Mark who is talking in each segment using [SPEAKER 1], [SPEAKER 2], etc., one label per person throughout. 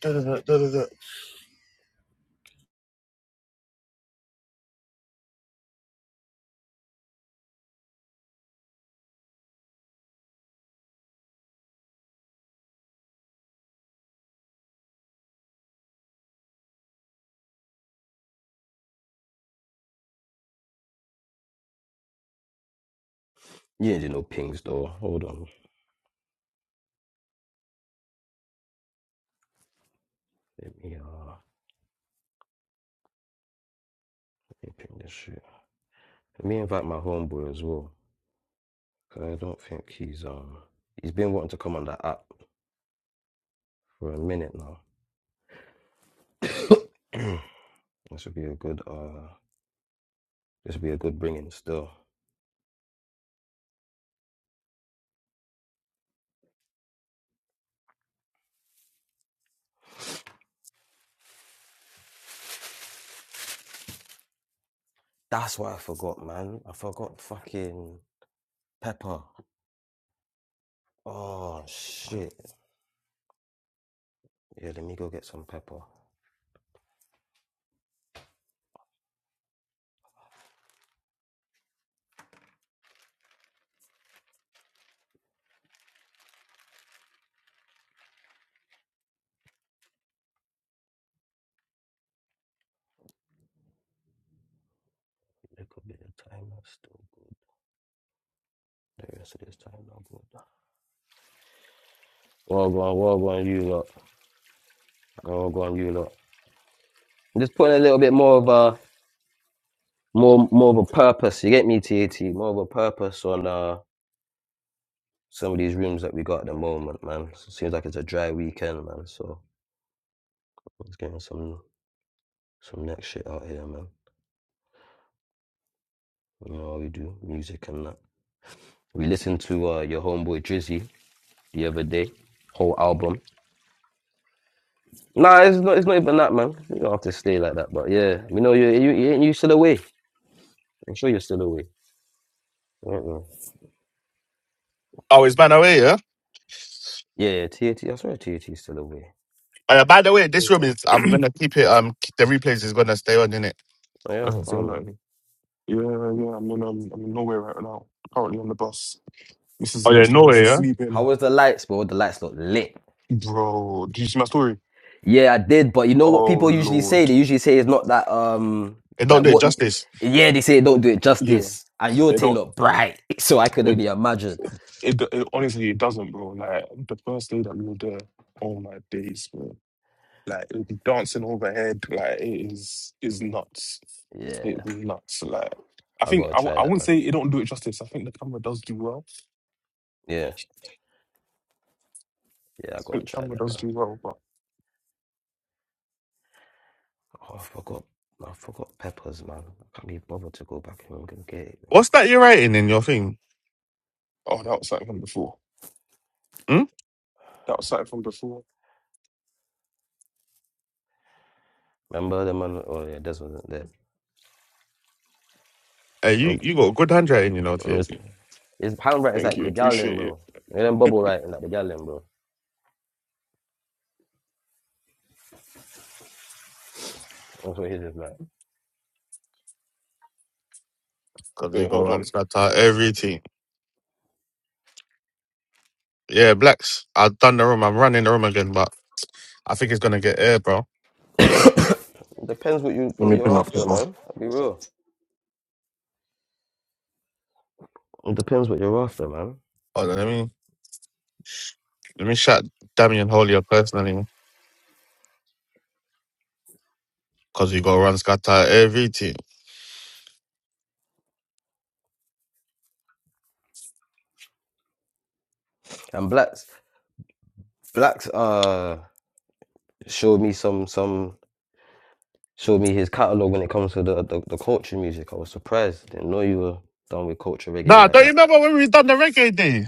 [SPEAKER 1] Da, da, da, da, da, da.
[SPEAKER 2] Yeah, did do no pings though. Hold on. Let me uh let me ping this shit. Let me invite my homeboy as well, cause I don't think he's um he's been wanting to come on that app for a minute now. this would be a good uh this would be a good bringing still. That's what I forgot, man. I forgot fucking pepper. Oh shit. Yeah, let me go get some pepper. Look a little bit of time that's still good. The rest of this time not good. Well go on, well go on you lot. Well go on you lot. I'm Just putting a little bit more of a more more of a purpose. You get me, TAT? More of a purpose on uh some of these rooms that we got at the moment, man. S- seems like it's a dry weekend, man. So let's get on some some next shit out here, man. You know how we do music and that. We listened to uh your homeboy Drizzy the other day, whole album. Nah, it's not it's not even that, man. You don't have to stay like that, but yeah, we know you you you, you still away. I'm sure you're still away. Uh-uh.
[SPEAKER 1] Oh, it's by the way, yeah.
[SPEAKER 2] Yeah, yeah, TAT. I swear TAT is still away.
[SPEAKER 1] Uh, by the way, this
[SPEAKER 3] Oh,
[SPEAKER 1] room is. I'm gonna keep it. Um, the replays is gonna stay on, innit?
[SPEAKER 2] Oh, yeah,
[SPEAKER 3] so you're
[SPEAKER 2] calm
[SPEAKER 3] not
[SPEAKER 2] man.
[SPEAKER 3] in- Yeah, yeah, I'm in, um, I'm in Norway right now. Currently on the bus. This is
[SPEAKER 1] Oh
[SPEAKER 3] the
[SPEAKER 1] yeah,
[SPEAKER 3] next
[SPEAKER 1] no way,
[SPEAKER 3] generation
[SPEAKER 1] yeah.
[SPEAKER 2] How
[SPEAKER 3] sleeping.
[SPEAKER 2] was the lights, bro? The lights look lit.
[SPEAKER 3] Bro, did you see my story?
[SPEAKER 2] Yeah, I did, but you know what
[SPEAKER 3] Oh,
[SPEAKER 2] people usually say?
[SPEAKER 3] Lord.
[SPEAKER 2] They usually say it's not that um
[SPEAKER 1] It don't
[SPEAKER 2] like
[SPEAKER 1] do it
[SPEAKER 2] what you,
[SPEAKER 1] justice.
[SPEAKER 2] yeah, they say don't do it
[SPEAKER 3] Yeah,
[SPEAKER 2] justice. And your
[SPEAKER 3] it
[SPEAKER 2] thing
[SPEAKER 3] don't,
[SPEAKER 2] look bright. So I could
[SPEAKER 3] it,
[SPEAKER 2] only imagine.
[SPEAKER 3] it, it honestly, it doesn't, bro. Like, the first day that we were there, oh my days, bro. Like, it would be dancing overhead. Like, it is, is nuts.
[SPEAKER 2] Yeah.
[SPEAKER 3] It is nuts. Like, I
[SPEAKER 2] I
[SPEAKER 3] think,
[SPEAKER 2] gotta
[SPEAKER 3] I, w-
[SPEAKER 2] try
[SPEAKER 3] I
[SPEAKER 2] that
[SPEAKER 3] wouldn't
[SPEAKER 2] man.
[SPEAKER 3] say it don't do it justice. I think the camera does do well.
[SPEAKER 2] Yeah. Yeah, I
[SPEAKER 3] I
[SPEAKER 2] gotta
[SPEAKER 3] think the
[SPEAKER 2] try
[SPEAKER 3] camera
[SPEAKER 2] that
[SPEAKER 3] does
[SPEAKER 2] man.
[SPEAKER 3] do well, but,
[SPEAKER 2] Oh, I forgot I forgot peppers, man. I can't be bothered to go back and go get it. Man.
[SPEAKER 1] What's that you're writing in your thing?
[SPEAKER 3] oh, that was something from before.
[SPEAKER 1] Hmm?
[SPEAKER 3] That was something from before.
[SPEAKER 2] Remember the man oh yeah, Des wasn't there.
[SPEAKER 1] Uh, you
[SPEAKER 2] Um,
[SPEAKER 1] you got good handwriting, you know,
[SPEAKER 2] um,
[SPEAKER 1] TSC.
[SPEAKER 2] His handwriting is
[SPEAKER 3] Thank
[SPEAKER 2] like
[SPEAKER 3] you.
[SPEAKER 2] the gallon,
[SPEAKER 3] Appreciate it.
[SPEAKER 2] bro. And then bubble writing like the gallon, bro. That's what his is like.
[SPEAKER 1] Cause you
[SPEAKER 3] But
[SPEAKER 1] got
[SPEAKER 3] hold
[SPEAKER 1] run
[SPEAKER 3] on.
[SPEAKER 1] scatter everything. Yeah, blacks. I've done the room. I'm running the room again, but I think it's gonna get air, bro.
[SPEAKER 2] Depends what you
[SPEAKER 4] Let
[SPEAKER 2] what
[SPEAKER 4] me
[SPEAKER 2] you're
[SPEAKER 4] bring up this
[SPEAKER 2] after,
[SPEAKER 4] one.
[SPEAKER 2] man. I'll be real. It depends what you're after, man.
[SPEAKER 1] Hold on, let me let me shout Damien Holier personally. Cause you got run scatter everything.
[SPEAKER 2] And Blacks, Blacks, uh, showed me some, some, showed me his catalog when it comes to the, the, the culture music. I was surprised. Didn't know you were done with culture reggae
[SPEAKER 1] Nah,
[SPEAKER 2] like
[SPEAKER 1] don't you
[SPEAKER 2] that.
[SPEAKER 1] remember when we done the reggae day?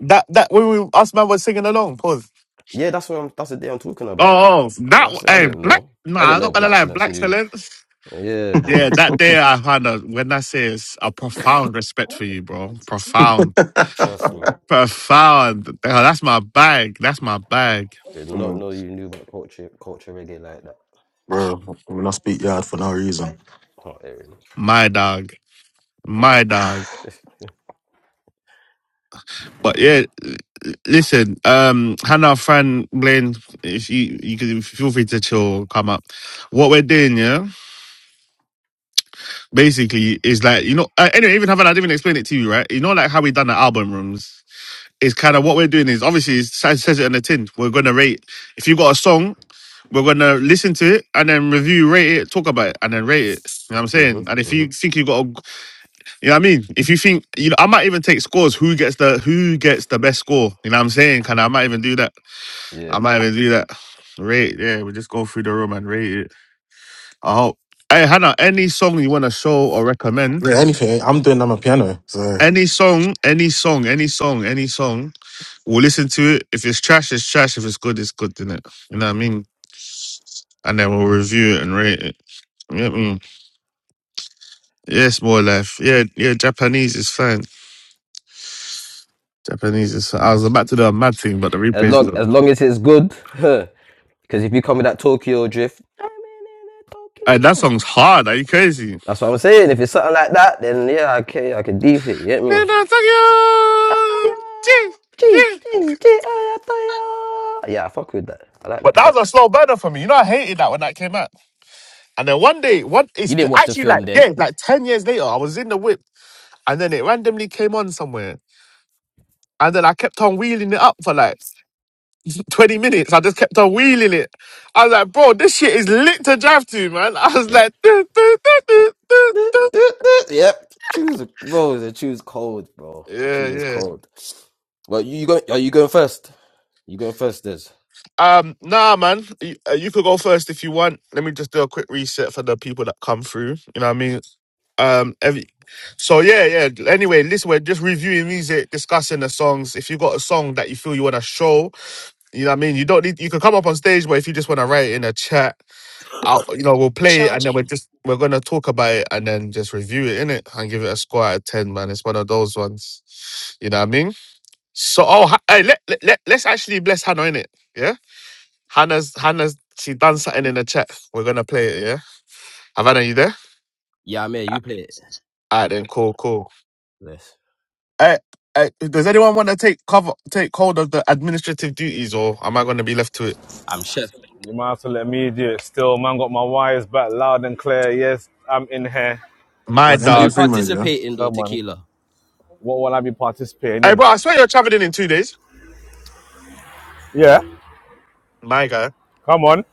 [SPEAKER 1] That that when we us man was singing along, pause.
[SPEAKER 2] Yeah, that's what I'm. That's the day I'm talking about.
[SPEAKER 1] Oh, oh
[SPEAKER 2] I
[SPEAKER 1] that
[SPEAKER 2] said I
[SPEAKER 1] hey
[SPEAKER 2] didn't
[SPEAKER 1] black
[SPEAKER 2] know. I
[SPEAKER 1] nah,
[SPEAKER 2] didn't
[SPEAKER 1] I'm
[SPEAKER 2] know
[SPEAKER 1] not gonna
[SPEAKER 2] Black
[SPEAKER 1] lie,
[SPEAKER 2] Silence
[SPEAKER 1] black
[SPEAKER 2] knew.
[SPEAKER 1] excellence.
[SPEAKER 2] Yeah,
[SPEAKER 1] Yeah,
[SPEAKER 2] bro.
[SPEAKER 1] that day I had a when I say it's a profound respect for you, bro. Profound.
[SPEAKER 2] Trust me.
[SPEAKER 1] Profound. Hell, That's my bag. That's my bag.
[SPEAKER 2] Did not
[SPEAKER 4] Mm,
[SPEAKER 2] know you knew about culture, culture reggae like that.
[SPEAKER 4] bro, I'm not speak yard for no reason.
[SPEAKER 2] Oh, Aaron.
[SPEAKER 1] My dog. My dog. But yeah, l- l- listen, um, Hannah, Fran, Blaine, if you, you can feel free to chill, come up. What we're doing, yeah? basically is like you know uh, anyway even having I didn't even explain it to you right you know like how we done the album rooms is kind of what we're doing is obviously it says it on the tin we're gonna rate if you got a song we're gonna listen to it and then review rate it talk about it and then rate it you know what I'm saying
[SPEAKER 2] mhm,
[SPEAKER 1] and if you
[SPEAKER 2] mhm.
[SPEAKER 1] think you got a, you know what I mean if you think you know I might even take scores who gets the who gets the best score you know what I'm saying kind of I might even do that
[SPEAKER 2] Yeah.
[SPEAKER 1] I might even do that rate yeah we just go through the room and rate it I hope hey Hannah any song you want to show or recommend
[SPEAKER 4] Yeah, anything, eh? I'm doing on my piano. So
[SPEAKER 1] any song, any song, any song, any song. We'll listen to it. If it's trash, it's trash. If it's good, it's good, innit? You know what I mean? And then we'll review it and rate it. Yeah, get Yes, more life. Yeah, yeah, Japanese is fine. Japanese is fine. I was about to do a mad thing, but the
[SPEAKER 2] As
[SPEAKER 1] replays is
[SPEAKER 2] long
[SPEAKER 1] on.
[SPEAKER 2] as long as it's good. Because if you come with that Tokyo drift, I'm in
[SPEAKER 1] Hey, that
[SPEAKER 2] Tokyo.
[SPEAKER 1] song's hard. Are you crazy?
[SPEAKER 2] That's what I'm saying. If it's something like that, then yeah, okay, I can deep it. You get me?
[SPEAKER 1] But
[SPEAKER 2] Atoyo, G, G, G, hey, Atoyo. Yeah, I fuck with that. I like that
[SPEAKER 1] that
[SPEAKER 2] track.
[SPEAKER 1] was a slow burner for me. You know, I hated that when that came out. And then one day, one it's
[SPEAKER 2] You didn't watch the
[SPEAKER 1] actually like
[SPEAKER 2] film then?
[SPEAKER 1] yeah, it's like ten years later, I was in the whip. and then it randomly came on somewhere. And then I kept on wheeling it up for like 20 minutes. I just kept on wheeling it. I was like, bro, this shit is lit to drive to, man. I was
[SPEAKER 2] Yep.
[SPEAKER 1] like, "Do, do, do, do, do,
[SPEAKER 2] Duh,
[SPEAKER 1] do."
[SPEAKER 2] duh, duh. yep. Choose bro. The choose cold, bro. The
[SPEAKER 1] yeah,
[SPEAKER 2] choose is
[SPEAKER 1] yeah.
[SPEAKER 2] cold. Well, you, you going? Are you going first? You going first, Des?
[SPEAKER 1] Um, nah, man, you, uh, you could go first if you want. Let me just do a quick reset for the people that come through. You know what I mean? Um, every, so yeah, yeah. Anyway, listen, we're just reviewing music, discussing the songs. If you got a song that you feel you want to show, you know what I mean. You don't need. You can come up on stage, but if you just want to write it in a chat, I'll, you know, we'll play it and then we're
[SPEAKER 2] Charging.
[SPEAKER 1] just we're gonna talk about it and then just review it in it and give it a score out of ten, man. It's one of those ones. You know what I mean? So oh, Ha- hey, let, let let let's actually bless Hannah in it. Yeah, Hannah's Hannah's she done something in the chat. We're gonna play it. Yeah, Havana, you there?
[SPEAKER 2] Yeah, I'm here. You play it.
[SPEAKER 1] Alright then, cool, cool.
[SPEAKER 2] Yes.
[SPEAKER 1] Hey, hey, does anyone want to take cover take hold of the administrative duties or am I gonna be left to it?
[SPEAKER 2] I'm chef.
[SPEAKER 5] You might have to let me do it. Still, man, got my wires back loud and clear. Yes, I'm in here.
[SPEAKER 1] My
[SPEAKER 4] What
[SPEAKER 2] Are you
[SPEAKER 1] dog.
[SPEAKER 4] MP3 mode, yeah?
[SPEAKER 2] participating though,
[SPEAKER 5] Come on.
[SPEAKER 2] Tequila?
[SPEAKER 5] What will I be participating
[SPEAKER 1] Hey,
[SPEAKER 5] in?
[SPEAKER 1] bro, I swear you're traveling in two days.
[SPEAKER 5] Yeah.
[SPEAKER 1] My guy.
[SPEAKER 5] Come on.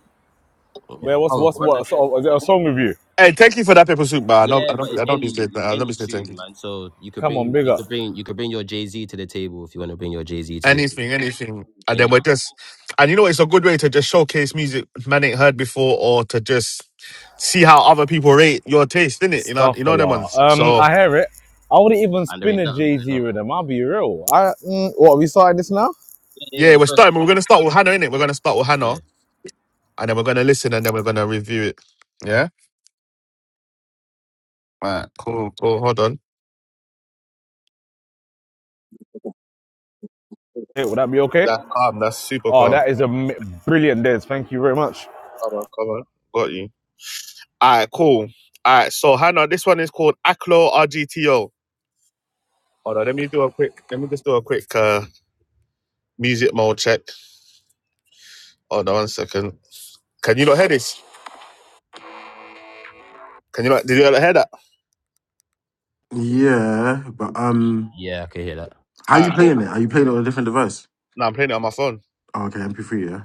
[SPEAKER 2] Yeah.
[SPEAKER 5] Man, what's
[SPEAKER 2] Hold
[SPEAKER 5] what's
[SPEAKER 2] on.
[SPEAKER 5] what? So, is there a song with you?
[SPEAKER 1] Hey, thank you for that paper soup, but I know
[SPEAKER 2] Yeah,
[SPEAKER 1] I don't
[SPEAKER 2] but
[SPEAKER 1] be-
[SPEAKER 2] it's
[SPEAKER 1] I don't be
[SPEAKER 2] any
[SPEAKER 1] saying that.
[SPEAKER 2] it's
[SPEAKER 1] I don't be
[SPEAKER 2] any
[SPEAKER 1] saying thank you.
[SPEAKER 2] tune, man. So you could
[SPEAKER 5] Come on,
[SPEAKER 2] bring
[SPEAKER 5] big
[SPEAKER 2] you
[SPEAKER 5] up.
[SPEAKER 2] could bring you could bring your Jay Z to the table if you want to bring your Jay Z to the table.
[SPEAKER 1] anything, anything. And then
[SPEAKER 2] Any,
[SPEAKER 1] we're just, and you know, it's a good way to just showcase music man ain't heard before, or to just see how other people rate your taste, innit? You know,
[SPEAKER 5] Stuff
[SPEAKER 1] you know them ones.
[SPEAKER 5] Um,
[SPEAKER 1] So
[SPEAKER 5] I hear it. I wouldn't even
[SPEAKER 2] and there
[SPEAKER 5] spin
[SPEAKER 2] ain't
[SPEAKER 5] a
[SPEAKER 2] nothing
[SPEAKER 5] Jay Z
[SPEAKER 2] going on.
[SPEAKER 5] rhythm. I'll be real. I mm, what? We starting this now?
[SPEAKER 2] Yeah, yeah,
[SPEAKER 1] yeah,
[SPEAKER 2] yeah,
[SPEAKER 1] we're
[SPEAKER 2] first.
[SPEAKER 1] starting. We're gonna start with Hannah, innit? We're gonna start with Hannah,
[SPEAKER 2] Yeah,
[SPEAKER 1] and then we're gonna listen, and then we're gonna review it. Yeah, right, cool, cool. Hold on,
[SPEAKER 5] Hey, would that be okay?
[SPEAKER 1] that's calm. That's super
[SPEAKER 5] Oh,
[SPEAKER 1] calm.
[SPEAKER 5] that is a brilliant dance. Thank you very much.
[SPEAKER 1] Come on, come on, got you. All right, cool. All right, so Hannah, this one is called Aclo RGTO. Hold on, let me do a quick. Let me just do a quick uh, music mode check. Hold on one second. Can you not hear this? Can you not? Did you not hear that?
[SPEAKER 4] Yeah, but um
[SPEAKER 2] yeah, I can hear that.
[SPEAKER 4] how you
[SPEAKER 1] Alright, cool.
[SPEAKER 4] playing it? Are you playing it on a different device?
[SPEAKER 1] No, I'm playing it on my phone.
[SPEAKER 4] Oh, okay, MP3, yeah.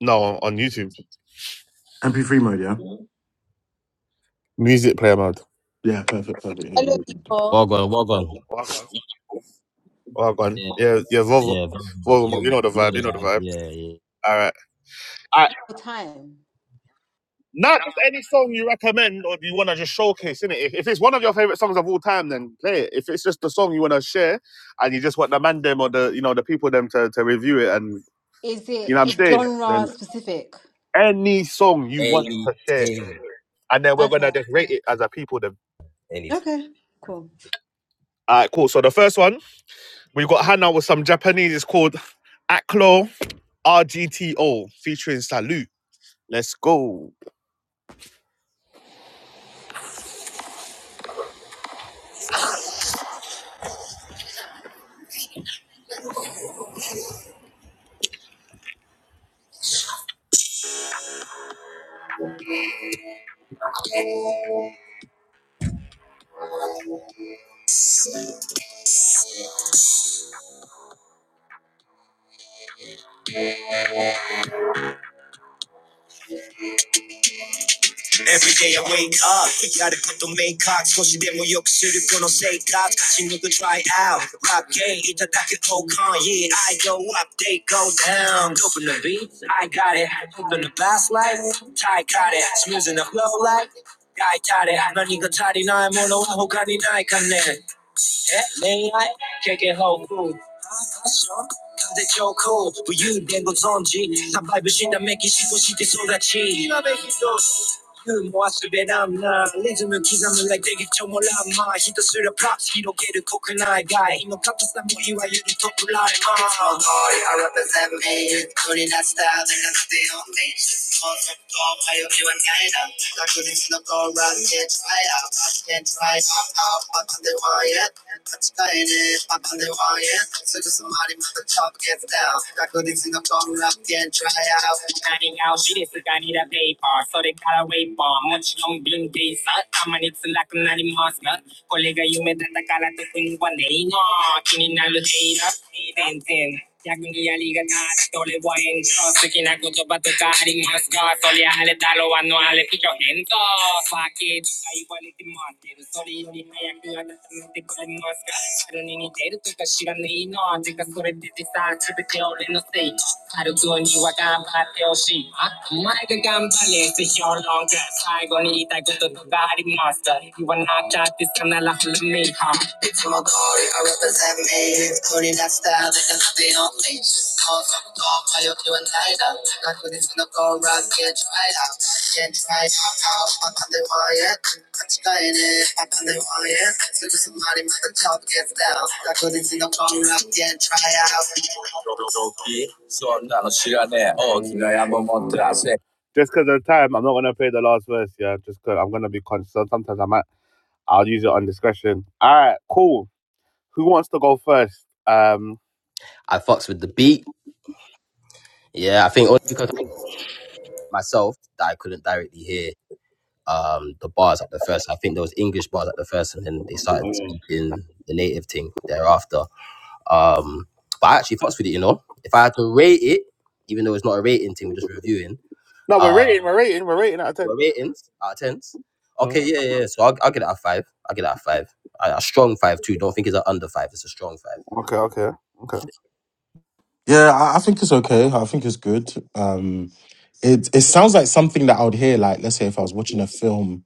[SPEAKER 1] No, on, YouTube.
[SPEAKER 4] MP3 mode, yeah?
[SPEAKER 1] Music player mode.
[SPEAKER 4] Yeah, perfect, perfect. Yeah,
[SPEAKER 6] I look
[SPEAKER 4] good, good.
[SPEAKER 6] for
[SPEAKER 2] Well gone, well gone.
[SPEAKER 1] Oh, gone. Well gone.
[SPEAKER 2] Yeah,
[SPEAKER 1] Yeah, yeah. Volvo,
[SPEAKER 2] yeah, well gone,
[SPEAKER 1] Volvo.
[SPEAKER 2] well
[SPEAKER 1] You know
[SPEAKER 2] gone.
[SPEAKER 1] the
[SPEAKER 2] You
[SPEAKER 1] vibe.
[SPEAKER 2] know
[SPEAKER 1] You
[SPEAKER 2] the
[SPEAKER 1] know the
[SPEAKER 2] vibes.
[SPEAKER 1] vibe.
[SPEAKER 2] Yeah, yeah.
[SPEAKER 1] All right. All right.
[SPEAKER 6] full time.
[SPEAKER 1] Not any song you recommend or you want to just showcase, innit? If, if it's one of your favorite songs of all time, then play it. If it's just the song you want to share, and you just want the man them or the you know the people them to, to review it, and
[SPEAKER 6] Is
[SPEAKER 1] you
[SPEAKER 6] it
[SPEAKER 1] know what I'm saying,
[SPEAKER 6] genre
[SPEAKER 1] then
[SPEAKER 6] specific?
[SPEAKER 1] any song you want to share,
[SPEAKER 2] Anything,
[SPEAKER 1] and then we're gonna
[SPEAKER 6] Okay.
[SPEAKER 1] just rate it as a people them.
[SPEAKER 2] anything.
[SPEAKER 6] Okay. Cool.
[SPEAKER 1] All right, cool. So the first one. We've got Hannah with some Japanese. It's called Aklo RGTO featuring Salute. Let's go. Every day I wake up, やること明確少しでも良くするこの生活勝ち抜く try out ラップゲインいただけ交換 Yeah, I go up, they go down Dope in the beat, I got it Open the bass light, Ty got it Smooth in the flow like, I got it 何が足りないものは他にないかね At night, kicking hard, hot shots, hot as your clothes. You don't even know it. I'm a wild man, making shit for the streets. Now, every hit, every move, I'm a legend. Rhythm, rhythm, like the beat of a drum. Hit the streets with the props, spreading the word. I'm the top of the game. I'm the best rapper in the game. I'm the best rapper in the game. I couldn't stop all right, can't try out, I can't try out, out, I'm on the wire, and I'm trying it, I'm on the wire, so just somebody with the top gets down, I couldn't stop all right, can't try out, I I'm need She got gotta to paper. So they gotta wait for. Much is 何が夢だったから特にはねえな気になるヘイラー やりがな、どれは演奏的な言葉とかありますかそりゃあれだろう、あのあれ以上変更。Fuck it、とか言われてもってる、それより早くあなたの手からマスカそれでディスターチで手を俺のせい。軽くはにわがパーティーをし、あ、お前が頑張れって表現なんか最後に言いたいこととかありますか言わなきゃってそんなラフルメイハー。from my glory, I represent me. Putting that style, they can copy on me. Call from God, I hope you and I know. Not with this, gonna go rock, can't try it out. Can't try it out, I'm on the wire. I'm trying it, I'm on the wire. So to somebody, my top gets down. Not with this, gonna go rock, can't try it out. Just because of time, I'm not gonna play the last verse. Yeah, just because I'm gonna be conscious. Sometimes I might, I'll use it on discretion. All right, cool. Who wants to go first? Um,
[SPEAKER 2] I fucks with the beat. Yeah, I think only because of myself that I couldn't directly hear um, the bars at the first. I think there was English bars at the first, and then they started speaking the native thing thereafter. Um, but I actually fucks with it, you know. If I had to rate it, even though it's not a rating thing, we're just reviewing.
[SPEAKER 1] no, we're
[SPEAKER 2] Uh,
[SPEAKER 1] rating, we're rating, we're rating out of 10.
[SPEAKER 2] we're ratings out of tens.
[SPEAKER 1] Huh?
[SPEAKER 2] Okay, yeah, yeah. yeah. So I'll, I'll get it out of five. I'll get it out of five. A, a strong five too. Don't think it's an under five. It's a strong five.
[SPEAKER 1] Okay, okay, okay.
[SPEAKER 4] Yeah, I, I think it's okay. I think it's good. Um it it sounds like something that I would hear, like let's say if I was watching a film,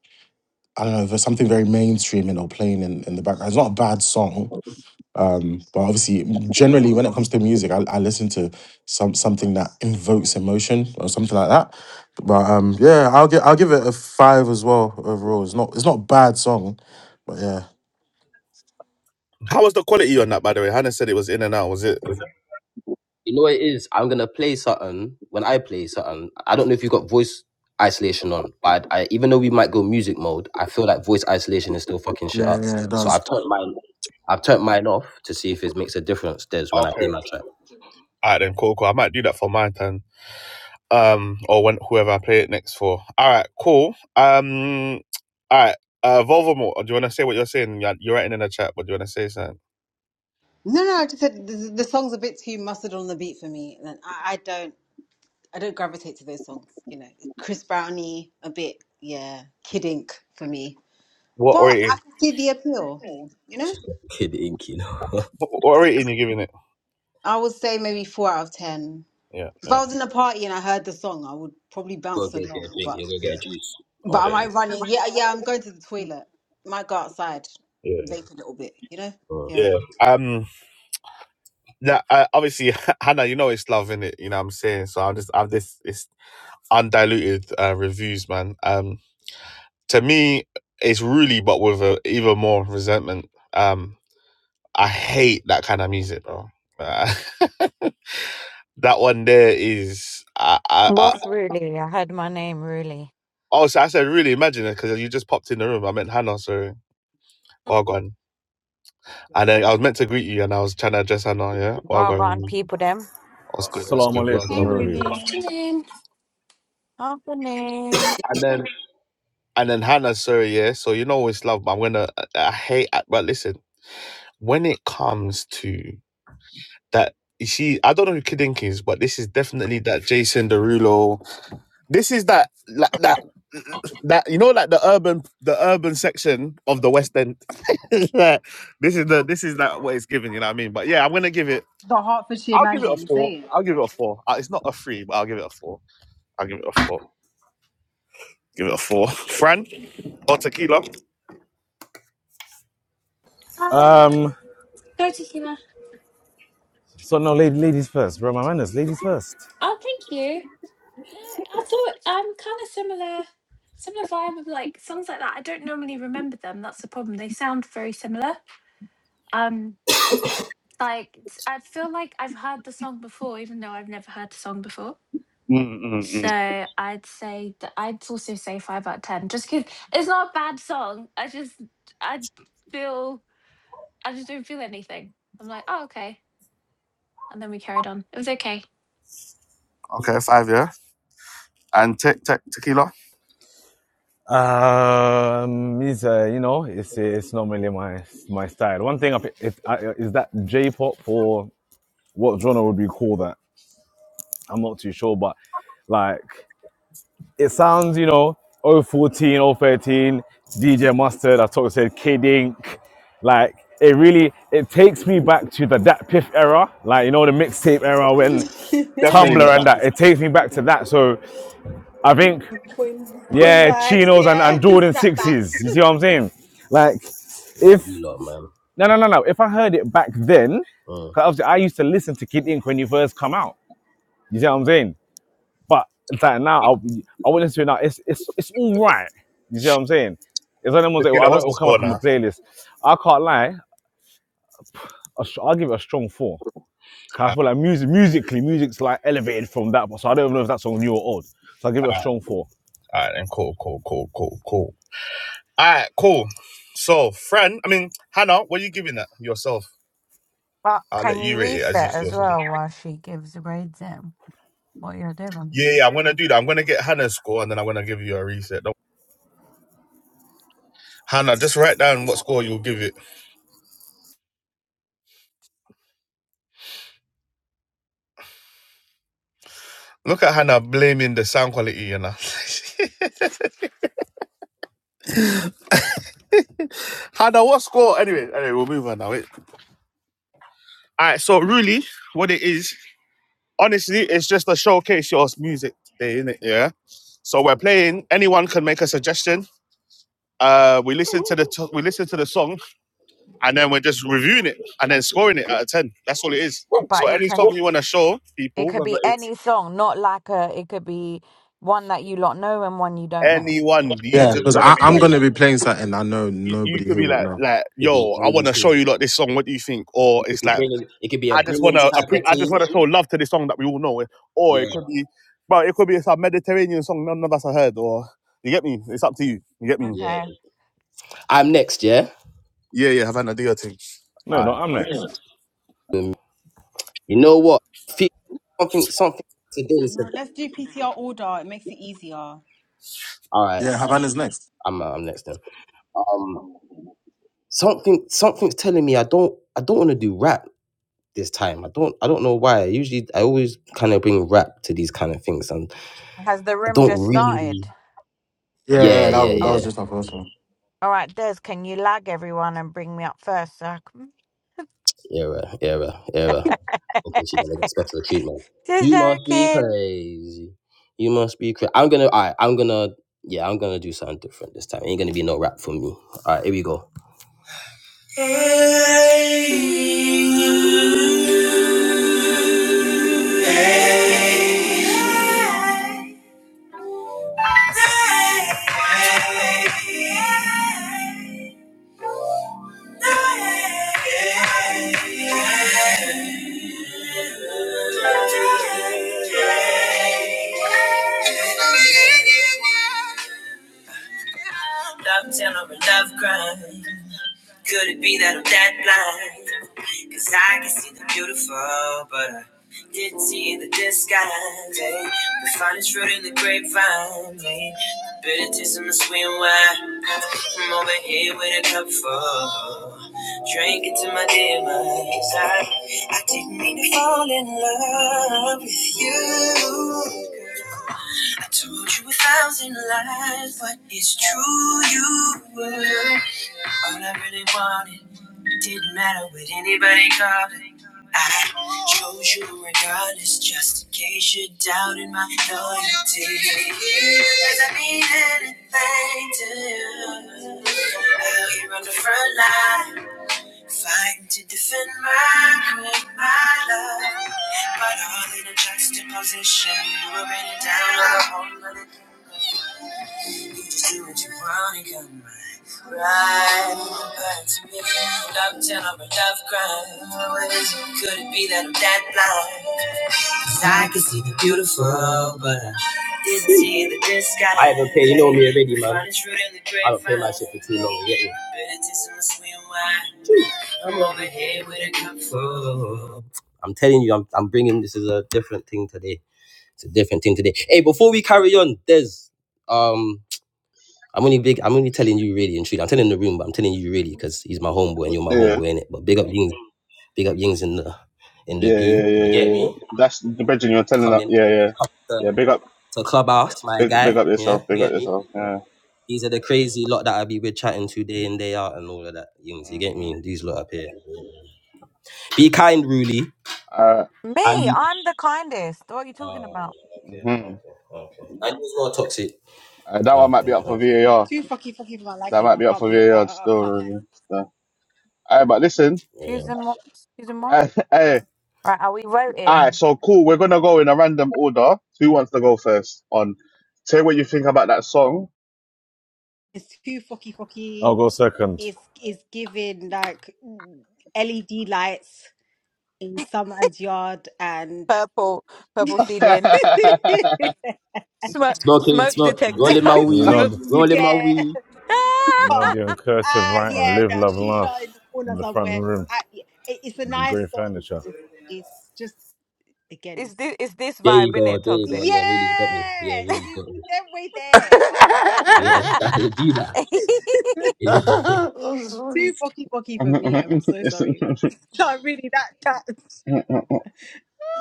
[SPEAKER 4] I don't know, if there's something very mainstream and they're playing in, in the background. It's not a bad song, Um, but obviously, generally, when it comes to music, I, I listen to some something that invokes emotion or something like that. But um, yeah, I'll give I'll give it a five as well overall. It's not it's not a bad song, but yeah,
[SPEAKER 1] How was the quality on that, by the way? Hannah said it was in and out, was it?
[SPEAKER 2] You know what it is? I'm gonna play something. When I play something, I don't know if you've got voice isolation on, but I, I, even though we might go music mode, I feel like voice isolation is still fucking shit
[SPEAKER 4] yeah,
[SPEAKER 2] up.
[SPEAKER 4] yeah, it
[SPEAKER 2] So
[SPEAKER 4] does.
[SPEAKER 2] I've turned mine. I've turned mine off to see if it makes a difference. There's when I play
[SPEAKER 1] Okay.
[SPEAKER 2] my track.
[SPEAKER 1] All right, then, cool, cool. I might do that for my turn. um, or when whoever I play it next for. All right, cool. Um, all right. Uh, Voldemort, do you want to say what you're saying? You're you're writing in the chat, but do you want to say something?
[SPEAKER 6] No, no. I just said the, the song's a bit too mustard on the beat for me, and I, I don't, I don't gravitate to those songs. You know, Chris Brownie, a bit, yeah, Kid Ink for me.
[SPEAKER 1] What
[SPEAKER 6] But
[SPEAKER 1] rating?
[SPEAKER 6] I can see the appeal. You know,
[SPEAKER 2] Kid Ink, you know.
[SPEAKER 1] What rating you giving it?
[SPEAKER 6] I would say maybe four out of ten.
[SPEAKER 1] Yeah,
[SPEAKER 6] If
[SPEAKER 1] yeah,
[SPEAKER 6] I was in a party and I heard the song, I would probably
[SPEAKER 2] go
[SPEAKER 6] bounce
[SPEAKER 2] get, get
[SPEAKER 6] along.
[SPEAKER 2] a drink.
[SPEAKER 6] But
[SPEAKER 2] You go
[SPEAKER 1] yeah,
[SPEAKER 2] get a juice.
[SPEAKER 6] But am
[SPEAKER 1] yeah,
[SPEAKER 2] Okay.
[SPEAKER 6] I running? Yeah, yeah, I'm going to the toilet. Might go outside,
[SPEAKER 1] yeah.
[SPEAKER 6] vape a little bit, you know?
[SPEAKER 2] Mm.
[SPEAKER 6] Yeah.
[SPEAKER 1] yeah. Um, that uh, obviously, Hannah, you know it's love in it. You know what I'm saying. So I'm just, I'm this, it's undiluted uh, reviews, man. Um, to me, it's really but with a, even more resentment. Um, I hate that kind of music, bro. Uh, that one there is. I, I, I,
[SPEAKER 7] Boss really, I heard my name really.
[SPEAKER 1] oh, so I said really imagine it because you just popped in the room. I meant Hannah, sorry. Well gone. And then I was meant to greet you, and I was trying to address Hannah. Yeah, well
[SPEAKER 7] Well
[SPEAKER 1] gone.
[SPEAKER 7] gone, people them.
[SPEAKER 1] What's
[SPEAKER 2] What?
[SPEAKER 1] good? What's
[SPEAKER 5] Salam
[SPEAKER 1] good?
[SPEAKER 5] alaikum,
[SPEAKER 6] Hey,
[SPEAKER 1] Welcome,
[SPEAKER 5] really.
[SPEAKER 1] welcome.
[SPEAKER 6] really.
[SPEAKER 8] Afternoon.
[SPEAKER 7] Afternoon.
[SPEAKER 1] And then and then Hannah, sorry, yeah. So you know it's love, but I'm gonna. I I hate. But listen, when it comes to that you see, I don't know who Kidink is, but this is definitely that Jason Derulo. This is that like, that that you know like the urban the urban section of the West End. Like, this is the this is like what it's giving. You know what I mean? But yeah, I'm gonna give it.
[SPEAKER 6] The Hertfordshire
[SPEAKER 1] I'll
[SPEAKER 6] man,
[SPEAKER 1] give it a
[SPEAKER 6] them
[SPEAKER 1] four.
[SPEAKER 6] say
[SPEAKER 1] I'll give it a four. Uh, It's not a three, but I'll give it a four. I'll give it a four. Give it a four. Fran or tequila?
[SPEAKER 8] Um,
[SPEAKER 5] Um,
[SPEAKER 8] go to Hina.
[SPEAKER 5] so no, ladies first, bro. My manners, ladies first.
[SPEAKER 8] Oh, thank you. No, I thought um, kind of similar, similar vibe of like songs like that. I don't normally remember them. That's the problem. They sound very similar. Um, like it's- I feel like I've heard the song before, even though I've never heard the song before.
[SPEAKER 1] Mm, mm, mm.
[SPEAKER 8] So I'd say that I'd also say five out of ten, just because it's not a bad song. I just I feel I just don't feel anything. I'm like, oh okay, and then we carried on. It was okay.
[SPEAKER 1] Okay, five. Yeah, and te- te- tequila.
[SPEAKER 5] Um, it's uh, you know, it's it's normally my my style. One thing I, pi- if, I is that J-pop or what genre would we call that? I'm not too sure, but like it sounds, you know, oh fourteen, oh thirteen, DJ Mustard. I talked said Kid Ink. Like it really it takes me back to the that Piff era, like you know the mixtape era when
[SPEAKER 1] Definitely
[SPEAKER 6] it.
[SPEAKER 1] not
[SPEAKER 5] Tumblr and
[SPEAKER 1] that.
[SPEAKER 5] that. It takes me back to that. So I think
[SPEAKER 6] coin, coin
[SPEAKER 5] Yeah,
[SPEAKER 6] bags,
[SPEAKER 5] chinos and,
[SPEAKER 6] yeah.
[SPEAKER 5] and Jordan sixes. You
[SPEAKER 6] Snapbacks.
[SPEAKER 5] see what I'm saying? Like,
[SPEAKER 2] Nah,
[SPEAKER 5] if
[SPEAKER 2] you lot, man.
[SPEAKER 5] no, no, no, no. If I heard it back then,
[SPEAKER 2] Mm.
[SPEAKER 5] because obviously I used to listen to Kid Ink when you first come out. You see what I'm saying? But it's like now I'll, I will listen to it now. It's it's it's all right. You see what I'm saying? It's one of the ones that I
[SPEAKER 1] Tequila.
[SPEAKER 5] know it
[SPEAKER 1] What's the
[SPEAKER 5] will come up
[SPEAKER 1] score
[SPEAKER 5] in my
[SPEAKER 1] now?
[SPEAKER 5] playlist. I can't lie. I'll, I'll give it a strong four. 'Cause I feel like music, musically, music's like elevated from that. So I don't even know if that song new or old. So I'll give it a strong four.
[SPEAKER 1] All right, then cool, cool, cool, cool, cool. All right, cool. So, friend, I mean, Hannah, what are you giving that yourself?
[SPEAKER 7] But
[SPEAKER 1] I'll let
[SPEAKER 7] can you
[SPEAKER 1] you rate it as you
[SPEAKER 7] reset
[SPEAKER 1] see
[SPEAKER 7] as
[SPEAKER 1] yourself.
[SPEAKER 7] well while she gives the grades in what you're doing?
[SPEAKER 1] Yeah, yeah, I'm gonna do that. I'm gonna get Hannah's score and then I'm gonna give you a reset. Don't- Hannah, just write down what score you'll give it. Look at Hannah blaming the sound quality, you know. Hannah, what score? Anyway, anyway, we'll move on now. Wait. All right, so really, what it is, honestly, it's just a showcase your music day, is not it? Yeah. So we're playing. Anyone can make a suggestion Uh, we listen to the to- we listen to the song, and then we're just reviewing it and then scoring it out of ten. That's all it is. So
[SPEAKER 7] But it
[SPEAKER 1] any
[SPEAKER 7] can
[SPEAKER 1] song you want to show
[SPEAKER 7] it
[SPEAKER 1] people,
[SPEAKER 7] could
[SPEAKER 1] whether
[SPEAKER 7] be
[SPEAKER 1] it's
[SPEAKER 7] any song, not like a it could be one that you lot know and one you don't know.
[SPEAKER 1] anyone, you
[SPEAKER 4] Yeah,
[SPEAKER 1] just
[SPEAKER 4] because
[SPEAKER 2] Early
[SPEAKER 1] want to be
[SPEAKER 4] I'm
[SPEAKER 1] like,
[SPEAKER 2] team
[SPEAKER 4] gonna be playing something I know
[SPEAKER 1] you, you
[SPEAKER 4] nobody
[SPEAKER 1] could
[SPEAKER 4] here
[SPEAKER 1] be
[SPEAKER 4] would
[SPEAKER 1] like,
[SPEAKER 4] know.
[SPEAKER 1] like,
[SPEAKER 2] Could be
[SPEAKER 1] yo, I
[SPEAKER 2] early
[SPEAKER 1] want to show
[SPEAKER 2] team.
[SPEAKER 1] you like this song. What do you think? Or
[SPEAKER 2] You could
[SPEAKER 1] it's
[SPEAKER 2] be
[SPEAKER 1] like,
[SPEAKER 2] bringing. It could be a
[SPEAKER 1] I just want
[SPEAKER 2] bringing
[SPEAKER 1] to,
[SPEAKER 2] type
[SPEAKER 1] appre-
[SPEAKER 2] of
[SPEAKER 1] I just
[SPEAKER 2] team.
[SPEAKER 1] want to show love to this song that we all know. Or it
[SPEAKER 2] Yeah.
[SPEAKER 1] could be, well, it could be some Mediterranean song none of us have heard. Or you get me? It's up to you. You get me?
[SPEAKER 2] Yeah.
[SPEAKER 7] Okay.
[SPEAKER 2] I'm next. Yeah.
[SPEAKER 1] Yeah, yeah, Havana, do your thing.
[SPEAKER 5] No,
[SPEAKER 2] All
[SPEAKER 5] no, I'm next.
[SPEAKER 2] right. You know what? Fe- Something, something today said.
[SPEAKER 6] No, let's do PTR order. It makes it easier.
[SPEAKER 2] All right,
[SPEAKER 4] Yeah, Havana's next.
[SPEAKER 2] I'm, uh, I'm next then. Um, something, something's telling me I don't, I don't want to do rap this time. I don't, I don't know why. Usually, I always kind of bring rap to these kind of things, and
[SPEAKER 7] Has the
[SPEAKER 2] I
[SPEAKER 7] room
[SPEAKER 2] don't
[SPEAKER 7] just started?
[SPEAKER 2] really.
[SPEAKER 4] Yeah, yeah,
[SPEAKER 2] Yeah,
[SPEAKER 4] that
[SPEAKER 2] yeah,
[SPEAKER 4] was
[SPEAKER 7] All
[SPEAKER 4] that
[SPEAKER 7] right,
[SPEAKER 4] was
[SPEAKER 2] yeah.
[SPEAKER 4] just our first one.
[SPEAKER 7] all right Des, can you lag everyone and bring me up first so I can...
[SPEAKER 2] Era, era, era. Thinking she's gonna get special treatment.
[SPEAKER 7] Just
[SPEAKER 2] You must be
[SPEAKER 7] joking.
[SPEAKER 2] crazy. You must be crazy. I'm gonna, all right, I'm gonna, yeah, I'm gonna do something different this time. Ain't gonna be no rap for me. All right, here we go. Love tender, love grind. Could it be that I'm that blind? Cause I can see the beautiful, but I didn't see the disguise. eh? The finest fruit in the grapevine, eh? the bitter taste in the sweet wine. I'm over here with a cup full, drinking to my demons. I, I didn't mean to fall in love with you. girl. I told you a thousand lies, but it's true you were. All I really wanted It didn't matter what anybody called it. I chose you regardless, just in case you doubted my loyalty. Does not mean anything to you? Out here on the front line. Fighting to defend my queen, my love. But all in a juxtaposition. You were written down on a whole other kingdom. You just do what you want and come right. Right back to me. Love tell i a love crime. Could it be that I'm that blind? 'Cause I can see the beautiful, but I didn't see the disguise. I haven't played, you know me already, man. I don't play my shit for too long, get me? But it is in the swim wide. I'm over here with a cup full. I'm telling you, I'm, I'm bringing this is a different thing today. It's a different thing today. Hey, before we carry on, there's um, I'm only big. I'm only telling you really and truly. I'm telling the room, but I'm telling you really because he's my homeboy and you're my
[SPEAKER 1] Yeah,
[SPEAKER 2] homeboy in it. But big up Yings, big up Yings in the in the
[SPEAKER 1] yeah, yeah, yeah,
[SPEAKER 2] goo. You
[SPEAKER 1] yeah.
[SPEAKER 2] get
[SPEAKER 1] yeah.
[SPEAKER 2] me?
[SPEAKER 1] That's the bedroom you're telling
[SPEAKER 2] Come
[SPEAKER 1] us.
[SPEAKER 2] in
[SPEAKER 1] Yeah, yeah,
[SPEAKER 2] come to,
[SPEAKER 1] yeah. Big up.
[SPEAKER 2] to clubhouse, my
[SPEAKER 1] Big, big
[SPEAKER 2] guy.
[SPEAKER 1] up
[SPEAKER 2] Yeah,
[SPEAKER 1] yourself. Big
[SPEAKER 2] you
[SPEAKER 1] up
[SPEAKER 2] get me?
[SPEAKER 1] yourself. Yeah.
[SPEAKER 2] These are the crazy lot that I be with chatting to day in day out and all of that. Yings, you get
[SPEAKER 1] Mm-mm.
[SPEAKER 2] me? These lot up here. Be kind, Ruli.
[SPEAKER 1] Uh,
[SPEAKER 7] Me, I'm the kindest. What are you talking
[SPEAKER 2] Oh,
[SPEAKER 7] about?
[SPEAKER 2] okay,
[SPEAKER 1] hmm
[SPEAKER 2] okay, okay. And it's not toxic.
[SPEAKER 1] uh, that one might
[SPEAKER 2] Okay,
[SPEAKER 1] be up for
[SPEAKER 2] okay.
[SPEAKER 1] VAR.
[SPEAKER 6] Too fucky fucky for my
[SPEAKER 1] That
[SPEAKER 6] liking.
[SPEAKER 1] might
[SPEAKER 6] I
[SPEAKER 1] be up
[SPEAKER 6] can't
[SPEAKER 1] for
[SPEAKER 6] be. I,
[SPEAKER 1] VAR
[SPEAKER 6] I, I
[SPEAKER 1] still.
[SPEAKER 6] can't lie.
[SPEAKER 1] Really. Still. All right, but listen.
[SPEAKER 2] Yeah.
[SPEAKER 7] Susan what? Susan what?
[SPEAKER 1] Hey, hey,
[SPEAKER 7] Right, are we
[SPEAKER 1] all right.
[SPEAKER 7] voting?
[SPEAKER 1] So cool. We're gonna go in a random order. Who wants to go first? On, say what you think about that song.
[SPEAKER 6] It's too fucky
[SPEAKER 5] I'll
[SPEAKER 6] fucky.
[SPEAKER 5] go second.
[SPEAKER 6] It's it's giving like LED lights in someone's yard and
[SPEAKER 7] Purple, purple ceiling, smoke,
[SPEAKER 2] Smoking,
[SPEAKER 7] smoke
[SPEAKER 2] smoke,
[SPEAKER 7] detector,
[SPEAKER 2] rolling my
[SPEAKER 6] It's
[SPEAKER 5] You
[SPEAKER 2] weed,
[SPEAKER 7] smoke.
[SPEAKER 5] know.
[SPEAKER 6] when you
[SPEAKER 2] rolling my
[SPEAKER 6] get
[SPEAKER 2] weed.
[SPEAKER 6] a
[SPEAKER 5] You know
[SPEAKER 6] car.
[SPEAKER 5] the incursive
[SPEAKER 6] Ah,
[SPEAKER 5] writing,
[SPEAKER 6] yeah,
[SPEAKER 5] live,
[SPEAKER 6] no,
[SPEAKER 5] love,
[SPEAKER 6] she
[SPEAKER 5] laugh
[SPEAKER 6] shot in the corner
[SPEAKER 5] in the front
[SPEAKER 6] somewhere.
[SPEAKER 5] room
[SPEAKER 6] Ah, yeah, it, it's a
[SPEAKER 5] and the
[SPEAKER 6] nice
[SPEAKER 5] grey
[SPEAKER 6] song, but
[SPEAKER 5] furniture.
[SPEAKER 6] it's it's just again,
[SPEAKER 7] it's
[SPEAKER 6] it's
[SPEAKER 7] this, it's this
[SPEAKER 2] There
[SPEAKER 7] vibe,
[SPEAKER 2] you go,
[SPEAKER 7] innit?
[SPEAKER 2] there you go.
[SPEAKER 7] Toxic.
[SPEAKER 2] Yeah, really, you got me.
[SPEAKER 6] yeah,
[SPEAKER 2] Yeah, really, you
[SPEAKER 6] you,
[SPEAKER 2] got me.
[SPEAKER 6] they're way there. I yeah, no, man.
[SPEAKER 2] Yeah, that'll be that.
[SPEAKER 6] too bocky bocky for me. I'm so
[SPEAKER 1] It's-
[SPEAKER 6] sorry. Not really that that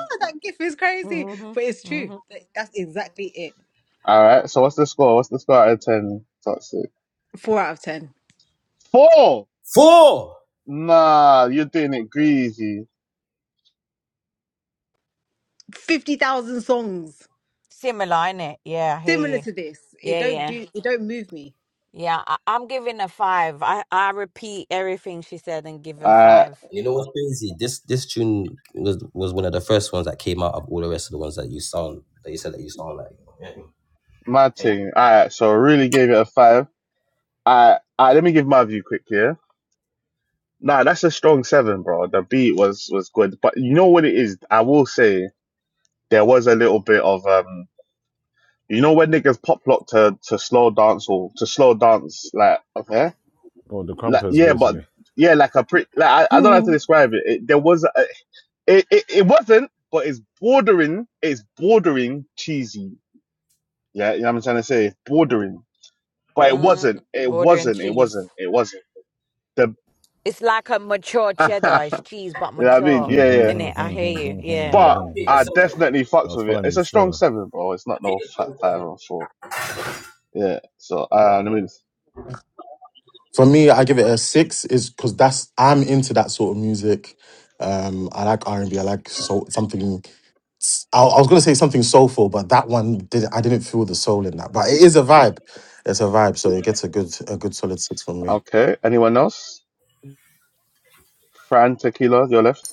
[SPEAKER 6] that gif is crazy,
[SPEAKER 7] mhm,
[SPEAKER 6] but it's true.
[SPEAKER 7] mhm.
[SPEAKER 6] That- That's exactly it.
[SPEAKER 1] All right. So what's the score? What's the score out of ten? Toxic.
[SPEAKER 6] Four out of ten.
[SPEAKER 1] Four.
[SPEAKER 2] Four.
[SPEAKER 1] Nah, you're doing it greasy.
[SPEAKER 6] Fifty thousand songs
[SPEAKER 7] Similar, innit? Yeah, I hear
[SPEAKER 6] similar
[SPEAKER 7] you.
[SPEAKER 6] to this. It
[SPEAKER 7] Yeah,
[SPEAKER 6] don't
[SPEAKER 7] yeah,
[SPEAKER 6] do. It don't move me.
[SPEAKER 7] yeah. I, I'm giving a five. I I repeat everything she said and give
[SPEAKER 1] All
[SPEAKER 7] her
[SPEAKER 1] right,
[SPEAKER 7] five.
[SPEAKER 2] And you know what's crazy? This this tune was was one of the first ones that came out of all the rest of the ones that you sound that you said that you sound like.
[SPEAKER 7] Mm,
[SPEAKER 2] Yeah,
[SPEAKER 1] my thing. All right. So I really gave it a five. All right. All right. Let me give my view quick here. Nah, that's a strong seven, bro. The beat was was good, but you know what it is. I will say there was a little bit of um. You know when niggas pop lock to to slow dance or to slow dance like okay
[SPEAKER 5] Or the
[SPEAKER 1] like
[SPEAKER 5] compass
[SPEAKER 1] yeah but
[SPEAKER 5] basically.
[SPEAKER 1] yeah like a pretty like I, I don't know how to describe it. it there was a. It, it, it wasn't, but it's bordering. It's bordering cheesy. Yeah, you know what I'm trying to say. It's bordering, but it
[SPEAKER 7] Mm,
[SPEAKER 1] wasn't. It
[SPEAKER 7] border and
[SPEAKER 1] wasn't. It
[SPEAKER 7] cheese.
[SPEAKER 1] wasn't. It wasn't. The
[SPEAKER 7] It's like a mature
[SPEAKER 1] you know
[SPEAKER 7] cheddar. It's cheese but
[SPEAKER 1] what I mean?
[SPEAKER 7] mature,
[SPEAKER 1] Yeah, yeah.
[SPEAKER 7] isn't it? I hear you. Yeah.
[SPEAKER 2] Hey,
[SPEAKER 1] But
[SPEAKER 2] I'll take the
[SPEAKER 1] I
[SPEAKER 2] silver.
[SPEAKER 1] definitely fucks
[SPEAKER 5] That's
[SPEAKER 1] with it. It's
[SPEAKER 5] funny
[SPEAKER 1] a strong
[SPEAKER 5] still.
[SPEAKER 1] seven, bro. It's not no fat five
[SPEAKER 2] Yeah,
[SPEAKER 1] or four. Yeah. So uh, let me. Just,
[SPEAKER 4] For me, I give it a six, is because that's I'm into that sort of music. Um, I like R and B. I like so something. I I was gonna say something soulful, but that one didn't. I didn't feel the soul in that. But it is a vibe. It's a vibe, so it gets a good a good solid six from me.
[SPEAKER 1] okay. Anyone else? Fran Tequila, your left.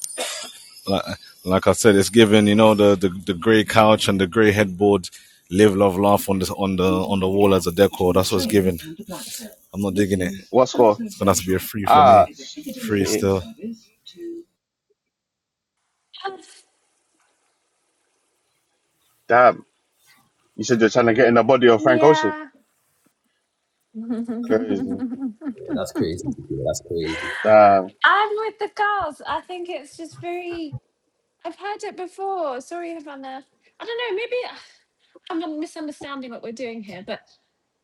[SPEAKER 5] Like, like I said, it's given, you know, the, the, the grey couch and the grey headboard, live, love, laugh on this on the on the wall as a decor. That's what's given. I'm not digging it.
[SPEAKER 1] What score?
[SPEAKER 5] It's gonna have to be a free for
[SPEAKER 1] Ah,
[SPEAKER 5] me. Free
[SPEAKER 1] shit.
[SPEAKER 5] still.
[SPEAKER 1] Damn. You said you're trying to get in the body of Frank Ocean.
[SPEAKER 8] Yeah,
[SPEAKER 1] Crazy.
[SPEAKER 8] I'm
[SPEAKER 2] that's crazy. Yeah, that's crazy.
[SPEAKER 1] Damn.
[SPEAKER 8] with the girls. I think it's just very. I've heard it before. Sorry, Havana. I don't know. Maybe I'm misunderstanding what we're doing here, but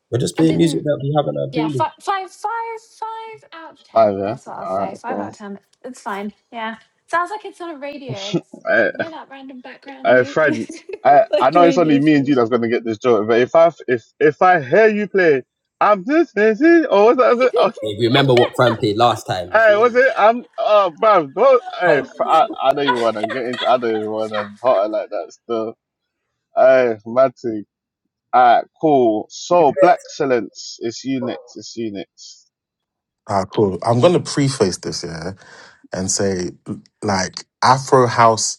[SPEAKER 2] We're just
[SPEAKER 8] I
[SPEAKER 2] playing music
[SPEAKER 8] didn't.
[SPEAKER 2] that we have on our
[SPEAKER 8] Yeah,
[SPEAKER 2] playlist.
[SPEAKER 8] five, five, five, five out of ten.
[SPEAKER 1] Five. Yeah.
[SPEAKER 8] That's what I'll
[SPEAKER 1] All
[SPEAKER 8] say.
[SPEAKER 1] right.
[SPEAKER 8] Five out
[SPEAKER 1] cool.
[SPEAKER 8] of ten. It's fine. Yeah, sounds like it's on a radio.
[SPEAKER 1] I,
[SPEAKER 8] You know that random background
[SPEAKER 1] I,
[SPEAKER 8] new,
[SPEAKER 1] Fred, I, I
[SPEAKER 8] like a
[SPEAKER 1] know it's only
[SPEAKER 8] radio
[SPEAKER 1] me and you
[SPEAKER 8] station.
[SPEAKER 1] that's gonna get this joke, but if I, if, if I hear you play, I'm just, this is, or was that, was it, oh,
[SPEAKER 2] If you remember what Fran played last time, you
[SPEAKER 1] hey,
[SPEAKER 2] feel
[SPEAKER 1] was
[SPEAKER 2] me?
[SPEAKER 1] it, I'm, oh, bruv, don't, hey,
[SPEAKER 2] Can't
[SPEAKER 1] f-
[SPEAKER 2] do
[SPEAKER 1] I,
[SPEAKER 2] shit,
[SPEAKER 1] I don't
[SPEAKER 2] fam.
[SPEAKER 1] even wanna get into, I don't even wanna hotter like that still. Hey, Matty, alright, cool. So, Black Excellence, it's you next, it's you next.
[SPEAKER 4] Ah, cool. I'm gonna preface this, yeah. and say, like, Afro House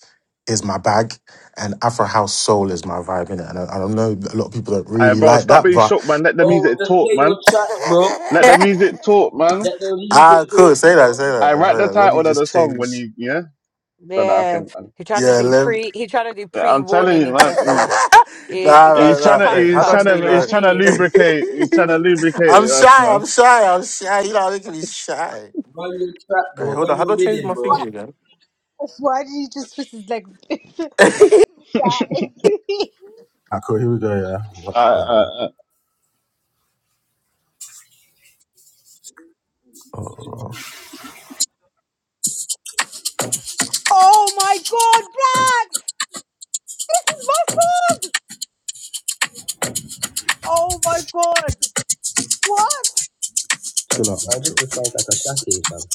[SPEAKER 4] is my bag and Afro House Soul is my vibe in it. And I, I don't know, a lot of people don't
[SPEAKER 1] Alright,
[SPEAKER 4] really
[SPEAKER 1] bro,
[SPEAKER 4] like
[SPEAKER 1] stop
[SPEAKER 4] that,
[SPEAKER 1] being
[SPEAKER 4] but
[SPEAKER 1] shook, man. Let the
[SPEAKER 2] Bro,
[SPEAKER 1] music
[SPEAKER 2] just
[SPEAKER 1] talk,
[SPEAKER 2] play your
[SPEAKER 1] man.
[SPEAKER 2] track, bro.
[SPEAKER 1] Let the music talk, man.
[SPEAKER 2] Let the
[SPEAKER 4] ah,
[SPEAKER 2] music
[SPEAKER 4] cool.
[SPEAKER 2] talk,
[SPEAKER 4] Say that,
[SPEAKER 2] bro.
[SPEAKER 4] say that,
[SPEAKER 1] I write
[SPEAKER 4] say
[SPEAKER 1] the
[SPEAKER 4] that. Let me
[SPEAKER 1] title of
[SPEAKER 4] just
[SPEAKER 1] the song when
[SPEAKER 4] change.
[SPEAKER 1] you, yeah, so that I
[SPEAKER 7] Yeah.
[SPEAKER 1] can.
[SPEAKER 7] He's trying to
[SPEAKER 4] Yeah,
[SPEAKER 7] do
[SPEAKER 4] let me.
[SPEAKER 7] pre he's trying to do pre
[SPEAKER 1] I'm telling
[SPEAKER 7] warning
[SPEAKER 1] you,
[SPEAKER 7] in
[SPEAKER 1] man.
[SPEAKER 7] case
[SPEAKER 1] He's,
[SPEAKER 7] they yeah, in
[SPEAKER 4] nah,
[SPEAKER 7] case
[SPEAKER 4] nah,
[SPEAKER 1] he's
[SPEAKER 7] the
[SPEAKER 1] trying
[SPEAKER 4] nah.
[SPEAKER 1] to,
[SPEAKER 4] Wait,
[SPEAKER 7] cuss
[SPEAKER 4] how
[SPEAKER 1] he's
[SPEAKER 4] do I
[SPEAKER 1] trying
[SPEAKER 7] comes.
[SPEAKER 4] change
[SPEAKER 1] to,
[SPEAKER 7] Yeah,
[SPEAKER 1] he's
[SPEAKER 4] my.
[SPEAKER 7] I
[SPEAKER 1] trying to
[SPEAKER 7] hear
[SPEAKER 1] lubricate, he's trying to lubricate
[SPEAKER 4] I'm
[SPEAKER 1] it up,
[SPEAKER 4] shy, I'm
[SPEAKER 1] man.
[SPEAKER 4] shy, I'm shy. You know, making me shy.
[SPEAKER 2] Run your track,
[SPEAKER 4] Wait,
[SPEAKER 2] bro.
[SPEAKER 4] hold on.
[SPEAKER 2] Run
[SPEAKER 4] How do
[SPEAKER 2] your
[SPEAKER 4] I change my
[SPEAKER 2] rhythm, bro.
[SPEAKER 4] thingy again?
[SPEAKER 6] Why did you just twist his legs? Shy.
[SPEAKER 4] Ah, cool. Here we go, yeah. What's
[SPEAKER 1] I,
[SPEAKER 4] the thing?
[SPEAKER 1] I,
[SPEAKER 4] Oh.
[SPEAKER 6] oh my god, Black! This is my song! Oh my god! What?
[SPEAKER 4] Chill out,
[SPEAKER 2] Like
[SPEAKER 4] man,
[SPEAKER 2] this
[SPEAKER 4] chill.
[SPEAKER 2] just sounds like a shake, fam.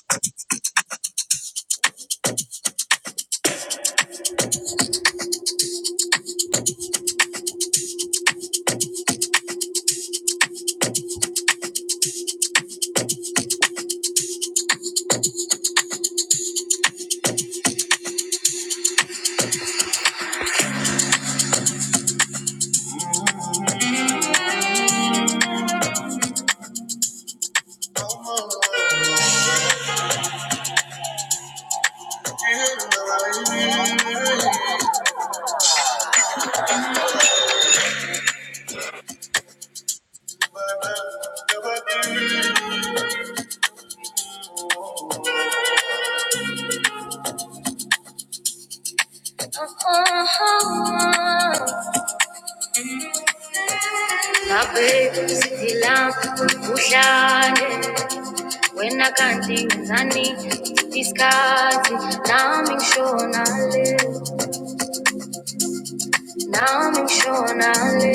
[SPEAKER 4] Babethu sidila uhlale wena kanti ngenzani isikhathi nami ngishona le nami ngishona le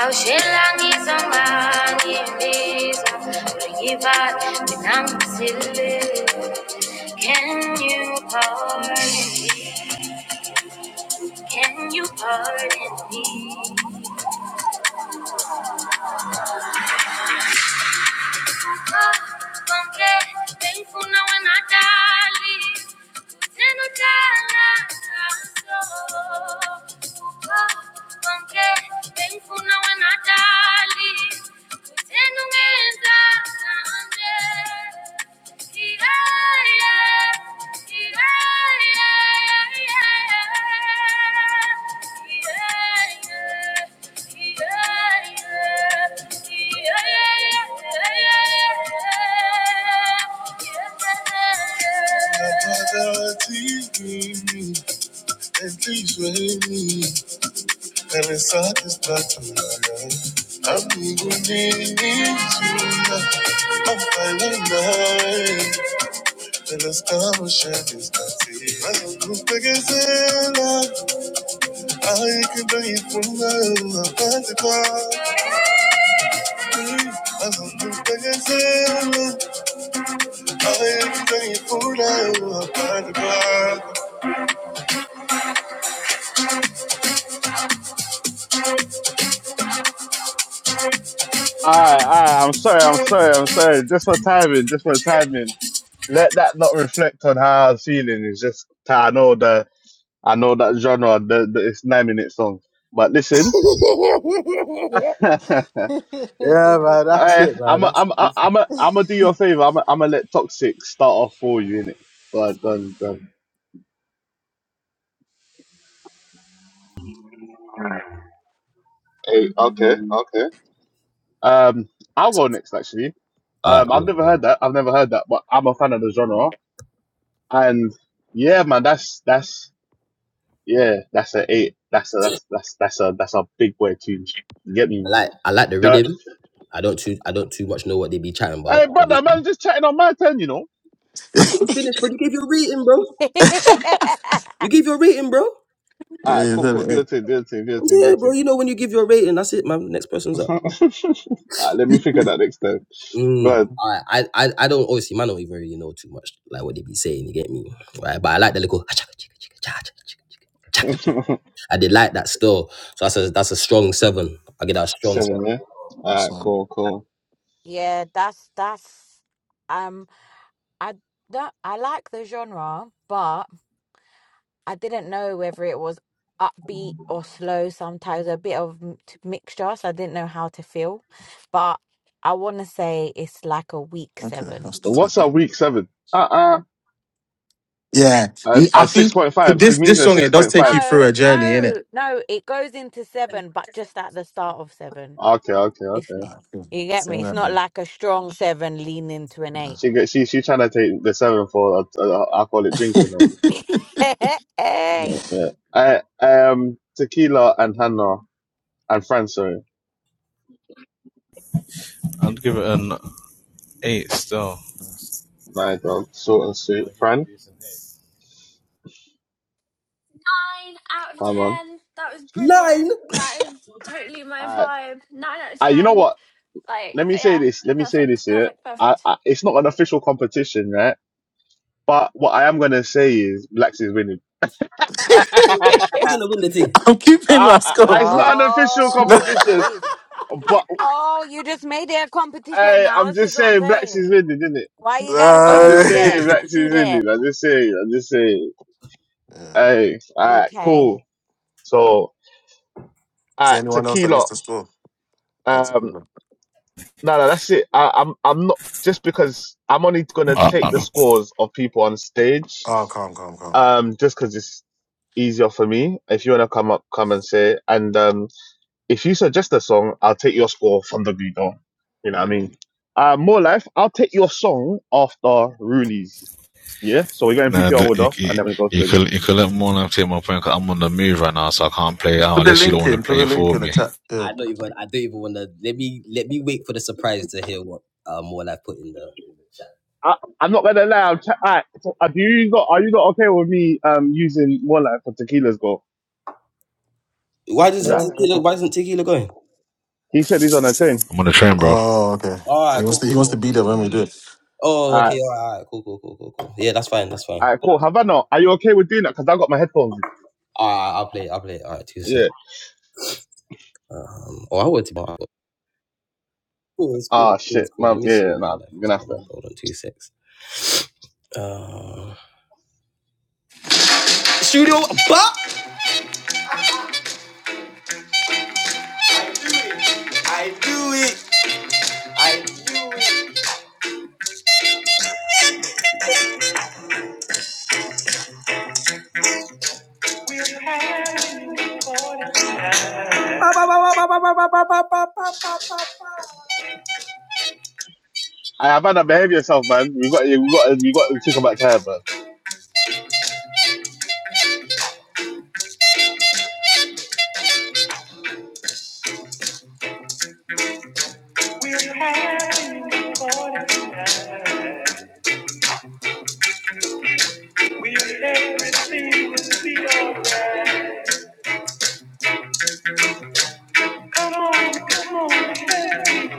[SPEAKER 4] awushela ngizonga ngibiza ngiyibala mina ngisile can you pardon can you pardon me Thankful now when I die, leave. Then I die, die, so. Thankful now when I die, leave. Then I die, die, and please wait me, and it's all just not to I'm going to need you. I'm fine Se las camisas están así. Tus pequeñas, hay que venir por la parte Tus pequeñas, hay que venir por la parte
[SPEAKER 1] I, I, I'm sorry, I'm sorry, I'm sorry. Just for timing, just for timing. Let that not reflect on how I was feeling. It's just, I know the, I know that genre, the, the it's nine minute song. But listen, I,
[SPEAKER 4] Yeah, man, that's it, man.
[SPEAKER 1] I'm, a,
[SPEAKER 4] That's
[SPEAKER 1] I'm, a,
[SPEAKER 4] goofy.
[SPEAKER 1] I'm, a, I'm gonna do you a favor. I'm, a, I'm gonna let Toxic start off for you, innit? Go on, go on, go on. Hey, okay, okay. Um, I'll go next actually.
[SPEAKER 2] Alright,
[SPEAKER 1] Um, I've
[SPEAKER 2] yeah,
[SPEAKER 1] never
[SPEAKER 2] yeah.
[SPEAKER 1] heard that. I've never heard that, but I'm a fan of the genre. And yeah, man, that's that's yeah, that's a eight. That's a that's that's that's a that's a big boy tune. You get
[SPEAKER 2] I
[SPEAKER 1] me?
[SPEAKER 2] like I like the
[SPEAKER 1] The,
[SPEAKER 2] rhythm. I don't too I don't too much know what they be chatting about.
[SPEAKER 1] hey, brother, man,
[SPEAKER 2] obviously.
[SPEAKER 1] just chatting on my turn, you know.
[SPEAKER 2] I thought you finished, bro. You gave your rating, bro.
[SPEAKER 7] you.
[SPEAKER 2] You gave your rating, bro.
[SPEAKER 1] All right, cool, cool. Do your thing, do your thing, do your thing, do your
[SPEAKER 2] Yeah, bro.
[SPEAKER 1] thing.
[SPEAKER 2] You know when you give your rating, that's it, man. Next person's up.
[SPEAKER 1] All right, let me think of that next time.
[SPEAKER 2] Mm,
[SPEAKER 1] But
[SPEAKER 2] I, I, I I don't obviously man don't even really know too much like what they be saying. You get me, right? But I like the little. "Ah, chaka, chaka, chaka, cha, chaka, chaka, chaka, chaka." I did like that still. So that's a that's a strong seven. I get that strong seven.
[SPEAKER 1] seven, yeah. All right, cool, cool.
[SPEAKER 7] Yeah, that's that's um I that I like the genre, but I didn't know whether it was upbeat or slow sometimes a bit of m- t- mixture, so I didn't know how to feel. But I want to say it's like a week
[SPEAKER 4] Okay,
[SPEAKER 7] 7.
[SPEAKER 4] that's the
[SPEAKER 1] What's
[SPEAKER 4] tip.
[SPEAKER 1] our week seven? Uh uh-uh. uh.
[SPEAKER 4] Yeah, you, I
[SPEAKER 1] at
[SPEAKER 4] think
[SPEAKER 1] 6.5. She
[SPEAKER 4] this
[SPEAKER 1] means
[SPEAKER 4] this
[SPEAKER 1] at
[SPEAKER 4] song it does take you
[SPEAKER 1] 6.5.
[SPEAKER 4] through
[SPEAKER 7] No,
[SPEAKER 4] a journey, innit?
[SPEAKER 7] no, no, it goes into 7 but just at the start of 7.
[SPEAKER 1] Okay, okay,
[SPEAKER 7] It's
[SPEAKER 1] okay.
[SPEAKER 7] n-
[SPEAKER 4] Ah, cool.
[SPEAKER 7] you get
[SPEAKER 4] Say
[SPEAKER 7] me? It's
[SPEAKER 4] that,
[SPEAKER 7] not
[SPEAKER 4] man.
[SPEAKER 7] like a strong 7 leaning to an
[SPEAKER 4] Yeah.
[SPEAKER 7] 8.
[SPEAKER 1] She go- she she trying to take the sevenfold uh, uh, alcoholic drink, you
[SPEAKER 7] Hey.
[SPEAKER 1] know. Yeah. I I um tequila and Hannah and Fran, sorry,
[SPEAKER 5] I'd give it an eight still.
[SPEAKER 4] Nice.
[SPEAKER 1] my dog, short and
[SPEAKER 5] I'll
[SPEAKER 1] sweet.
[SPEAKER 5] give it a
[SPEAKER 1] Fran,
[SPEAKER 5] decent eight.
[SPEAKER 8] Nine out of
[SPEAKER 1] come on.
[SPEAKER 8] ten. That was
[SPEAKER 2] Nine.
[SPEAKER 8] brilliant. That is totally my
[SPEAKER 1] I
[SPEAKER 8] vibe. Nine out of
[SPEAKER 1] I you know
[SPEAKER 8] ten.
[SPEAKER 1] what?
[SPEAKER 8] Like,
[SPEAKER 1] Let me say
[SPEAKER 8] yeah,
[SPEAKER 1] this. Let me say
[SPEAKER 8] perfect,
[SPEAKER 1] this here.
[SPEAKER 8] perfect,
[SPEAKER 1] I,
[SPEAKER 8] perfect.
[SPEAKER 1] I it's not an official competition, right? But what I am gonna say is Blacks is winning.
[SPEAKER 2] Like,
[SPEAKER 1] I,
[SPEAKER 2] We're gonna win the thing.
[SPEAKER 4] I'm keeping my
[SPEAKER 1] I, I-
[SPEAKER 4] score.
[SPEAKER 1] it's not an official
[SPEAKER 7] Oh,
[SPEAKER 1] competition,
[SPEAKER 7] please.
[SPEAKER 1] but
[SPEAKER 7] Oh, you just made that competition
[SPEAKER 1] I,
[SPEAKER 7] now.
[SPEAKER 1] I'm
[SPEAKER 7] This is
[SPEAKER 1] just
[SPEAKER 7] what I'm
[SPEAKER 1] saying Blacks is
[SPEAKER 7] saying.
[SPEAKER 1] winning, isn't it?
[SPEAKER 7] Why you gotta go
[SPEAKER 1] I'm
[SPEAKER 7] and
[SPEAKER 4] Nah.
[SPEAKER 1] just
[SPEAKER 7] do that?
[SPEAKER 1] saying Blacks
[SPEAKER 7] Do
[SPEAKER 1] is winning.
[SPEAKER 7] that.
[SPEAKER 1] I'm just saying. I'm just saying.
[SPEAKER 4] Yeah.
[SPEAKER 1] Hey, all right,
[SPEAKER 7] Okay.
[SPEAKER 1] cool. So, all
[SPEAKER 4] Is there
[SPEAKER 1] right,
[SPEAKER 4] anyone else that needs
[SPEAKER 1] tequila.
[SPEAKER 4] to score? Oh,
[SPEAKER 1] Um,
[SPEAKER 4] Tequila.
[SPEAKER 1] no, no, that's it. I, I'm, I'm not just because I'm only gonna
[SPEAKER 5] Uh,
[SPEAKER 1] take
[SPEAKER 5] uh,
[SPEAKER 1] the scores of people on stage.
[SPEAKER 4] Oh, calm, calm, calm.
[SPEAKER 1] Um, just because it's easier for me. If you wanna come up, come and say. it. And um, if you suggest a song, I'll take your score from the Guido. You know what I mean? Uh, more life. I'll take your song after Rulies. Yeah. So we're going
[SPEAKER 5] No,
[SPEAKER 1] PPR
[SPEAKER 5] look, you,
[SPEAKER 1] order,
[SPEAKER 5] you,
[SPEAKER 1] and then we go to
[SPEAKER 5] you
[SPEAKER 1] the group.
[SPEAKER 5] could you could let more than say my point 'cause I'm on the move right now, so I can't play it out
[SPEAKER 4] Put the
[SPEAKER 5] unless you don't
[SPEAKER 4] link
[SPEAKER 5] want to
[SPEAKER 4] in. Put
[SPEAKER 5] play
[SPEAKER 4] the
[SPEAKER 5] it
[SPEAKER 4] link
[SPEAKER 5] for
[SPEAKER 4] in the
[SPEAKER 5] me.
[SPEAKER 4] chat. Yeah.
[SPEAKER 2] I don't even. I don't even wanna. Let me let me wait for the surprise to hear what uh, more I put in the, in the chat.
[SPEAKER 1] I, I'm not gonna lie. I'm ch- I, so, uh, do you not, are you not okay with me um using one life for tequila's goal?
[SPEAKER 2] Why
[SPEAKER 1] Is
[SPEAKER 2] doesn't
[SPEAKER 1] that
[SPEAKER 2] tequila? Why isn't tequila going?
[SPEAKER 1] he said he's on a train?
[SPEAKER 5] I'm on the train, bro.
[SPEAKER 4] Oh, okay.
[SPEAKER 2] All right,
[SPEAKER 4] He wants
[SPEAKER 2] cool,
[SPEAKER 4] to. He
[SPEAKER 2] cool,
[SPEAKER 4] wants
[SPEAKER 2] cool.
[SPEAKER 4] to be there when we do it.
[SPEAKER 2] Oh,
[SPEAKER 1] Alright,
[SPEAKER 2] okay, all right, all right, cool, cool, cool, cool, cool. Yeah, that's fine, that's fine.
[SPEAKER 1] alright, cool. Havana, are you okay with doing that? Because I got my headphones. in.
[SPEAKER 2] All right, I'll play, it, I'll play. it. All right, two six.
[SPEAKER 1] Yeah.
[SPEAKER 2] Um, or I would tomorrow. Cool, it's cool,
[SPEAKER 1] Ah,
[SPEAKER 2] it's cool, it's
[SPEAKER 1] shit,
[SPEAKER 2] cool. Let
[SPEAKER 1] man.
[SPEAKER 2] me
[SPEAKER 1] Yeah,
[SPEAKER 2] see
[SPEAKER 1] yeah,
[SPEAKER 2] what more
[SPEAKER 1] nah.
[SPEAKER 2] life
[SPEAKER 1] I'm
[SPEAKER 2] is
[SPEAKER 1] gonna have
[SPEAKER 2] coming.
[SPEAKER 1] to.
[SPEAKER 2] Hold on, two secs. Uh, Studio Bop. I do it. I do it.
[SPEAKER 1] I Havana, behave yourself, man. We got, we got, we got to talk about time, man.
[SPEAKER 2] We're having fun tonight. We everything will be alright. Come on, come on, baby.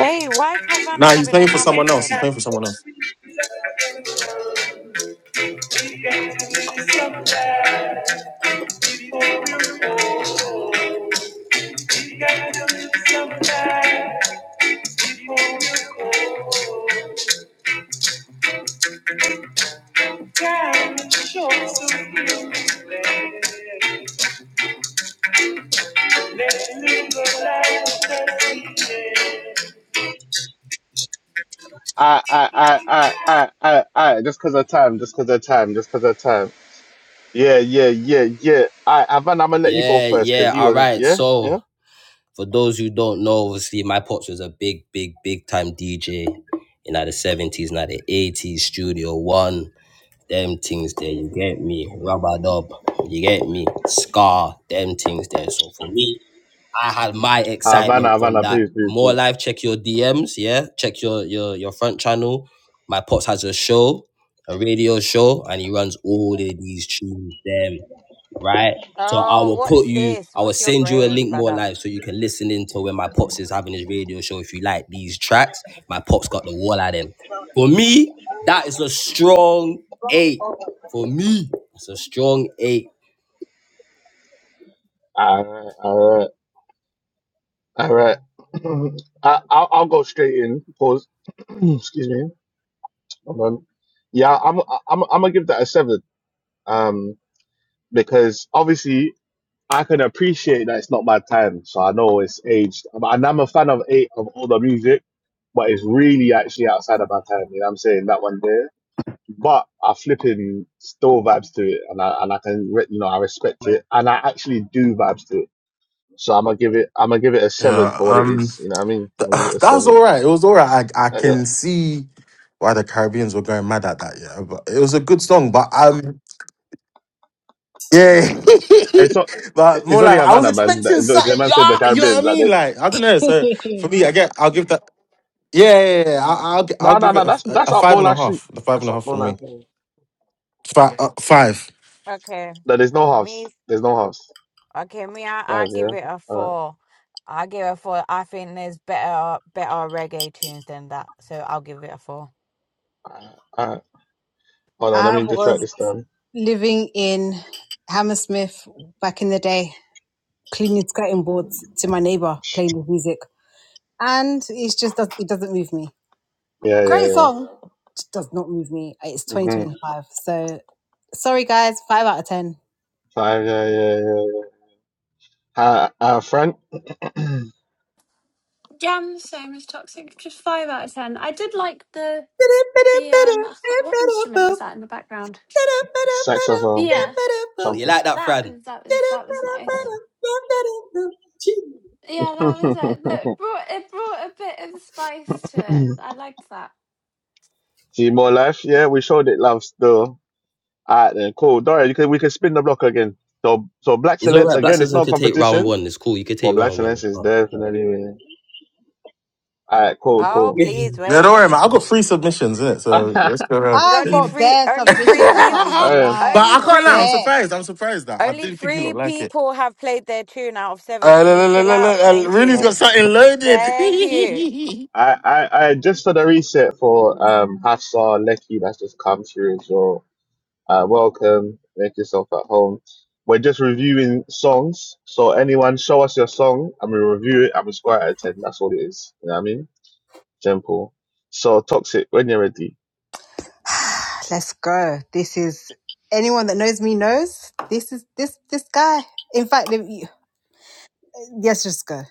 [SPEAKER 7] Hey, why is Havana
[SPEAKER 4] Nah, he's
[SPEAKER 7] having
[SPEAKER 4] playing for
[SPEAKER 7] another
[SPEAKER 4] someone else.
[SPEAKER 2] it's
[SPEAKER 4] He's
[SPEAKER 7] turn?
[SPEAKER 2] time.
[SPEAKER 4] playing for someone else.
[SPEAKER 2] We got to make some Oh, oh, oh. You gotta live sometime before you go. Time is short, so give it Let's live a life that's easy.
[SPEAKER 1] I, I, I, I, I, I, I, just because of time, just because of time, just because of time. Yeah, yeah, yeah, yeah. I, Havana, I'm gonna let you go
[SPEAKER 2] Yeah,
[SPEAKER 1] first because
[SPEAKER 2] yeah,
[SPEAKER 1] you
[SPEAKER 2] all
[SPEAKER 1] was,
[SPEAKER 2] right.
[SPEAKER 1] yeah, yeah.
[SPEAKER 2] So, for those who don't know, obviously, my pops was a big, big, big time DJ in like the 70s and the 80s, Studio One, them things there, you get me, rubber dub, you get me, scar, them things there. So, for me, I had my
[SPEAKER 1] Ah, Havana,
[SPEAKER 2] excitement from
[SPEAKER 1] Havana,
[SPEAKER 2] that.
[SPEAKER 1] please, please,
[SPEAKER 2] More
[SPEAKER 1] please.
[SPEAKER 2] live, check your DMs, yeah. Check your your your front channel. My pops has a show, a radio show, and he runs all of these tunes, them, right? So I
[SPEAKER 7] Oh,
[SPEAKER 2] will
[SPEAKER 7] what
[SPEAKER 2] put
[SPEAKER 7] is
[SPEAKER 2] you,
[SPEAKER 7] this?
[SPEAKER 2] I will
[SPEAKER 7] What's your
[SPEAKER 2] send you a
[SPEAKER 7] grade,
[SPEAKER 2] link more
[SPEAKER 7] brother?
[SPEAKER 2] live so you can listen into when my pops is having his radio show. If you like these tracks, my pops got the wall at him. For me, that is a strong eight. For me, it's a strong eight.
[SPEAKER 1] All right, all right, all right. I, I'll, I'll go straight in. Pause. Excuse me. Hold on. Yeah, I'm, I'm, I'm gonna give that a seven. Um, because obviously I can appreciate that it's not my time, so I know it's aged. But and I'm a fan of eight of older music, but it's really actually outside of my time. You know what I'm saying? That one there. But I flipping still vibes to it, and I and I can re- you know I respect it, and I actually do vibes to it So I'm gonna give it. I'm gonna give it a seven
[SPEAKER 4] Yeah.
[SPEAKER 1] for what it
[SPEAKER 4] Um.
[SPEAKER 1] is. You know what I mean? I'm
[SPEAKER 4] th-
[SPEAKER 1] gonna give it a
[SPEAKER 4] that was all
[SPEAKER 1] seven.
[SPEAKER 4] right. It was all right. I I
[SPEAKER 1] And,
[SPEAKER 4] can
[SPEAKER 1] uh,
[SPEAKER 4] see why the Caribbeans were going mad at that. Yeah, but it was a good song. But um. Yeah,
[SPEAKER 1] it's not.
[SPEAKER 4] but more
[SPEAKER 1] It's only
[SPEAKER 4] like I was
[SPEAKER 1] Havana, man.
[SPEAKER 4] expecting
[SPEAKER 1] The, the the
[SPEAKER 4] something,
[SPEAKER 1] man said the
[SPEAKER 4] yeah. You know what
[SPEAKER 1] Caribbean.
[SPEAKER 4] I
[SPEAKER 1] Like
[SPEAKER 4] mean?
[SPEAKER 1] there's
[SPEAKER 4] Like I don't know. So for me, I get. I'll give that. Yeah, yeah, yeah. I, I'll gi- I'll
[SPEAKER 1] no, no,
[SPEAKER 4] give it
[SPEAKER 1] no.
[SPEAKER 4] a, f-
[SPEAKER 1] That's
[SPEAKER 4] a-
[SPEAKER 1] that's
[SPEAKER 4] a
[SPEAKER 1] up
[SPEAKER 4] five
[SPEAKER 1] more
[SPEAKER 4] and a
[SPEAKER 1] like sheep.
[SPEAKER 4] half. The five and
[SPEAKER 1] That's
[SPEAKER 4] a
[SPEAKER 1] up
[SPEAKER 4] half
[SPEAKER 1] more
[SPEAKER 4] from me.
[SPEAKER 1] like. sheep.
[SPEAKER 4] Five. Uh, five.
[SPEAKER 7] Okay.
[SPEAKER 1] No, there's no house.
[SPEAKER 7] Me
[SPEAKER 1] There's no house.
[SPEAKER 7] okay, me I, I
[SPEAKER 1] Five,
[SPEAKER 7] give
[SPEAKER 1] yeah.
[SPEAKER 7] it a
[SPEAKER 1] All
[SPEAKER 7] four. I give it a four. I think there's better better reggae tunes than that. So I'll give it a four.
[SPEAKER 1] right. All right. Hold on. Let
[SPEAKER 6] I
[SPEAKER 1] me just write
[SPEAKER 6] was
[SPEAKER 1] this down.
[SPEAKER 6] living in Hammersmith back in the day, cleaning skirting boards to my neighbour, playing his music. And it's just, it doesn't move me.
[SPEAKER 1] Yeah, yeah,
[SPEAKER 6] Great
[SPEAKER 1] yeah.
[SPEAKER 6] song. Just does not move me. It's
[SPEAKER 1] hmm
[SPEAKER 6] 2025. So sorry guys, five out of ten.
[SPEAKER 1] Five, yeah, yeah, yeah, yeah. Uh, uh, Frank,
[SPEAKER 8] Jam, same as Toxic, just five out of ten. I did like the the um, I can't, what instrument was that in the background? Yeah,
[SPEAKER 1] saxophone,
[SPEAKER 2] You
[SPEAKER 1] trumpet.
[SPEAKER 2] like that,
[SPEAKER 8] that
[SPEAKER 2] Fran?
[SPEAKER 8] was that was that was nice. Yeah, that was it. But it brought it brought a bit of spice to it. I liked that.
[SPEAKER 1] See more life. Yeah, we showed it, love. Still. All right, then cool. Dora, you can, we can spin the block again. So, so Black
[SPEAKER 2] It's all
[SPEAKER 1] Silence
[SPEAKER 2] right. Black
[SPEAKER 1] again. It's
[SPEAKER 2] Citizen
[SPEAKER 1] not a
[SPEAKER 2] could take round
[SPEAKER 1] competition.
[SPEAKER 2] one. It's cool. You could
[SPEAKER 1] Well,
[SPEAKER 2] take
[SPEAKER 1] Black
[SPEAKER 2] round one.
[SPEAKER 1] Silence is
[SPEAKER 2] Oh, no.
[SPEAKER 1] definitely. Winning. All right, cool,
[SPEAKER 7] Oh,
[SPEAKER 1] cool.
[SPEAKER 7] please
[SPEAKER 4] Yeah,
[SPEAKER 7] wait.
[SPEAKER 4] don't worry, man. I've got three submissions in it,
[SPEAKER 1] um,
[SPEAKER 4] so let's go around.
[SPEAKER 7] The
[SPEAKER 6] I've
[SPEAKER 7] early
[SPEAKER 6] got
[SPEAKER 7] free,
[SPEAKER 6] bare
[SPEAKER 7] early
[SPEAKER 4] but
[SPEAKER 7] free
[SPEAKER 6] submissions, I
[SPEAKER 7] people,
[SPEAKER 6] can't even
[SPEAKER 1] I,
[SPEAKER 6] lie. I've
[SPEAKER 7] early
[SPEAKER 4] I can't
[SPEAKER 6] Got
[SPEAKER 4] lie. I'm
[SPEAKER 7] free,
[SPEAKER 6] bare.
[SPEAKER 4] surprised. I'm surprised that I
[SPEAKER 7] early
[SPEAKER 4] didn't think you
[SPEAKER 7] free
[SPEAKER 4] looked like it.
[SPEAKER 7] people have played their tune out of seven.
[SPEAKER 4] Uh,
[SPEAKER 7] Can you
[SPEAKER 4] look, look,
[SPEAKER 7] chill
[SPEAKER 4] look,
[SPEAKER 7] out?
[SPEAKER 4] look, look, uh,
[SPEAKER 7] Thank
[SPEAKER 4] Rooney's
[SPEAKER 7] you.
[SPEAKER 4] got something loaded.
[SPEAKER 7] Thank you.
[SPEAKER 1] I, I just for the reset for um Hafsa Lecky that's just come through as well. Uh, welcome. Make yourself at home. We're just reviewing songs. So anyone show us your song and we review it and we score it out of ten. That's all it is. You know what I mean? Simple. So toxic when you're ready.
[SPEAKER 6] Let's go. This is anyone that knows me knows this is this this guy. In fact, if you- Yes, it's good.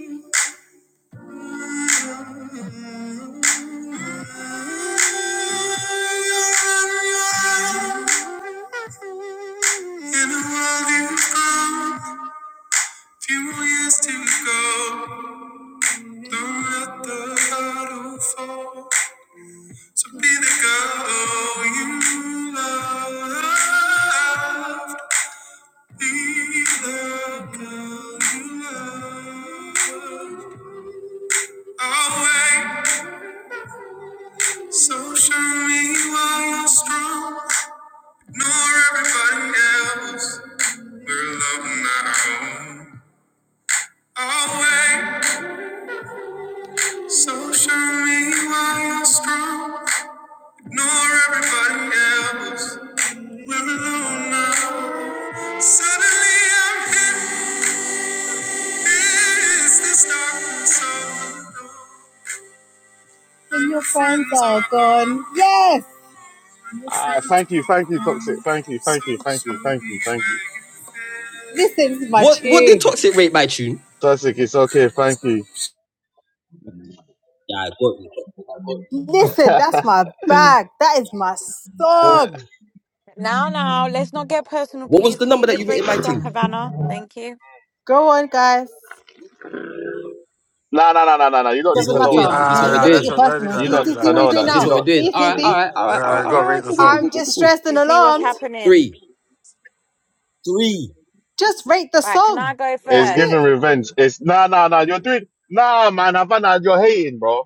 [SPEAKER 6] In a world you found, few years to go. Don't let the hurdle fall. So be the girl you love. Be the girl you love. I'll wait. So show me why you're strong. nor everybody else. We're alone on our own. Always, so show me why you're strong. Nor everybody else. We're alone now. Suddenly I'm hit. Is this darkness all alone? And your friends are gone. Yes! And your
[SPEAKER 1] Ah,
[SPEAKER 6] friends
[SPEAKER 1] thank you, thank
[SPEAKER 6] won't
[SPEAKER 1] you, Toxic.
[SPEAKER 6] come.
[SPEAKER 1] Thank you,
[SPEAKER 6] So
[SPEAKER 1] thank you, thank you,
[SPEAKER 6] show
[SPEAKER 1] thank
[SPEAKER 6] me
[SPEAKER 1] you, thank you.
[SPEAKER 6] where you live. Listen to my
[SPEAKER 2] what What did
[SPEAKER 6] tune.
[SPEAKER 2] Toxic rate my tune?
[SPEAKER 1] Toxic, it's okay, thank you.
[SPEAKER 2] Yeah, I got you. Toxic, I got you.
[SPEAKER 6] Listen, that's my bag. That is my
[SPEAKER 1] Uh,
[SPEAKER 6] song.
[SPEAKER 7] Now, now, let's not get personal,
[SPEAKER 2] What was
[SPEAKER 7] please.
[SPEAKER 2] the
[SPEAKER 7] Can you
[SPEAKER 2] number that
[SPEAKER 7] just
[SPEAKER 2] you rated
[SPEAKER 7] rate the
[SPEAKER 2] my
[SPEAKER 7] song,
[SPEAKER 2] thing?
[SPEAKER 7] Havana? Thank you.
[SPEAKER 6] Go on, guys.
[SPEAKER 1] No, no, no, no, no, no. You don't
[SPEAKER 2] This is
[SPEAKER 1] need
[SPEAKER 6] Doesn't
[SPEAKER 2] what
[SPEAKER 1] to
[SPEAKER 2] we're
[SPEAKER 6] matter.
[SPEAKER 1] know
[SPEAKER 4] nah,
[SPEAKER 1] that.
[SPEAKER 2] doing.
[SPEAKER 6] No,
[SPEAKER 2] Is this what
[SPEAKER 6] no,
[SPEAKER 4] nah,
[SPEAKER 2] we're
[SPEAKER 6] don't make
[SPEAKER 4] that's
[SPEAKER 2] doing?
[SPEAKER 6] it
[SPEAKER 4] not. Don't do
[SPEAKER 6] personal.
[SPEAKER 4] that.
[SPEAKER 1] You
[SPEAKER 6] See,
[SPEAKER 4] Don't
[SPEAKER 1] don't
[SPEAKER 4] do
[SPEAKER 6] see,
[SPEAKER 1] need
[SPEAKER 4] that.
[SPEAKER 6] see
[SPEAKER 1] to
[SPEAKER 6] what
[SPEAKER 4] Don't
[SPEAKER 6] you're
[SPEAKER 1] know
[SPEAKER 4] do
[SPEAKER 6] doing
[SPEAKER 2] Is
[SPEAKER 1] that.
[SPEAKER 4] that.
[SPEAKER 2] this
[SPEAKER 1] You
[SPEAKER 6] now.
[SPEAKER 2] what we're
[SPEAKER 1] don't.
[SPEAKER 2] doing?
[SPEAKER 6] See,
[SPEAKER 2] All
[SPEAKER 6] see,
[SPEAKER 2] right, all
[SPEAKER 6] see.
[SPEAKER 2] right, all right, all
[SPEAKER 4] Uh,
[SPEAKER 2] right,
[SPEAKER 4] you
[SPEAKER 2] all right.
[SPEAKER 4] gotta
[SPEAKER 2] All
[SPEAKER 4] rate
[SPEAKER 2] right.
[SPEAKER 4] the
[SPEAKER 2] Cool, cool, cool,
[SPEAKER 4] song.
[SPEAKER 6] I'm
[SPEAKER 2] cool, cool, cool, cool.
[SPEAKER 6] distressed
[SPEAKER 7] You
[SPEAKER 6] and
[SPEAKER 7] see what's
[SPEAKER 6] alarmed.
[SPEAKER 2] Three,
[SPEAKER 7] happening.
[SPEAKER 2] three.
[SPEAKER 6] Just rate the
[SPEAKER 7] Right, can
[SPEAKER 6] song.
[SPEAKER 7] I go
[SPEAKER 6] That's
[SPEAKER 1] It's
[SPEAKER 6] it.
[SPEAKER 1] giving
[SPEAKER 7] first?
[SPEAKER 1] revenge. It's no, no, no. You're doing nah, man. Havana, you're hating, bro.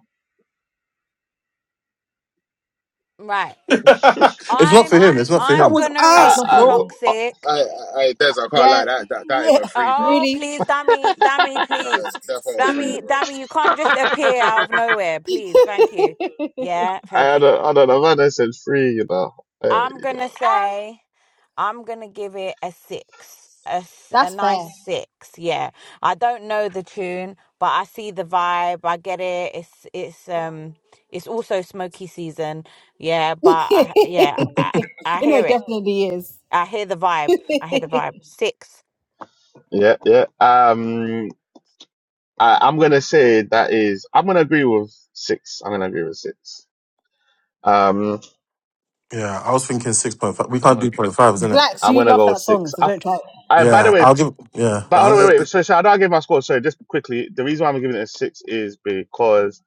[SPEAKER 7] Right.
[SPEAKER 4] it's not for
[SPEAKER 7] I'm
[SPEAKER 4] him. It's not for
[SPEAKER 2] That
[SPEAKER 7] I'm
[SPEAKER 4] him.
[SPEAKER 2] was
[SPEAKER 7] gonna
[SPEAKER 6] It's
[SPEAKER 2] ass,
[SPEAKER 7] rate
[SPEAKER 6] not for
[SPEAKER 1] I,
[SPEAKER 2] bro.
[SPEAKER 6] you.
[SPEAKER 1] I,
[SPEAKER 9] I,
[SPEAKER 7] Toxic.
[SPEAKER 9] I, I Des, I can't
[SPEAKER 6] Yeah,
[SPEAKER 9] lie. That, that, that is
[SPEAKER 6] yeah,
[SPEAKER 9] a free, bro.
[SPEAKER 7] Oh,
[SPEAKER 6] really.
[SPEAKER 7] please, Dammy, Dammy,
[SPEAKER 9] That
[SPEAKER 1] I
[SPEAKER 7] please.
[SPEAKER 9] is definitely a free,
[SPEAKER 7] Dammy,
[SPEAKER 9] bro.
[SPEAKER 7] Dammy, you can't just appear out of nowhere, please. Thank you. Yeah, thank
[SPEAKER 1] I
[SPEAKER 7] you.
[SPEAKER 1] don't, I don't know. Havana said free, you know. Hey,
[SPEAKER 7] I'm
[SPEAKER 1] you
[SPEAKER 7] going to
[SPEAKER 1] know.
[SPEAKER 8] Um,
[SPEAKER 7] say I'm going to give it a six, a, s- a
[SPEAKER 6] That's
[SPEAKER 7] nice
[SPEAKER 6] fair.
[SPEAKER 7] six. Yeah. I don't know the tune, but I see the vibe. I get it. It's, it's, um, it's also smoky season. Yeah. But
[SPEAKER 6] you
[SPEAKER 7] I, yeah, I, I
[SPEAKER 6] know,
[SPEAKER 7] hear
[SPEAKER 6] it
[SPEAKER 7] it.
[SPEAKER 6] definitely is.
[SPEAKER 7] I hear the vibe. I hear the vibe. Six.
[SPEAKER 1] Yeah, yeah. Um, I, I'm gonna say that is. I'm gonna agree with six. I'm gonna agree with six. Um,
[SPEAKER 4] Yeah, I was thinking six point five. We
[SPEAKER 1] I'm
[SPEAKER 4] can't
[SPEAKER 1] a,
[SPEAKER 4] do point five, isn't it?
[SPEAKER 6] Blacks,
[SPEAKER 1] I'm
[SPEAKER 6] you
[SPEAKER 1] gonna
[SPEAKER 6] love
[SPEAKER 1] go with
[SPEAKER 6] that song,
[SPEAKER 1] six.
[SPEAKER 6] so
[SPEAKER 1] I,
[SPEAKER 6] don't try it.
[SPEAKER 1] I by the
[SPEAKER 4] Yeah,
[SPEAKER 1] way,
[SPEAKER 4] I'll give. Yeah,
[SPEAKER 1] but oh, no,
[SPEAKER 4] I,
[SPEAKER 1] wait, wait. So, so I don't give my score. Sorry, just quickly. The reason why I'm giving it a six is because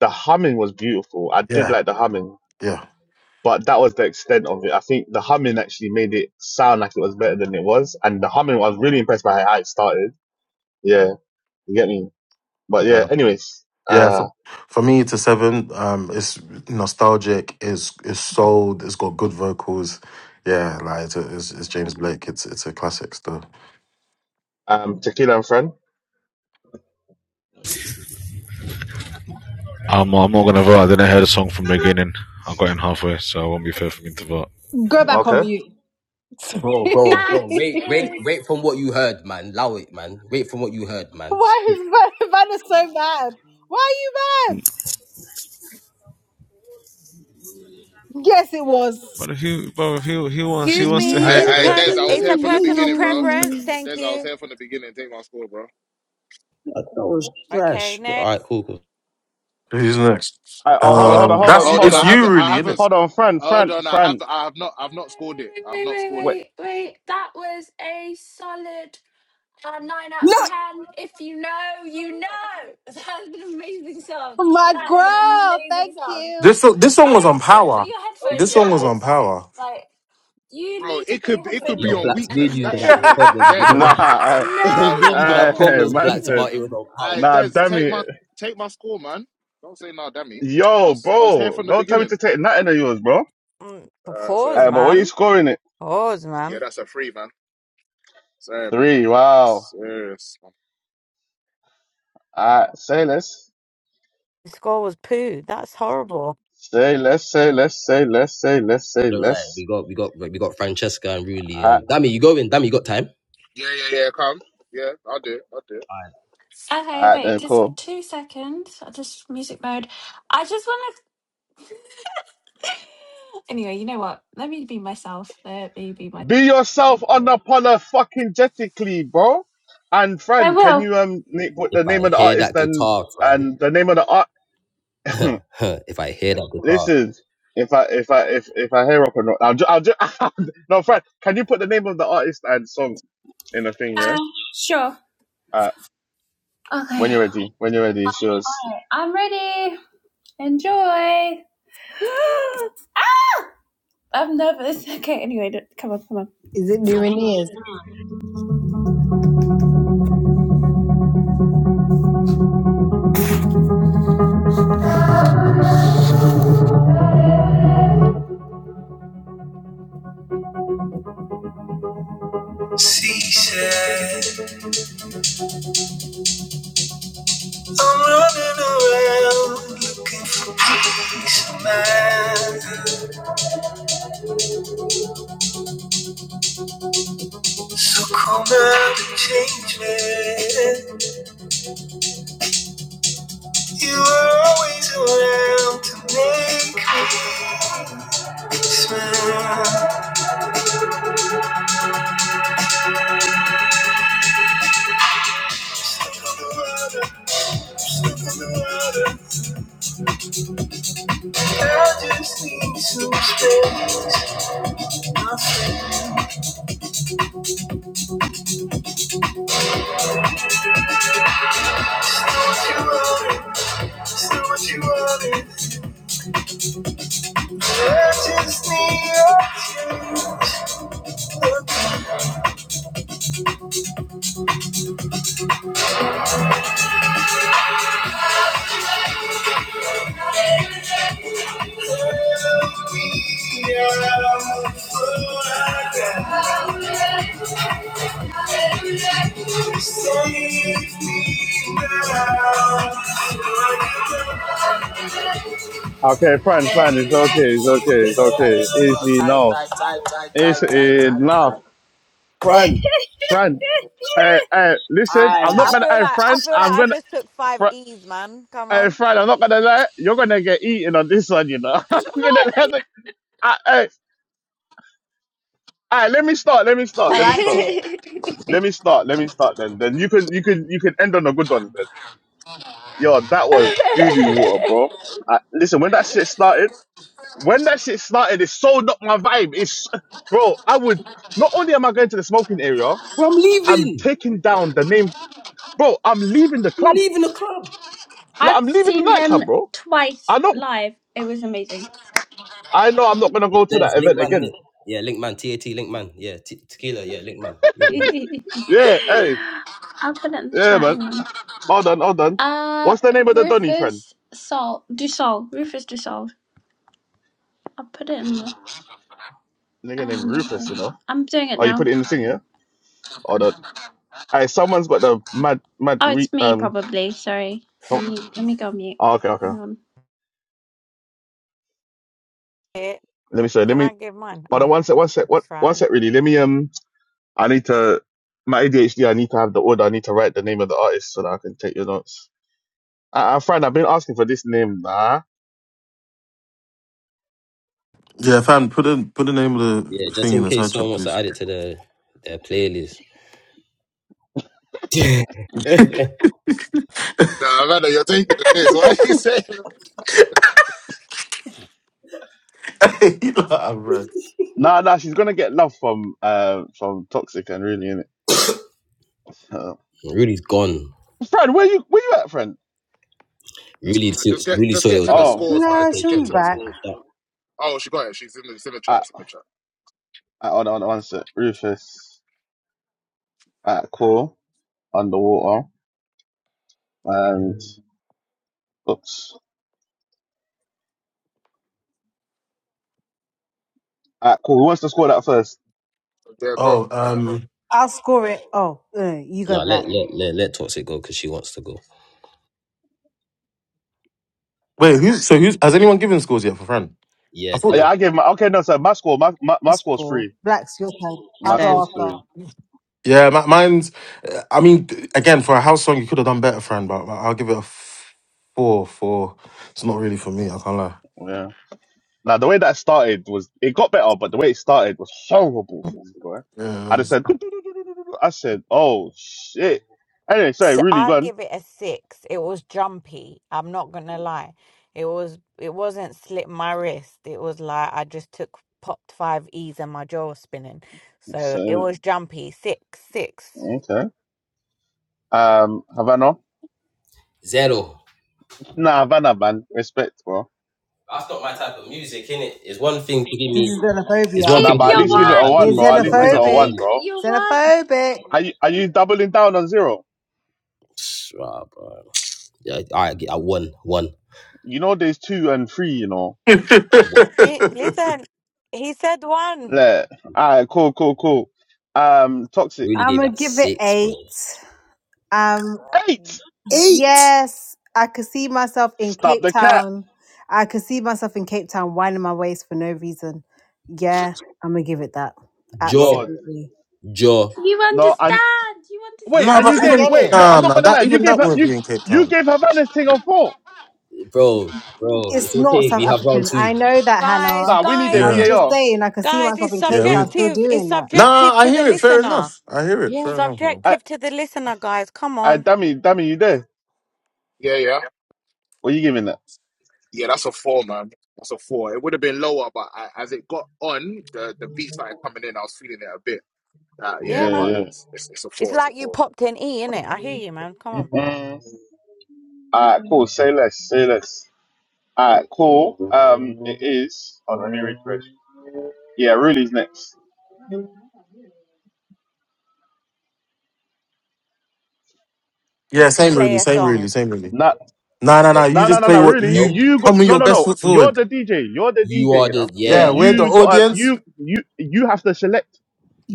[SPEAKER 1] the humming was beautiful. I did
[SPEAKER 4] yeah,
[SPEAKER 1] like the humming,
[SPEAKER 4] yeah,
[SPEAKER 1] but that was the extent of it. I think the humming actually made it sound like it was better than it was, and the humming I was really impressed by how it started. Yeah, you get me. But yeah,
[SPEAKER 4] yeah.
[SPEAKER 1] anyways,
[SPEAKER 4] Yeah,
[SPEAKER 1] uh,
[SPEAKER 4] for, for me, it's a seven. Um, it's nostalgic. It's it's sold. It's got good vocals. Yeah, like it's, it's, it's James Blake. It's it's a classic still.
[SPEAKER 1] um, tequila and friend.
[SPEAKER 5] I'm I'm not gonna vote. I didn't hear the song from the beginning. I got in halfway, so it won't be fair for me to vote.
[SPEAKER 6] Go back on
[SPEAKER 1] Okay.
[SPEAKER 6] mute.
[SPEAKER 2] Bro, bro,
[SPEAKER 8] that
[SPEAKER 2] bro. Wait, wait,
[SPEAKER 8] is
[SPEAKER 2] wait. From what you heard, man. Allow it, man. Wait from what you heard, man.
[SPEAKER 6] Why is
[SPEAKER 2] Shit.
[SPEAKER 6] Van- Vanna so mad? Why are you mad? Yes, it was.
[SPEAKER 5] But if you, bro, if he, he wants, he
[SPEAKER 7] Excuse
[SPEAKER 5] wants to
[SPEAKER 7] me,
[SPEAKER 9] I,
[SPEAKER 7] it's
[SPEAKER 9] I,
[SPEAKER 5] hear.
[SPEAKER 7] pers-
[SPEAKER 9] Des, I was
[SPEAKER 7] it's a
[SPEAKER 9] here from the
[SPEAKER 7] personal
[SPEAKER 9] beginning, bro.
[SPEAKER 7] preference. Thank
[SPEAKER 9] Des, I was
[SPEAKER 7] you.
[SPEAKER 9] here from the beginning. Take my score, bro.
[SPEAKER 2] That that was
[SPEAKER 7] Okay.
[SPEAKER 2] trash. All right,
[SPEAKER 7] Next.
[SPEAKER 2] cool, cool.
[SPEAKER 4] Who's next?
[SPEAKER 1] I, oh, hold on,
[SPEAKER 9] Hold,
[SPEAKER 1] hold on,
[SPEAKER 4] Um,
[SPEAKER 1] hold
[SPEAKER 4] that's
[SPEAKER 1] on,
[SPEAKER 9] hold
[SPEAKER 1] hold
[SPEAKER 9] on.
[SPEAKER 4] it's
[SPEAKER 8] um.
[SPEAKER 9] I
[SPEAKER 1] on.
[SPEAKER 4] you
[SPEAKER 9] haven't, I
[SPEAKER 4] really, isn't
[SPEAKER 9] haven't.
[SPEAKER 4] it?
[SPEAKER 9] sc-
[SPEAKER 1] Hold on, friend,
[SPEAKER 9] Hold
[SPEAKER 1] friend,
[SPEAKER 9] on. I have,
[SPEAKER 1] friend.
[SPEAKER 9] I have not, I've not scored it.
[SPEAKER 8] Wait,
[SPEAKER 9] I've
[SPEAKER 8] wait, wait, wait,
[SPEAKER 9] not
[SPEAKER 8] wait,
[SPEAKER 9] scored
[SPEAKER 1] Wait.
[SPEAKER 9] it,
[SPEAKER 8] wait. wait. That was a solid Uh, nine out of
[SPEAKER 2] Nah.
[SPEAKER 8] ten. If you know, you know. That's an amazing song.
[SPEAKER 6] My
[SPEAKER 8] That is an
[SPEAKER 6] girl,
[SPEAKER 8] amazing
[SPEAKER 6] thank
[SPEAKER 8] song.
[SPEAKER 6] you.
[SPEAKER 4] This so- this song was on
[SPEAKER 8] Like, put put
[SPEAKER 4] power.
[SPEAKER 8] your
[SPEAKER 4] This
[SPEAKER 8] headphones in,
[SPEAKER 4] song was on
[SPEAKER 8] guys.
[SPEAKER 4] power.
[SPEAKER 8] Like, you
[SPEAKER 9] bro.
[SPEAKER 8] need to
[SPEAKER 9] It
[SPEAKER 8] put your
[SPEAKER 9] could, it could
[SPEAKER 8] headphones
[SPEAKER 9] be
[SPEAKER 2] Yo,
[SPEAKER 9] on
[SPEAKER 8] in
[SPEAKER 2] blacks, me
[SPEAKER 8] and
[SPEAKER 2] and
[SPEAKER 9] weakness.
[SPEAKER 2] you's
[SPEAKER 8] enjoy
[SPEAKER 9] That
[SPEAKER 2] got
[SPEAKER 8] it.
[SPEAKER 9] shit
[SPEAKER 2] a
[SPEAKER 9] was
[SPEAKER 2] problem.
[SPEAKER 9] dead,
[SPEAKER 2] You know?
[SPEAKER 9] bro.
[SPEAKER 1] Nah, uh,
[SPEAKER 9] But I
[SPEAKER 8] No,
[SPEAKER 9] was on
[SPEAKER 2] really gonna
[SPEAKER 1] uh,
[SPEAKER 2] have
[SPEAKER 9] power.
[SPEAKER 8] it's
[SPEAKER 2] problems
[SPEAKER 1] man
[SPEAKER 2] blacks
[SPEAKER 1] said,
[SPEAKER 2] about it
[SPEAKER 8] amazing.
[SPEAKER 2] without power.
[SPEAKER 9] I,
[SPEAKER 1] nah,
[SPEAKER 9] Des,
[SPEAKER 1] damn
[SPEAKER 9] take
[SPEAKER 1] it.
[SPEAKER 9] my, take my score, man. Don't say no, damn me. I
[SPEAKER 1] Yo,
[SPEAKER 9] was, I was here
[SPEAKER 1] bro,
[SPEAKER 9] from the
[SPEAKER 1] don't tell me
[SPEAKER 9] beginning.
[SPEAKER 1] to take nothing of yours, bro.
[SPEAKER 7] Mm,
[SPEAKER 9] Uh,
[SPEAKER 7] Pause,
[SPEAKER 1] Uh,
[SPEAKER 9] sorry.
[SPEAKER 1] but what are
[SPEAKER 9] sorry.
[SPEAKER 1] you
[SPEAKER 7] ma'am.
[SPEAKER 1] scoring it?
[SPEAKER 7] Pause,
[SPEAKER 9] Yeah,
[SPEAKER 7] ma'am.
[SPEAKER 9] that's a free, man. Sorry, man.
[SPEAKER 1] Three, wow.
[SPEAKER 9] Serious, man.
[SPEAKER 1] Uh, say less.
[SPEAKER 7] The score was poo. That's horrible.
[SPEAKER 1] Say less, say less, say less, say less, say
[SPEAKER 2] All right,
[SPEAKER 1] less.
[SPEAKER 2] we got we got we got Francesca and Ruli
[SPEAKER 1] Alright,
[SPEAKER 2] and Dammy. You go in, Dammy, you got time?
[SPEAKER 9] Yeah, yeah, yeah, come. Yeah, I'll do it. I'll do it.
[SPEAKER 2] Alright.
[SPEAKER 8] Okay,
[SPEAKER 1] alright
[SPEAKER 8] wait,
[SPEAKER 1] then,
[SPEAKER 8] just
[SPEAKER 1] cool.
[SPEAKER 8] two seconds. I'll just music mode. I just want to. anyway, you know what? Let me be myself. Let me be myself.
[SPEAKER 1] Be yourself on the polar fucking jetically, bro. And
[SPEAKER 8] I
[SPEAKER 1] friend, can
[SPEAKER 8] will.
[SPEAKER 1] you um na- put
[SPEAKER 2] If
[SPEAKER 1] the
[SPEAKER 2] I
[SPEAKER 1] name of the
[SPEAKER 2] hear
[SPEAKER 1] artist
[SPEAKER 2] that
[SPEAKER 1] and
[SPEAKER 2] guitar,
[SPEAKER 1] and the name of the art?
[SPEAKER 2] fam. if I hear that guitar,
[SPEAKER 1] Listen, if I if I if if I hear up or not, I'll ju- I'll ju- no, Fred. Can you put the name of the artist and song in the thing?
[SPEAKER 8] Uh,
[SPEAKER 1] Yeah.
[SPEAKER 8] sure.
[SPEAKER 1] Uh,
[SPEAKER 8] Okay, All
[SPEAKER 1] when you're
[SPEAKER 8] right,
[SPEAKER 1] ready, when you're ready, it's yours.
[SPEAKER 8] I'm ready. Enjoy. ah! I'm nervous. Okay, anyway, come on, come on.
[SPEAKER 6] Is it new in ears?
[SPEAKER 8] She I'm running around looking for peace of mind. So come out and change me. You were always around to make me smile. Step on the water, step on the water. I just need some space. I'll float you out Just do what you wanted. I just need your touch. Love me out for I got. Just save me now.
[SPEAKER 1] Okay, Fran, Fran, it's okay, it's okay, it's okay. It's
[SPEAKER 2] No time,
[SPEAKER 1] enough.
[SPEAKER 2] time, time, time,
[SPEAKER 1] It's
[SPEAKER 2] time, time, time.
[SPEAKER 1] enough. Fran, Fran. Hey, hey, listen, I'm not
[SPEAKER 7] I
[SPEAKER 1] gonna.
[SPEAKER 7] feel
[SPEAKER 1] Hey,
[SPEAKER 7] like I
[SPEAKER 1] Fran,
[SPEAKER 7] feel like
[SPEAKER 1] I'm
[SPEAKER 7] I
[SPEAKER 1] gonna.
[SPEAKER 7] just took five
[SPEAKER 1] Fr-
[SPEAKER 7] E's, man. Come
[SPEAKER 1] hey,
[SPEAKER 7] on.
[SPEAKER 1] Fran, I'm not gonna lie. You're gonna get eaten on this one, you know. I'm gonna let the. Hey, hey, hey, let me start. Let me
[SPEAKER 8] Oh
[SPEAKER 6] I
[SPEAKER 1] start. Let me
[SPEAKER 6] liked
[SPEAKER 1] start.
[SPEAKER 6] it.
[SPEAKER 1] Let me start. Let me start then. Then you can you can you can end on the good ones then. Yo, that
[SPEAKER 8] my
[SPEAKER 1] was doo doo
[SPEAKER 8] God.
[SPEAKER 1] water, bro. I, listen, when that shit started, when that shit started, it sold up my vibe. It's bro. I would not only am I going to the smoking area,
[SPEAKER 2] bro, I'm
[SPEAKER 1] I'm
[SPEAKER 2] leaving.
[SPEAKER 1] taking down the name, bro. I'm leaving the
[SPEAKER 2] I'm
[SPEAKER 1] club.
[SPEAKER 2] leaving the club.
[SPEAKER 1] Like,
[SPEAKER 8] I've
[SPEAKER 1] I'm leaving the
[SPEAKER 8] seen him
[SPEAKER 1] nightclub, bro. I
[SPEAKER 8] twice
[SPEAKER 1] know.
[SPEAKER 8] live. It was amazing.
[SPEAKER 1] I know. I'm not gonna
[SPEAKER 2] Yeah,
[SPEAKER 1] go to
[SPEAKER 2] there's
[SPEAKER 1] that event
[SPEAKER 2] Linkman in
[SPEAKER 1] again.
[SPEAKER 2] it. Yeah, Linkman. TAT Linkman. Yeah, t- tequila. Yeah, Linkman. Linkman.
[SPEAKER 1] Yeah. Hey.
[SPEAKER 8] I'll put it in the
[SPEAKER 1] Yeah,
[SPEAKER 8] chat.
[SPEAKER 1] man.
[SPEAKER 8] Hang on.
[SPEAKER 1] Well done. Well done.
[SPEAKER 8] Uh,
[SPEAKER 1] What's the name of the Donny friend?
[SPEAKER 8] Rufus Sol Dusol. Rufus Dusol. I'll put it in the.
[SPEAKER 1] Nigga named
[SPEAKER 8] Um,
[SPEAKER 1] Rufus. You know.
[SPEAKER 8] I'm doing it
[SPEAKER 1] Oh, you
[SPEAKER 8] now.
[SPEAKER 1] put it in the thing, yeah? Hold on. Hey, someone's got the mad mad
[SPEAKER 8] Oh,
[SPEAKER 1] re,
[SPEAKER 8] it's me
[SPEAKER 1] um.
[SPEAKER 8] probably. Sorry. Let
[SPEAKER 1] Some,
[SPEAKER 8] me, let me go mute.
[SPEAKER 1] oh, okay, okay.
[SPEAKER 8] Hang on.
[SPEAKER 7] It-
[SPEAKER 1] Let me show. Let
[SPEAKER 7] Can
[SPEAKER 1] me.
[SPEAKER 7] I give mine?
[SPEAKER 1] Hold on
[SPEAKER 7] Oh,
[SPEAKER 1] one sec. One sec. What? One
[SPEAKER 7] Fran.
[SPEAKER 1] sec. Really. Let me. Um. I need to. My ADHD. I need to have the order. I need to write the name of the artist so that I can take your notes. I, I friend. I've been asking for this name. Nah.
[SPEAKER 4] Yeah, fam, put the put the name of
[SPEAKER 2] Yeah,
[SPEAKER 4] the
[SPEAKER 2] just
[SPEAKER 4] thing in
[SPEAKER 2] in
[SPEAKER 4] the side
[SPEAKER 2] case
[SPEAKER 4] chat,
[SPEAKER 2] someone wants to
[SPEAKER 4] please.
[SPEAKER 2] add it to the their playlist.
[SPEAKER 9] Nah, man, you're taking the piss. Why are you saying that?
[SPEAKER 4] You know what I've read.
[SPEAKER 1] Nah. Nah. She's gonna get love from uh from toxic and really innit? Uh,
[SPEAKER 2] Rudy's gone.
[SPEAKER 1] friend, where you where you at, friend?
[SPEAKER 2] Really,
[SPEAKER 9] Ah,
[SPEAKER 2] t-
[SPEAKER 9] just get
[SPEAKER 2] really
[SPEAKER 9] just
[SPEAKER 2] saw it
[SPEAKER 9] get
[SPEAKER 2] was
[SPEAKER 9] to
[SPEAKER 2] her,
[SPEAKER 9] the
[SPEAKER 2] her
[SPEAKER 1] Oh.
[SPEAKER 9] scores,
[SPEAKER 2] type
[SPEAKER 9] man.
[SPEAKER 2] of
[SPEAKER 6] No,
[SPEAKER 2] thing.
[SPEAKER 9] Just
[SPEAKER 2] She
[SPEAKER 9] get
[SPEAKER 6] she'll be
[SPEAKER 2] would
[SPEAKER 9] to the
[SPEAKER 2] let
[SPEAKER 6] back.
[SPEAKER 2] this
[SPEAKER 9] scores, bro.
[SPEAKER 2] stop.
[SPEAKER 9] Oh, she got it. She's in the, it's in the chat.
[SPEAKER 1] I,
[SPEAKER 9] It's in the chat.
[SPEAKER 1] I, hold on. Hold on one sec. Rufus. At cool. Underwater. And oops. At cool. Who wants to score that first?
[SPEAKER 9] Yeah, got
[SPEAKER 4] Oh,
[SPEAKER 9] alright, right.
[SPEAKER 4] um,
[SPEAKER 6] I'll score it. Oh, uh, you
[SPEAKER 2] No,
[SPEAKER 6] go
[SPEAKER 2] let
[SPEAKER 6] black.
[SPEAKER 2] let let let Toxic go because she wants to go.
[SPEAKER 4] wait, who's so who's has anyone given scores yet for Fran? I
[SPEAKER 2] Yeah,
[SPEAKER 1] Oh,
[SPEAKER 4] thought.
[SPEAKER 1] yeah,
[SPEAKER 2] dude.
[SPEAKER 1] I gave my okay. No, so my score, my my,
[SPEAKER 6] I'll
[SPEAKER 1] my score's
[SPEAKER 6] score.
[SPEAKER 1] three.
[SPEAKER 6] Black's your turn.
[SPEAKER 1] My
[SPEAKER 6] I'll go
[SPEAKER 1] score's
[SPEAKER 6] after.
[SPEAKER 1] three.
[SPEAKER 4] Yeah, mi- mine's. I mean, again, for a house song, you could have done better, friend. But but I'll give it a f- four. Four. It's not really for me. I can't lie.
[SPEAKER 1] Yeah. Now the way that started was it got better, but the way it started was horrible for this guy. I
[SPEAKER 4] Yeah.
[SPEAKER 1] just said, I said, oh shit. Anyway, sorry,
[SPEAKER 7] S-
[SPEAKER 1] really
[SPEAKER 7] I
[SPEAKER 1] gone.
[SPEAKER 7] give it a six. It was jumpy. I'm not gonna lie. It was it wasn't slip my wrist. It was like I just took popped five E's and my jaw was spinning. So it
[SPEAKER 1] So
[SPEAKER 7] was jumpy. Six, six.
[SPEAKER 1] okay. Um, Havana,
[SPEAKER 2] Zero.
[SPEAKER 1] nah, Havana, man, respect, bro.
[SPEAKER 2] That's not my type of music, innit? It's one thing to give
[SPEAKER 6] This
[SPEAKER 2] me.
[SPEAKER 6] is
[SPEAKER 2] It's one
[SPEAKER 6] xenophobia.
[SPEAKER 8] Keep
[SPEAKER 1] Nah,
[SPEAKER 2] thing to
[SPEAKER 1] but at
[SPEAKER 2] give
[SPEAKER 8] your
[SPEAKER 1] least
[SPEAKER 2] me
[SPEAKER 1] give
[SPEAKER 2] my
[SPEAKER 1] it a
[SPEAKER 2] type
[SPEAKER 8] one.
[SPEAKER 2] of
[SPEAKER 6] You're
[SPEAKER 1] one, bro.
[SPEAKER 2] music.
[SPEAKER 1] At
[SPEAKER 2] It's not
[SPEAKER 1] least
[SPEAKER 2] my
[SPEAKER 1] give it
[SPEAKER 2] type
[SPEAKER 1] a
[SPEAKER 2] of
[SPEAKER 6] xenophobic.
[SPEAKER 1] one,
[SPEAKER 8] Keep
[SPEAKER 2] music.
[SPEAKER 1] bro.
[SPEAKER 8] your one.
[SPEAKER 6] Xenophobic.
[SPEAKER 1] Are you are you doubling down on zero?
[SPEAKER 2] Psh, Rah, bro. Yeah, all right, I won, won,
[SPEAKER 1] You know, there's two and three. You know,
[SPEAKER 2] won.
[SPEAKER 7] He listen, he said one.
[SPEAKER 1] yeah. All right, cool, cool, cool. Um, toxic
[SPEAKER 2] Really
[SPEAKER 6] I'm
[SPEAKER 2] gave
[SPEAKER 6] gonna
[SPEAKER 2] that
[SPEAKER 6] give it
[SPEAKER 2] six, bro.
[SPEAKER 6] eight. Um.
[SPEAKER 1] eight.
[SPEAKER 2] Eight.
[SPEAKER 6] Yes, I could see myself in
[SPEAKER 1] Stop
[SPEAKER 6] Cape
[SPEAKER 1] the cap,
[SPEAKER 6] Town. I could see myself in Cape Town winding my waist for no reason. Yeah, I'm gonna give it that.
[SPEAKER 2] Jaw,
[SPEAKER 1] Lord.
[SPEAKER 6] Absolutely.
[SPEAKER 2] jaw,
[SPEAKER 8] You
[SPEAKER 1] No, and
[SPEAKER 8] understand. You
[SPEAKER 1] wait,
[SPEAKER 4] nah,
[SPEAKER 1] and you
[SPEAKER 4] but
[SPEAKER 6] I
[SPEAKER 1] gave
[SPEAKER 8] understand.
[SPEAKER 4] even
[SPEAKER 6] get
[SPEAKER 1] wait.
[SPEAKER 6] it.
[SPEAKER 1] No, I'm
[SPEAKER 4] nah,
[SPEAKER 1] not
[SPEAKER 4] nah.
[SPEAKER 1] gonna lie.
[SPEAKER 4] That
[SPEAKER 1] You
[SPEAKER 4] even
[SPEAKER 1] gave
[SPEAKER 4] that
[SPEAKER 1] her
[SPEAKER 4] wouldn't
[SPEAKER 1] you
[SPEAKER 4] be in Cape
[SPEAKER 1] you
[SPEAKER 4] Town.
[SPEAKER 1] gave Havana's thing a four.
[SPEAKER 2] bro, bro.
[SPEAKER 6] It's
[SPEAKER 2] It's
[SPEAKER 6] not
[SPEAKER 2] okay.
[SPEAKER 6] South
[SPEAKER 2] We have round
[SPEAKER 6] African. I
[SPEAKER 2] two.
[SPEAKER 6] know that, Hannah.
[SPEAKER 7] Guys,
[SPEAKER 1] Nah, we need a
[SPEAKER 7] guys,
[SPEAKER 6] I'm
[SPEAKER 4] Yeah,
[SPEAKER 6] just
[SPEAKER 1] VAR.
[SPEAKER 6] saying, I could see
[SPEAKER 7] guys,
[SPEAKER 6] myself
[SPEAKER 7] it's
[SPEAKER 6] in
[SPEAKER 4] yeah.
[SPEAKER 6] Cape
[SPEAKER 4] I
[SPEAKER 6] Town
[SPEAKER 4] mean,
[SPEAKER 6] still
[SPEAKER 7] subjective. It's
[SPEAKER 6] doing that.
[SPEAKER 4] nah.
[SPEAKER 7] subjective
[SPEAKER 4] I
[SPEAKER 7] to the
[SPEAKER 4] hear it. Fair
[SPEAKER 7] listener.
[SPEAKER 4] enough. I hear it.
[SPEAKER 6] Yeah.
[SPEAKER 4] Fair enough, man.
[SPEAKER 1] I
[SPEAKER 7] Subjective to the listener, guys. Come
[SPEAKER 1] I
[SPEAKER 7] on.
[SPEAKER 1] dummy dummy, you there?
[SPEAKER 9] Yeah, yeah.
[SPEAKER 1] What you giving that?
[SPEAKER 9] Yeah, that's a four, man. That's a four. It would have been lower, but I, as it got on, the, the beat started coming in. I was feeling it a bit. Uh, yeah,
[SPEAKER 7] Yeah,
[SPEAKER 1] Yeah,
[SPEAKER 9] but
[SPEAKER 7] man.
[SPEAKER 1] yeah.
[SPEAKER 9] it's, it's, it's a
[SPEAKER 7] It's
[SPEAKER 9] four. It's a
[SPEAKER 7] like you
[SPEAKER 9] four.
[SPEAKER 7] popped an E in it. I hear you, man. Come on.
[SPEAKER 1] Mm. All right, cool. Say less. Say less. All right, cool. Um, it is. Hold let me refresh. Yeah, Ruli's next.
[SPEAKER 4] Yeah, same
[SPEAKER 7] Play
[SPEAKER 4] really.
[SPEAKER 7] a
[SPEAKER 4] Same really.
[SPEAKER 7] song.
[SPEAKER 4] Same really.
[SPEAKER 1] Not.
[SPEAKER 4] Nah, nah, nah. You
[SPEAKER 1] No, no,
[SPEAKER 4] just
[SPEAKER 1] no,
[SPEAKER 4] play
[SPEAKER 1] no.
[SPEAKER 4] what
[SPEAKER 1] Really,
[SPEAKER 2] Nope.
[SPEAKER 4] you
[SPEAKER 1] you got
[SPEAKER 4] come with
[SPEAKER 1] no,
[SPEAKER 4] your
[SPEAKER 1] no,
[SPEAKER 4] best
[SPEAKER 1] no.
[SPEAKER 4] foot
[SPEAKER 1] You're
[SPEAKER 4] forward.
[SPEAKER 1] the DJ. You're the
[SPEAKER 2] You
[SPEAKER 1] DJ.
[SPEAKER 2] are
[SPEAKER 1] You
[SPEAKER 2] the
[SPEAKER 1] know. So
[SPEAKER 2] yeah,
[SPEAKER 4] Yeah, we're the
[SPEAKER 1] you got
[SPEAKER 4] audience.
[SPEAKER 1] you you you have to select.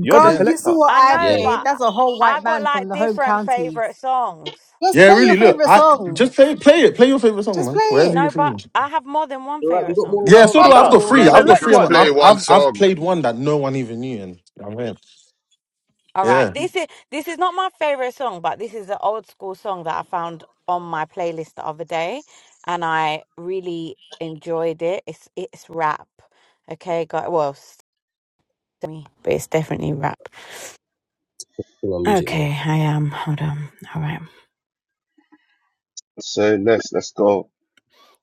[SPEAKER 1] You're the
[SPEAKER 6] Girl,
[SPEAKER 4] Yeah.
[SPEAKER 6] you saw
[SPEAKER 1] selector.
[SPEAKER 6] what
[SPEAKER 7] I
[SPEAKER 6] I
[SPEAKER 7] know,
[SPEAKER 2] yeah.
[SPEAKER 6] played.
[SPEAKER 7] but
[SPEAKER 6] That's a whole
[SPEAKER 7] I
[SPEAKER 6] white
[SPEAKER 7] got
[SPEAKER 6] man from
[SPEAKER 7] like
[SPEAKER 6] the home
[SPEAKER 7] different
[SPEAKER 6] counties.
[SPEAKER 7] favorite songs.
[SPEAKER 6] Just
[SPEAKER 4] Yeah,
[SPEAKER 6] play
[SPEAKER 4] really.
[SPEAKER 6] your
[SPEAKER 4] Look,
[SPEAKER 6] favorite
[SPEAKER 4] I just
[SPEAKER 6] song.
[SPEAKER 4] play, play it. Play your favorite song,
[SPEAKER 6] Just
[SPEAKER 4] man.
[SPEAKER 6] play
[SPEAKER 4] Whatever
[SPEAKER 6] it.
[SPEAKER 4] you're
[SPEAKER 7] No, but
[SPEAKER 4] feeling.
[SPEAKER 7] I have more than one
[SPEAKER 2] All right, we
[SPEAKER 7] favorite
[SPEAKER 2] got
[SPEAKER 7] song.
[SPEAKER 2] more
[SPEAKER 4] Yeah, so
[SPEAKER 2] rounds.
[SPEAKER 9] Uh,
[SPEAKER 4] do
[SPEAKER 2] We
[SPEAKER 4] I.
[SPEAKER 2] got
[SPEAKER 4] I've
[SPEAKER 1] Brother,
[SPEAKER 4] got
[SPEAKER 2] more
[SPEAKER 4] three. I've
[SPEAKER 2] rounds.
[SPEAKER 9] really,
[SPEAKER 4] got
[SPEAKER 1] select
[SPEAKER 4] three. I'm,
[SPEAKER 9] just
[SPEAKER 1] one,
[SPEAKER 9] play
[SPEAKER 4] I've
[SPEAKER 1] bro.
[SPEAKER 9] one
[SPEAKER 4] I've I've
[SPEAKER 9] song.
[SPEAKER 4] played one that no one even knew, and I'm in.
[SPEAKER 7] All right.
[SPEAKER 4] Yeah.
[SPEAKER 7] This is this is not my favorite song, but this is an old school song that I found on my playlist the other day and I really enjoyed it. It's it's rap. Okay, guys. Well, s- but it's definitely rap.
[SPEAKER 2] Still on music
[SPEAKER 7] Okay,
[SPEAKER 2] mode.
[SPEAKER 7] I am. Hold on. All right.
[SPEAKER 1] So let's Let's go.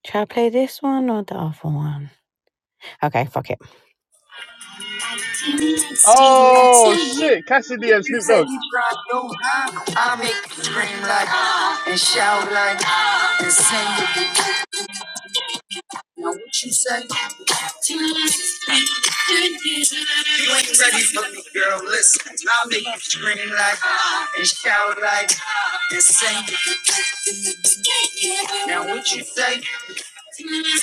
[SPEAKER 7] Should I play this one or the other one? Okay, fuck
[SPEAKER 1] Oh
[SPEAKER 7] it.
[SPEAKER 1] shit, Cassidy and
[SPEAKER 7] You
[SPEAKER 1] Snoop
[SPEAKER 7] say
[SPEAKER 1] Dogg.
[SPEAKER 7] you try so high, I make you scream like, and shout like, and sing with you. Now what you say? You ain't ready for me, girl. Listen, I make you scream like, and shout like, and sing. with you. Now what you say? Okay, I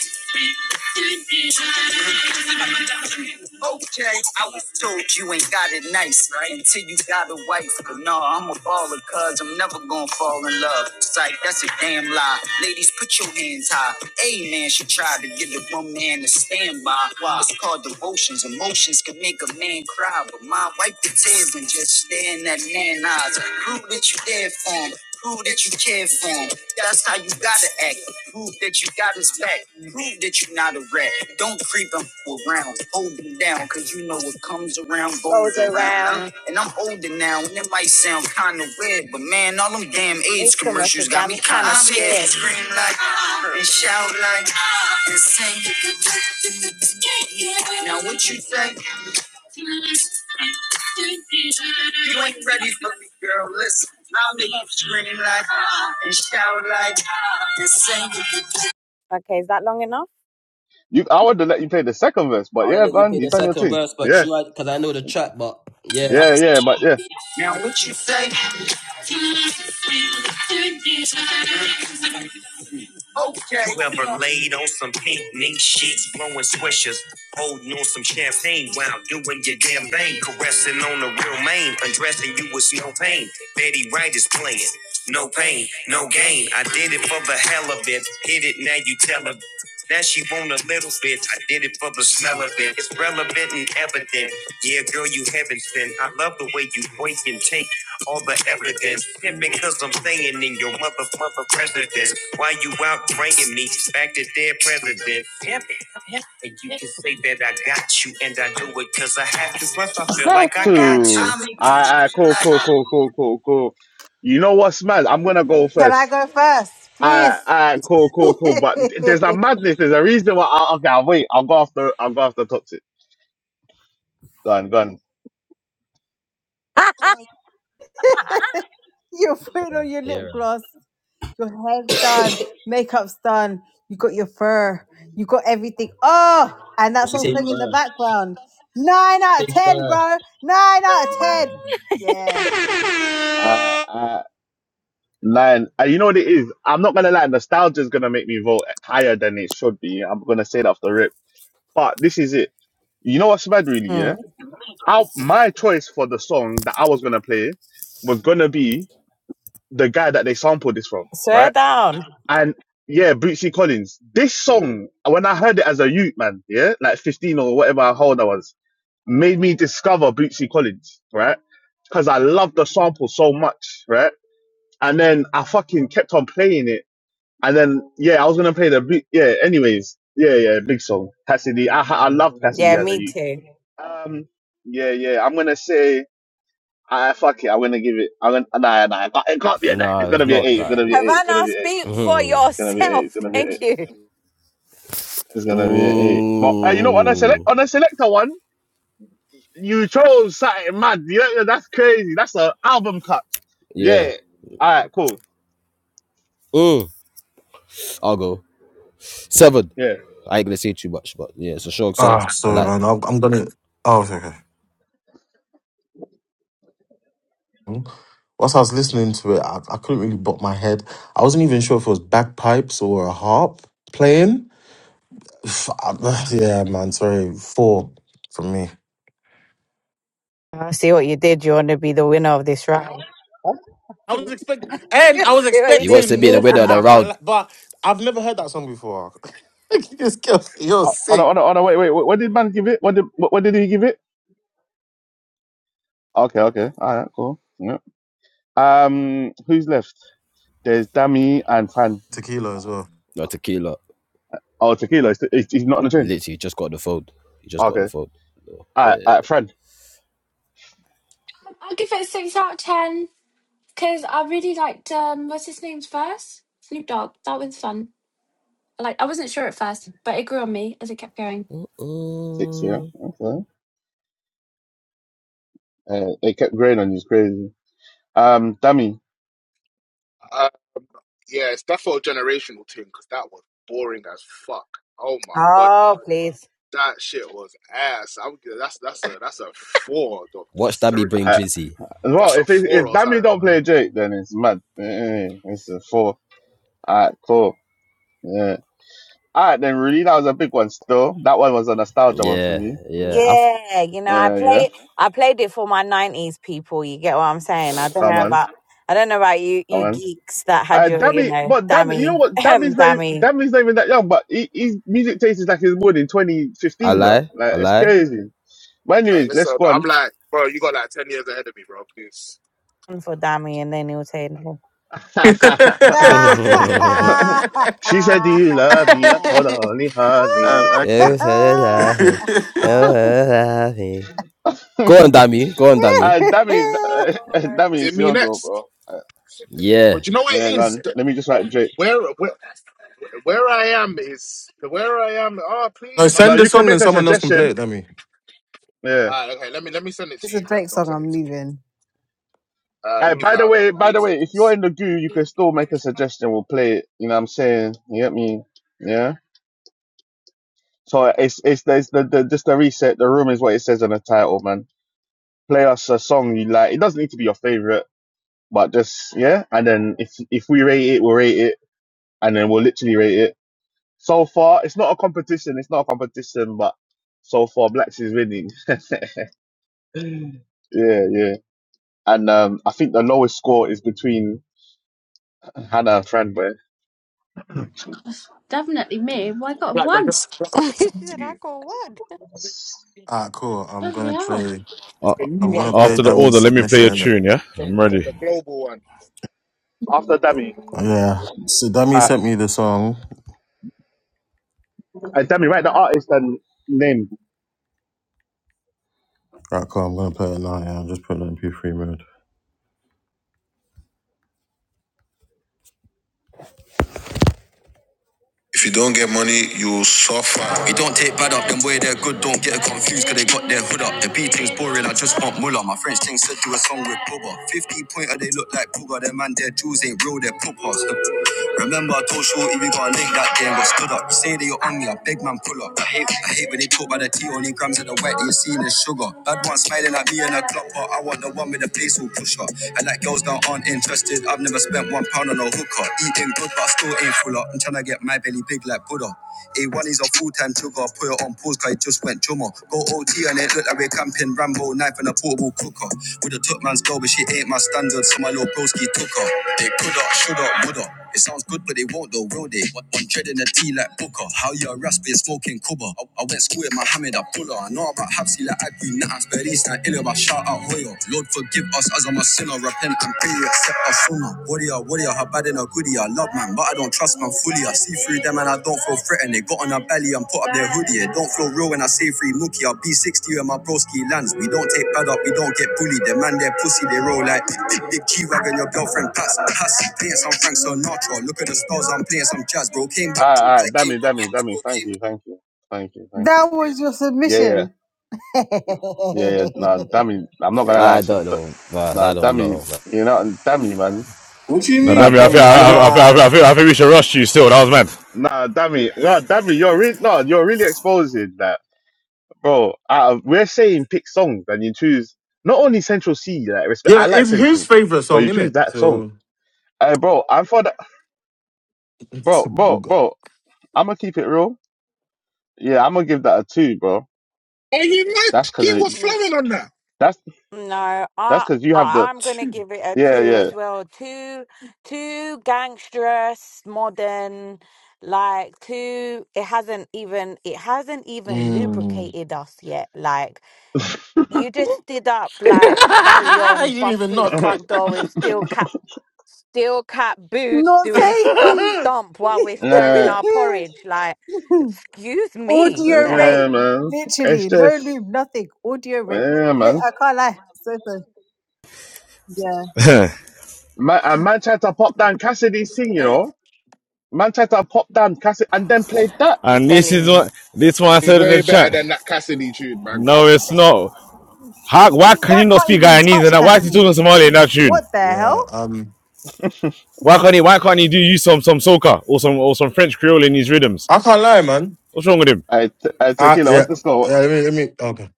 [SPEAKER 7] was told you ain't got it nice right? until you got a wife. But no, I'm a baller, cuz I'm never gonna fall in love. Psych, that's a damn lie. Ladies, put your hands high. A man, she tried to get the one man to stand by. Wow. It's called devotions. Emotions can make a man cry, but my wipe the tears and just stare in that man eyes. Prove that you there for him. Prove that you care for him. That's how you gotta act. Prove that you got his back. Prove that you're not a rat. Don't creep him around. Hold him down, cause you know what comes around goes Goes around. around. And I'm older now, and it might sound kinda weird, but man, all them damn AIDS commercials got me kinda kinda scared. scared. Scream like, and shout like, and sing. Now what you think? You ain't ready for me, girl. Listen, I'll make you scream like ah, and shout like ah, and sing. Okay, is that long enough?
[SPEAKER 1] You, I wanted to let you play the second verse, but
[SPEAKER 2] I'll
[SPEAKER 1] yeah,
[SPEAKER 2] let you
[SPEAKER 1] man,
[SPEAKER 2] play
[SPEAKER 1] you
[SPEAKER 2] the
[SPEAKER 1] done your
[SPEAKER 2] second
[SPEAKER 1] thing.
[SPEAKER 2] verse, but
[SPEAKER 1] Yeah,
[SPEAKER 2] true, because I know the track, but yeah.
[SPEAKER 1] yeah, yeah, but yeah,
[SPEAKER 7] Now what you say? Okay. Whoever laid on some pink mink sheets, blowing swishers, holding on some champagne while doing your damn thing, caressing on the real mane, undressing you with no pain. Betty Wright is playing. No pain, no gain. I did it for the hell of it. Hit it, now you tell her. Now she want a little bit. I did it for the smell of it. It's relevant and evident. Yeah, girl, you heaven sent. I love the way you wake and take all the evidence. And because I'm staying in your mother, mother residence. Why you out bringing me back to their president? Pimp it, And you can say that I got you, and I do it because I have to. Plus, I
[SPEAKER 1] I
[SPEAKER 7] feel
[SPEAKER 1] had
[SPEAKER 7] like I got
[SPEAKER 1] to. I, I, cool, cool, cool, cool, cool, cool. You know what's mad? I'm gonna go
[SPEAKER 6] Can I
[SPEAKER 1] first.
[SPEAKER 6] go first,
[SPEAKER 1] I,
[SPEAKER 6] please?
[SPEAKER 1] I, cool, cool, cool. But there's a madness. There's a reason why. I, okay, I'll wait. I'll go after. I'll go after Toxic. Gone, gone.
[SPEAKER 6] You're putting on your lip
[SPEAKER 2] Yeah.
[SPEAKER 6] gloss. Your hair's done, makeup's done, you got your fur, you got everything. Oh, and that
[SPEAKER 2] She
[SPEAKER 6] song
[SPEAKER 2] say
[SPEAKER 6] playing in the
[SPEAKER 2] first.
[SPEAKER 6] background. Nine out
[SPEAKER 2] Say
[SPEAKER 6] of ten,
[SPEAKER 2] first.
[SPEAKER 6] bro. Nine out of ten. Yeah.
[SPEAKER 7] you.
[SPEAKER 1] Uh, uh, man, uh, you know what it is? I'm not gonna lie, nostalgia is gonna make me vote higher than it should be. I'm gonna say that off the rip. But this is it. You know what's bad, really? Yeah,
[SPEAKER 7] Mm.
[SPEAKER 1] I, my choice for the song that I was gonna play was gonna be the guy that they sampled this from, right?
[SPEAKER 7] Swear down.
[SPEAKER 1] And yeah, Bootsy Collins. This song, when I heard it as a youth, man, yeah, like 15 or whatever how old I was, made me discover Bootsy Collins, right? Because I loved the sample so much, right? And then I fucking kept on playing it. And then, yeah, I was going to play the boot. Yeah, anyways. Yeah, yeah, big song. Cassidy. I, ha- I love Cassidy
[SPEAKER 7] Yeah,
[SPEAKER 1] as a
[SPEAKER 7] me
[SPEAKER 1] youth.
[SPEAKER 7] too.
[SPEAKER 1] Um, yeah, yeah. I'm going to say, I fuck it. I'm going to give it. I'm gonna, nah, nah. It can't it can't be an 8.
[SPEAKER 2] Nah,
[SPEAKER 1] It's going
[SPEAKER 2] it's
[SPEAKER 1] to be an
[SPEAKER 2] not
[SPEAKER 1] 8. It's going
[SPEAKER 2] that.
[SPEAKER 1] to be an 8. It's going to
[SPEAKER 7] Havana,
[SPEAKER 1] be an 8.
[SPEAKER 7] speak for
[SPEAKER 2] Mm.
[SPEAKER 1] It's going to be an 8. It's
[SPEAKER 7] yourself.
[SPEAKER 1] going to be an 8.
[SPEAKER 7] Thank you.
[SPEAKER 1] It's gonna be an eight. But uh, you know, on a select
[SPEAKER 2] Ooh.
[SPEAKER 1] on a selector one, you chose something mad. You know, that's crazy. That's an album cut.
[SPEAKER 2] Yeah.
[SPEAKER 1] Yeah. All right. Cool.
[SPEAKER 2] Ooh. I'll go. Seven.
[SPEAKER 1] Yeah.
[SPEAKER 2] I ain't gonna say too much, but yeah, it's a short seven.
[SPEAKER 4] Ah,
[SPEAKER 2] I
[SPEAKER 4] sorry,
[SPEAKER 2] like.
[SPEAKER 4] man. I'm, I'm gonna. Oh, okay, okay. Hmm. Whilst I was listening to it, I, I couldn't really bop my head. I wasn't even sure if it was bagpipes or a harp playing. F- I- Yeah, man. Sorry, four from me.
[SPEAKER 7] I see what you did. You want to be the winner of this round.
[SPEAKER 4] I was expecting, and
[SPEAKER 7] see
[SPEAKER 4] I was
[SPEAKER 7] what you
[SPEAKER 2] He wants
[SPEAKER 7] did?
[SPEAKER 2] to
[SPEAKER 4] expecting
[SPEAKER 2] be the
[SPEAKER 4] more
[SPEAKER 2] winner
[SPEAKER 4] from
[SPEAKER 2] of
[SPEAKER 4] you.
[SPEAKER 2] the
[SPEAKER 4] I can't,
[SPEAKER 2] round.
[SPEAKER 4] li- but I've never heard that song before. This girl- You're
[SPEAKER 1] Oh, oh,
[SPEAKER 4] sick.
[SPEAKER 1] no, oh, no, oh, no, wait, wait, wait. What did man give it? What did what, what did he give it? Okay. Okay. All right. Cool. Yeah. Um. Who's left? There's Dammy and Fran.
[SPEAKER 4] Tequila as well.
[SPEAKER 2] No tequila.
[SPEAKER 1] Oh, Tequila. He's, he's he's not on the train.
[SPEAKER 2] Literally, just got the phone. He just got the
[SPEAKER 1] Okay.
[SPEAKER 2] phone. So,
[SPEAKER 1] All right.
[SPEAKER 2] Yeah.
[SPEAKER 1] All right. Fran.
[SPEAKER 8] I'll give it a six out of ten. Because I really liked um, what's his name's verse? Snoop Dogg. That was fun. Like I wasn't sure at first, but it grew on me as it kept going.
[SPEAKER 1] Six. Yeah.
[SPEAKER 2] Mm-mm.
[SPEAKER 1] Okay. Uh, they kept growing on you. It's crazy. Um. Dammy.
[SPEAKER 9] Uh, yeah, it's that for a generational thing because that was boring as fuck. Oh my god, bruv.
[SPEAKER 7] Oh, please.
[SPEAKER 9] That shit was ass. I'm that's that's a that's a four or
[SPEAKER 2] Watch Dammy
[SPEAKER 9] three.
[SPEAKER 2] bring Drizzy.
[SPEAKER 1] As well,
[SPEAKER 9] That's a
[SPEAKER 1] if it, if
[SPEAKER 9] four or
[SPEAKER 1] Dami
[SPEAKER 9] something.
[SPEAKER 1] don't play
[SPEAKER 9] Bro.
[SPEAKER 1] Drake, then it's mad. Eh, eh, It's a four. Alright, cool. Yeah. Alright then, really, that was a big one. Still, that one was a nostalgia one for
[SPEAKER 2] Yeah,
[SPEAKER 1] me.
[SPEAKER 2] yeah. I, f-
[SPEAKER 7] Yeah, you know, I
[SPEAKER 1] Yeah, yeah.
[SPEAKER 7] play I played it for my nineties people, you get what I'm saying? I don't
[SPEAKER 1] Come
[SPEAKER 7] know
[SPEAKER 1] on,
[SPEAKER 7] about I don't know about you
[SPEAKER 1] come
[SPEAKER 7] you
[SPEAKER 1] on.
[SPEAKER 7] geeks that had
[SPEAKER 1] Uh,
[SPEAKER 7] your, you
[SPEAKER 1] Dami,
[SPEAKER 7] know,
[SPEAKER 1] but Dami, you know
[SPEAKER 7] dammy
[SPEAKER 1] what? Dami's not e-
[SPEAKER 7] dammy
[SPEAKER 1] Dami's not even that young, but he, his music taste is like his born in
[SPEAKER 2] I
[SPEAKER 1] 2015, bro.
[SPEAKER 2] lie.
[SPEAKER 1] Like
[SPEAKER 2] I
[SPEAKER 1] it's
[SPEAKER 2] lie.
[SPEAKER 1] crazy. But
[SPEAKER 9] Like,
[SPEAKER 1] anyways, let's
[SPEAKER 9] listen,
[SPEAKER 1] go
[SPEAKER 9] I'm like, bro, you got like ten years ahead of me, bro. Please,
[SPEAKER 7] one for dammy and then he'll say no.
[SPEAKER 4] That's
[SPEAKER 2] You
[SPEAKER 1] on. she said, "Do you love me?" I told her only honey.
[SPEAKER 4] accurate.
[SPEAKER 2] should love me. You should love me. Go on, Dami. Go on, Dami.
[SPEAKER 1] Uh, Dammy, uh,
[SPEAKER 9] Right. it's
[SPEAKER 1] Dammy, it's
[SPEAKER 9] me
[SPEAKER 1] your girl,
[SPEAKER 9] next.
[SPEAKER 1] bro. Uh,
[SPEAKER 2] Yeah.
[SPEAKER 9] But you know what
[SPEAKER 1] yeah,
[SPEAKER 9] it is?
[SPEAKER 1] man.
[SPEAKER 9] The-
[SPEAKER 1] Let me just write Drake.
[SPEAKER 9] Where where where I am is where I am. Oh,
[SPEAKER 4] No,
[SPEAKER 9] please, man.
[SPEAKER 1] No,
[SPEAKER 4] send the
[SPEAKER 1] you can
[SPEAKER 4] song and
[SPEAKER 1] make a
[SPEAKER 4] someone else can play
[SPEAKER 1] suggestion.
[SPEAKER 4] it, dummy.
[SPEAKER 1] Yeah.
[SPEAKER 9] All right, okay. Let me let me send it to
[SPEAKER 6] It's
[SPEAKER 9] you,
[SPEAKER 6] a
[SPEAKER 9] bro.
[SPEAKER 6] Drake
[SPEAKER 9] Let me
[SPEAKER 6] song
[SPEAKER 9] send
[SPEAKER 6] I'm
[SPEAKER 9] it to you.
[SPEAKER 6] leaving.
[SPEAKER 9] Uh,
[SPEAKER 1] Uh,
[SPEAKER 9] leave
[SPEAKER 1] by the
[SPEAKER 9] now, then.
[SPEAKER 1] way, by
[SPEAKER 9] Leave,
[SPEAKER 1] the way, if you're
[SPEAKER 9] please.
[SPEAKER 1] in the goo, you can still make a suggestion. We'll play it. You know what I'm saying? You get me? Yeah. So it's it's, it's the, the just the reset. The room is what it says on the title, man. Play us a song you like. It doesn't need to be your favorite, but just yeah. And then if if we rate it, we'll rate it, and then we'll literally rate it. So far, it's not a competition. It's not a competition, but so far, Blacks is winning. Yeah, yeah. And um, I think the lowest score is between Hannah and Fran. But
[SPEAKER 9] Like, I
[SPEAKER 8] One.
[SPEAKER 9] just, I just
[SPEAKER 7] she
[SPEAKER 9] sent it
[SPEAKER 7] said,
[SPEAKER 9] to
[SPEAKER 7] I
[SPEAKER 9] you.
[SPEAKER 7] call what?
[SPEAKER 4] Ah, cool. I'm gonna
[SPEAKER 8] Oh,
[SPEAKER 4] play.
[SPEAKER 9] The
[SPEAKER 5] Uh,
[SPEAKER 4] I'm
[SPEAKER 9] new one
[SPEAKER 4] gonna
[SPEAKER 9] from
[SPEAKER 7] unique.
[SPEAKER 9] the
[SPEAKER 4] play
[SPEAKER 5] after the
[SPEAKER 4] Dummy's
[SPEAKER 5] order,
[SPEAKER 9] global,
[SPEAKER 5] let me play
[SPEAKER 4] submission
[SPEAKER 5] a
[SPEAKER 4] in it.
[SPEAKER 5] tune. Yeah,
[SPEAKER 9] from
[SPEAKER 5] I'm
[SPEAKER 9] from
[SPEAKER 5] ready.
[SPEAKER 9] the global one.
[SPEAKER 1] after Dammy,
[SPEAKER 4] Yeah. So Dummy
[SPEAKER 1] uh,
[SPEAKER 4] sent me the song.
[SPEAKER 1] uh, Dammy, write the artist and name.
[SPEAKER 4] Right, cool. I'm gonna play it now. Yeah, I'm just putting it in P3 mode. If you don't get money, you'll suffer. We don't take bad up, them way they're good, don't get it confused, cause they got their hood up. The beating's boring, I just want Muller. My French thing said do a song with Bubba. 50 pointer, they look like Booger. Their man, their jewels ain't real, they're poppers. Remember, I told Shorty we got a link that day and got stood up. You say that you're on me, I beg man, pull up. I hate, I hate when they talk about the tea, only grams of the white that you see in the sugar. Bad one smiling at me in a club, but I want the one with the place who push up. I like girls that aren't interested. Interested, I've never spent one pound on a hooker. Eating good, but I still ain't full up. I'm trying to get my belly big like Buddha. A1 is a full time trigger. Put it on pause, cause it just went drummer. Go OT and it look like we're camping Rambo, knife and a portable cooker. Would have took man's girl, but she ain't my standard, so my little broski took her. They coulda, shoulda, woulda. It sounds good, but they won't though, will they? One dread in the tea like Booker. How you a raspy smoking cubba? I, I went school with Mohammed, I pull her. I know about Hapsi like I do nothing least I ill of a shout out hoyo. Lord forgive us as I'm a sinner, repent and pray, accept us sooner. Warrior, warrior, her bad in a goodie, I love man, but I don't trust man fully. I see through them and I don't feel threatened. They got on her belly and put up their hoodie. It don't feel real when I say free nookie. I'll be 60 when my broski lands. We don't take bad up, we don't get bullied. The man, their pussy, they roll like big, big, big G-Wagon, your girlfriend pass, pass. Playing some Frank Sinatra, look at the stars, I'm playing some jazz, bro. Came
[SPEAKER 1] Uh,
[SPEAKER 4] back,
[SPEAKER 1] uh,
[SPEAKER 4] like, came
[SPEAKER 1] Dammy, Dammy,
[SPEAKER 4] back,
[SPEAKER 1] Dammy.
[SPEAKER 4] bro,
[SPEAKER 1] Thank
[SPEAKER 4] came
[SPEAKER 1] you,
[SPEAKER 4] back.
[SPEAKER 1] thank you, thank you, thank you.
[SPEAKER 6] That was your
[SPEAKER 1] Yeah, yeah,
[SPEAKER 6] submission.
[SPEAKER 1] yeah, yeah. Nah,
[SPEAKER 7] Mm,
[SPEAKER 1] Dammy, I'm not gonna lie,
[SPEAKER 2] I
[SPEAKER 1] Sim,
[SPEAKER 2] don't
[SPEAKER 1] but
[SPEAKER 2] know, but
[SPEAKER 1] nah,
[SPEAKER 2] I don't
[SPEAKER 1] Dammy,
[SPEAKER 2] know. Man.
[SPEAKER 1] you know, and Dammy, man.
[SPEAKER 5] Now,
[SPEAKER 1] Nah,
[SPEAKER 5] Dami, I think
[SPEAKER 1] Dammy, and
[SPEAKER 5] I,
[SPEAKER 1] you,
[SPEAKER 5] I, I, think- I, think- I, think- I think we should rush you. Still, that was
[SPEAKER 1] nah, Dammy, nah, Dammy, you're really, no, you're really exposing that, bro. Uh, we're saying pick songs, and you choose not only Central C, like respect. I
[SPEAKER 4] Yeah,
[SPEAKER 1] like
[SPEAKER 4] it's his
[SPEAKER 1] Central,
[SPEAKER 4] favorite
[SPEAKER 1] but
[SPEAKER 4] song,
[SPEAKER 1] you
[SPEAKER 4] isn't
[SPEAKER 1] choose
[SPEAKER 4] it?
[SPEAKER 1] that song.
[SPEAKER 4] So
[SPEAKER 1] Hey, bro, I thought, that,
[SPEAKER 4] it's
[SPEAKER 1] bro,
[SPEAKER 4] a
[SPEAKER 1] bro,
[SPEAKER 4] booger.
[SPEAKER 1] bro. I'm gonna keep it real. Yeah, I'm gonna give that a two, bro.
[SPEAKER 9] Are you mad?
[SPEAKER 1] That's cause
[SPEAKER 9] He
[SPEAKER 1] it,
[SPEAKER 9] was
[SPEAKER 7] mm.
[SPEAKER 9] flowing on that.
[SPEAKER 1] that's
[SPEAKER 7] No,
[SPEAKER 1] that's
[SPEAKER 7] I
[SPEAKER 1] cause you have the
[SPEAKER 7] I- I'm gonna give it a
[SPEAKER 1] yeah,
[SPEAKER 7] two
[SPEAKER 1] yeah.
[SPEAKER 7] as well. Two two gangsterous, modern, like two it hasn't even it hasn't even
[SPEAKER 4] Mm.
[SPEAKER 7] lubricated us yet. Like You just did up
[SPEAKER 4] you
[SPEAKER 7] like Ballion,
[SPEAKER 4] didn't
[SPEAKER 7] bust
[SPEAKER 4] even
[SPEAKER 7] through the
[SPEAKER 4] knock.
[SPEAKER 7] front door with steel cap, steel cap
[SPEAKER 6] No
[SPEAKER 7] boots, doing stomp
[SPEAKER 6] saying.
[SPEAKER 7] stomp while we're stirring
[SPEAKER 1] nah,
[SPEAKER 7] our porridge. Like, excuse me,
[SPEAKER 6] Audio
[SPEAKER 7] the
[SPEAKER 6] rape.
[SPEAKER 7] hell,
[SPEAKER 1] yeah, man. It's
[SPEAKER 6] Literally. No
[SPEAKER 1] just
[SPEAKER 6] lube, nothing. Audio rape.
[SPEAKER 1] yeah,
[SPEAKER 6] Mate,
[SPEAKER 1] man.
[SPEAKER 6] I can't lie. So so Yeah.
[SPEAKER 5] mad.
[SPEAKER 1] Man, and man tried to pop down Cassidy's thing, you
[SPEAKER 7] good.
[SPEAKER 1] know. Man tried to pop down Cassidy and then played that.
[SPEAKER 7] I'm
[SPEAKER 5] and this
[SPEAKER 7] telling
[SPEAKER 5] is
[SPEAKER 7] you,
[SPEAKER 5] what this one I
[SPEAKER 9] He's
[SPEAKER 5] said in
[SPEAKER 9] way
[SPEAKER 5] the
[SPEAKER 9] better
[SPEAKER 5] chat.
[SPEAKER 9] than that Cassidy tune, man. Come
[SPEAKER 5] No,
[SPEAKER 9] on,
[SPEAKER 5] it's
[SPEAKER 9] man.
[SPEAKER 5] not. How, why can he
[SPEAKER 6] That
[SPEAKER 5] not
[SPEAKER 6] can't
[SPEAKER 5] speak
[SPEAKER 6] even
[SPEAKER 5] Guyanese?
[SPEAKER 6] touch
[SPEAKER 5] And that? Why is he
[SPEAKER 6] Cassidy.
[SPEAKER 5] talking Somali in that tune?
[SPEAKER 6] What the hell?
[SPEAKER 4] yeah. Um.
[SPEAKER 5] Why can't he? Why can't he do use some some soca or some or some French Creole in his rhythms?
[SPEAKER 4] I can't lie, man.
[SPEAKER 5] What's wrong with him?
[SPEAKER 1] I, t- I
[SPEAKER 4] I
[SPEAKER 1] tequila.
[SPEAKER 4] yeah.
[SPEAKER 1] What's the
[SPEAKER 4] yeah
[SPEAKER 1] score?
[SPEAKER 4] let me. Let me. Okay.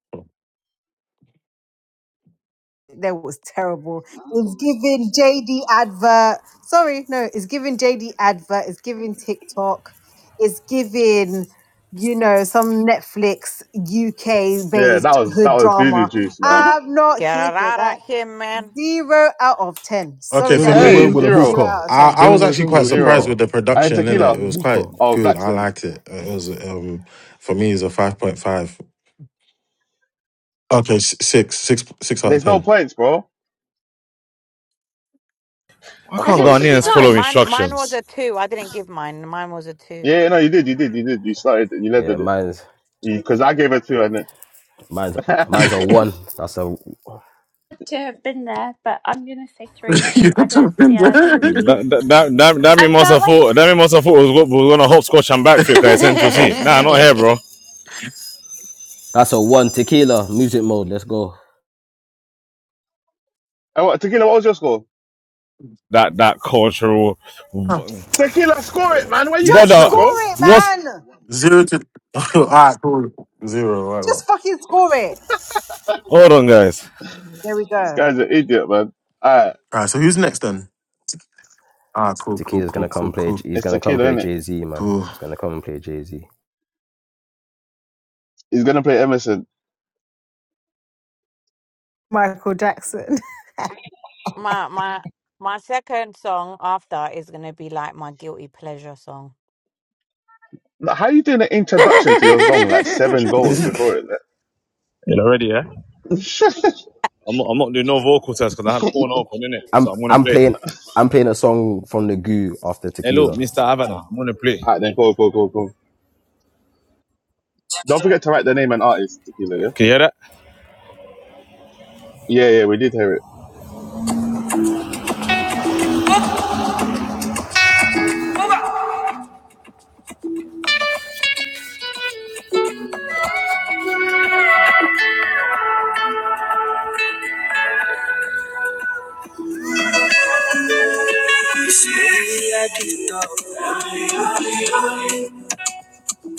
[SPEAKER 6] That was terrible. It's giving JD advert. Sorry, no, it's giving JD advert. It's giving TikTok. It's giving, you know, some Netflix UK
[SPEAKER 1] Yeah, that
[SPEAKER 6] based
[SPEAKER 1] was that
[SPEAKER 6] hood
[SPEAKER 1] was doo doo
[SPEAKER 6] drama.
[SPEAKER 1] juice, man.
[SPEAKER 6] I'm not
[SPEAKER 7] get
[SPEAKER 6] here
[SPEAKER 7] her
[SPEAKER 6] for
[SPEAKER 7] out
[SPEAKER 6] that.
[SPEAKER 7] of here, man.
[SPEAKER 6] Zero out of ten.
[SPEAKER 4] Okay.
[SPEAKER 6] Sorry,
[SPEAKER 2] Then
[SPEAKER 4] For
[SPEAKER 2] went
[SPEAKER 6] Dammy,
[SPEAKER 1] Hey,
[SPEAKER 2] went
[SPEAKER 4] me,
[SPEAKER 2] with
[SPEAKER 6] but
[SPEAKER 2] a
[SPEAKER 1] zero.
[SPEAKER 6] zero
[SPEAKER 2] booker.
[SPEAKER 6] out of
[SPEAKER 4] I
[SPEAKER 6] ten.
[SPEAKER 4] I
[SPEAKER 2] Then
[SPEAKER 4] was
[SPEAKER 2] went
[SPEAKER 4] actually
[SPEAKER 2] went
[SPEAKER 4] quite
[SPEAKER 2] with a
[SPEAKER 4] surprised
[SPEAKER 1] Zero.
[SPEAKER 2] suka.
[SPEAKER 4] with the
[SPEAKER 2] Then
[SPEAKER 1] I
[SPEAKER 2] went
[SPEAKER 4] production in it. It
[SPEAKER 1] tequila.
[SPEAKER 2] with a
[SPEAKER 4] was quite
[SPEAKER 2] booker.
[SPEAKER 1] Oh,
[SPEAKER 4] good. I
[SPEAKER 1] Blackstone.
[SPEAKER 4] liked it. It was um for me it's a five point five. Okay, s- six, six, six out of
[SPEAKER 1] There's no
[SPEAKER 4] ten.
[SPEAKER 1] points, bro.
[SPEAKER 5] Why
[SPEAKER 1] Of
[SPEAKER 8] Has
[SPEAKER 5] can't
[SPEAKER 8] everybody
[SPEAKER 1] course.
[SPEAKER 5] Ghanaians
[SPEAKER 7] Okay,
[SPEAKER 5] follow
[SPEAKER 8] gone?
[SPEAKER 7] mine mine was
[SPEAKER 5] instructions?
[SPEAKER 7] a two. I didn't give mine. Mine was a two.
[SPEAKER 1] Yeah, yeah, no, you did, you did, you did. You started, it, you led
[SPEAKER 2] Yeah,
[SPEAKER 1] with it.
[SPEAKER 2] mine's
[SPEAKER 1] Because I gave her two, and then.
[SPEAKER 2] mine's mine's a
[SPEAKER 1] What-
[SPEAKER 2] one. That's a
[SPEAKER 8] To have been there, but I'm gonna say three because
[SPEAKER 4] you
[SPEAKER 8] I
[SPEAKER 4] have to
[SPEAKER 8] don't.
[SPEAKER 4] have been
[SPEAKER 8] Yeah, I didn't
[SPEAKER 4] there.
[SPEAKER 8] really.
[SPEAKER 5] That that that that, that me
[SPEAKER 8] I
[SPEAKER 5] must
[SPEAKER 8] felt
[SPEAKER 5] have
[SPEAKER 8] like.
[SPEAKER 5] thought. That me must have thought was, was gonna hopscotch and backflip at Essential C. Nah, not here, bro.
[SPEAKER 2] that's a one. Tequila music mode. Let's go.
[SPEAKER 1] and what- tequila, what was your score?
[SPEAKER 5] That that cultural
[SPEAKER 1] Tequila, score it, man. Why are you
[SPEAKER 6] Just
[SPEAKER 5] brother.
[SPEAKER 1] extra,
[SPEAKER 2] Mm.
[SPEAKER 1] bro?
[SPEAKER 6] score it,
[SPEAKER 5] What's
[SPEAKER 6] man.
[SPEAKER 4] Zero to. all right, cool. Zero, whatever. All
[SPEAKER 6] Just fucking score it.
[SPEAKER 5] hold on, guys?
[SPEAKER 6] There we
[SPEAKER 1] This
[SPEAKER 6] go.
[SPEAKER 1] guy's an idiot, man. Alright,
[SPEAKER 4] right, so who's next then? Ah, cool, cool,
[SPEAKER 2] Tequila's
[SPEAKER 4] cool,
[SPEAKER 2] gonna
[SPEAKER 4] cool,
[SPEAKER 2] come play.
[SPEAKER 4] cool,
[SPEAKER 2] He's
[SPEAKER 1] it's
[SPEAKER 2] gonna come
[SPEAKER 1] tequila,
[SPEAKER 2] play
[SPEAKER 1] innit?
[SPEAKER 2] Jay Z, man.
[SPEAKER 4] cool.
[SPEAKER 2] He's gonna come and play Jay Z.
[SPEAKER 1] He's gonna play Emerson.
[SPEAKER 6] Michael Jackson.
[SPEAKER 7] My my my second song after is gonna be like my guilty pleasure song.
[SPEAKER 1] Like, How you doing an introduction to your song like seven goals before it? like?
[SPEAKER 5] You know, ready? Yeah. I'm not, I'm not doing no vocal test because I had phone open in it,
[SPEAKER 2] I'm
[SPEAKER 5] so I'm gonna
[SPEAKER 2] I'm
[SPEAKER 5] play.
[SPEAKER 2] playing I'm playing a song from the Goo after
[SPEAKER 5] Hello,
[SPEAKER 2] Tequila.
[SPEAKER 5] Mr. Havana. I'm gonna play.
[SPEAKER 1] Alright, then cool, cool, cool, cool. Don't forget to write the name and artist,
[SPEAKER 5] Can
[SPEAKER 1] tequila.
[SPEAKER 5] you hear that?
[SPEAKER 1] Yeah, yeah, yeah. We did hear it.
[SPEAKER 5] Baby, I do know.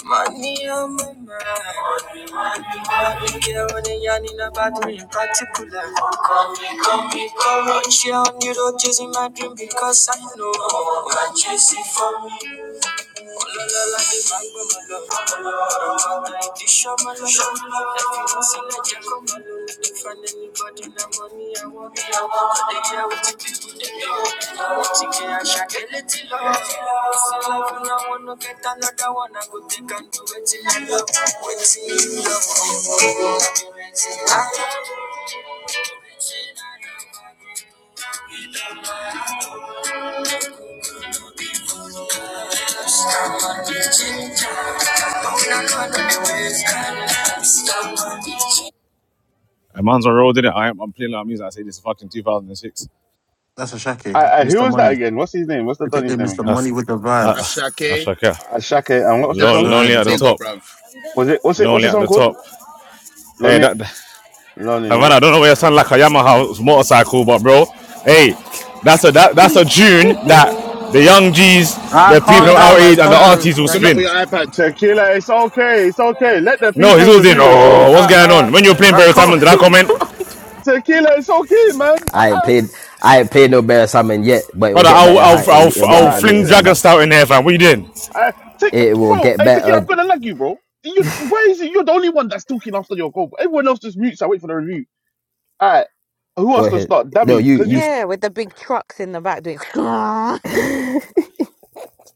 [SPEAKER 5] Money on my mind. I've been getting yarning about me in particular. Come me, come me, come on. She on you road chasing my dream because I know what you see for me. Oh, la, la, la, the man go my love. Oh, la, la, la, the show my love. If you don't see, let Find anybody that money I want. But they care what the people they know. What you care, I shall get a shot, get it till love. It's a love and I wanna get another one. I go take and do it till I love. Wait till you love. I love. Stop my bitch. A man's on road, did it? I am, I'm playing like music. I say this is fucking 2006.
[SPEAKER 4] That's a shacky.
[SPEAKER 1] I, I, who
[SPEAKER 4] Mr.
[SPEAKER 1] was that
[SPEAKER 4] Money.
[SPEAKER 1] again? What's his name? What's the
[SPEAKER 4] Look at
[SPEAKER 1] Donny's
[SPEAKER 4] him,
[SPEAKER 1] name
[SPEAKER 4] Mr.
[SPEAKER 1] again?
[SPEAKER 5] That's
[SPEAKER 4] Money with the vibes.
[SPEAKER 5] that's
[SPEAKER 9] Ashake,
[SPEAKER 5] Shaka.
[SPEAKER 1] Uh, Shaq, eh, and what was the
[SPEAKER 9] that's
[SPEAKER 5] Lon-
[SPEAKER 1] song?
[SPEAKER 4] Lonely
[SPEAKER 9] my
[SPEAKER 4] at
[SPEAKER 5] lonely
[SPEAKER 4] the
[SPEAKER 5] at the
[SPEAKER 4] top.
[SPEAKER 9] nigga,
[SPEAKER 5] top.
[SPEAKER 9] bruv.
[SPEAKER 1] Was it what's it what's
[SPEAKER 5] Lonely
[SPEAKER 1] the
[SPEAKER 5] at
[SPEAKER 1] song
[SPEAKER 5] the
[SPEAKER 1] called?
[SPEAKER 5] top. Hey,
[SPEAKER 1] Lonely
[SPEAKER 5] that that
[SPEAKER 1] Lonely, yeah.
[SPEAKER 5] Havana, I don't know where you sound like a Yamaha motorcycle, but bro, hey, that's a that, that's a tune that the young G's,
[SPEAKER 4] Alright,
[SPEAKER 5] the people
[SPEAKER 4] calm
[SPEAKER 5] of
[SPEAKER 9] Alright,
[SPEAKER 4] down,
[SPEAKER 5] our
[SPEAKER 9] bro.
[SPEAKER 4] man.
[SPEAKER 5] age,
[SPEAKER 4] It's
[SPEAKER 5] and the
[SPEAKER 4] time for the
[SPEAKER 9] Um,
[SPEAKER 5] aunties will
[SPEAKER 9] good luck
[SPEAKER 5] spin.
[SPEAKER 9] with your
[SPEAKER 4] rankings.
[SPEAKER 9] iPad.
[SPEAKER 1] Tequila, it's okay, it's okay. Let the
[SPEAKER 5] No, he's
[SPEAKER 1] people
[SPEAKER 5] all saying,
[SPEAKER 1] review the song.
[SPEAKER 5] oh, what's
[SPEAKER 1] Uh
[SPEAKER 5] going
[SPEAKER 1] uh
[SPEAKER 5] on? When you are playing
[SPEAKER 4] Alright,
[SPEAKER 5] Barry
[SPEAKER 4] cool.
[SPEAKER 5] Simon, did I comment?
[SPEAKER 1] Tequila, it's okay, man. Uh
[SPEAKER 2] I ain't
[SPEAKER 1] uh.
[SPEAKER 2] played. I ain't played no better salmon yet, but it will
[SPEAKER 5] Brother,
[SPEAKER 2] get
[SPEAKER 5] I'll,
[SPEAKER 2] better.
[SPEAKER 5] I'll,
[SPEAKER 2] High, it,
[SPEAKER 5] I'll,
[SPEAKER 2] it'll get
[SPEAKER 5] I'll
[SPEAKER 1] Uh
[SPEAKER 2] better
[SPEAKER 5] fling
[SPEAKER 2] ratings
[SPEAKER 1] listen.
[SPEAKER 2] than
[SPEAKER 5] Dragon
[SPEAKER 2] that.
[SPEAKER 5] Stout in there, fam. What you doing?
[SPEAKER 1] I take
[SPEAKER 2] It will
[SPEAKER 1] bro,
[SPEAKER 2] get
[SPEAKER 1] hey Tequila, I'm
[SPEAKER 2] better.
[SPEAKER 1] gonna lag you, bro. You, you why is it you're the only one that's talking after your goal? Everyone else just mutes, I wait for the review. Alright. Who
[SPEAKER 2] Go
[SPEAKER 1] wants to
[SPEAKER 2] ahead.
[SPEAKER 1] start?
[SPEAKER 2] No,
[SPEAKER 1] Dammy,
[SPEAKER 2] you,
[SPEAKER 1] because
[SPEAKER 2] you,
[SPEAKER 1] you
[SPEAKER 7] Yeah, with the big trucks in the back doing.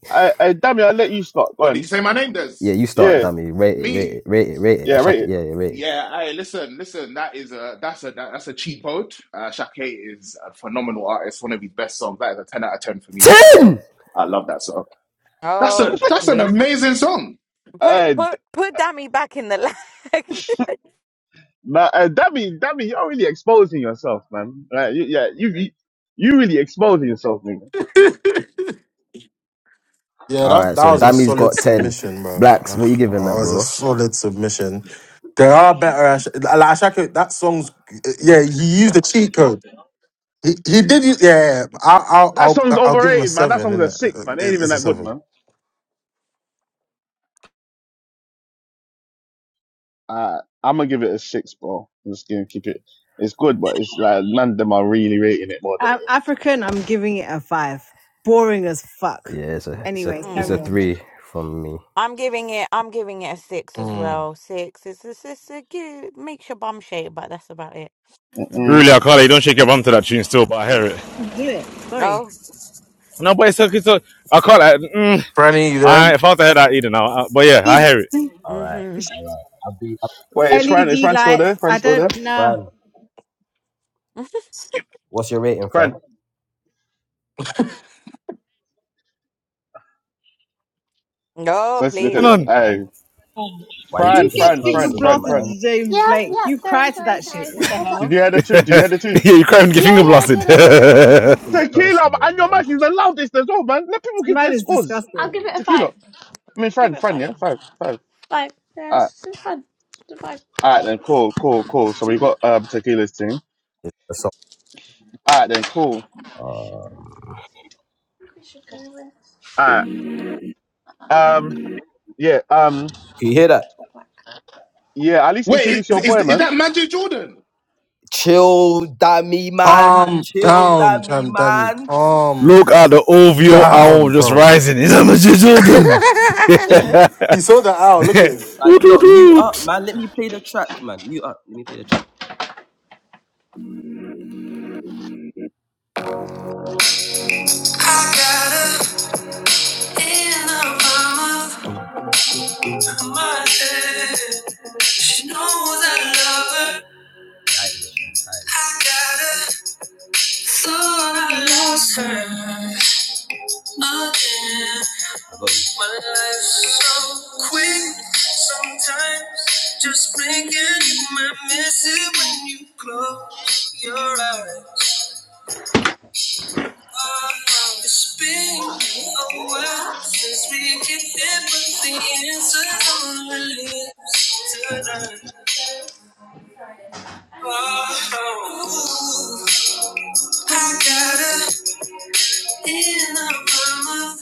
[SPEAKER 1] I I Dammy, I'll let you start. Go
[SPEAKER 9] What did you
[SPEAKER 1] on.
[SPEAKER 9] say my name
[SPEAKER 2] yeah,
[SPEAKER 9] does?
[SPEAKER 2] you start,
[SPEAKER 1] Yeah,
[SPEAKER 2] dummy. Rate it, rate
[SPEAKER 9] Me.
[SPEAKER 2] it, rate it, rate it.
[SPEAKER 1] yeah,
[SPEAKER 2] Ashaki,
[SPEAKER 1] rate
[SPEAKER 2] yeah, yeah, rate it.
[SPEAKER 9] Yeah, I listen, listen, that is a that's a that, that's a cheap ode. Uh Shake is a phenomenal artist, one of his best songs. That is a ten out of ten for me, boy.
[SPEAKER 2] Ten.
[SPEAKER 9] I love that song. That's a
[SPEAKER 7] Oh,
[SPEAKER 9] that's an
[SPEAKER 7] please.
[SPEAKER 9] amazing song.
[SPEAKER 7] Put
[SPEAKER 1] it.
[SPEAKER 7] put put Dammy back in the lag.
[SPEAKER 1] Nah, uh, that mean that mean you're really exposing yourself, man. Like, you, yeah, you, you you really exposing yourself, nigga.
[SPEAKER 4] yeah,
[SPEAKER 2] All
[SPEAKER 4] that
[SPEAKER 2] right,
[SPEAKER 4] that
[SPEAKER 2] so
[SPEAKER 4] was a
[SPEAKER 2] Dammy's
[SPEAKER 4] solid
[SPEAKER 2] got ten.
[SPEAKER 4] submission, bro.
[SPEAKER 2] Blacks, what
[SPEAKER 4] that
[SPEAKER 2] are you giving that,
[SPEAKER 4] was a
[SPEAKER 2] bro?
[SPEAKER 4] solid submission. There are better Ash- like Ashaka. That song's eh, yeah. He used a cheat code. He, he did. Use, yeah, yeah. yeah. I'll, I'll
[SPEAKER 1] That
[SPEAKER 4] I'll
[SPEAKER 1] song's
[SPEAKER 4] I'll give him a
[SPEAKER 1] overrated, man. That
[SPEAKER 4] seven.
[SPEAKER 1] song's
[SPEAKER 4] Isn't
[SPEAKER 1] a
[SPEAKER 4] it?
[SPEAKER 1] six, man. It ain't
[SPEAKER 4] It's
[SPEAKER 1] even
[SPEAKER 4] it's a
[SPEAKER 1] that good,
[SPEAKER 4] seven.
[SPEAKER 1] man. Uh, I'm gonna give it a six, bro. I'm just gonna keep it. It's good, but it's like man, them are really rating it more than it
[SPEAKER 6] I'm
[SPEAKER 1] is.
[SPEAKER 6] African. I'm giving it a five. Boring as fuck.
[SPEAKER 2] Yeah, it's a, it's a,
[SPEAKER 6] Anyways,
[SPEAKER 2] it's
[SPEAKER 6] carry
[SPEAKER 2] a
[SPEAKER 7] Mm.
[SPEAKER 6] on.
[SPEAKER 2] three from me.
[SPEAKER 7] I'm giving it. I'm giving it a six as
[SPEAKER 4] Mm.
[SPEAKER 7] well. Six. It's it's, it's a good. Makes your bum shake, but that's about it. hmm
[SPEAKER 1] Mm-mm.
[SPEAKER 5] Really, I can't. You don't shake your bum to that tune still, but I hear it.
[SPEAKER 6] Do it. Sorry.
[SPEAKER 7] Oh.
[SPEAKER 5] No, but it's okay. So I can't. Like, mm. I, if I was to head, I'd eat it now. Uh, but yeah, I hear it.
[SPEAKER 7] hmm
[SPEAKER 2] Alright, I'll be I'll
[SPEAKER 1] Wait, is Fran? Is
[SPEAKER 6] LED
[SPEAKER 1] Fran still there?
[SPEAKER 6] lights.
[SPEAKER 1] Fran
[SPEAKER 6] I
[SPEAKER 1] still there?
[SPEAKER 6] don't
[SPEAKER 2] be
[SPEAKER 6] know.
[SPEAKER 2] Fran. What's your rating, Fran?
[SPEAKER 1] Fran,
[SPEAKER 7] Oh,
[SPEAKER 1] let's look at
[SPEAKER 5] Hang
[SPEAKER 7] please.
[SPEAKER 1] it.
[SPEAKER 5] on.
[SPEAKER 1] Hey,
[SPEAKER 2] Why are you
[SPEAKER 1] Fran,
[SPEAKER 6] You
[SPEAKER 2] taking
[SPEAKER 6] get
[SPEAKER 2] it
[SPEAKER 1] Fran,
[SPEAKER 6] finger
[SPEAKER 1] Fran,
[SPEAKER 2] personal,
[SPEAKER 1] Fran,
[SPEAKER 6] blasted
[SPEAKER 1] Fran.
[SPEAKER 2] man?
[SPEAKER 6] to James
[SPEAKER 8] Yeah,
[SPEAKER 6] Blake.
[SPEAKER 8] yeah.
[SPEAKER 6] You
[SPEAKER 8] Sorry,
[SPEAKER 6] cry to
[SPEAKER 8] sorry,
[SPEAKER 6] that shit.
[SPEAKER 8] sorry,
[SPEAKER 6] What
[SPEAKER 8] sorry.
[SPEAKER 6] the
[SPEAKER 8] What's up?
[SPEAKER 1] Did you
[SPEAKER 6] hell?
[SPEAKER 1] hear the tune? Did you
[SPEAKER 5] yeah,
[SPEAKER 1] hear the tune?
[SPEAKER 5] you're crying, get
[SPEAKER 8] Yeah,
[SPEAKER 5] finger
[SPEAKER 8] yeah. I
[SPEAKER 5] blasted.
[SPEAKER 8] did, I did.
[SPEAKER 2] Taking it
[SPEAKER 1] Tequila
[SPEAKER 2] personal,
[SPEAKER 1] and your
[SPEAKER 2] man.
[SPEAKER 1] match is the loudest as well, man. Let people
[SPEAKER 6] This
[SPEAKER 1] give
[SPEAKER 6] man
[SPEAKER 1] their
[SPEAKER 6] is
[SPEAKER 1] scores.
[SPEAKER 6] disgusting.
[SPEAKER 8] I'll give it a five.
[SPEAKER 1] Tequila. I mean,
[SPEAKER 8] I'll give
[SPEAKER 1] Fran,
[SPEAKER 8] it a
[SPEAKER 1] Fran,
[SPEAKER 8] five.
[SPEAKER 1] yeah, Fran, Fran.
[SPEAKER 8] Five. Yeah,
[SPEAKER 1] All right,
[SPEAKER 8] it's it's fun. It's a five.
[SPEAKER 1] all right, then, cool, cool, cool. So we got um Tequila's team.
[SPEAKER 2] That's all.
[SPEAKER 1] All right, then, cool. All right, um, yeah, um,
[SPEAKER 2] Can you hear that?
[SPEAKER 1] yeah. At least
[SPEAKER 9] Wait,
[SPEAKER 1] introduce
[SPEAKER 9] is,
[SPEAKER 1] your
[SPEAKER 9] is,
[SPEAKER 1] boy,
[SPEAKER 9] is
[SPEAKER 1] man.
[SPEAKER 9] that Magic Jordan?
[SPEAKER 2] Chill, that me man.
[SPEAKER 4] Calm
[SPEAKER 2] Chill,
[SPEAKER 4] down,
[SPEAKER 2] that me
[SPEAKER 4] Jam Dammy.
[SPEAKER 2] man.
[SPEAKER 4] Calm
[SPEAKER 5] Look at the OVO owl
[SPEAKER 4] down,
[SPEAKER 5] just
[SPEAKER 4] bro.
[SPEAKER 5] rising. Is that Mr. Jordan?
[SPEAKER 4] he saw the owl. Look at him.
[SPEAKER 2] Like
[SPEAKER 5] Woot,
[SPEAKER 2] you
[SPEAKER 5] woot,
[SPEAKER 2] lot, mute up,
[SPEAKER 5] woot.
[SPEAKER 2] man. Let me play the track, man. Mute up. Let me play the track. I got her in the palm of my hand. She knows I love her. I got her. Thought I lost her again. My life's so quick sometimes. Just blink and miss it when you close your eyes. It's been a while since we kicked it, but the answers on our lips tonight. Oh, I got her in the palm of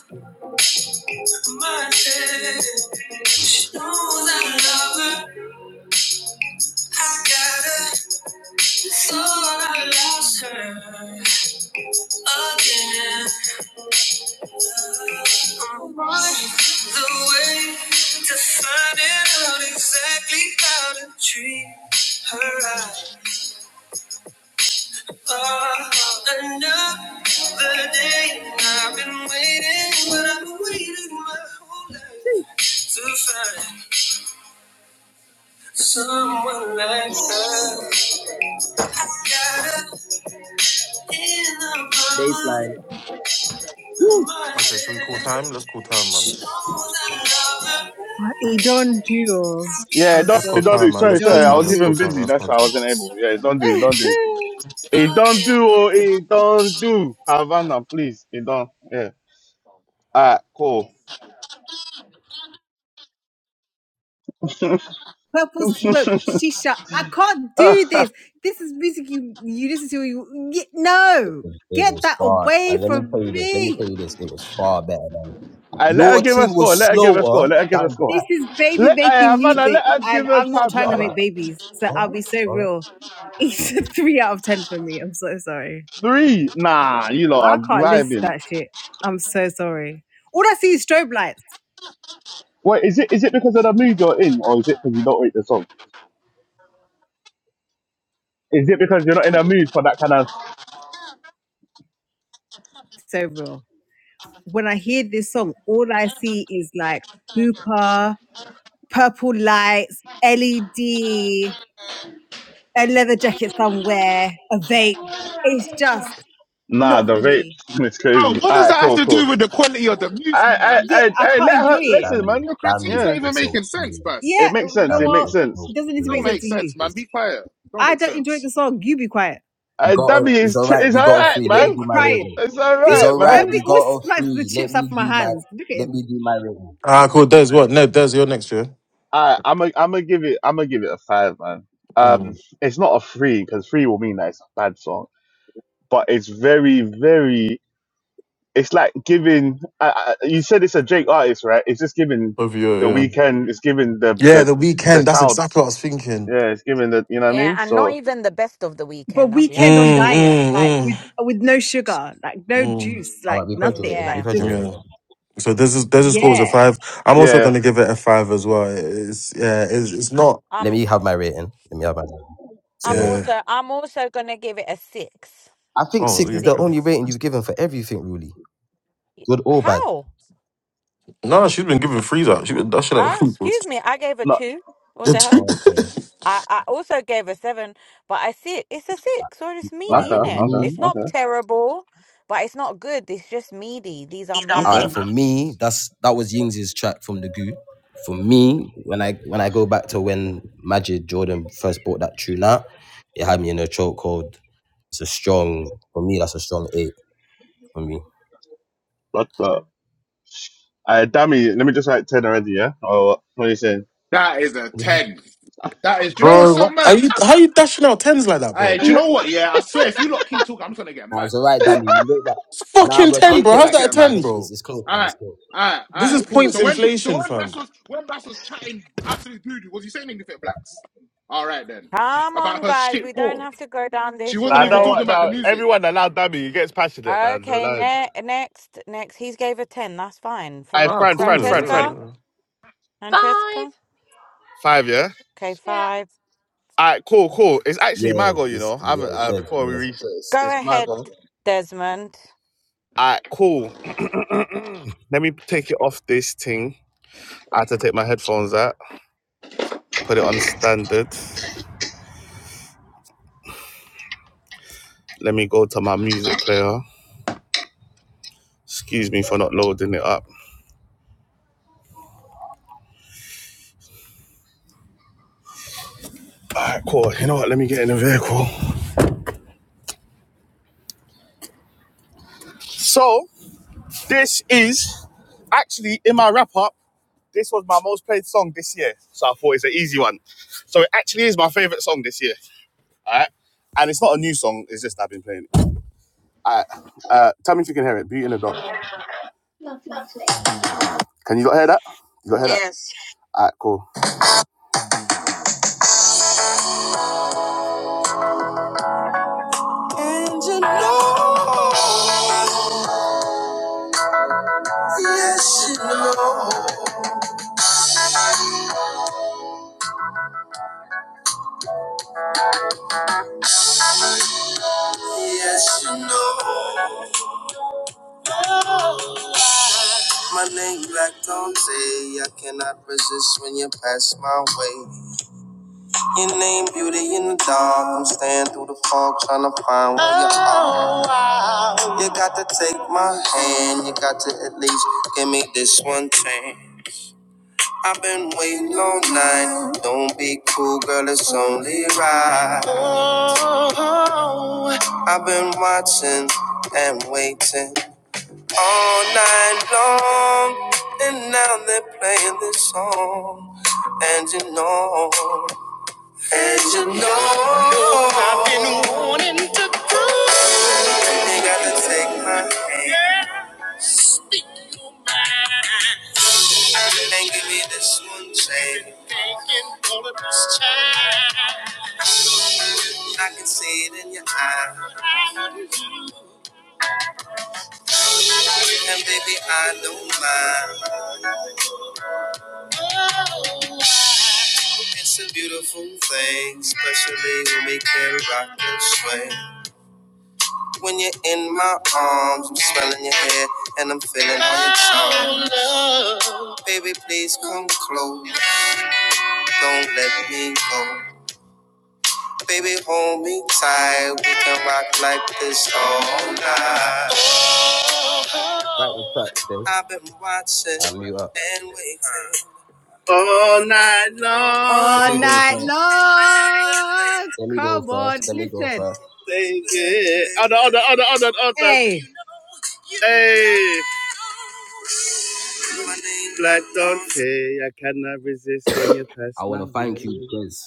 [SPEAKER 2] my hand. She knows I love her. I got her, so I lost her again. The way to finding out exactly how to treat her right. Oh, another day I've been waiting, but I've been waiting my whole life to find someone like her. Got her in the palm of my
[SPEAKER 4] Okay, should we call
[SPEAKER 2] hand.
[SPEAKER 4] time? Let's call time, man.
[SPEAKER 2] She knows I love her.
[SPEAKER 6] He don't do. I'm oh,
[SPEAKER 1] Yeah,
[SPEAKER 6] I'm
[SPEAKER 1] don't
[SPEAKER 4] Let's call
[SPEAKER 1] do, don't
[SPEAKER 6] sorry.
[SPEAKER 4] time,
[SPEAKER 1] do.
[SPEAKER 4] man.
[SPEAKER 6] He
[SPEAKER 1] Sorry,
[SPEAKER 4] Let's call
[SPEAKER 1] sorry,
[SPEAKER 6] don't
[SPEAKER 1] I
[SPEAKER 4] time.
[SPEAKER 1] was
[SPEAKER 4] Let's call
[SPEAKER 1] even
[SPEAKER 6] do.
[SPEAKER 4] time.
[SPEAKER 1] busy.
[SPEAKER 4] Let's
[SPEAKER 1] That's
[SPEAKER 4] call
[SPEAKER 1] why I
[SPEAKER 4] time.
[SPEAKER 1] wasn't able. Yeah, don't do, don't do. It don't do, oh, it don't do. Havana, please, it don't. Yeah. All right, cool.
[SPEAKER 6] Purple smoke, shisha. I can't do this.
[SPEAKER 1] I
[SPEAKER 6] This is music you you listen to. You ye- no,
[SPEAKER 2] It
[SPEAKER 6] get
[SPEAKER 2] was
[SPEAKER 6] that
[SPEAKER 2] far. Uh,
[SPEAKER 6] away
[SPEAKER 2] let me
[SPEAKER 6] from
[SPEAKER 2] tell you this. Let me tell
[SPEAKER 6] me.
[SPEAKER 2] you this. It was far better. than.
[SPEAKER 1] let her
[SPEAKER 2] Your
[SPEAKER 1] give a
[SPEAKER 2] thing
[SPEAKER 1] score.
[SPEAKER 2] was
[SPEAKER 1] Let her give a score.
[SPEAKER 2] slower
[SPEAKER 1] Let her give a
[SPEAKER 2] than
[SPEAKER 1] score.
[SPEAKER 6] This
[SPEAKER 2] that.
[SPEAKER 6] is baby
[SPEAKER 1] Let her
[SPEAKER 6] making
[SPEAKER 1] Havana. Let
[SPEAKER 6] music,
[SPEAKER 1] her give
[SPEAKER 6] and
[SPEAKER 1] her
[SPEAKER 6] I'm not
[SPEAKER 1] time.
[SPEAKER 6] trying to
[SPEAKER 2] All
[SPEAKER 6] make
[SPEAKER 2] right,
[SPEAKER 6] babies. So
[SPEAKER 2] all
[SPEAKER 6] I'll
[SPEAKER 2] right,
[SPEAKER 6] be so
[SPEAKER 2] all right.
[SPEAKER 6] real. It's a three out of ten for me. I'm so sorry.
[SPEAKER 1] Three? Nah, you lot are
[SPEAKER 6] I can't listen to
[SPEAKER 1] vibing.
[SPEAKER 6] that shit. I'm so sorry. All I see is strobe lights.
[SPEAKER 1] What is it is it because of the mood you're in, or is it because you don't rate the song? Is it because you're not in a mood for that kind of?
[SPEAKER 6] So real. when I hear this song, all I see is like hookah, purple lights, LED, a leather jacket somewhere, a vape. It's just
[SPEAKER 1] Nah,
[SPEAKER 6] not
[SPEAKER 1] the
[SPEAKER 6] for
[SPEAKER 1] rate
[SPEAKER 6] me.
[SPEAKER 1] it's
[SPEAKER 9] Bro,
[SPEAKER 1] crazy.
[SPEAKER 9] what
[SPEAKER 1] All
[SPEAKER 9] does
[SPEAKER 1] right,
[SPEAKER 9] that have
[SPEAKER 1] cool,
[SPEAKER 9] to do
[SPEAKER 1] cool.
[SPEAKER 9] with the quality of the music,
[SPEAKER 1] I,
[SPEAKER 9] man?
[SPEAKER 1] I,
[SPEAKER 6] Yeah,
[SPEAKER 1] I,
[SPEAKER 6] I
[SPEAKER 1] I
[SPEAKER 6] can't
[SPEAKER 1] let
[SPEAKER 6] enjoy
[SPEAKER 1] her
[SPEAKER 6] it.
[SPEAKER 1] listen,
[SPEAKER 2] Damn it,
[SPEAKER 1] man.
[SPEAKER 9] Your
[SPEAKER 2] damn
[SPEAKER 9] critique's
[SPEAKER 2] it.
[SPEAKER 9] not
[SPEAKER 1] Yeah,
[SPEAKER 9] even
[SPEAKER 2] It's
[SPEAKER 9] making sense,
[SPEAKER 2] okay.
[SPEAKER 9] Bus.
[SPEAKER 1] it
[SPEAKER 6] Yeah,
[SPEAKER 1] makes sense.
[SPEAKER 6] no,
[SPEAKER 2] Damn
[SPEAKER 1] It
[SPEAKER 2] it,
[SPEAKER 6] well,
[SPEAKER 1] makes
[SPEAKER 2] it's
[SPEAKER 1] sense.
[SPEAKER 6] it doesn't need
[SPEAKER 9] It
[SPEAKER 6] to
[SPEAKER 9] don't
[SPEAKER 6] make sense
[SPEAKER 9] make
[SPEAKER 6] to
[SPEAKER 2] okay.
[SPEAKER 9] sense,
[SPEAKER 6] you.
[SPEAKER 9] man. Be
[SPEAKER 2] It's
[SPEAKER 9] quiet. Don't
[SPEAKER 6] I
[SPEAKER 9] make
[SPEAKER 6] don't enjoy
[SPEAKER 9] sense.
[SPEAKER 6] the song. You be quiet.
[SPEAKER 2] we
[SPEAKER 1] Uh,
[SPEAKER 2] got. A,
[SPEAKER 1] Dabby
[SPEAKER 2] it's
[SPEAKER 1] is
[SPEAKER 2] all
[SPEAKER 1] tr-
[SPEAKER 2] right.
[SPEAKER 1] is
[SPEAKER 2] We
[SPEAKER 1] all
[SPEAKER 2] got a
[SPEAKER 1] right,
[SPEAKER 2] free.
[SPEAKER 6] Look
[SPEAKER 2] Let
[SPEAKER 1] man.
[SPEAKER 6] at
[SPEAKER 2] me
[SPEAKER 6] him
[SPEAKER 2] do my
[SPEAKER 1] It's
[SPEAKER 6] crying.
[SPEAKER 2] rating.
[SPEAKER 1] it's all
[SPEAKER 2] It's
[SPEAKER 6] See,
[SPEAKER 1] right,
[SPEAKER 2] all right.
[SPEAKER 1] man.
[SPEAKER 6] Debbie
[SPEAKER 2] We
[SPEAKER 6] always
[SPEAKER 2] got a
[SPEAKER 6] smacks the
[SPEAKER 2] free. Let
[SPEAKER 6] chips out
[SPEAKER 2] me
[SPEAKER 6] of my
[SPEAKER 2] do my.
[SPEAKER 6] hands. Look at
[SPEAKER 2] Let
[SPEAKER 6] him.
[SPEAKER 2] me do my rating.
[SPEAKER 4] Ah, cool. Des, what? Ned, Des, you're next year.
[SPEAKER 1] All right, I'm a, I'm gonna give it I'm gonna give it a five, man. Um,
[SPEAKER 4] Mm.
[SPEAKER 1] it's not a three because three will mean that it's a bad song, but it's very very it's like giving. I, I, you said it's a Drake artist, right? It's just giving
[SPEAKER 4] Over your
[SPEAKER 1] the
[SPEAKER 4] yeah.
[SPEAKER 1] weekend. It's giving the
[SPEAKER 4] Yeah,
[SPEAKER 1] the
[SPEAKER 4] the
[SPEAKER 1] the
[SPEAKER 4] weekend. That's
[SPEAKER 1] child.
[SPEAKER 4] exactly what I was thinking.
[SPEAKER 1] Yeah, it's giving the. You know what I
[SPEAKER 7] Yeah,
[SPEAKER 1] mean?
[SPEAKER 7] and not
[SPEAKER 1] So
[SPEAKER 7] even the best of the weekend.
[SPEAKER 6] But
[SPEAKER 7] I'll be
[SPEAKER 6] weekend
[SPEAKER 7] honest.
[SPEAKER 6] on
[SPEAKER 4] Mm,
[SPEAKER 6] diet, like with
[SPEAKER 4] mm,
[SPEAKER 6] with no sugar, like no
[SPEAKER 4] mm, mm.
[SPEAKER 6] juice,
[SPEAKER 2] All right,
[SPEAKER 6] like
[SPEAKER 2] we've heard your
[SPEAKER 6] nothing,
[SPEAKER 2] rating.
[SPEAKER 6] like
[SPEAKER 2] We've
[SPEAKER 7] Yeah.
[SPEAKER 2] heard
[SPEAKER 6] just
[SPEAKER 2] your rating.
[SPEAKER 4] Yeah. So this is this is score was a
[SPEAKER 6] yeah.
[SPEAKER 4] five. I'm also
[SPEAKER 1] yeah,
[SPEAKER 4] gonna give it a five as well. It's yeah, it's, it's not
[SPEAKER 2] Let
[SPEAKER 7] I'm.
[SPEAKER 2] me have my rating. Let me have my. Rating.
[SPEAKER 7] I'm
[SPEAKER 2] So
[SPEAKER 4] yeah.
[SPEAKER 7] also. I'm also gonna give it a six.
[SPEAKER 2] I think
[SPEAKER 7] A
[SPEAKER 4] Oh,
[SPEAKER 2] six
[SPEAKER 4] is
[SPEAKER 2] is
[SPEAKER 4] it-
[SPEAKER 2] the
[SPEAKER 4] okay.
[SPEAKER 2] only
[SPEAKER 7] six.
[SPEAKER 2] rating you've given for everything, really, good or bad.
[SPEAKER 7] How?
[SPEAKER 4] no, she's been giving threes out. She that shit out.
[SPEAKER 7] Ah, excuse me. I gave a
[SPEAKER 1] no.
[SPEAKER 7] two. What
[SPEAKER 4] The
[SPEAKER 7] the hell?
[SPEAKER 4] two.
[SPEAKER 2] Okay.
[SPEAKER 7] I, I also gave a seven, but I see it. It's a six, or it's
[SPEAKER 2] All right,
[SPEAKER 7] meaty,
[SPEAKER 1] Okay,
[SPEAKER 7] isn't
[SPEAKER 2] for
[SPEAKER 7] it?
[SPEAKER 1] okay,
[SPEAKER 7] It's
[SPEAKER 2] me,
[SPEAKER 7] not
[SPEAKER 1] okay,
[SPEAKER 7] terrible, but it's not good. It's just meaty. These are
[SPEAKER 2] all right
[SPEAKER 1] okay.
[SPEAKER 7] meaty.
[SPEAKER 2] for me that's that was Yings' track from the goo for me when i when i go back to when magic jordan first bought that tune out it had me in a chokehold it's a strong for me that's a strong eight for me
[SPEAKER 1] But uh, I dummy. Let me just write ten already. Yeah. Oh, what, are you saying?
[SPEAKER 9] That is a
[SPEAKER 2] nah,
[SPEAKER 9] 10. That is, do you know what's so
[SPEAKER 4] Are
[SPEAKER 9] mad?
[SPEAKER 4] you how you dashing out tens like that, bro?
[SPEAKER 9] Hey, do you know what? Yeah, I swear, if you lot keep talking, I'm just going to get mad.
[SPEAKER 2] it's all
[SPEAKER 9] I'll
[SPEAKER 2] right
[SPEAKER 9] be real.
[SPEAKER 2] danny we look that
[SPEAKER 4] It's
[SPEAKER 2] nah
[SPEAKER 4] fucking
[SPEAKER 2] we're
[SPEAKER 9] I'm
[SPEAKER 4] ten, bro.
[SPEAKER 9] just
[SPEAKER 2] taking
[SPEAKER 9] going
[SPEAKER 4] How's
[SPEAKER 9] to
[SPEAKER 2] that
[SPEAKER 4] that a
[SPEAKER 9] get
[SPEAKER 2] nah I
[SPEAKER 9] mad.
[SPEAKER 4] ten,
[SPEAKER 2] think it's,
[SPEAKER 4] bro?
[SPEAKER 2] it's close
[SPEAKER 9] All
[SPEAKER 2] man
[SPEAKER 9] right,
[SPEAKER 2] it's close
[SPEAKER 9] all right, all
[SPEAKER 4] This is
[SPEAKER 9] right, cool.
[SPEAKER 4] points
[SPEAKER 9] So when so
[SPEAKER 4] inflation,
[SPEAKER 9] when Bass
[SPEAKER 4] fam.
[SPEAKER 9] was when Bass was chatting absolute doo doo, was he saying anything blacks? All right then,
[SPEAKER 7] Come
[SPEAKER 9] about
[SPEAKER 7] on,
[SPEAKER 9] her
[SPEAKER 7] guys.
[SPEAKER 9] shit
[SPEAKER 7] We don't
[SPEAKER 9] for
[SPEAKER 7] have to go down
[SPEAKER 9] she
[SPEAKER 7] this
[SPEAKER 9] wasn't
[SPEAKER 1] Nah,
[SPEAKER 9] even
[SPEAKER 1] no,
[SPEAKER 9] talking
[SPEAKER 7] road.
[SPEAKER 9] about the
[SPEAKER 1] no.
[SPEAKER 9] music.
[SPEAKER 1] Everyone allow Dabby. He gets passionate, man.
[SPEAKER 7] Okay,
[SPEAKER 1] Allow him.
[SPEAKER 7] ne next, next. He's gave a 10. That's fine.
[SPEAKER 1] Hey,
[SPEAKER 7] Fran
[SPEAKER 1] Fran, Fran, Fran, Fran.
[SPEAKER 7] Francesca?
[SPEAKER 8] Five.
[SPEAKER 7] Francesca?
[SPEAKER 1] Five, yeah.
[SPEAKER 7] Okay,
[SPEAKER 8] Yeah,
[SPEAKER 7] five.
[SPEAKER 1] All right, cool, cool. It's actually my
[SPEAKER 2] yeah
[SPEAKER 1] goal, you
[SPEAKER 2] it's
[SPEAKER 1] know. I
[SPEAKER 2] yeah
[SPEAKER 1] haven't
[SPEAKER 2] it's
[SPEAKER 1] uh,
[SPEAKER 2] dead
[SPEAKER 1] before we
[SPEAKER 2] yeah
[SPEAKER 1] reach it. It's,
[SPEAKER 7] Go
[SPEAKER 1] it's my
[SPEAKER 7] ahead,
[SPEAKER 1] goal.
[SPEAKER 7] Desmond.
[SPEAKER 1] Alright, cool. Let me take it off this thing. I had to take my headphones out, put it on standard. Let me go to my music player. Excuse me for not loading it up. Alright, cool. You know what? Let me get in the vehicle. So, this is actually in my wrap up. This was my most played song this year. So I thought it's an easy one. So it actually is my favorite song this year. Alright. And it's not a new song, it's just I've been playing it. Alright. Uh, tell me if you can hear it. Beauty in the Dark. Can you not hear that? You got hear that? Yes. Alright, cool. And you know, yes, you know, yes, you know. My name Black Dante, I cannot resist when you pass my way. Your name beauty in the dark, I'm staying through the fog trying to find where you are. You got to take my hand, you got to at least give me this one chance. I've been waiting all night. Don't be cool, girl, it's only right. I've been watching and waiting. all night long. And now they're playing this song. And you know, and you know, I've been warned. They got to take my hand and give me this one chance. I can see it in your eye, and baby, I don't mind. It's a beautiful thing, especially when we can rock and sway. When you're in my arms, I'm smelling your hair, and I'm feeling all your charm. Baby, please come close. Don't let me go. Baby, hold me tight. We can rock like this all night.
[SPEAKER 2] right the track then
[SPEAKER 1] I've been watching
[SPEAKER 2] i mute up
[SPEAKER 1] and waiting.
[SPEAKER 2] let
[SPEAKER 6] all
[SPEAKER 2] me go
[SPEAKER 6] night
[SPEAKER 2] first
[SPEAKER 6] long.
[SPEAKER 2] let me go
[SPEAKER 6] Come
[SPEAKER 2] first
[SPEAKER 6] on,
[SPEAKER 2] let me go
[SPEAKER 6] listen.
[SPEAKER 2] first
[SPEAKER 1] Yeah, other, other, other, other, other.
[SPEAKER 6] Hey,
[SPEAKER 1] Hey, Black Don. Hey, I cannot resist when you.
[SPEAKER 2] i want to thank you Jez.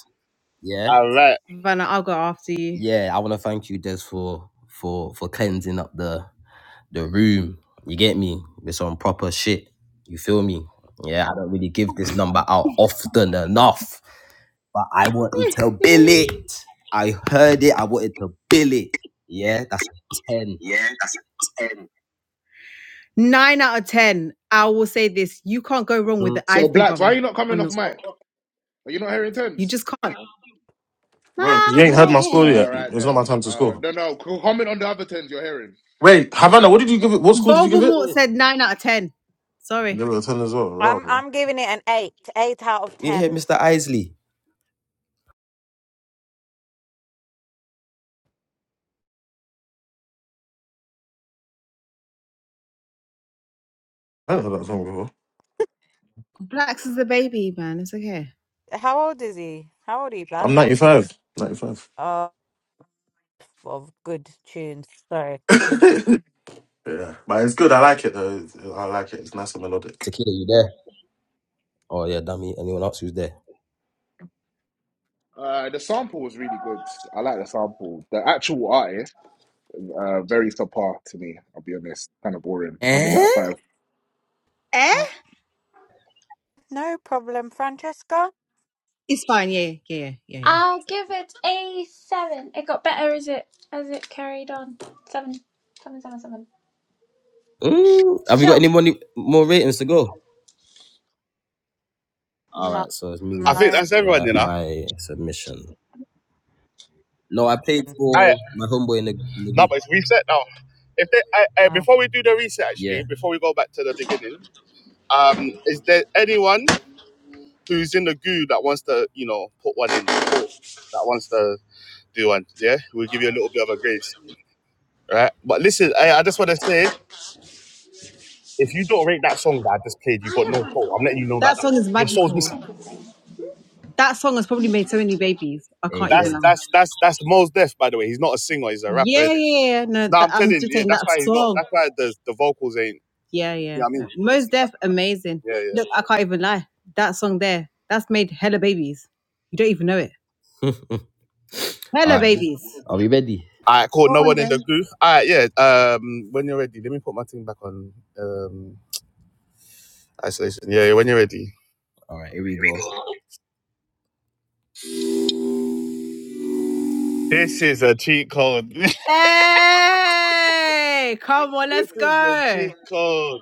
[SPEAKER 2] yeah
[SPEAKER 1] All right.
[SPEAKER 6] Vanna, I'll go after you.
[SPEAKER 2] yeah, I want to thank you, Des, for for for cleansing up the the room. You get me? It's on proper shit. You feel me? Yeah, I don't really give this number out often enough, but I wanted to bill it. I heard it. I wanted to bill it. Yeah, that's a ten.
[SPEAKER 6] Yeah, that's ten. Nine out of ten. I will say this: you can't go wrong with
[SPEAKER 2] Mm,
[SPEAKER 6] the
[SPEAKER 9] So
[SPEAKER 6] Isley
[SPEAKER 9] blacks, why are
[SPEAKER 6] brother
[SPEAKER 9] you not coming
[SPEAKER 6] on
[SPEAKER 9] off
[SPEAKER 6] the.
[SPEAKER 9] mic? Are you not hearing
[SPEAKER 6] You
[SPEAKER 9] tens?
[SPEAKER 6] just can't.
[SPEAKER 4] Bro,
[SPEAKER 6] My
[SPEAKER 4] you ain't heard my score
[SPEAKER 6] way.
[SPEAKER 9] All
[SPEAKER 4] yet.
[SPEAKER 9] right
[SPEAKER 4] It's not my
[SPEAKER 9] then.
[SPEAKER 4] time to
[SPEAKER 9] Uh,
[SPEAKER 4] score.
[SPEAKER 9] no, no, co- comment on the other tens you're hearing,
[SPEAKER 4] Wait,
[SPEAKER 9] huh?
[SPEAKER 4] Havana, what did you give it? What score did you give
[SPEAKER 2] You
[SPEAKER 4] it?
[SPEAKER 6] Voldemort said nine out of ten.
[SPEAKER 4] You gave
[SPEAKER 6] Sorry,
[SPEAKER 4] it a ten as well. Right,
[SPEAKER 7] I'm
[SPEAKER 4] bro.
[SPEAKER 7] I'm giving it an eight. Eight out of
[SPEAKER 2] You hear
[SPEAKER 7] ten.
[SPEAKER 2] Mr. Isley?
[SPEAKER 4] I haven't heard that song before.
[SPEAKER 6] Blacks is a baby man. It's okay.
[SPEAKER 7] How old is he? How old are you, Black?
[SPEAKER 4] I'm 95. 95.
[SPEAKER 7] Oh, of good tunes. Sorry.
[SPEAKER 4] Yeah. But it's good. I like it though. I like it. It's nice and melodic.
[SPEAKER 2] Tequila, you there? Oh yeah, dummy. Anyone else who's there?
[SPEAKER 9] Uh, the sample was really good. I like the sample. The actual artist. Uh, very subpar to me. I'll be honest. Kind of boring. I'll give that a
[SPEAKER 2] Eh?
[SPEAKER 9] five.
[SPEAKER 6] Eh?
[SPEAKER 7] No no problem, Francesca.
[SPEAKER 6] It's fine. Yeah, yeah, yeah, yeah, yeah.
[SPEAKER 8] I'll give it a seven. It got better as it as it carried on. Seven, seven, seven, seven.
[SPEAKER 2] Mm,
[SPEAKER 8] It's
[SPEAKER 2] have you got
[SPEAKER 8] chilled.
[SPEAKER 2] any more, more ratings to go? All
[SPEAKER 7] No,
[SPEAKER 2] right, so it's me
[SPEAKER 1] I think
[SPEAKER 7] no,
[SPEAKER 2] next.
[SPEAKER 1] that's everyone,
[SPEAKER 2] Right,
[SPEAKER 1] you know.
[SPEAKER 2] my submission. No, I played
[SPEAKER 7] Mm,
[SPEAKER 2] for
[SPEAKER 1] I
[SPEAKER 2] my homeboy in the, in the
[SPEAKER 1] no,
[SPEAKER 2] group.
[SPEAKER 1] but it's reset now. If they, I, I,
[SPEAKER 7] no.
[SPEAKER 1] before we do the reset,
[SPEAKER 2] Yeah.
[SPEAKER 1] actually, before we go back to the beginning, um, is there anyone? who's in the goo that wants to, you know, put one in, that wants to do one. Yeah, we'll give you a little bit of a grace, right? But listen, I, I just want to say, if you don't rate that song that I just played, you got
[SPEAKER 8] I am
[SPEAKER 1] no
[SPEAKER 8] like
[SPEAKER 1] soul. I'm
[SPEAKER 8] always
[SPEAKER 1] letting you know that
[SPEAKER 6] That
[SPEAKER 1] that
[SPEAKER 6] song
[SPEAKER 8] late
[SPEAKER 6] is
[SPEAKER 1] your soul's
[SPEAKER 8] with
[SPEAKER 6] magical.
[SPEAKER 1] missing.
[SPEAKER 8] everything.
[SPEAKER 6] That song has probably made so many babies. I can't
[SPEAKER 2] Hey,
[SPEAKER 6] even
[SPEAKER 1] That's
[SPEAKER 6] lie.
[SPEAKER 2] Des.
[SPEAKER 1] that's that's that's Mo's death, by the way. He's not a singer; he's a rapper,
[SPEAKER 6] Yeah,
[SPEAKER 1] isn't it?
[SPEAKER 6] yeah, yeah. No,
[SPEAKER 1] No,
[SPEAKER 6] that,
[SPEAKER 1] I'm
[SPEAKER 6] I'm
[SPEAKER 1] telling.
[SPEAKER 6] just
[SPEAKER 1] you, Yeah,
[SPEAKER 6] saying
[SPEAKER 1] that's
[SPEAKER 6] that
[SPEAKER 1] why he's not.
[SPEAKER 6] song.
[SPEAKER 1] That's why the the vocals ain't.
[SPEAKER 6] Yeah, yeah.
[SPEAKER 1] Yeah, I
[SPEAKER 6] No.
[SPEAKER 1] mean, it's,
[SPEAKER 6] Most Def, amazing.
[SPEAKER 1] yeah, yeah.
[SPEAKER 6] Look, I can't even lie. That song there, that's made hella babies. You don't even know it. Hella
[SPEAKER 2] All right.
[SPEAKER 6] babies.
[SPEAKER 2] Are we ready?
[SPEAKER 1] All right, cool.
[SPEAKER 6] Go
[SPEAKER 1] No
[SPEAKER 6] on
[SPEAKER 1] one in the
[SPEAKER 6] then.
[SPEAKER 1] goo. All right, yeah. Um, when you're ready, let me put my thing back on. Um, isolation. Yeah, yeah. When you're ready. Here
[SPEAKER 2] All right, here we
[SPEAKER 1] we
[SPEAKER 2] go.
[SPEAKER 1] go. This is a cheat code. this
[SPEAKER 6] Hey, come on, let's
[SPEAKER 1] is a
[SPEAKER 6] go.
[SPEAKER 1] cheat code.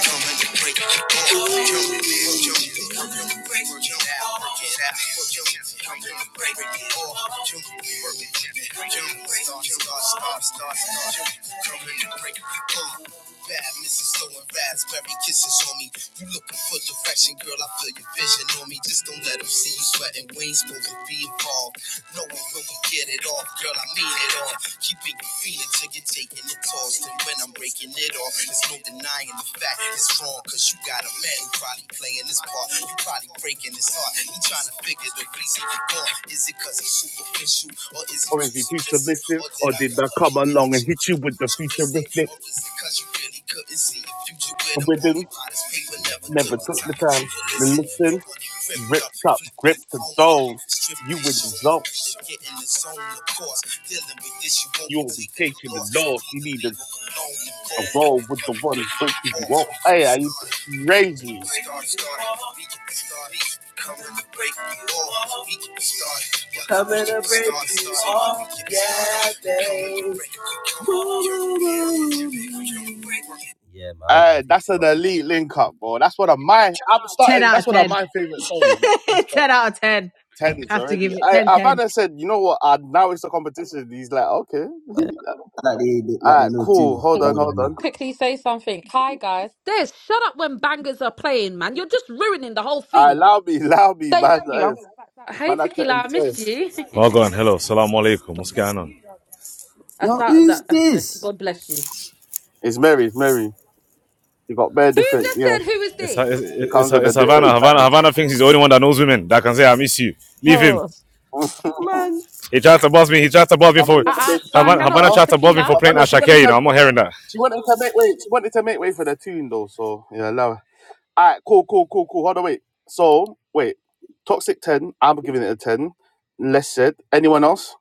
[SPEAKER 2] Bad Mrs. Throwing raspberry kisses on me. You looking for direction, girl? I feel your vision on me. Just don't let them see you sweating. We ain't supposed to be involved. No one will get it off, girl. I mean it all on. Keeping your feet until you're taking it tossed. And when I'm breaking it off, there's no denying the fact it's wrong. Cause you got a man who probably playing his part. You probably breaking his heart. He trying to figure the reason you're gone. Is it cause he's superficial? Or is he
[SPEAKER 1] Or
[SPEAKER 2] too
[SPEAKER 1] if you're too
[SPEAKER 2] submissive?
[SPEAKER 1] submissive,
[SPEAKER 2] Or did
[SPEAKER 1] or
[SPEAKER 2] I
[SPEAKER 1] did I
[SPEAKER 2] come
[SPEAKER 1] come
[SPEAKER 2] along and
[SPEAKER 1] along
[SPEAKER 2] hit
[SPEAKER 1] and
[SPEAKER 2] you?
[SPEAKER 1] hit
[SPEAKER 2] with
[SPEAKER 1] you
[SPEAKER 2] the
[SPEAKER 1] with the futuristic
[SPEAKER 2] or is it cause you really couldn't see the future with them bony
[SPEAKER 1] rhythm?
[SPEAKER 2] bodies? People never took
[SPEAKER 1] Never
[SPEAKER 2] the
[SPEAKER 1] took the
[SPEAKER 2] time to
[SPEAKER 1] time to
[SPEAKER 2] listen. You
[SPEAKER 1] listen.
[SPEAKER 2] want it ripped
[SPEAKER 1] Rip
[SPEAKER 2] up,
[SPEAKER 1] top,
[SPEAKER 2] flipped
[SPEAKER 1] grip
[SPEAKER 2] and
[SPEAKER 1] the
[SPEAKER 2] thrown
[SPEAKER 1] zone.
[SPEAKER 2] again. Stripped
[SPEAKER 1] You
[SPEAKER 2] and
[SPEAKER 1] would
[SPEAKER 2] shown the way
[SPEAKER 1] result.
[SPEAKER 2] to get in the zone, of course. Dealing with this, you won't
[SPEAKER 1] You
[SPEAKER 2] be
[SPEAKER 1] will be
[SPEAKER 2] taking the
[SPEAKER 1] taking
[SPEAKER 2] loss.
[SPEAKER 1] the
[SPEAKER 2] You
[SPEAKER 1] loss.
[SPEAKER 2] need
[SPEAKER 1] You
[SPEAKER 2] to
[SPEAKER 1] need a,
[SPEAKER 2] leave them alone and go.
[SPEAKER 1] a
[SPEAKER 2] and
[SPEAKER 1] role with
[SPEAKER 2] Pick
[SPEAKER 1] the
[SPEAKER 2] it up the
[SPEAKER 1] one
[SPEAKER 2] way it
[SPEAKER 1] breaking you
[SPEAKER 2] off.
[SPEAKER 1] off.
[SPEAKER 2] We
[SPEAKER 1] Hey,
[SPEAKER 2] get
[SPEAKER 1] are you
[SPEAKER 2] started.
[SPEAKER 1] crazy?
[SPEAKER 2] Start, start, we get the start. Coming to break you off. We get the start. Coming to break you off, yeah, babe. Yeah, man, I ain't gonna
[SPEAKER 1] Uh,
[SPEAKER 2] take
[SPEAKER 1] that's
[SPEAKER 2] too
[SPEAKER 1] an
[SPEAKER 2] long, man. I
[SPEAKER 1] elite link up, bro. That's one of my. I'm
[SPEAKER 6] 10
[SPEAKER 1] starting.
[SPEAKER 6] out
[SPEAKER 1] That's
[SPEAKER 6] of
[SPEAKER 1] one of
[SPEAKER 6] 10.
[SPEAKER 1] my favorite songs. Like, full stop.
[SPEAKER 6] 10 out of 10.
[SPEAKER 1] tens
[SPEAKER 6] Have to give
[SPEAKER 1] already.
[SPEAKER 6] it
[SPEAKER 1] I
[SPEAKER 6] ten, ten.
[SPEAKER 1] Havana said, you know what? Uh, now it's a competition. He's like, okay, all
[SPEAKER 2] Like they, they, like they
[SPEAKER 1] right,
[SPEAKER 2] know too
[SPEAKER 1] cool. Hold on,
[SPEAKER 2] more than
[SPEAKER 1] hold
[SPEAKER 2] me.
[SPEAKER 1] on.
[SPEAKER 10] Quickly say something. Hi, guys. Des, shut up when bangers are playing, man. You're just ruining the whole
[SPEAKER 1] Uh,
[SPEAKER 10] thing.
[SPEAKER 1] allow me, allow me,
[SPEAKER 10] Thank
[SPEAKER 1] man.
[SPEAKER 10] you.
[SPEAKER 1] uh,
[SPEAKER 10] I'm back now. Hey,
[SPEAKER 1] Man, I ten
[SPEAKER 10] Tequila, I missed
[SPEAKER 1] ten.
[SPEAKER 10] you.
[SPEAKER 5] Well, go Hello. salaam alaikum. What's going on?
[SPEAKER 10] I saw that.
[SPEAKER 2] This,
[SPEAKER 10] God bless you.
[SPEAKER 1] It's Mary, it's Mary. You got very
[SPEAKER 10] Who
[SPEAKER 1] different.
[SPEAKER 10] just
[SPEAKER 1] Yeah,
[SPEAKER 10] said, who is
[SPEAKER 5] It's, it's,
[SPEAKER 10] this?
[SPEAKER 1] it
[SPEAKER 5] it's,
[SPEAKER 1] comes with a
[SPEAKER 5] it's
[SPEAKER 1] different
[SPEAKER 5] Havana. Havana.
[SPEAKER 1] style.
[SPEAKER 5] Havana thinks he's the only one that knows women that can say, I miss you. Leave him.
[SPEAKER 10] oh.
[SPEAKER 5] He tried to boss me. He tried to boss me
[SPEAKER 1] I'm gonna
[SPEAKER 5] for.
[SPEAKER 10] Uh-uh.
[SPEAKER 1] break
[SPEAKER 10] So I
[SPEAKER 5] Havana,
[SPEAKER 1] you
[SPEAKER 10] cannot
[SPEAKER 5] Havana
[SPEAKER 10] miss
[SPEAKER 1] off.
[SPEAKER 5] tried to boss me
[SPEAKER 10] Tequila.
[SPEAKER 5] for
[SPEAKER 1] But
[SPEAKER 5] playing
[SPEAKER 1] remember, she
[SPEAKER 5] Ashake.
[SPEAKER 1] wanted
[SPEAKER 5] You
[SPEAKER 1] to.
[SPEAKER 5] know, I'm not hearing that.
[SPEAKER 1] she wanted to make way. She wanted to make way for the tune though. So yeah, allow. her. All right, cool, cool, cool, cool. Hold on, wait. So wait, toxic ten. I'm giving it a ten. Less said. Anyone else?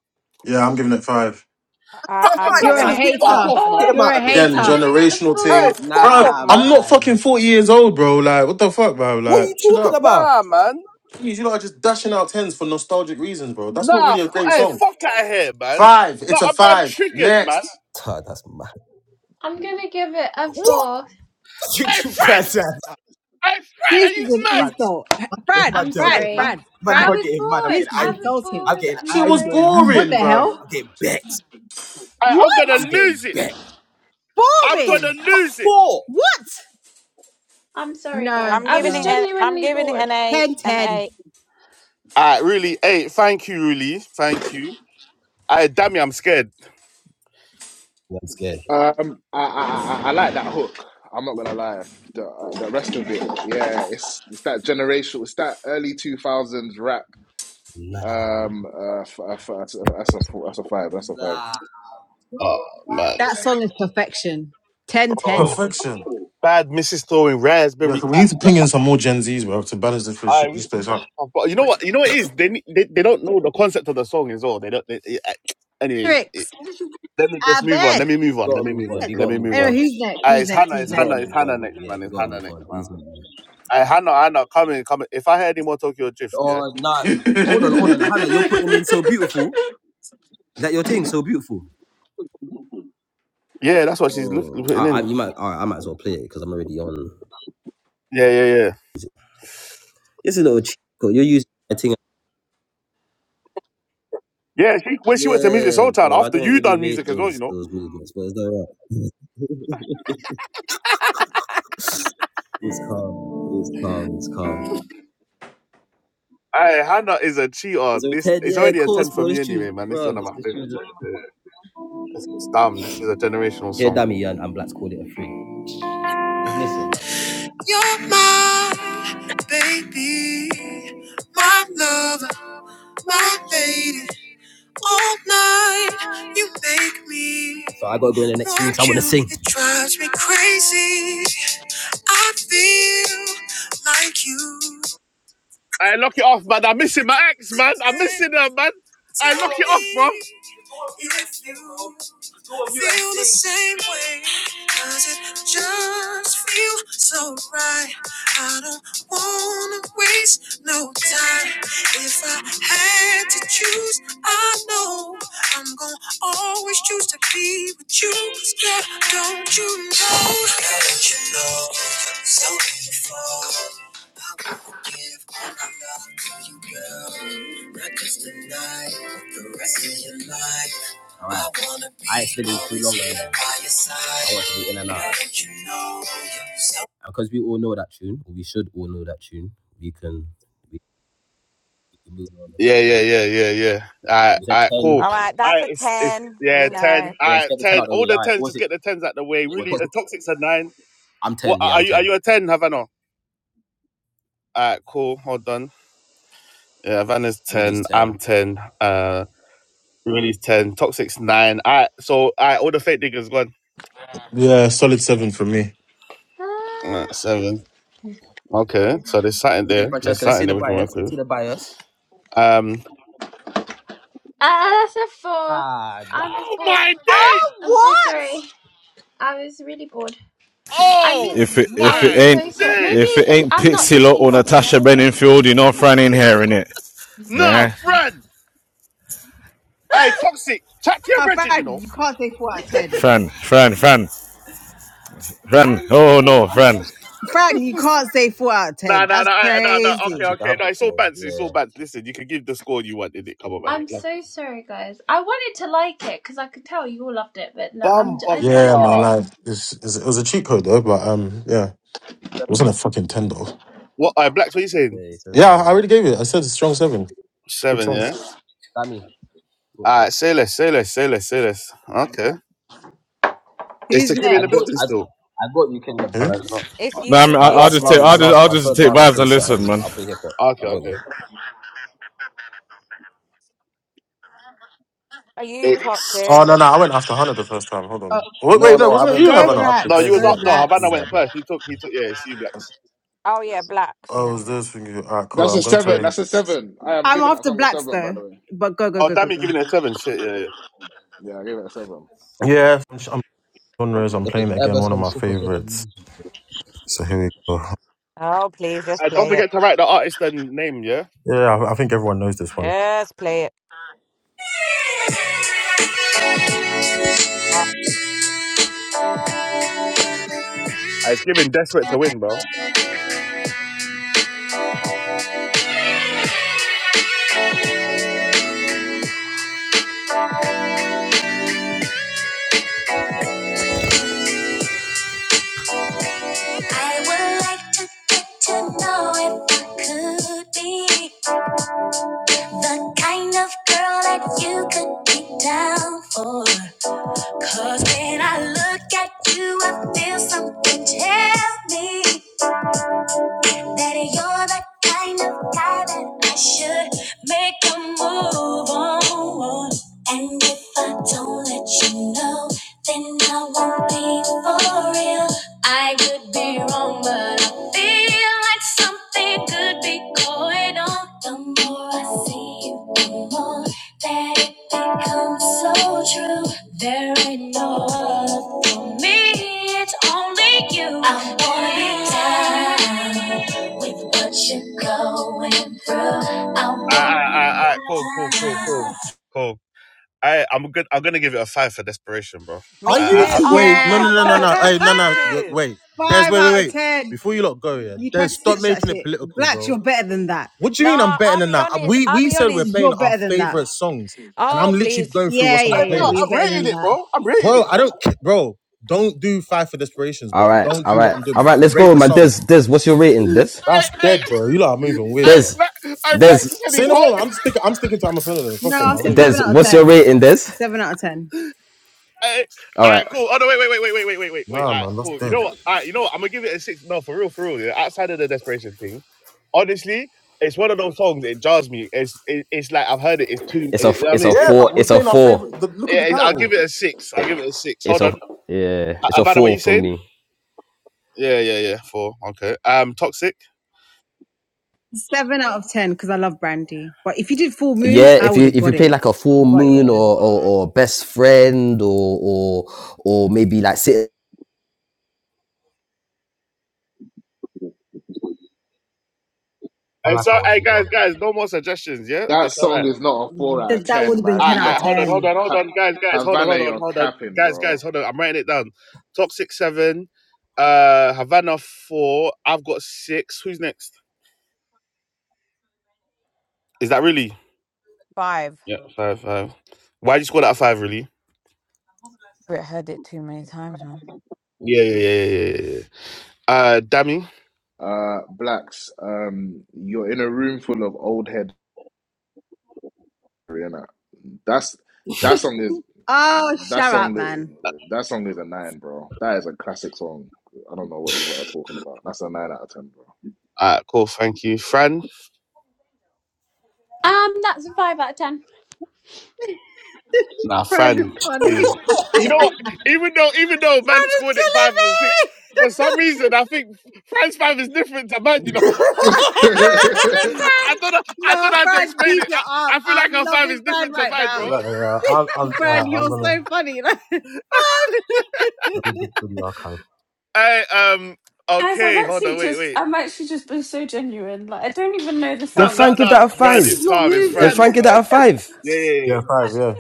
[SPEAKER 4] Yeah, I'm giving it five.
[SPEAKER 7] I,
[SPEAKER 2] fuck,
[SPEAKER 1] Hey, hey,
[SPEAKER 7] I'm
[SPEAKER 2] fuck,
[SPEAKER 6] You're a
[SPEAKER 7] giving
[SPEAKER 2] God,
[SPEAKER 1] Blackson,
[SPEAKER 2] get
[SPEAKER 7] it.
[SPEAKER 2] him
[SPEAKER 1] fuck
[SPEAKER 2] out,
[SPEAKER 6] hater.
[SPEAKER 1] off, man.
[SPEAKER 2] get
[SPEAKER 8] Four.
[SPEAKER 2] him
[SPEAKER 6] You're
[SPEAKER 2] out
[SPEAKER 6] a
[SPEAKER 2] of there,
[SPEAKER 4] Again,
[SPEAKER 2] bro.
[SPEAKER 8] I'm
[SPEAKER 6] hater.
[SPEAKER 8] giving it a
[SPEAKER 4] generational thing.
[SPEAKER 1] Hey,
[SPEAKER 8] four.
[SPEAKER 1] fuck
[SPEAKER 4] Bro,
[SPEAKER 1] off,
[SPEAKER 2] Nah,
[SPEAKER 4] I'm
[SPEAKER 1] man.
[SPEAKER 4] not fucking
[SPEAKER 2] man.
[SPEAKER 4] 40 years old, bro. Like, what the fuck, bro?
[SPEAKER 2] What are you
[SPEAKER 4] Like, chill
[SPEAKER 2] talking
[SPEAKER 4] out.
[SPEAKER 2] about?
[SPEAKER 1] Nah, man.
[SPEAKER 4] Please, you lot are just dashing out tens for nostalgic reasons, bro. That's not
[SPEAKER 1] Nah,
[SPEAKER 4] really a
[SPEAKER 1] f-
[SPEAKER 4] great
[SPEAKER 1] hey,
[SPEAKER 4] song.
[SPEAKER 1] fuck out of here, man.
[SPEAKER 4] Five.
[SPEAKER 1] Nah,
[SPEAKER 4] It's a
[SPEAKER 1] I'm, I'm
[SPEAKER 4] five.
[SPEAKER 1] triggered, man.
[SPEAKER 4] Next.
[SPEAKER 2] Tuh, that's mad.
[SPEAKER 8] I'm gonna give it a
[SPEAKER 2] What?
[SPEAKER 8] four.
[SPEAKER 2] You
[SPEAKER 1] Hey,
[SPEAKER 2] two
[SPEAKER 1] friend!
[SPEAKER 2] brother.
[SPEAKER 1] Hey, friend, are
[SPEAKER 6] This
[SPEAKER 1] you
[SPEAKER 6] is an
[SPEAKER 1] mad? Hey,
[SPEAKER 6] insult. Fran,
[SPEAKER 2] man,
[SPEAKER 8] I'm
[SPEAKER 2] okay,
[SPEAKER 6] Fran,
[SPEAKER 2] man,
[SPEAKER 8] sorry.
[SPEAKER 6] Fran,
[SPEAKER 2] man,
[SPEAKER 8] I
[SPEAKER 6] Fran.
[SPEAKER 8] was
[SPEAKER 2] okay, man, I'm getting
[SPEAKER 6] This
[SPEAKER 8] bored.
[SPEAKER 6] is
[SPEAKER 8] I was
[SPEAKER 2] angry.
[SPEAKER 6] insulting.
[SPEAKER 2] I'm
[SPEAKER 8] bored.
[SPEAKER 2] getting
[SPEAKER 8] I'm
[SPEAKER 4] Shit was
[SPEAKER 8] sorry. I was
[SPEAKER 2] angry.
[SPEAKER 6] What
[SPEAKER 4] boring,
[SPEAKER 6] the
[SPEAKER 8] bored.
[SPEAKER 4] bruv.
[SPEAKER 2] I'm
[SPEAKER 6] hell?
[SPEAKER 2] getting vexed.
[SPEAKER 1] I'm gonna
[SPEAKER 6] What?
[SPEAKER 2] I'm getting
[SPEAKER 1] lose it.
[SPEAKER 2] back.
[SPEAKER 1] I'm
[SPEAKER 2] The
[SPEAKER 6] Boring.
[SPEAKER 1] gonna
[SPEAKER 2] fuck
[SPEAKER 1] lose it.
[SPEAKER 2] for?
[SPEAKER 6] What?
[SPEAKER 8] I'm sorry, guys.
[SPEAKER 6] No,
[SPEAKER 7] I'm
[SPEAKER 8] I
[SPEAKER 7] giving
[SPEAKER 8] was
[SPEAKER 7] it.
[SPEAKER 6] no.
[SPEAKER 7] An, I'm
[SPEAKER 8] genuinely
[SPEAKER 7] giving it
[SPEAKER 8] bored.
[SPEAKER 7] an eight.
[SPEAKER 6] 10,
[SPEAKER 7] An
[SPEAKER 6] 10.
[SPEAKER 7] eight.
[SPEAKER 1] Alright, really. Hey, thank you, really. Thank you. Hey, damn it, I'm scared.
[SPEAKER 2] Yeah,
[SPEAKER 9] Um, I, I I I like that hook. I'm not gonna lie. The uh, the rest of it, yeah, it's it's that generational, it's that early two thousands rap. Um, uh, f- uh, f- uh, that's a that's a f- that's a five. That's a five.
[SPEAKER 1] Oh, man.
[SPEAKER 6] That song is perfection. 10, 10.
[SPEAKER 1] Oh.
[SPEAKER 4] Perfection.
[SPEAKER 1] Bad Mrs. Throwing
[SPEAKER 4] Yeah,
[SPEAKER 1] raspberry.
[SPEAKER 4] we need to ping in some more Gen Zs, bro, to balance this, fish-
[SPEAKER 1] I- am
[SPEAKER 4] this place up.
[SPEAKER 1] But you know what? You know what it is? They, ne- they they don't know the concept of the song as well. They don't. They, eh, anyway, it,
[SPEAKER 6] Lyrics.
[SPEAKER 1] Let me
[SPEAKER 6] I
[SPEAKER 1] just move on. Let
[SPEAKER 6] beg.
[SPEAKER 1] me move on. Let me move on. Let me move on.
[SPEAKER 6] Anyway, who's next?
[SPEAKER 1] Uh,
[SPEAKER 6] Who's
[SPEAKER 1] it's
[SPEAKER 6] next?
[SPEAKER 1] Hannah.
[SPEAKER 6] Who's
[SPEAKER 1] It's
[SPEAKER 6] next?
[SPEAKER 1] Hannah. It's Hannah next,
[SPEAKER 2] yeah,
[SPEAKER 1] man.
[SPEAKER 2] we
[SPEAKER 1] It's
[SPEAKER 2] gotta
[SPEAKER 1] Hannah
[SPEAKER 2] move
[SPEAKER 1] next,
[SPEAKER 2] on.
[SPEAKER 1] man.
[SPEAKER 2] These men.
[SPEAKER 1] Uh, Hannah, Hannah, come in, come in. If I hear any more Tokyo Drift, yeah?
[SPEAKER 2] Oh, nah. Hold on, hold on, Hannah. You're putting in so beautiful. Is that your thing? So beautiful.
[SPEAKER 1] Yeah, that's what she's look,
[SPEAKER 2] Oh, I,
[SPEAKER 1] putting
[SPEAKER 2] I,
[SPEAKER 1] in.
[SPEAKER 2] you might, I, I might as well play it because I'm already on.
[SPEAKER 1] Yeah, yeah, yeah.
[SPEAKER 2] It's a little cheap. You're using my thing.
[SPEAKER 1] Yeah, she, when she went to Music
[SPEAKER 2] Yeah,
[SPEAKER 1] Soul Town,
[SPEAKER 2] bro. I
[SPEAKER 1] after
[SPEAKER 2] don't
[SPEAKER 1] you
[SPEAKER 2] really
[SPEAKER 1] done
[SPEAKER 2] rate
[SPEAKER 1] music as well, you
[SPEAKER 2] those
[SPEAKER 1] know.
[SPEAKER 2] those movements, but it's alright. It's calm. It's calm. It's calm.
[SPEAKER 1] Aye, Hannah is a cheater.
[SPEAKER 2] Is there a
[SPEAKER 1] This
[SPEAKER 2] Ted?
[SPEAKER 1] It's
[SPEAKER 2] Yeah, of
[SPEAKER 1] already a 10
[SPEAKER 2] course,
[SPEAKER 1] for
[SPEAKER 2] bro. This
[SPEAKER 1] me
[SPEAKER 2] tune's,
[SPEAKER 1] anyway, man. This is one
[SPEAKER 2] bro.
[SPEAKER 1] of my
[SPEAKER 2] This tune's
[SPEAKER 1] favorites. This is dumb. This is a generational
[SPEAKER 2] Here,
[SPEAKER 1] song,
[SPEAKER 2] Dammy
[SPEAKER 1] bro.
[SPEAKER 2] and, Blacks called it a three. Listen. You're my baby, my lover, my lady. All night, you make me. So I gotta go in the next few weeks. I wanna sing. It drives me crazy. I feel like you.
[SPEAKER 1] I lock it off, man. I'm missing my ex, man. I'm missing her, man.
[SPEAKER 2] Take
[SPEAKER 1] I lock it
[SPEAKER 2] me
[SPEAKER 1] off, bro.
[SPEAKER 2] if you feel the same way. Cause it just feels so right. I don't wanna waste no time. If I had to choose, I know I'm gonna always choose to be with you. Cause girl, don't you know? Girl, don't you know? You're so beautiful. I wanna give all my love to you, girl. Not just tonight, but the rest of your life. All right. I wanna be I actually too long ago. by your side. I was an you know you're so-
[SPEAKER 1] Yeah, yeah, yeah, yeah, yeah. All right, all right, cool.
[SPEAKER 7] All
[SPEAKER 1] All
[SPEAKER 7] right, that's
[SPEAKER 1] right,
[SPEAKER 7] a
[SPEAKER 1] it's, it's
[SPEAKER 7] ten.
[SPEAKER 1] yeah,
[SPEAKER 7] We
[SPEAKER 1] ten.
[SPEAKER 7] know
[SPEAKER 1] All right,
[SPEAKER 2] Get the 10
[SPEAKER 1] ten.
[SPEAKER 2] out of the
[SPEAKER 1] All
[SPEAKER 2] way.
[SPEAKER 1] the
[SPEAKER 2] All right.
[SPEAKER 1] tens,
[SPEAKER 2] Was
[SPEAKER 1] just
[SPEAKER 2] it
[SPEAKER 1] get the tens out the way. Really, uh, toxics a nine. What
[SPEAKER 2] 10? Yeah,
[SPEAKER 1] are
[SPEAKER 2] I'm
[SPEAKER 1] you? Are
[SPEAKER 2] 10.
[SPEAKER 1] you a ten, Havana? All right, cool. Hold on. Yeah, Havana's
[SPEAKER 2] Rudy's
[SPEAKER 1] ten.
[SPEAKER 2] 10.
[SPEAKER 1] I'm ten. Uh, really's ten. Toxics nine. All right, so all right, all the fake niggas gone.
[SPEAKER 4] yeah, solid seven for me.
[SPEAKER 1] All right, seven. Okay, so there's something
[SPEAKER 2] Okay,
[SPEAKER 1] there. There's
[SPEAKER 2] Francesca, let's see
[SPEAKER 1] something
[SPEAKER 2] the
[SPEAKER 1] there we can work
[SPEAKER 2] bias. Let's see
[SPEAKER 1] with.
[SPEAKER 2] the bias.
[SPEAKER 1] Um.
[SPEAKER 8] Uh, that's a four. I was
[SPEAKER 1] Oh
[SPEAKER 8] bored.
[SPEAKER 1] my days!
[SPEAKER 6] Oh,
[SPEAKER 8] I'm so
[SPEAKER 6] what?
[SPEAKER 8] sorry. I was really bored. I mean,
[SPEAKER 1] Oh
[SPEAKER 5] If it
[SPEAKER 8] I,
[SPEAKER 5] if it
[SPEAKER 1] my
[SPEAKER 5] ain't if
[SPEAKER 1] days!
[SPEAKER 5] it ain't Pixie Lot or Natasha Benningfield, you are know Fran ain't hearing it.
[SPEAKER 1] Nah,
[SPEAKER 5] Yeah,
[SPEAKER 1] friend. Hey, toxic. Chat to your
[SPEAKER 6] Uh,
[SPEAKER 1] brethren, you know.
[SPEAKER 6] Fran, you can't say 4 out of 10.
[SPEAKER 5] Fran, Fran, Fran, Fran.
[SPEAKER 8] I'm just
[SPEAKER 5] Oh
[SPEAKER 8] being
[SPEAKER 5] no,
[SPEAKER 8] honest.
[SPEAKER 5] Fran.
[SPEAKER 6] Fran, you can't say 4 out of
[SPEAKER 1] No,
[SPEAKER 6] 10.
[SPEAKER 1] no,
[SPEAKER 6] That's
[SPEAKER 1] no, no, no. Okay,
[SPEAKER 6] crazy.
[SPEAKER 2] Actually, I
[SPEAKER 1] okay.
[SPEAKER 2] have
[SPEAKER 1] No,
[SPEAKER 2] the
[SPEAKER 1] it's all
[SPEAKER 2] four.
[SPEAKER 1] bands. It's all
[SPEAKER 2] Yeah.
[SPEAKER 1] bands. Listen, you can give the score you want in it. Come on, man.
[SPEAKER 8] I'm so sorry, guys. I wanted to like it because I could tell you all loved it, but no, I'm. J- I just have to
[SPEAKER 4] Yeah,
[SPEAKER 1] Bumba.
[SPEAKER 8] be
[SPEAKER 4] man,
[SPEAKER 8] honest.
[SPEAKER 4] like it's, it's, it was a cheat code though, but um, yeah, it
[SPEAKER 2] Seven.
[SPEAKER 4] wasn't a fucking ten though.
[SPEAKER 1] What? Uh, Blacks, what are you saying?
[SPEAKER 2] Yeah, it says
[SPEAKER 4] Yeah, I
[SPEAKER 2] uh,
[SPEAKER 4] already gave it. I said a strong seven. Big
[SPEAKER 1] Seven,
[SPEAKER 4] seven.
[SPEAKER 1] yeah?
[SPEAKER 2] Sammy, talk
[SPEAKER 1] All
[SPEAKER 2] to us.
[SPEAKER 1] right, say less, say less, say less, say less. Okay. Is
[SPEAKER 6] Who's
[SPEAKER 1] tequila in
[SPEAKER 2] I
[SPEAKER 6] next?
[SPEAKER 1] the
[SPEAKER 2] got,
[SPEAKER 1] building
[SPEAKER 2] I,
[SPEAKER 1] still?
[SPEAKER 2] I got you, Kingdom.
[SPEAKER 1] Oh, no,
[SPEAKER 4] Who?
[SPEAKER 1] it's not.
[SPEAKER 7] it's
[SPEAKER 5] No, I mean,
[SPEAKER 7] you.
[SPEAKER 5] I,
[SPEAKER 2] My
[SPEAKER 5] I'll
[SPEAKER 7] It's
[SPEAKER 2] last
[SPEAKER 5] just
[SPEAKER 7] t-
[SPEAKER 5] take
[SPEAKER 2] round, my
[SPEAKER 5] I'll just
[SPEAKER 2] last,
[SPEAKER 5] I'll
[SPEAKER 2] my
[SPEAKER 5] just
[SPEAKER 2] third
[SPEAKER 5] take
[SPEAKER 2] round, I'll
[SPEAKER 5] vibes
[SPEAKER 2] play
[SPEAKER 5] and listen,
[SPEAKER 2] something.
[SPEAKER 5] man.
[SPEAKER 2] I'll play hip hop. I
[SPEAKER 1] Okay,
[SPEAKER 2] got you.
[SPEAKER 1] okay.
[SPEAKER 7] are you
[SPEAKER 1] It's...
[SPEAKER 7] toxic?
[SPEAKER 4] Oh no, no, I went after Hannah the first time. Hold
[SPEAKER 6] Uh,
[SPEAKER 4] on. Wait,
[SPEAKER 2] No,
[SPEAKER 4] wait, no,
[SPEAKER 2] no, I
[SPEAKER 4] wasn't it
[SPEAKER 2] went,
[SPEAKER 4] you,
[SPEAKER 2] I
[SPEAKER 6] go
[SPEAKER 2] went
[SPEAKER 4] Havana?
[SPEAKER 2] after
[SPEAKER 1] No,
[SPEAKER 6] Blacks.
[SPEAKER 1] you
[SPEAKER 2] Dez,
[SPEAKER 1] was
[SPEAKER 6] Go
[SPEAKER 1] up.
[SPEAKER 2] innit? It's
[SPEAKER 1] No,
[SPEAKER 6] Blacks.
[SPEAKER 1] Havana
[SPEAKER 2] you,
[SPEAKER 1] went
[SPEAKER 2] love, like.
[SPEAKER 1] first. He took, he took, yeah, it's you, Blacks.
[SPEAKER 7] Oh yeah, blacks.
[SPEAKER 4] Oh,
[SPEAKER 7] Yeah.
[SPEAKER 4] is this thing? All right, cool.
[SPEAKER 9] That's
[SPEAKER 4] I'm
[SPEAKER 9] a
[SPEAKER 4] gonna
[SPEAKER 9] seven.
[SPEAKER 4] play.
[SPEAKER 9] That's a seven. I am
[SPEAKER 6] I'm
[SPEAKER 9] giving that
[SPEAKER 6] after
[SPEAKER 9] song a
[SPEAKER 6] Blacks,
[SPEAKER 9] seven, by the
[SPEAKER 6] though.
[SPEAKER 9] way.
[SPEAKER 6] But go, go,
[SPEAKER 1] Oh,
[SPEAKER 6] go, go,
[SPEAKER 1] damn, you
[SPEAKER 6] go.
[SPEAKER 1] giving it a seven. Shit, yeah, yeah.
[SPEAKER 9] Yeah, I gave it a seven.
[SPEAKER 4] Yeah, I'm I'm- genres. I'm
[SPEAKER 2] If
[SPEAKER 4] playing
[SPEAKER 2] there's
[SPEAKER 4] again.
[SPEAKER 2] ever
[SPEAKER 4] One of
[SPEAKER 2] some
[SPEAKER 4] my
[SPEAKER 2] sugar cooking.
[SPEAKER 4] favorites. So here we go.
[SPEAKER 7] Oh please, just
[SPEAKER 1] And don't
[SPEAKER 7] play it.
[SPEAKER 1] forget to write the artist and name, yeah?
[SPEAKER 4] Yeah, I, I think everyone knows this one.
[SPEAKER 7] Just play it. Oh,
[SPEAKER 1] Uh, It's giving Desperate to win, bro. All
[SPEAKER 4] I would like to get to know if I could be the kind of girl that you could be down for. Cause when I look at you, I feel something tell me. That you're the kind of guy that I should make a move on. And if I don't let you know, then I won't be for real. I could be wrong, but I feel like something could be going on. The more I see you, the more that it becomes so true. There ain't no other for me, it's only you. I want it down.
[SPEAKER 1] right, all right, all right. all right. Cool, cool, cool, cool. Cool. I I'm good. I'm gonna give it a five for desperation, bro.
[SPEAKER 4] Are
[SPEAKER 1] I
[SPEAKER 7] me
[SPEAKER 4] you?
[SPEAKER 7] too.
[SPEAKER 1] I, I
[SPEAKER 4] f-
[SPEAKER 7] Oh
[SPEAKER 4] Wait, no,
[SPEAKER 6] yeah.
[SPEAKER 4] no,
[SPEAKER 7] my
[SPEAKER 4] no, no, no.
[SPEAKER 7] god,
[SPEAKER 4] Hey, no,
[SPEAKER 7] me
[SPEAKER 4] no. th-
[SPEAKER 7] too.
[SPEAKER 4] Wait, Des,
[SPEAKER 6] Five
[SPEAKER 4] wait, wait,
[SPEAKER 6] out of
[SPEAKER 4] wait.
[SPEAKER 6] 10.
[SPEAKER 4] Before you lot go, yeah,
[SPEAKER 6] You
[SPEAKER 4] Des,
[SPEAKER 6] try to
[SPEAKER 4] stop
[SPEAKER 6] stitch that
[SPEAKER 4] making it
[SPEAKER 6] shit.
[SPEAKER 4] political,
[SPEAKER 6] Blacks, you're
[SPEAKER 4] bro.
[SPEAKER 6] better than that.
[SPEAKER 4] What do you mean I'm
[SPEAKER 7] No,
[SPEAKER 4] better
[SPEAKER 7] I'll
[SPEAKER 4] than
[SPEAKER 7] be
[SPEAKER 4] that?
[SPEAKER 7] honest.
[SPEAKER 4] We
[SPEAKER 7] I'll
[SPEAKER 4] we
[SPEAKER 7] be
[SPEAKER 4] said we're
[SPEAKER 7] honest.
[SPEAKER 4] playing
[SPEAKER 6] You're
[SPEAKER 4] our
[SPEAKER 6] better than that.
[SPEAKER 4] favorite songs, and I'm
[SPEAKER 7] Oh
[SPEAKER 4] literally
[SPEAKER 7] please,
[SPEAKER 4] going through
[SPEAKER 6] Yeah,
[SPEAKER 4] what's on my
[SPEAKER 6] yeah,
[SPEAKER 1] Hey,
[SPEAKER 6] yeah.
[SPEAKER 1] bro,
[SPEAKER 6] well,
[SPEAKER 4] playlist,
[SPEAKER 6] You're
[SPEAKER 1] I'm
[SPEAKER 6] better than
[SPEAKER 1] rating it,
[SPEAKER 6] that.
[SPEAKER 1] bro. I'm rating
[SPEAKER 4] bro.
[SPEAKER 1] it,
[SPEAKER 4] I
[SPEAKER 1] bro.
[SPEAKER 4] don't, ca- bro. Don't do Five for Desperations,
[SPEAKER 2] All
[SPEAKER 4] bro.
[SPEAKER 2] right,
[SPEAKER 4] Don't
[SPEAKER 2] all
[SPEAKER 4] do what
[SPEAKER 2] right,
[SPEAKER 4] I'm
[SPEAKER 2] all
[SPEAKER 4] doing.
[SPEAKER 2] right. Let's
[SPEAKER 4] Rate
[SPEAKER 2] go,
[SPEAKER 4] the
[SPEAKER 2] man.
[SPEAKER 4] song.
[SPEAKER 2] Dez, Dez. what's your rating, Dez?
[SPEAKER 1] Hey,
[SPEAKER 4] That's
[SPEAKER 1] hey,
[SPEAKER 4] dead, bro. You lot are moving weird,
[SPEAKER 1] hey,
[SPEAKER 2] Dez,
[SPEAKER 4] bro.
[SPEAKER 1] black, hey, black
[SPEAKER 2] Dez,
[SPEAKER 1] said
[SPEAKER 4] Say
[SPEAKER 1] he's
[SPEAKER 4] no
[SPEAKER 1] hot.
[SPEAKER 4] more. I'm sticking. I'm sticking to I'm a
[SPEAKER 6] No,
[SPEAKER 4] Fuck it, man.
[SPEAKER 6] I'll
[SPEAKER 4] I'm not
[SPEAKER 6] say
[SPEAKER 4] even gonna
[SPEAKER 6] seven
[SPEAKER 2] Dez.
[SPEAKER 6] out of
[SPEAKER 4] switch on
[SPEAKER 2] what's your
[SPEAKER 4] this
[SPEAKER 6] ten.
[SPEAKER 4] one.
[SPEAKER 2] rating, Dez?
[SPEAKER 6] Seven out of ten.
[SPEAKER 1] Hey,
[SPEAKER 2] All
[SPEAKER 1] all
[SPEAKER 2] right,
[SPEAKER 1] right, cool. Oh no, wait, wait, wait, wait, wait, wait, wait, wait, wait. All
[SPEAKER 4] Nah,
[SPEAKER 1] right,
[SPEAKER 4] man, that's
[SPEAKER 1] cool. You
[SPEAKER 4] dead.
[SPEAKER 1] know what? All right, you know what? I'm gonna give it a six. No, for real, for real. Yeah. Outside of the desperation thing, honestly, it's one of those songs. It jars me. It's it, it's like I've heard it. It's too.
[SPEAKER 2] it's a,
[SPEAKER 1] It, you
[SPEAKER 2] f-
[SPEAKER 1] know what I
[SPEAKER 2] it's
[SPEAKER 1] mean,
[SPEAKER 2] a
[SPEAKER 4] Yeah,
[SPEAKER 1] it,
[SPEAKER 2] four,
[SPEAKER 4] but we're
[SPEAKER 2] it's a
[SPEAKER 4] playing our
[SPEAKER 2] four,
[SPEAKER 4] favorite. The, look at the
[SPEAKER 1] it, I'll give
[SPEAKER 4] title.
[SPEAKER 1] it a six. I'll give it a six.
[SPEAKER 2] it's
[SPEAKER 1] Hold
[SPEAKER 2] a,
[SPEAKER 1] on,
[SPEAKER 2] yeah, it's a
[SPEAKER 1] Havana, what
[SPEAKER 2] four
[SPEAKER 1] you
[SPEAKER 2] for
[SPEAKER 1] saying?
[SPEAKER 2] me.
[SPEAKER 1] Yeah, yeah, yeah. Four. Okay. Um, toxic.
[SPEAKER 6] Seven out of ten because I love brandy. But if you did full moon,
[SPEAKER 2] Yeah,
[SPEAKER 6] I
[SPEAKER 2] if
[SPEAKER 6] would
[SPEAKER 2] you
[SPEAKER 6] have
[SPEAKER 2] if
[SPEAKER 6] got
[SPEAKER 2] you
[SPEAKER 6] it.
[SPEAKER 2] play like a full
[SPEAKER 6] But
[SPEAKER 2] moon
[SPEAKER 6] yeah,
[SPEAKER 2] or or, or best friend or or or maybe like sit,
[SPEAKER 1] And so, hey guys, guys, no more suggestions. Yeah,
[SPEAKER 9] That
[SPEAKER 1] it's all right.
[SPEAKER 9] song is not a four out of
[SPEAKER 6] th- that would
[SPEAKER 9] ten,
[SPEAKER 6] have been
[SPEAKER 9] man.
[SPEAKER 6] ten
[SPEAKER 1] I,
[SPEAKER 9] You
[SPEAKER 6] out of
[SPEAKER 1] I hold
[SPEAKER 9] lot
[SPEAKER 1] on,
[SPEAKER 9] are
[SPEAKER 1] hold
[SPEAKER 6] ten.
[SPEAKER 1] on, hold
[SPEAKER 9] ha-
[SPEAKER 1] on, guys, guys, hold on,
[SPEAKER 9] Havana,
[SPEAKER 1] hold on,
[SPEAKER 9] you're
[SPEAKER 1] hold on,
[SPEAKER 9] capping,
[SPEAKER 1] guys, guys,
[SPEAKER 9] bro.
[SPEAKER 1] hold on. I'm writing it down. Toxic seven, uh, Havana four. I've got six. Who's next? Is that really?
[SPEAKER 7] five.
[SPEAKER 1] Yeah, five, five. Why'd you score that five? Really?
[SPEAKER 7] But heard it too many times, man.
[SPEAKER 1] Yeah, yeah, yeah, yeah, yeah. yeah. yeah. Uh, Dammy.
[SPEAKER 9] Uh, blacks, um, you're in a room full of old heads. Rihanna. That's
[SPEAKER 4] Yeah.
[SPEAKER 9] that song is
[SPEAKER 6] Oh,
[SPEAKER 9] that
[SPEAKER 6] shut
[SPEAKER 9] song
[SPEAKER 6] up, man.
[SPEAKER 9] that song is a nine, bro. That is a classic song. I don't know what you lot are talking about. That's a nine out of ten, bro.
[SPEAKER 1] All right, cool. Thank you, Fran.
[SPEAKER 8] Um, that's a five out of ten.
[SPEAKER 1] Nah,
[SPEAKER 6] Brand is
[SPEAKER 1] Fran.
[SPEAKER 6] so funny.
[SPEAKER 1] Yeah. You know what? Even though even though man
[SPEAKER 6] Brand is
[SPEAKER 1] scored it
[SPEAKER 6] killing
[SPEAKER 1] fives and
[SPEAKER 6] me.
[SPEAKER 1] six, for some reason I think Fran's five is different to man. You know,
[SPEAKER 6] I'm loving Brand.
[SPEAKER 1] I don't know. I don't
[SPEAKER 6] No,
[SPEAKER 1] know how to
[SPEAKER 6] Brand,
[SPEAKER 1] explain
[SPEAKER 6] keep
[SPEAKER 1] it.
[SPEAKER 6] it
[SPEAKER 1] I,
[SPEAKER 6] up.
[SPEAKER 1] I feel
[SPEAKER 6] I'm
[SPEAKER 1] like our five
[SPEAKER 6] loving
[SPEAKER 1] is
[SPEAKER 6] Brand
[SPEAKER 1] different to
[SPEAKER 6] right
[SPEAKER 1] mine,
[SPEAKER 6] now.
[SPEAKER 1] bro.
[SPEAKER 4] Like, Uh, I, I'm,
[SPEAKER 6] Brand,
[SPEAKER 4] uh, I'm
[SPEAKER 6] you're
[SPEAKER 4] gonna
[SPEAKER 6] so funny. Bye,
[SPEAKER 4] let me dig through the archive.
[SPEAKER 1] I um.
[SPEAKER 8] Guys, I've
[SPEAKER 1] Okay, hold
[SPEAKER 8] actually
[SPEAKER 1] on. Wait,
[SPEAKER 8] just
[SPEAKER 1] wait.
[SPEAKER 8] I'm actually just been so genuine. Like I don't even know the
[SPEAKER 1] No,
[SPEAKER 2] then
[SPEAKER 1] no,
[SPEAKER 8] songs.
[SPEAKER 2] Frank give that a
[SPEAKER 1] no. Fran
[SPEAKER 6] He's
[SPEAKER 1] is
[SPEAKER 2] five.
[SPEAKER 6] not
[SPEAKER 1] calm. It's
[SPEAKER 6] moved
[SPEAKER 2] Then
[SPEAKER 1] Fran is
[SPEAKER 6] up.
[SPEAKER 2] Frank give
[SPEAKER 1] calm.
[SPEAKER 2] that a five.
[SPEAKER 1] Yeah.
[SPEAKER 4] Yeah, five. Yeah,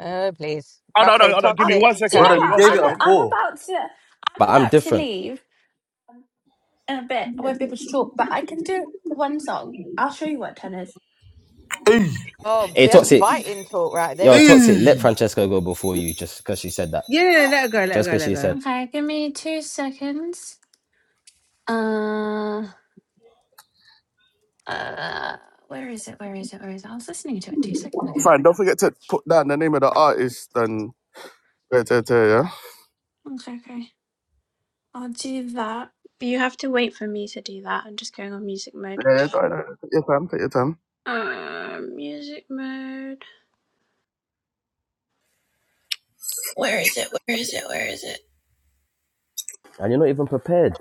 [SPEAKER 7] Oh please.
[SPEAKER 1] Oh no,
[SPEAKER 7] Okay,
[SPEAKER 1] no, oh, no.
[SPEAKER 8] I,
[SPEAKER 1] Give me one
[SPEAKER 7] toxic's
[SPEAKER 8] do you know
[SPEAKER 1] second.
[SPEAKER 4] brother,
[SPEAKER 1] Give me
[SPEAKER 7] turn.
[SPEAKER 4] you
[SPEAKER 8] what?
[SPEAKER 1] one
[SPEAKER 4] gave
[SPEAKER 8] I'm
[SPEAKER 4] it a
[SPEAKER 1] second.
[SPEAKER 8] I'm
[SPEAKER 4] four.
[SPEAKER 8] about to
[SPEAKER 2] But
[SPEAKER 8] I'm
[SPEAKER 2] I'm
[SPEAKER 8] about to
[SPEAKER 2] different.
[SPEAKER 8] leave. in a bit. I won't be able to talk, but I can do one song. I'll show you what 10 is.
[SPEAKER 4] Eee.
[SPEAKER 7] Oh,
[SPEAKER 2] Hey,
[SPEAKER 7] best
[SPEAKER 2] toxic.
[SPEAKER 7] fighting talk right
[SPEAKER 2] Yo,
[SPEAKER 7] there.
[SPEAKER 2] toxic. Let
[SPEAKER 4] Eee.
[SPEAKER 2] Francesca go before you, just because she said that.
[SPEAKER 6] Yeah, let her go, let her
[SPEAKER 2] Just
[SPEAKER 6] go,
[SPEAKER 2] because
[SPEAKER 6] let
[SPEAKER 2] she
[SPEAKER 6] her go.
[SPEAKER 2] said,
[SPEAKER 8] Okay, give me two seconds. Uh, uh, where is it? Where is it? Where is it? I was listening to it two seconds ago.
[SPEAKER 1] Fran, don't forget to put down the name of the artist and. Yeah, yeah, yeah. yeah.
[SPEAKER 8] Okay, okay. I'll do that.
[SPEAKER 1] yeah, don't worry, do Take your time.
[SPEAKER 8] Where is it? Where is it? Where is it?
[SPEAKER 2] and you're not even prepared.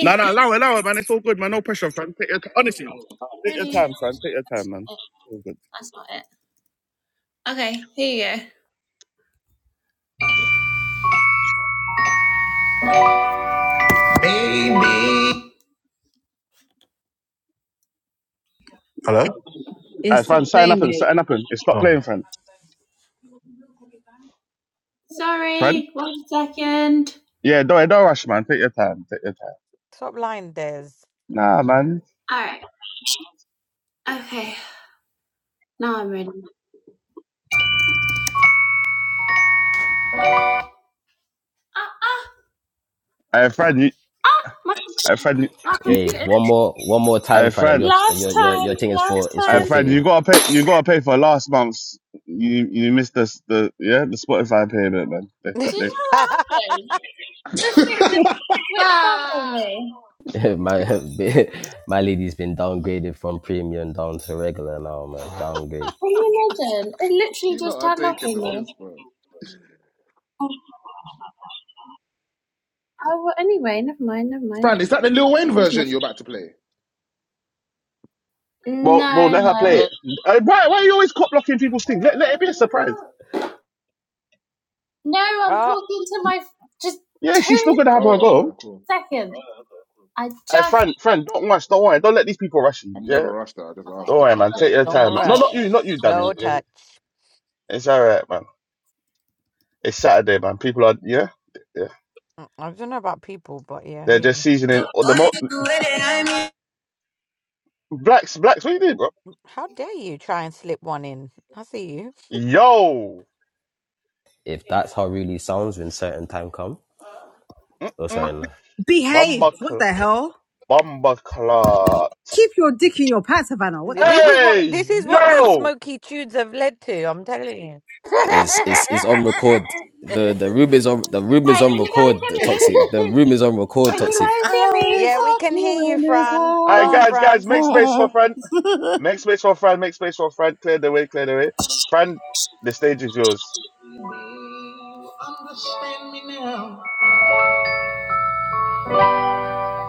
[SPEAKER 1] No, no, allow it, allow it, man. It's all good, man. No pressure, fam. Take your honestly, take your
[SPEAKER 8] Ready?
[SPEAKER 1] time, fam. Take your
[SPEAKER 8] That's
[SPEAKER 1] time, man.
[SPEAKER 8] not it.
[SPEAKER 1] It's all good.
[SPEAKER 8] That's not it. Okay, here you go. Baby.
[SPEAKER 1] All
[SPEAKER 6] It's
[SPEAKER 1] right,
[SPEAKER 6] stop
[SPEAKER 1] fam. Sign up
[SPEAKER 6] playing,
[SPEAKER 1] and
[SPEAKER 6] babe.
[SPEAKER 1] sign up and stop playing, friend. Friend.
[SPEAKER 8] Sorry, one second.
[SPEAKER 1] Yeah, don't don't rush, man. Take your time. Take your time.
[SPEAKER 7] Stop lying, Des.
[SPEAKER 1] Nah, man.
[SPEAKER 8] All right. Okay, now I'm ready. Ah,
[SPEAKER 1] I friend, you,
[SPEAKER 8] ah, my,
[SPEAKER 1] I friend,
[SPEAKER 8] my
[SPEAKER 1] you,
[SPEAKER 2] Hey,
[SPEAKER 8] computer.
[SPEAKER 2] one more, one more
[SPEAKER 1] I
[SPEAKER 2] time, Fran, and your
[SPEAKER 1] friend,
[SPEAKER 8] Last
[SPEAKER 2] your your, your thing is for is
[SPEAKER 8] time.
[SPEAKER 1] I friend. You
[SPEAKER 2] forfeited.
[SPEAKER 1] gotta pay. You gotta pay for last month's. You you missed the the yeah the Spotify payment, man. They, cut-
[SPEAKER 8] Do you
[SPEAKER 1] they,
[SPEAKER 8] know what happened? This thing just switched up on me.
[SPEAKER 2] my my lady's been downgraded from premium down to regular now, man. Downgrade.
[SPEAKER 8] Can you imagine? It literally
[SPEAKER 9] you
[SPEAKER 8] just
[SPEAKER 9] lot are
[SPEAKER 8] turned up
[SPEAKER 9] taking
[SPEAKER 8] on
[SPEAKER 9] the
[SPEAKER 8] me.
[SPEAKER 9] piss, bro.
[SPEAKER 8] Oh, oh, well, anyway, never mind, never mind.
[SPEAKER 9] Fran, is that the Lil Wayne
[SPEAKER 8] I'll use my
[SPEAKER 9] version you're about to play?
[SPEAKER 8] phone.
[SPEAKER 1] bro, bro,
[SPEAKER 8] No,
[SPEAKER 1] let her
[SPEAKER 8] no.
[SPEAKER 1] play
[SPEAKER 9] No.
[SPEAKER 1] it. Uh, Why why are you always cop blocking people's things? Let let it be a surprise.
[SPEAKER 8] No, I'm
[SPEAKER 7] Oh,
[SPEAKER 8] talking to my. Just
[SPEAKER 1] Yeah, she's
[SPEAKER 8] two
[SPEAKER 1] still gonna have her
[SPEAKER 9] Oh, okay,
[SPEAKER 1] go.
[SPEAKER 9] cool.
[SPEAKER 8] seconds. I
[SPEAKER 1] Hey,
[SPEAKER 8] just.
[SPEAKER 1] friend, friend, don't rush. Don't worry. Don't let these people rush you.
[SPEAKER 9] I've
[SPEAKER 1] Yeah,
[SPEAKER 9] never rushed her. I just
[SPEAKER 8] Okay,
[SPEAKER 9] asked
[SPEAKER 1] don't
[SPEAKER 9] if
[SPEAKER 1] worry,
[SPEAKER 8] okay.
[SPEAKER 9] she's
[SPEAKER 1] man. Take
[SPEAKER 9] playing
[SPEAKER 1] your
[SPEAKER 9] the Lil
[SPEAKER 7] don't
[SPEAKER 1] time. Man.
[SPEAKER 9] Wayne
[SPEAKER 1] No,
[SPEAKER 8] Okay.
[SPEAKER 1] not
[SPEAKER 9] version.
[SPEAKER 1] you,
[SPEAKER 7] rush.
[SPEAKER 1] not you, Dammy.
[SPEAKER 7] Slow
[SPEAKER 1] It's,
[SPEAKER 7] touch.
[SPEAKER 1] it's all right, man. It's Saturday, man. People are yeah, yeah.
[SPEAKER 7] Mm, I don't know about people, but yeah, I
[SPEAKER 1] They're
[SPEAKER 7] hear
[SPEAKER 1] just
[SPEAKER 7] you.
[SPEAKER 1] seasoning Or the mo- blacks, blacks. What you doing, bro?
[SPEAKER 7] How dare you try and slip one in? I see you.
[SPEAKER 1] Yo,
[SPEAKER 2] If that's how it really sounds when certain time come, oh sorry,
[SPEAKER 1] Mm-mm.
[SPEAKER 2] no.
[SPEAKER 6] Behave.
[SPEAKER 1] bumba,
[SPEAKER 6] What
[SPEAKER 1] cl-
[SPEAKER 6] the hell?
[SPEAKER 1] bumba clot.
[SPEAKER 6] Keep your dick in your pants, Havana. What the
[SPEAKER 7] This
[SPEAKER 6] fuck?
[SPEAKER 7] is what
[SPEAKER 1] Hey,
[SPEAKER 7] this is what these
[SPEAKER 1] yo.
[SPEAKER 7] smoky tunes have led to. I'm telling you.
[SPEAKER 2] is is is on record. The the room is on the room is
[SPEAKER 8] Alright,
[SPEAKER 2] on
[SPEAKER 8] can you guys
[SPEAKER 2] record. The
[SPEAKER 8] hear me?
[SPEAKER 2] Toxic. The room is on record.
[SPEAKER 8] Can you
[SPEAKER 1] all
[SPEAKER 2] Toxic.
[SPEAKER 8] guys
[SPEAKER 4] I
[SPEAKER 8] hear me?
[SPEAKER 4] only
[SPEAKER 7] Yeah, we
[SPEAKER 4] fought
[SPEAKER 7] can hear you,
[SPEAKER 4] you in this
[SPEAKER 7] Fran. Go
[SPEAKER 1] right,
[SPEAKER 7] on,
[SPEAKER 1] guys, guys,
[SPEAKER 7] Fran.
[SPEAKER 1] make space
[SPEAKER 4] high.
[SPEAKER 1] for friend. Make space for friend. Make space for friend. Clear the way. Clear the way. Friend, the stage is yours.
[SPEAKER 8] You understand me now.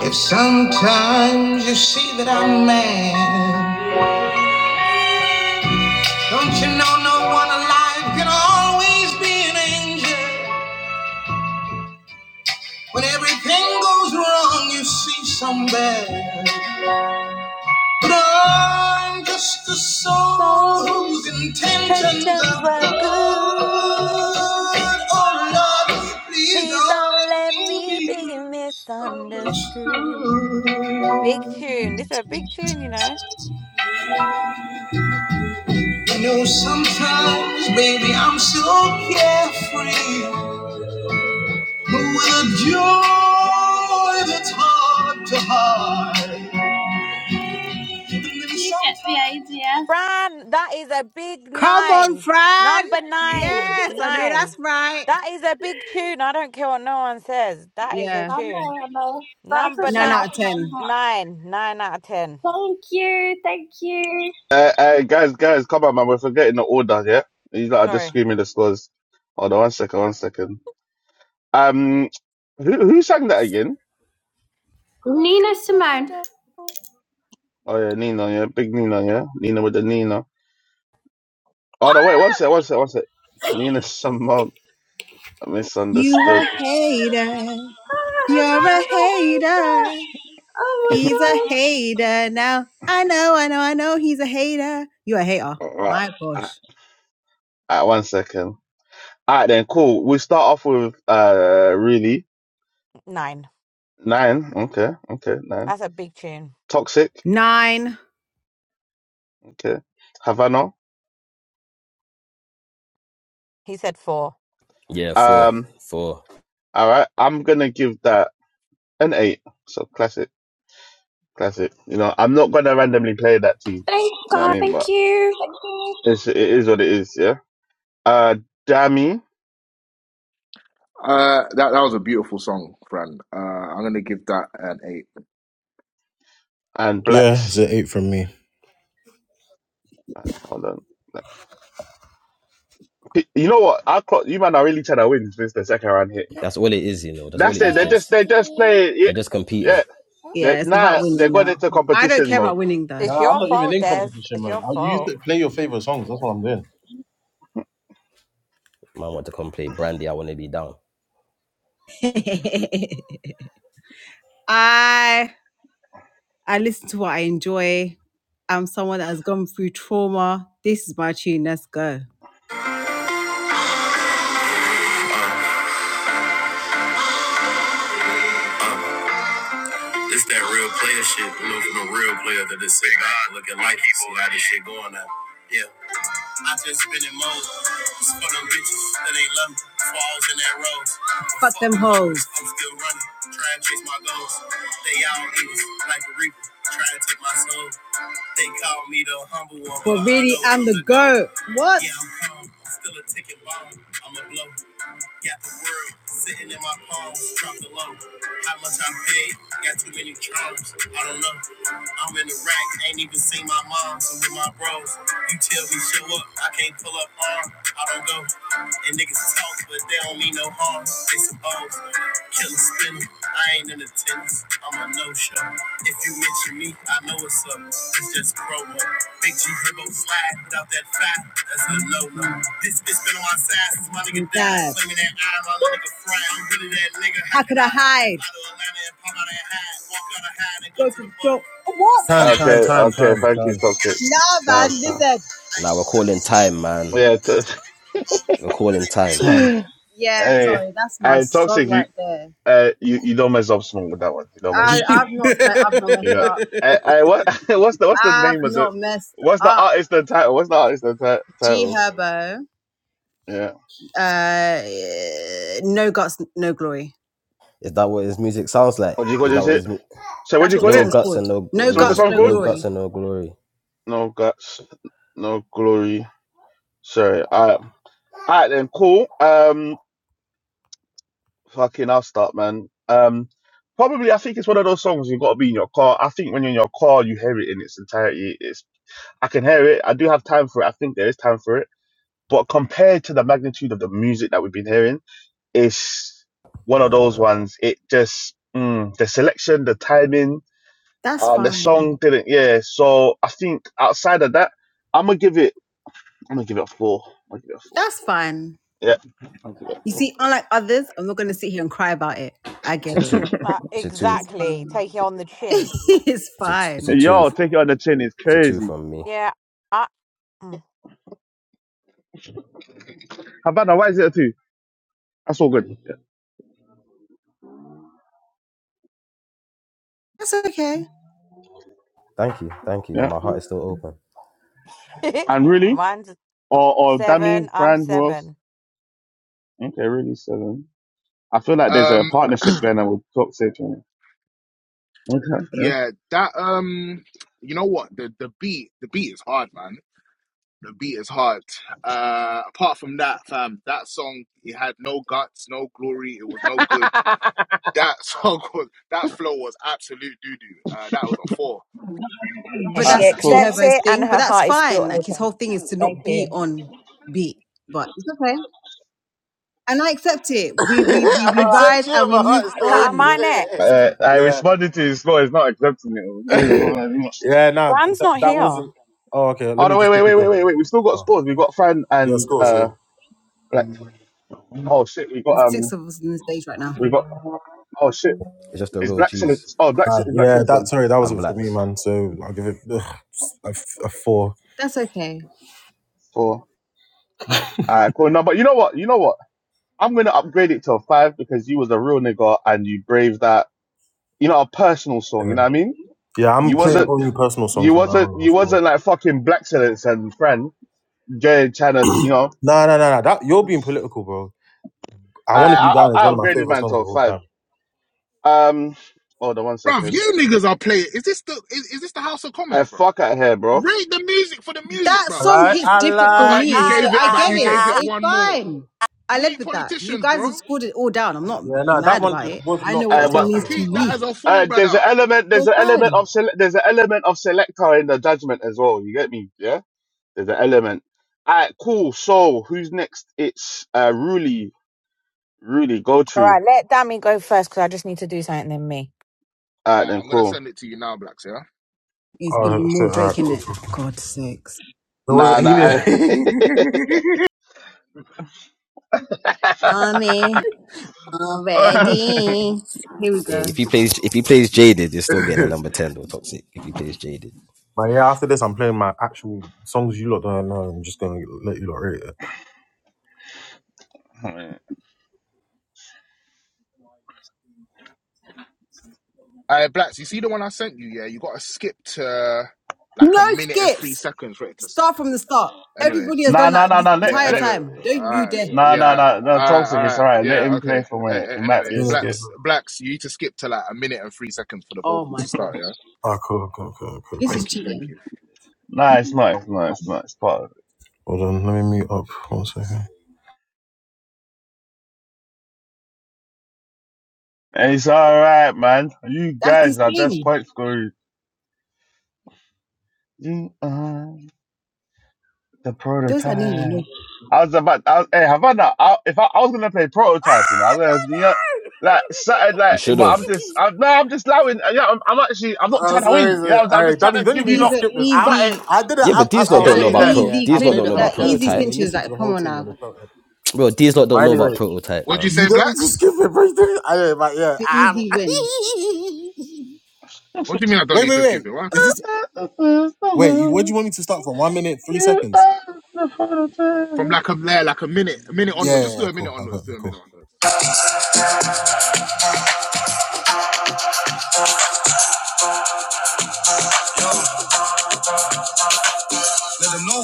[SPEAKER 8] If sometimes you see that I'm mad. Don't you know no one alive can always be an angel? When everything goes wrong, you see somebody. But I'm just a soul
[SPEAKER 7] So
[SPEAKER 8] whose intentions
[SPEAKER 7] tensions
[SPEAKER 8] are
[SPEAKER 7] were
[SPEAKER 8] good.
[SPEAKER 7] good.
[SPEAKER 8] Oh Lord, please
[SPEAKER 7] Please
[SPEAKER 8] don't
[SPEAKER 7] don't let
[SPEAKER 8] let
[SPEAKER 7] me
[SPEAKER 8] me be
[SPEAKER 7] be misunderstood. Big
[SPEAKER 8] misunderstood.
[SPEAKER 7] tune. This is a big tune, you know.
[SPEAKER 8] You know, sometimes, baby, I'm so carefree. But with a joy that's hard to hide. you, FBI dear.
[SPEAKER 7] Fran, that is a big
[SPEAKER 6] Come on,
[SPEAKER 7] nine.
[SPEAKER 6] Fran.
[SPEAKER 7] Number nine.
[SPEAKER 6] Yes, I know that's
[SPEAKER 7] Nine.
[SPEAKER 6] right.
[SPEAKER 7] That is a big tune. I don't care what no one says. That is a
[SPEAKER 6] Yeah.
[SPEAKER 7] tune.
[SPEAKER 8] That's a
[SPEAKER 7] Number
[SPEAKER 8] song
[SPEAKER 6] Nine
[SPEAKER 7] ni-
[SPEAKER 6] out
[SPEAKER 8] off
[SPEAKER 6] of
[SPEAKER 8] my
[SPEAKER 6] ten.
[SPEAKER 8] heart.
[SPEAKER 7] nine. Nine out of ten.
[SPEAKER 8] Thank you, thank you.
[SPEAKER 1] Uh, uh, guys, guys, come on, man. We're forgetting the order here. These lot are just
[SPEAKER 7] Sorry.
[SPEAKER 1] screaming the scores. Hold on, one second, one second. Um, who who sang that again?
[SPEAKER 7] Oh,
[SPEAKER 8] Nina
[SPEAKER 7] Just
[SPEAKER 8] Simone.
[SPEAKER 7] a fool.
[SPEAKER 1] Oh yeah, Nina, yeah, big Nina, yeah, Nina with the Nina. Oh no, wait, one sec, one sec, one sec. Nina Simone. I
[SPEAKER 6] You a
[SPEAKER 1] misunderstood.
[SPEAKER 6] hater.
[SPEAKER 8] Oh,
[SPEAKER 6] You're a hater. He's a hater now. I know, I know, I know he's a hater. you a hater.
[SPEAKER 1] Alright,
[SPEAKER 6] My gosh.
[SPEAKER 1] alright, one second. All right, then, cool. We start off with uh, really
[SPEAKER 7] nine.
[SPEAKER 1] nine. Okay, okay, nine.
[SPEAKER 7] That's a big tune.
[SPEAKER 1] Toxic.
[SPEAKER 6] Nine.
[SPEAKER 1] Okay, Havana.
[SPEAKER 7] He said four.
[SPEAKER 2] Yeah, four
[SPEAKER 1] Um,
[SPEAKER 2] four.
[SPEAKER 1] all right. I'm gonna give that. and eight. So classic, classic. You know, I'm not gonna randomly play that
[SPEAKER 8] that is a Oh my god.
[SPEAKER 1] team.
[SPEAKER 8] Thank
[SPEAKER 1] You know what I
[SPEAKER 8] God,
[SPEAKER 1] mean?
[SPEAKER 8] thank
[SPEAKER 1] But
[SPEAKER 8] you. Thank you.
[SPEAKER 1] it's it is what it is. Yeah. Uh, Dammy
[SPEAKER 9] Uh, that that was a beautiful song, Fran. Uh, I'm gonna give that an eight.
[SPEAKER 1] and
[SPEAKER 4] Yeah, it's
[SPEAKER 1] Blacks.
[SPEAKER 4] an eight from me.
[SPEAKER 1] Uh, hold on. Blacks. You know what? I clock, you man are really trying to win since the second round hit. You know.
[SPEAKER 2] That's all it is, you know. That's all
[SPEAKER 1] That's
[SPEAKER 2] it
[SPEAKER 1] it.
[SPEAKER 2] is.
[SPEAKER 1] They just
[SPEAKER 2] This.
[SPEAKER 1] they just play. Yeah.
[SPEAKER 2] They're just competing.
[SPEAKER 1] Yeah. They,
[SPEAKER 6] Yeah, it's about
[SPEAKER 1] nah, they
[SPEAKER 6] winning
[SPEAKER 1] got
[SPEAKER 6] now.
[SPEAKER 1] into
[SPEAKER 6] I don't
[SPEAKER 1] competition
[SPEAKER 6] care
[SPEAKER 1] mode.
[SPEAKER 6] about winning though.
[SPEAKER 7] It's
[SPEAKER 4] Nah, I'm
[SPEAKER 7] your
[SPEAKER 4] not even
[SPEAKER 7] fault,
[SPEAKER 4] in
[SPEAKER 7] Des.
[SPEAKER 4] competition
[SPEAKER 7] It's
[SPEAKER 4] mode.
[SPEAKER 7] your
[SPEAKER 4] I you used to
[SPEAKER 7] fault.
[SPEAKER 4] play your favorite songs. That's what I'm doing.
[SPEAKER 2] Man want to come play Brandy. I want to be down.
[SPEAKER 6] I I listen to what I enjoy. I'm someone that has gone through trauma. This is my tune. Let's go. It's that real player shit, you know, from a real player that is sitting back and looking like he see how this shit going now. Yeah. I just spend it more. It's for them bitches that ain't love me. Falls in that road. Fuck them hoes. I'm still running, trying to chase my goals. They all evil, like the reaper, trying to take my soul. They call me the humble one. But really, I'm the GOAT. What? Yeah, I'm calm. I'm still a ticket bomb. I'm a blow. Got the world sitting in my palms, dropped the low. How much I paid, got too many problems. I don't know. I'm in the rack, ain't even seen my mom. So with my bros, you tell me show up, I can't pull up arm. I don't go. And niggas talk, but they don't mean no harm. They suppose. Killer spinner. I ain't in attendance. I'm a no show. If you mention me, I know it's up. It's just promo. Big G Herbo slide without that fat. That's a no no. This bitch been on my side since my nigga died. Died. Claiming that i my nigga friend. I'm really that nigga. How could I hide? Out of Atlanta and pop out and hide. Walk out and hide and go, to the boat. What? Seen
[SPEAKER 4] Time,
[SPEAKER 6] that-
[SPEAKER 4] time,
[SPEAKER 1] Okay.
[SPEAKER 4] time,
[SPEAKER 1] Okay.
[SPEAKER 4] time,
[SPEAKER 1] Thank you,
[SPEAKER 4] time,
[SPEAKER 1] Toxic.
[SPEAKER 6] No, man,
[SPEAKER 1] Damn, damn.
[SPEAKER 6] listen.
[SPEAKER 2] Now we're calling time, man.
[SPEAKER 1] Yeah. T-
[SPEAKER 2] We're calling time.
[SPEAKER 4] time.
[SPEAKER 6] Yeah,
[SPEAKER 1] hey,
[SPEAKER 6] sorry, that's my
[SPEAKER 1] hey, Toxic.
[SPEAKER 6] song
[SPEAKER 1] You
[SPEAKER 6] right there.
[SPEAKER 1] uh, you you don't mess up small with that one. You don't mess up.
[SPEAKER 6] I I've not sle- I've not
[SPEAKER 1] You
[SPEAKER 6] messed
[SPEAKER 1] know,
[SPEAKER 6] up.
[SPEAKER 1] I, I, what what's the what's the
[SPEAKER 6] I've
[SPEAKER 1] name of the
[SPEAKER 6] not messed
[SPEAKER 1] what's the
[SPEAKER 6] up.
[SPEAKER 1] artist the title? What's the artist the ti-
[SPEAKER 6] G
[SPEAKER 1] title?
[SPEAKER 6] Herbo,
[SPEAKER 1] Yeah.
[SPEAKER 6] uh, no guts, no glory.
[SPEAKER 2] Is that what his music sounds like?
[SPEAKER 1] What do you call
[SPEAKER 2] Is that
[SPEAKER 1] this
[SPEAKER 2] what
[SPEAKER 1] shit?
[SPEAKER 2] his mu-
[SPEAKER 1] So what
[SPEAKER 6] That's
[SPEAKER 1] do you
[SPEAKER 6] what the
[SPEAKER 1] call
[SPEAKER 2] no
[SPEAKER 1] it?
[SPEAKER 6] song's
[SPEAKER 2] guts
[SPEAKER 6] called.
[SPEAKER 2] and no
[SPEAKER 6] No
[SPEAKER 1] So what's the
[SPEAKER 6] guts,
[SPEAKER 2] no
[SPEAKER 1] song
[SPEAKER 6] no
[SPEAKER 1] called?
[SPEAKER 2] no guts
[SPEAKER 6] glory.
[SPEAKER 2] and no glory?
[SPEAKER 1] No guts, no glory. Sorry. Alright. Alright then, cool. Um fucking I'll start man. Um probably I think it's one of those songs you've got to be in your car. I think when you're in your car you hear it in its entirety. It's I can hear it. I do have time for it. I think there is time for it. But compared to the magnitude of the music that we've been hearing, Is one of those ones. It just mm, the selection, the timing,
[SPEAKER 6] That's
[SPEAKER 1] and the
[SPEAKER 6] fine.
[SPEAKER 1] song didn't. Yeah, so I think outside of that, I'm gonna give it. I'm gonna give it a four. I'm gonna give it a four.
[SPEAKER 6] That's fine.
[SPEAKER 1] Yeah, I'll give it a
[SPEAKER 6] You
[SPEAKER 1] four.
[SPEAKER 6] see, unlike others, I'm not going to sit here and cry about it. I get it.
[SPEAKER 7] Like,
[SPEAKER 6] It's fine.
[SPEAKER 7] exactly. Take it on the chin.
[SPEAKER 6] it's
[SPEAKER 2] It's a it's
[SPEAKER 6] fine.
[SPEAKER 2] a
[SPEAKER 1] Hey,
[SPEAKER 2] two
[SPEAKER 1] Yo, take it on the chin. It's
[SPEAKER 2] it's a two
[SPEAKER 1] crazy.
[SPEAKER 2] from me.
[SPEAKER 7] Yeah. I- mm.
[SPEAKER 1] Havana, why is it a two? That's all good. Yeah,
[SPEAKER 6] That's okay.
[SPEAKER 2] Thank you, thank you, and
[SPEAKER 1] yeah.
[SPEAKER 2] my heart is still open.
[SPEAKER 1] and really,
[SPEAKER 7] Mine's
[SPEAKER 1] or or Dami,
[SPEAKER 7] seven. I'm
[SPEAKER 1] Fran, who else?
[SPEAKER 7] seven.
[SPEAKER 1] Okay, really seven. I feel like there's a
[SPEAKER 9] Um,
[SPEAKER 1] partnership going on with Toxic. Okay, yeah.
[SPEAKER 9] yeah, that um, you know what? The the beat, the beat is hard, man. The beat is hard. Uh, apart from that, fam, that song it had no guts, no glory. It was no good. That song was that flow was absolute doo doo. Uh, that was a four,
[SPEAKER 7] And
[SPEAKER 6] but
[SPEAKER 1] Uh,
[SPEAKER 7] she
[SPEAKER 6] that's
[SPEAKER 1] for
[SPEAKER 6] G
[SPEAKER 7] accepts
[SPEAKER 6] Herbo's
[SPEAKER 7] it and
[SPEAKER 6] thing. But
[SPEAKER 7] her
[SPEAKER 6] that's
[SPEAKER 7] heart is still
[SPEAKER 6] fine. Like his
[SPEAKER 7] open.
[SPEAKER 6] whole thing is to
[SPEAKER 7] Thank
[SPEAKER 6] not be
[SPEAKER 7] you.
[SPEAKER 6] on beat, but it's okay. And I accept it. We we we,
[SPEAKER 4] I
[SPEAKER 7] All
[SPEAKER 6] we
[SPEAKER 7] right.
[SPEAKER 6] ride
[SPEAKER 4] accept you,
[SPEAKER 6] and we
[SPEAKER 4] my
[SPEAKER 6] move
[SPEAKER 4] heart is still
[SPEAKER 7] cut Am
[SPEAKER 4] open.
[SPEAKER 7] I
[SPEAKER 6] on.
[SPEAKER 7] next?
[SPEAKER 1] Uh, I responded to his score. It's not accepting it.
[SPEAKER 4] yeah. Yeah, no, th-
[SPEAKER 7] Bram's
[SPEAKER 4] th-
[SPEAKER 7] not
[SPEAKER 4] that
[SPEAKER 7] here. All
[SPEAKER 4] wasn't. Oh, okay. Let
[SPEAKER 1] Oh
[SPEAKER 4] me
[SPEAKER 1] no! Wait,
[SPEAKER 4] just
[SPEAKER 1] wait,
[SPEAKER 4] quickly
[SPEAKER 1] wait, wait,
[SPEAKER 4] go.
[SPEAKER 1] wait, wait. We still got
[SPEAKER 4] Oh,
[SPEAKER 1] scores. We got Fran
[SPEAKER 4] yeah,
[SPEAKER 1] and
[SPEAKER 4] scores. Yeah,
[SPEAKER 1] uh, Black. Oh shit! We got
[SPEAKER 6] The
[SPEAKER 1] um,
[SPEAKER 6] six of us on the stage right now.
[SPEAKER 1] we got. Oh shit!
[SPEAKER 2] It's just a
[SPEAKER 1] Is
[SPEAKER 2] real
[SPEAKER 1] Black
[SPEAKER 2] cheese
[SPEAKER 1] Silence? Oh, Black
[SPEAKER 4] uh,
[SPEAKER 1] Sil- is Black
[SPEAKER 4] yeah.
[SPEAKER 1] Silence
[SPEAKER 4] That
[SPEAKER 1] gone?
[SPEAKER 4] sorry, that
[SPEAKER 2] and
[SPEAKER 4] wasn't for me,
[SPEAKER 2] blacks.
[SPEAKER 4] man. So I'll give it ugh, a, f- a four.
[SPEAKER 6] That's okay.
[SPEAKER 1] Four. Alright, cool. No, but you know what? You know what? I'm gonna upgrade it to a five because you was a real nigga and you braved that. You know, a personal song. You
[SPEAKER 4] Yeah.
[SPEAKER 1] know what I mean?
[SPEAKER 4] yeah, I'm
[SPEAKER 1] You
[SPEAKER 4] playing
[SPEAKER 1] wasn't.
[SPEAKER 4] only personal songs
[SPEAKER 1] You
[SPEAKER 4] from now
[SPEAKER 1] wasn't.
[SPEAKER 4] on. of
[SPEAKER 1] You wasn't
[SPEAKER 4] course.
[SPEAKER 1] like fucking Black Silence and Fran. Jay trying to. You know.
[SPEAKER 4] No, no, no, no. That you're being political, bro. I
[SPEAKER 1] I
[SPEAKER 4] want to be
[SPEAKER 1] I,
[SPEAKER 4] down is
[SPEAKER 1] I
[SPEAKER 4] one of my
[SPEAKER 1] upgraded
[SPEAKER 4] favorite
[SPEAKER 1] mine
[SPEAKER 4] songs
[SPEAKER 1] to
[SPEAKER 4] of
[SPEAKER 1] a
[SPEAKER 4] all
[SPEAKER 1] five.
[SPEAKER 4] time.
[SPEAKER 1] Um, hold on one
[SPEAKER 9] bruv.
[SPEAKER 1] second.
[SPEAKER 9] You niggas are playing. Is this the is, is this the House of
[SPEAKER 1] I
[SPEAKER 9] Commons, bro?
[SPEAKER 1] fuck out here, bro.
[SPEAKER 9] Rate the music for the music,
[SPEAKER 6] That
[SPEAKER 4] I
[SPEAKER 9] bruv.
[SPEAKER 6] song
[SPEAKER 4] lie,
[SPEAKER 6] hits
[SPEAKER 4] I
[SPEAKER 6] different for
[SPEAKER 4] lie,
[SPEAKER 9] About you
[SPEAKER 6] me,
[SPEAKER 4] I lie.
[SPEAKER 6] so
[SPEAKER 9] gave it.
[SPEAKER 6] I
[SPEAKER 9] About
[SPEAKER 6] get
[SPEAKER 9] you
[SPEAKER 6] it.
[SPEAKER 9] gave it
[SPEAKER 6] It's
[SPEAKER 9] one more.
[SPEAKER 6] fine. I
[SPEAKER 9] We
[SPEAKER 6] led
[SPEAKER 9] ain't
[SPEAKER 6] with that. You
[SPEAKER 9] politicians,
[SPEAKER 6] guys
[SPEAKER 9] bro.
[SPEAKER 6] have scored it all down. I'm not
[SPEAKER 4] Yeah, no, that
[SPEAKER 6] mad
[SPEAKER 4] one
[SPEAKER 6] about
[SPEAKER 4] just
[SPEAKER 6] it.
[SPEAKER 4] was
[SPEAKER 6] I know
[SPEAKER 4] not
[SPEAKER 6] what
[SPEAKER 4] for
[SPEAKER 1] Uh,
[SPEAKER 6] that
[SPEAKER 4] me. I
[SPEAKER 6] song
[SPEAKER 1] but
[SPEAKER 6] means to
[SPEAKER 4] thought.
[SPEAKER 9] Keep that
[SPEAKER 4] Um,
[SPEAKER 9] as
[SPEAKER 6] me.
[SPEAKER 9] a four,
[SPEAKER 1] uh,
[SPEAKER 9] brother.
[SPEAKER 1] there's an
[SPEAKER 9] All
[SPEAKER 1] element,
[SPEAKER 6] So
[SPEAKER 1] there's
[SPEAKER 6] it's
[SPEAKER 1] an
[SPEAKER 6] fine.
[SPEAKER 1] element of sele- there's an element of selector in the judgment as well. You get me? Yeah. There's an element. Alright, cool. So who's next? It's uh, Ruli. Ruli, go to.
[SPEAKER 7] right, let Dami go first because I just need to do something then me.
[SPEAKER 1] Alright,
[SPEAKER 9] right,
[SPEAKER 1] then
[SPEAKER 9] I'm gonna
[SPEAKER 1] cool.
[SPEAKER 9] send it to you now, Blacks. Yeah.
[SPEAKER 6] It's gonna be
[SPEAKER 4] oh
[SPEAKER 6] more
[SPEAKER 4] shit! All right.
[SPEAKER 6] Drake in
[SPEAKER 4] cool,
[SPEAKER 6] it.
[SPEAKER 4] cool,
[SPEAKER 6] God sakes.
[SPEAKER 4] cool. It
[SPEAKER 1] Nah, nah.
[SPEAKER 4] wasn't. He
[SPEAKER 1] I...
[SPEAKER 6] Tommy, I'm ready. Here we
[SPEAKER 2] Yeah,
[SPEAKER 6] go.
[SPEAKER 2] if he plays if he plays jaded, you're still getting a
[SPEAKER 4] did.
[SPEAKER 2] number ten though, toxic. If he plays jaded.
[SPEAKER 4] But yeah, after this, I'm playing my actual songs you lot don't know. I'm just gonna let you lot rate it.
[SPEAKER 9] All right, Blacks. You see the one I sent you? Yeah. You gotta skip to like a
[SPEAKER 6] No
[SPEAKER 9] minute and three
[SPEAKER 6] skips.
[SPEAKER 9] seconds for it to. s-
[SPEAKER 6] Start from the start.
[SPEAKER 9] Anyway.
[SPEAKER 6] Everybody has
[SPEAKER 1] nah,
[SPEAKER 6] done
[SPEAKER 1] nah,
[SPEAKER 6] that
[SPEAKER 1] nah,
[SPEAKER 6] the
[SPEAKER 1] nah. Let,
[SPEAKER 9] Yeah.
[SPEAKER 6] entire
[SPEAKER 1] let...
[SPEAKER 9] Anyway.
[SPEAKER 6] time. Don't
[SPEAKER 9] Uh,
[SPEAKER 6] you dare.
[SPEAKER 1] Nah, nah,
[SPEAKER 9] yeah.
[SPEAKER 1] nah,
[SPEAKER 9] All
[SPEAKER 1] nah.
[SPEAKER 9] right.
[SPEAKER 1] Toxic.
[SPEAKER 9] All
[SPEAKER 1] It's
[SPEAKER 9] right.
[SPEAKER 1] alright. Let
[SPEAKER 9] Yeah.
[SPEAKER 1] him play
[SPEAKER 9] Okay.
[SPEAKER 1] for a
[SPEAKER 9] A-
[SPEAKER 1] minute. It
[SPEAKER 9] a-
[SPEAKER 1] might be
[SPEAKER 9] anyway,
[SPEAKER 1] a skip.
[SPEAKER 9] Blacks. Blacks. You need to skip to like a minute and three seconds for the
[SPEAKER 6] Oh
[SPEAKER 9] vocals
[SPEAKER 6] my
[SPEAKER 9] to
[SPEAKER 6] god.
[SPEAKER 9] start. Yeah.
[SPEAKER 4] Ah, cool, cool, cool, cool,
[SPEAKER 6] This is
[SPEAKER 4] cool.
[SPEAKER 9] Thank you. Thank
[SPEAKER 6] cheating.
[SPEAKER 9] you.
[SPEAKER 1] Nah, it's not. It's not. It's not. It's part of it.
[SPEAKER 4] Hold on, let me mute up one second.
[SPEAKER 1] Hey, It's all right, man. You
[SPEAKER 6] That's the
[SPEAKER 1] guys are just
[SPEAKER 6] thing.
[SPEAKER 1] quite scary. You are the
[SPEAKER 6] Those I know you know.
[SPEAKER 1] prototype. I was about. I was, hey, Havana. I, not? I, if I, I was gonna play prototype, you know, I was gonna, you know, like started
[SPEAKER 2] You
[SPEAKER 1] like.
[SPEAKER 2] should
[SPEAKER 1] But I'm
[SPEAKER 2] have.
[SPEAKER 1] just. I'm, no, I'm just allowing. Yeah, I'm, I'm actually. I'm not
[SPEAKER 4] Oh,
[SPEAKER 1] trying to
[SPEAKER 4] sorry,
[SPEAKER 1] win. You
[SPEAKER 4] sorry.
[SPEAKER 1] know, I'm, I'm
[SPEAKER 4] All right,
[SPEAKER 1] just trying
[SPEAKER 4] Dami, you
[SPEAKER 1] to
[SPEAKER 4] don't
[SPEAKER 1] give
[SPEAKER 4] even
[SPEAKER 1] you
[SPEAKER 4] need to
[SPEAKER 6] These
[SPEAKER 1] lot
[SPEAKER 6] are
[SPEAKER 4] skip this. I,
[SPEAKER 1] something.
[SPEAKER 6] easy,
[SPEAKER 4] I did it.
[SPEAKER 2] Yeah,
[SPEAKER 4] I,
[SPEAKER 2] but
[SPEAKER 4] I,
[SPEAKER 2] these lot
[SPEAKER 1] You
[SPEAKER 4] I'll
[SPEAKER 1] know
[SPEAKER 2] don't
[SPEAKER 6] uh,
[SPEAKER 1] what
[SPEAKER 4] say
[SPEAKER 1] I
[SPEAKER 2] know
[SPEAKER 4] this,
[SPEAKER 1] mean?
[SPEAKER 2] about
[SPEAKER 1] Like,
[SPEAKER 4] Dami. Yeah,
[SPEAKER 2] pro
[SPEAKER 6] easy
[SPEAKER 4] I
[SPEAKER 2] these lot
[SPEAKER 4] played
[SPEAKER 6] clin-
[SPEAKER 2] don't
[SPEAKER 4] it
[SPEAKER 2] know
[SPEAKER 4] on my
[SPEAKER 2] about
[SPEAKER 6] like
[SPEAKER 4] piano
[SPEAKER 6] easy
[SPEAKER 4] tune.
[SPEAKER 2] prototype.
[SPEAKER 4] They
[SPEAKER 6] cinches.
[SPEAKER 4] listened to
[SPEAKER 6] Like,
[SPEAKER 4] the
[SPEAKER 6] come
[SPEAKER 4] whole
[SPEAKER 6] on
[SPEAKER 4] thing and they
[SPEAKER 6] now.
[SPEAKER 4] felt it.
[SPEAKER 2] Bro, these lot
[SPEAKER 4] But
[SPEAKER 2] don't know about
[SPEAKER 4] anyway,
[SPEAKER 2] prototype,
[SPEAKER 9] What do you
[SPEAKER 2] man.
[SPEAKER 4] you
[SPEAKER 9] say,
[SPEAKER 4] don't need to
[SPEAKER 9] blacks?
[SPEAKER 4] skip it, bro. You don't need- I know, but yeah.
[SPEAKER 6] The
[SPEAKER 4] I-
[SPEAKER 6] easy win.
[SPEAKER 9] What do you mean I don't
[SPEAKER 4] Wait,
[SPEAKER 9] need
[SPEAKER 4] wait,
[SPEAKER 9] to
[SPEAKER 4] wait.
[SPEAKER 9] skip it? What
[SPEAKER 4] Is
[SPEAKER 9] happened?
[SPEAKER 4] this? Wait, what do you want me to start from? One minute, three
[SPEAKER 1] you
[SPEAKER 4] seconds.
[SPEAKER 1] are the
[SPEAKER 9] From
[SPEAKER 1] prototype.
[SPEAKER 9] like a there, like a minute, a minute onwards.
[SPEAKER 4] Yeah,
[SPEAKER 9] Just
[SPEAKER 4] yeah,
[SPEAKER 9] do
[SPEAKER 4] yeah
[SPEAKER 9] a minute
[SPEAKER 4] cool. I
[SPEAKER 9] onwards.
[SPEAKER 4] got
[SPEAKER 9] Do
[SPEAKER 4] you.
[SPEAKER 9] a
[SPEAKER 4] Cool.
[SPEAKER 9] minute onwards.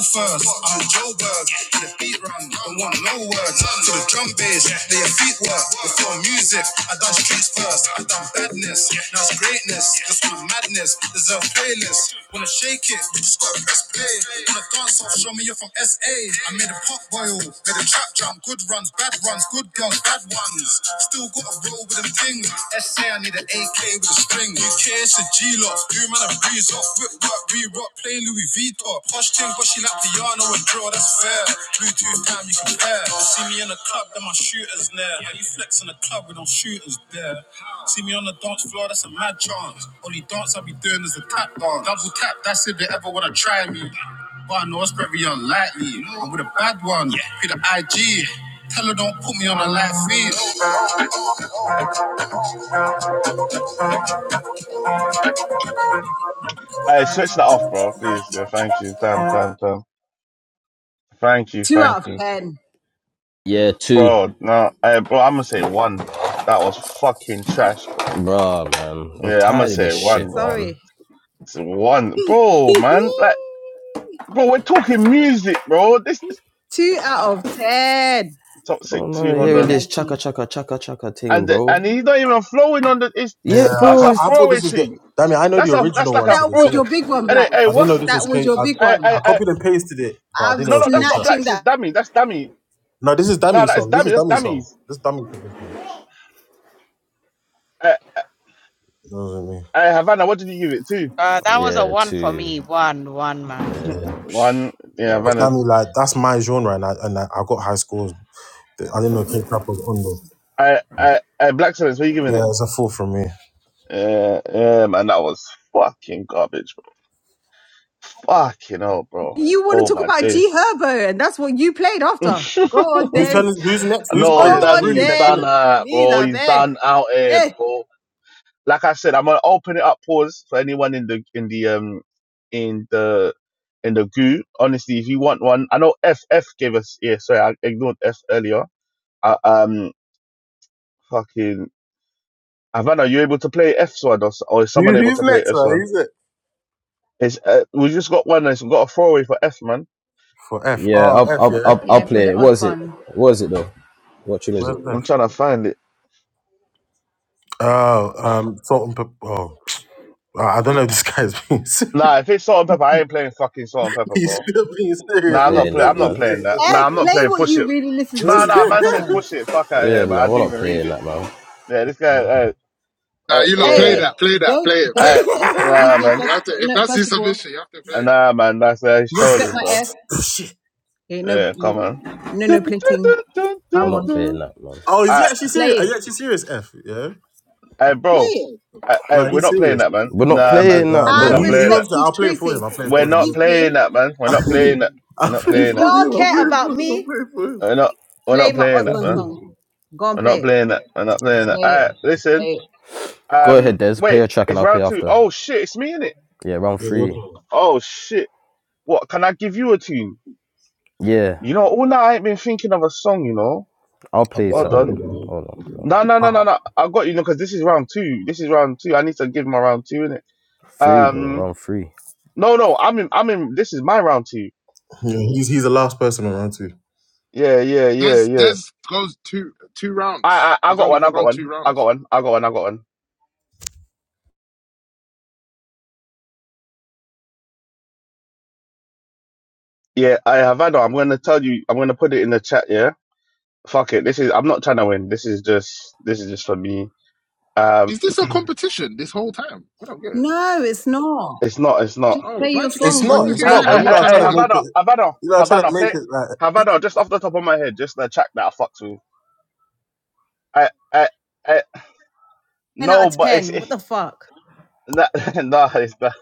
[SPEAKER 4] go first. I'm Joe Bird. To the beat run, don't want no words. To the drum bass, they your feet work. Before music, I done streets first. I done badness, now it's greatness. Just my madness, there's a playlist. Wanna shake it, you just gotta press play. Wanna dance off, show me you're from SA. I made a pop boil, made a trap jump. Good runs, bad runs, good girls, bad ones. Still gotta roll with them things. SA, I need an AK with a string. UK G-Loft, you man a breeze off, whip work, re-rock, play Louis V top. Posh ting, but she like Diana and draw, that's fair. Bluetooth time, you compare. See me in the club, then my shooters there. How you flex in the club with no shooters there? See me on the dance floor, that's a mad chance. Only dance I be doing is the tap dance. Double tap, that's if they ever wanna try me. But I know it's very unlikely. I'm with a bad one, yeah. be the IG. Tell her don't put me on a live feed.
[SPEAKER 1] Hey, switch that off, bro. Please. Yeah, thank you. Damn, damn, damn. Thank you,
[SPEAKER 6] Two out
[SPEAKER 1] thank
[SPEAKER 6] of
[SPEAKER 1] you.
[SPEAKER 6] ten.
[SPEAKER 2] Yeah, two.
[SPEAKER 1] Bro, no, I, bro, I'm gonna say one, bro. That was fucking trash, bro.
[SPEAKER 2] Bruh, man. I'm
[SPEAKER 1] Yeah, I'm gonna
[SPEAKER 2] tired of this
[SPEAKER 1] say one,
[SPEAKER 2] shit,
[SPEAKER 1] bro.
[SPEAKER 2] man.
[SPEAKER 6] Sorry.
[SPEAKER 1] It's a one, bro, man. Like, bro, we're talking music, bro. This is
[SPEAKER 6] Two out of ten.
[SPEAKER 1] toxic
[SPEAKER 2] I'm
[SPEAKER 1] too.
[SPEAKER 2] not
[SPEAKER 1] Hold
[SPEAKER 6] No,
[SPEAKER 2] hearing
[SPEAKER 1] on,
[SPEAKER 2] this
[SPEAKER 6] thank
[SPEAKER 2] chaka
[SPEAKER 6] you.
[SPEAKER 2] chaka chaka chaka thing,
[SPEAKER 1] and the, and
[SPEAKER 2] bro.
[SPEAKER 1] he's not even flowing on the. It's,
[SPEAKER 4] Yeah,
[SPEAKER 2] Yeah,
[SPEAKER 1] but
[SPEAKER 4] I,
[SPEAKER 1] that's
[SPEAKER 2] bro,
[SPEAKER 4] can't,
[SPEAKER 1] a
[SPEAKER 2] it's
[SPEAKER 4] I thought
[SPEAKER 1] throwaway
[SPEAKER 4] this was the.
[SPEAKER 1] thing.
[SPEAKER 4] Damn it, I know the
[SPEAKER 1] That's a that's
[SPEAKER 4] original
[SPEAKER 1] like
[SPEAKER 4] one
[SPEAKER 1] a
[SPEAKER 4] to
[SPEAKER 6] That
[SPEAKER 4] this,
[SPEAKER 1] throw.
[SPEAKER 6] was
[SPEAKER 4] innit?
[SPEAKER 6] your big one,
[SPEAKER 1] And hey,
[SPEAKER 6] Black.
[SPEAKER 1] hey,
[SPEAKER 4] I didn't know
[SPEAKER 1] what's
[SPEAKER 4] this was
[SPEAKER 6] That was
[SPEAKER 4] K.
[SPEAKER 6] your
[SPEAKER 4] I,
[SPEAKER 6] big
[SPEAKER 1] I,
[SPEAKER 6] one.
[SPEAKER 4] I
[SPEAKER 1] I I
[SPEAKER 4] copied and pasted it, but I
[SPEAKER 6] I'm
[SPEAKER 4] didn't know it
[SPEAKER 1] no no
[SPEAKER 4] was K
[SPEAKER 1] that's not
[SPEAKER 4] trap.
[SPEAKER 1] black
[SPEAKER 6] snatching
[SPEAKER 1] sis
[SPEAKER 6] that.
[SPEAKER 1] dummy. That's dummy.
[SPEAKER 4] No, this is
[SPEAKER 1] No,
[SPEAKER 4] Dami's
[SPEAKER 1] that is
[SPEAKER 4] song. This
[SPEAKER 1] dummy.
[SPEAKER 4] is
[SPEAKER 1] That's
[SPEAKER 4] Dami's song.
[SPEAKER 1] dummies.
[SPEAKER 4] This is Dami production.
[SPEAKER 1] I,
[SPEAKER 4] was not me.
[SPEAKER 1] I Havana, what did you give it to?
[SPEAKER 2] Yeah, two. Yeah,
[SPEAKER 4] Yeah.
[SPEAKER 2] psh,
[SPEAKER 1] One, yeah,
[SPEAKER 2] bro.
[SPEAKER 4] 'Cause
[SPEAKER 1] Havana.
[SPEAKER 4] Dami, like, that's my genre, and I, and I, I got high scores. I didn't know K trap was on there.
[SPEAKER 1] I I, I black silence. What are you giving it?
[SPEAKER 4] Yeah, it's a four from me.
[SPEAKER 1] Yeah, yeah, man, that was fucking garbage, bro. Fucking hell, bro.
[SPEAKER 6] You want
[SPEAKER 1] Oh
[SPEAKER 6] to talk
[SPEAKER 1] my
[SPEAKER 6] about
[SPEAKER 1] days.
[SPEAKER 6] G Herbo, and that's what you played after. Go on
[SPEAKER 4] Who's
[SPEAKER 6] then.
[SPEAKER 4] turning? Who's next? Who's
[SPEAKER 6] Go
[SPEAKER 4] oh
[SPEAKER 1] no,
[SPEAKER 4] yeah, it's
[SPEAKER 1] damn,
[SPEAKER 6] on
[SPEAKER 4] really
[SPEAKER 1] he's
[SPEAKER 4] next, isn't
[SPEAKER 6] then.
[SPEAKER 1] done
[SPEAKER 4] it?
[SPEAKER 1] that,
[SPEAKER 6] Please,
[SPEAKER 1] bro.
[SPEAKER 6] I
[SPEAKER 1] He's
[SPEAKER 6] beg.
[SPEAKER 1] done out here,
[SPEAKER 6] Eh.
[SPEAKER 1] bro. Like I said, I'm gonna open it up. Pause for anyone in the in the um in the in the goo. Honestly, if you want one, I know F F gave us. Yeah, sorry, I ignored F earlier. I, um, fucking Havana, you able to play F Sword or, s- or is someone
[SPEAKER 4] Who,
[SPEAKER 1] able
[SPEAKER 4] who's
[SPEAKER 1] to play
[SPEAKER 4] next?
[SPEAKER 1] F
[SPEAKER 4] Right?
[SPEAKER 1] Sword?
[SPEAKER 4] Who's it?
[SPEAKER 1] It's uh, we just got one. It's got a throwaway for F man.
[SPEAKER 4] For F.
[SPEAKER 2] Yeah,
[SPEAKER 4] Oh
[SPEAKER 2] I'll
[SPEAKER 4] F,
[SPEAKER 2] I'll
[SPEAKER 4] yeah.
[SPEAKER 2] I'll, I'll
[SPEAKER 6] Yeah, for
[SPEAKER 2] play
[SPEAKER 6] the
[SPEAKER 2] it. What is it?
[SPEAKER 6] Osborne.
[SPEAKER 2] What is it though? What tune is
[SPEAKER 4] Where's
[SPEAKER 2] it?
[SPEAKER 4] F?
[SPEAKER 1] I'm trying to find it.
[SPEAKER 4] Oh, um, salt and pepper. Oh, I I don't know. If This guy's being serious.
[SPEAKER 1] Nah, if it's salt and pepper, I ain't playing fucking salt and pepper,
[SPEAKER 4] He's
[SPEAKER 1] bro.
[SPEAKER 4] still being serious.
[SPEAKER 2] Not
[SPEAKER 1] Nah, I'm not
[SPEAKER 4] He's
[SPEAKER 2] playing
[SPEAKER 1] playing.
[SPEAKER 4] still
[SPEAKER 2] that
[SPEAKER 1] I'm not
[SPEAKER 4] being
[SPEAKER 2] man.
[SPEAKER 1] playing
[SPEAKER 4] serious. It's
[SPEAKER 1] that.
[SPEAKER 6] Eh,
[SPEAKER 4] not-
[SPEAKER 1] Nah, I'm not
[SPEAKER 6] play
[SPEAKER 1] playing.
[SPEAKER 6] what
[SPEAKER 1] Push
[SPEAKER 6] you
[SPEAKER 1] it.
[SPEAKER 6] really
[SPEAKER 4] it
[SPEAKER 6] listen to,
[SPEAKER 1] Nah, nah,
[SPEAKER 6] man.
[SPEAKER 1] man
[SPEAKER 6] Come
[SPEAKER 1] said
[SPEAKER 4] was-
[SPEAKER 6] on.
[SPEAKER 1] push it. Fuck out of
[SPEAKER 2] Yeah
[SPEAKER 1] here,
[SPEAKER 2] man,
[SPEAKER 1] man. I
[SPEAKER 2] we're
[SPEAKER 1] didn't
[SPEAKER 2] not
[SPEAKER 1] even read
[SPEAKER 2] playing
[SPEAKER 1] it.
[SPEAKER 2] that man.
[SPEAKER 1] Yeah, this guy. Uh,
[SPEAKER 9] Nah,
[SPEAKER 1] uh,
[SPEAKER 9] you
[SPEAKER 1] yeah,
[SPEAKER 9] lot
[SPEAKER 6] Hey,
[SPEAKER 9] play
[SPEAKER 1] yeah.
[SPEAKER 6] hey,
[SPEAKER 9] that, play that,
[SPEAKER 6] don't,
[SPEAKER 9] play it, play
[SPEAKER 6] don't,
[SPEAKER 1] yeah.
[SPEAKER 9] it, man.
[SPEAKER 6] eh,
[SPEAKER 1] I
[SPEAKER 6] excuse
[SPEAKER 1] nah,
[SPEAKER 6] me,
[SPEAKER 1] man.
[SPEAKER 9] You have to.
[SPEAKER 6] first,
[SPEAKER 9] If
[SPEAKER 6] no,
[SPEAKER 9] that's
[SPEAKER 6] first
[SPEAKER 9] his
[SPEAKER 6] of all,
[SPEAKER 9] submission, you have to play
[SPEAKER 1] Uh,
[SPEAKER 9] it.
[SPEAKER 1] Nah, man. That's uh, he's
[SPEAKER 6] respect
[SPEAKER 1] trolling,
[SPEAKER 6] my
[SPEAKER 1] bro.
[SPEAKER 6] F.
[SPEAKER 4] Shit.
[SPEAKER 6] Ain't no,
[SPEAKER 1] Yeah, come on.
[SPEAKER 6] no, no
[SPEAKER 1] Dun, dun,
[SPEAKER 6] plating.
[SPEAKER 1] dun, dun,
[SPEAKER 2] We're
[SPEAKER 6] Come
[SPEAKER 1] dun,
[SPEAKER 2] not
[SPEAKER 6] on.
[SPEAKER 2] playing
[SPEAKER 1] dun.
[SPEAKER 2] that, man.
[SPEAKER 4] Oh, is he
[SPEAKER 1] I,
[SPEAKER 4] actually
[SPEAKER 6] Play
[SPEAKER 4] serious? Are
[SPEAKER 6] it.
[SPEAKER 4] you actually serious, F? Yeah?
[SPEAKER 1] I, bro.
[SPEAKER 6] Play it.
[SPEAKER 1] I, I,
[SPEAKER 4] Like,
[SPEAKER 1] we're
[SPEAKER 4] he's
[SPEAKER 1] not playing
[SPEAKER 4] serious.
[SPEAKER 1] that, man.
[SPEAKER 2] We're not
[SPEAKER 1] Nah,
[SPEAKER 4] He's,
[SPEAKER 1] man.
[SPEAKER 2] playing that,
[SPEAKER 4] wow,
[SPEAKER 1] We're
[SPEAKER 4] man.
[SPEAKER 6] I
[SPEAKER 1] not
[SPEAKER 2] bro.
[SPEAKER 4] He, he
[SPEAKER 1] playing that.
[SPEAKER 6] respect
[SPEAKER 4] wants to.
[SPEAKER 6] his
[SPEAKER 4] I'll play it for him. I'll
[SPEAKER 6] choices.
[SPEAKER 4] play it
[SPEAKER 1] We're
[SPEAKER 4] for him.
[SPEAKER 1] not
[SPEAKER 4] bro.
[SPEAKER 6] Excuse
[SPEAKER 1] playing
[SPEAKER 6] me.
[SPEAKER 1] that, man. We're not playing that. We're
[SPEAKER 4] I'll
[SPEAKER 1] not
[SPEAKER 4] play
[SPEAKER 6] If
[SPEAKER 4] it
[SPEAKER 1] playing
[SPEAKER 4] for
[SPEAKER 1] that.
[SPEAKER 6] y'all
[SPEAKER 4] him. I'll
[SPEAKER 6] care
[SPEAKER 4] play it for
[SPEAKER 6] about
[SPEAKER 4] him. I'll
[SPEAKER 6] me,
[SPEAKER 4] play it for him.
[SPEAKER 1] We're not. We're
[SPEAKER 6] play
[SPEAKER 1] not
[SPEAKER 6] my
[SPEAKER 1] playing that,
[SPEAKER 6] husband's
[SPEAKER 1] man.
[SPEAKER 4] Okay.
[SPEAKER 6] song. Go and
[SPEAKER 1] We're
[SPEAKER 6] play
[SPEAKER 1] not
[SPEAKER 6] it.
[SPEAKER 1] playing that. We're not playing that.
[SPEAKER 6] Play
[SPEAKER 1] All
[SPEAKER 6] it.
[SPEAKER 1] right,
[SPEAKER 6] Play
[SPEAKER 1] listen.
[SPEAKER 6] it.
[SPEAKER 2] Go ahead,
[SPEAKER 1] Um,
[SPEAKER 2] Des. Play
[SPEAKER 1] wait.
[SPEAKER 2] a track and
[SPEAKER 1] It's
[SPEAKER 2] I'll play
[SPEAKER 1] round two.
[SPEAKER 2] after.
[SPEAKER 1] Oh shit, it's me in it.
[SPEAKER 2] Yeah, round
[SPEAKER 4] Yeah, go
[SPEAKER 2] three.
[SPEAKER 4] for it.
[SPEAKER 1] Oh shit. What? Can I give you a tune?
[SPEAKER 2] Yeah,
[SPEAKER 1] You know, all night I ain't been thinking of a song. You know.
[SPEAKER 2] I'll
[SPEAKER 4] I've
[SPEAKER 2] play
[SPEAKER 4] got a
[SPEAKER 1] Hold
[SPEAKER 2] something
[SPEAKER 1] on.
[SPEAKER 4] couple,
[SPEAKER 2] then.
[SPEAKER 4] man.
[SPEAKER 2] Hold on. hold
[SPEAKER 1] No,
[SPEAKER 2] on.
[SPEAKER 1] no, no,
[SPEAKER 4] Ah,
[SPEAKER 1] no, no. I got you. No, because this is round two. This is round two. I need to give my round two in it.
[SPEAKER 2] Three, bro.
[SPEAKER 1] Um.
[SPEAKER 2] Round three.
[SPEAKER 1] No, no. I'm in. I'm in. This is my round two.
[SPEAKER 4] yeah, he's, he's the last person around, too.
[SPEAKER 1] Yeah, yeah, yeah,
[SPEAKER 9] Des
[SPEAKER 1] yeah.
[SPEAKER 9] Des goes two two
[SPEAKER 1] I,
[SPEAKER 9] rounds.
[SPEAKER 1] I, I
[SPEAKER 9] He's
[SPEAKER 1] got
[SPEAKER 9] only
[SPEAKER 1] one. I got
[SPEAKER 9] forgotten two
[SPEAKER 1] one. I got
[SPEAKER 9] rounds.
[SPEAKER 1] one. I got one. I got one. Yeah, I have had. I'm gonna tell you. I'm gonna put it in the chat. Yeah, fuck it. This is. I'm not trying to win. This is just. This is just for me. Um,
[SPEAKER 9] Is this a competition this whole time? I don't get it.
[SPEAKER 6] No, it's not.
[SPEAKER 1] it's not. It's not.
[SPEAKER 6] Just
[SPEAKER 9] Oh,
[SPEAKER 6] play
[SPEAKER 9] so why do
[SPEAKER 6] your
[SPEAKER 9] you keep
[SPEAKER 4] It's
[SPEAKER 6] song.
[SPEAKER 9] why
[SPEAKER 6] Do
[SPEAKER 9] do
[SPEAKER 4] not.
[SPEAKER 9] you
[SPEAKER 6] we
[SPEAKER 4] It's
[SPEAKER 9] keep
[SPEAKER 1] I.
[SPEAKER 6] rate
[SPEAKER 4] not,
[SPEAKER 9] saying
[SPEAKER 1] I.
[SPEAKER 4] but
[SPEAKER 9] I'm
[SPEAKER 4] you
[SPEAKER 6] it?
[SPEAKER 9] not
[SPEAKER 4] know, I'm
[SPEAKER 9] trying
[SPEAKER 1] I. I
[SPEAKER 9] to
[SPEAKER 4] trying to
[SPEAKER 9] win?
[SPEAKER 4] make it.
[SPEAKER 1] Havana. Havana.
[SPEAKER 4] You know, I'm trying to
[SPEAKER 1] Havana.
[SPEAKER 4] make
[SPEAKER 1] Play.
[SPEAKER 4] it like.
[SPEAKER 1] Havana. Just off the top of my head, just the track that I fucked with. I. I. I.
[SPEAKER 6] Nine out
[SPEAKER 1] No,
[SPEAKER 6] of
[SPEAKER 1] but it's.
[SPEAKER 6] ten.
[SPEAKER 1] It,
[SPEAKER 6] What the fuck?
[SPEAKER 1] nah, nah, it's not.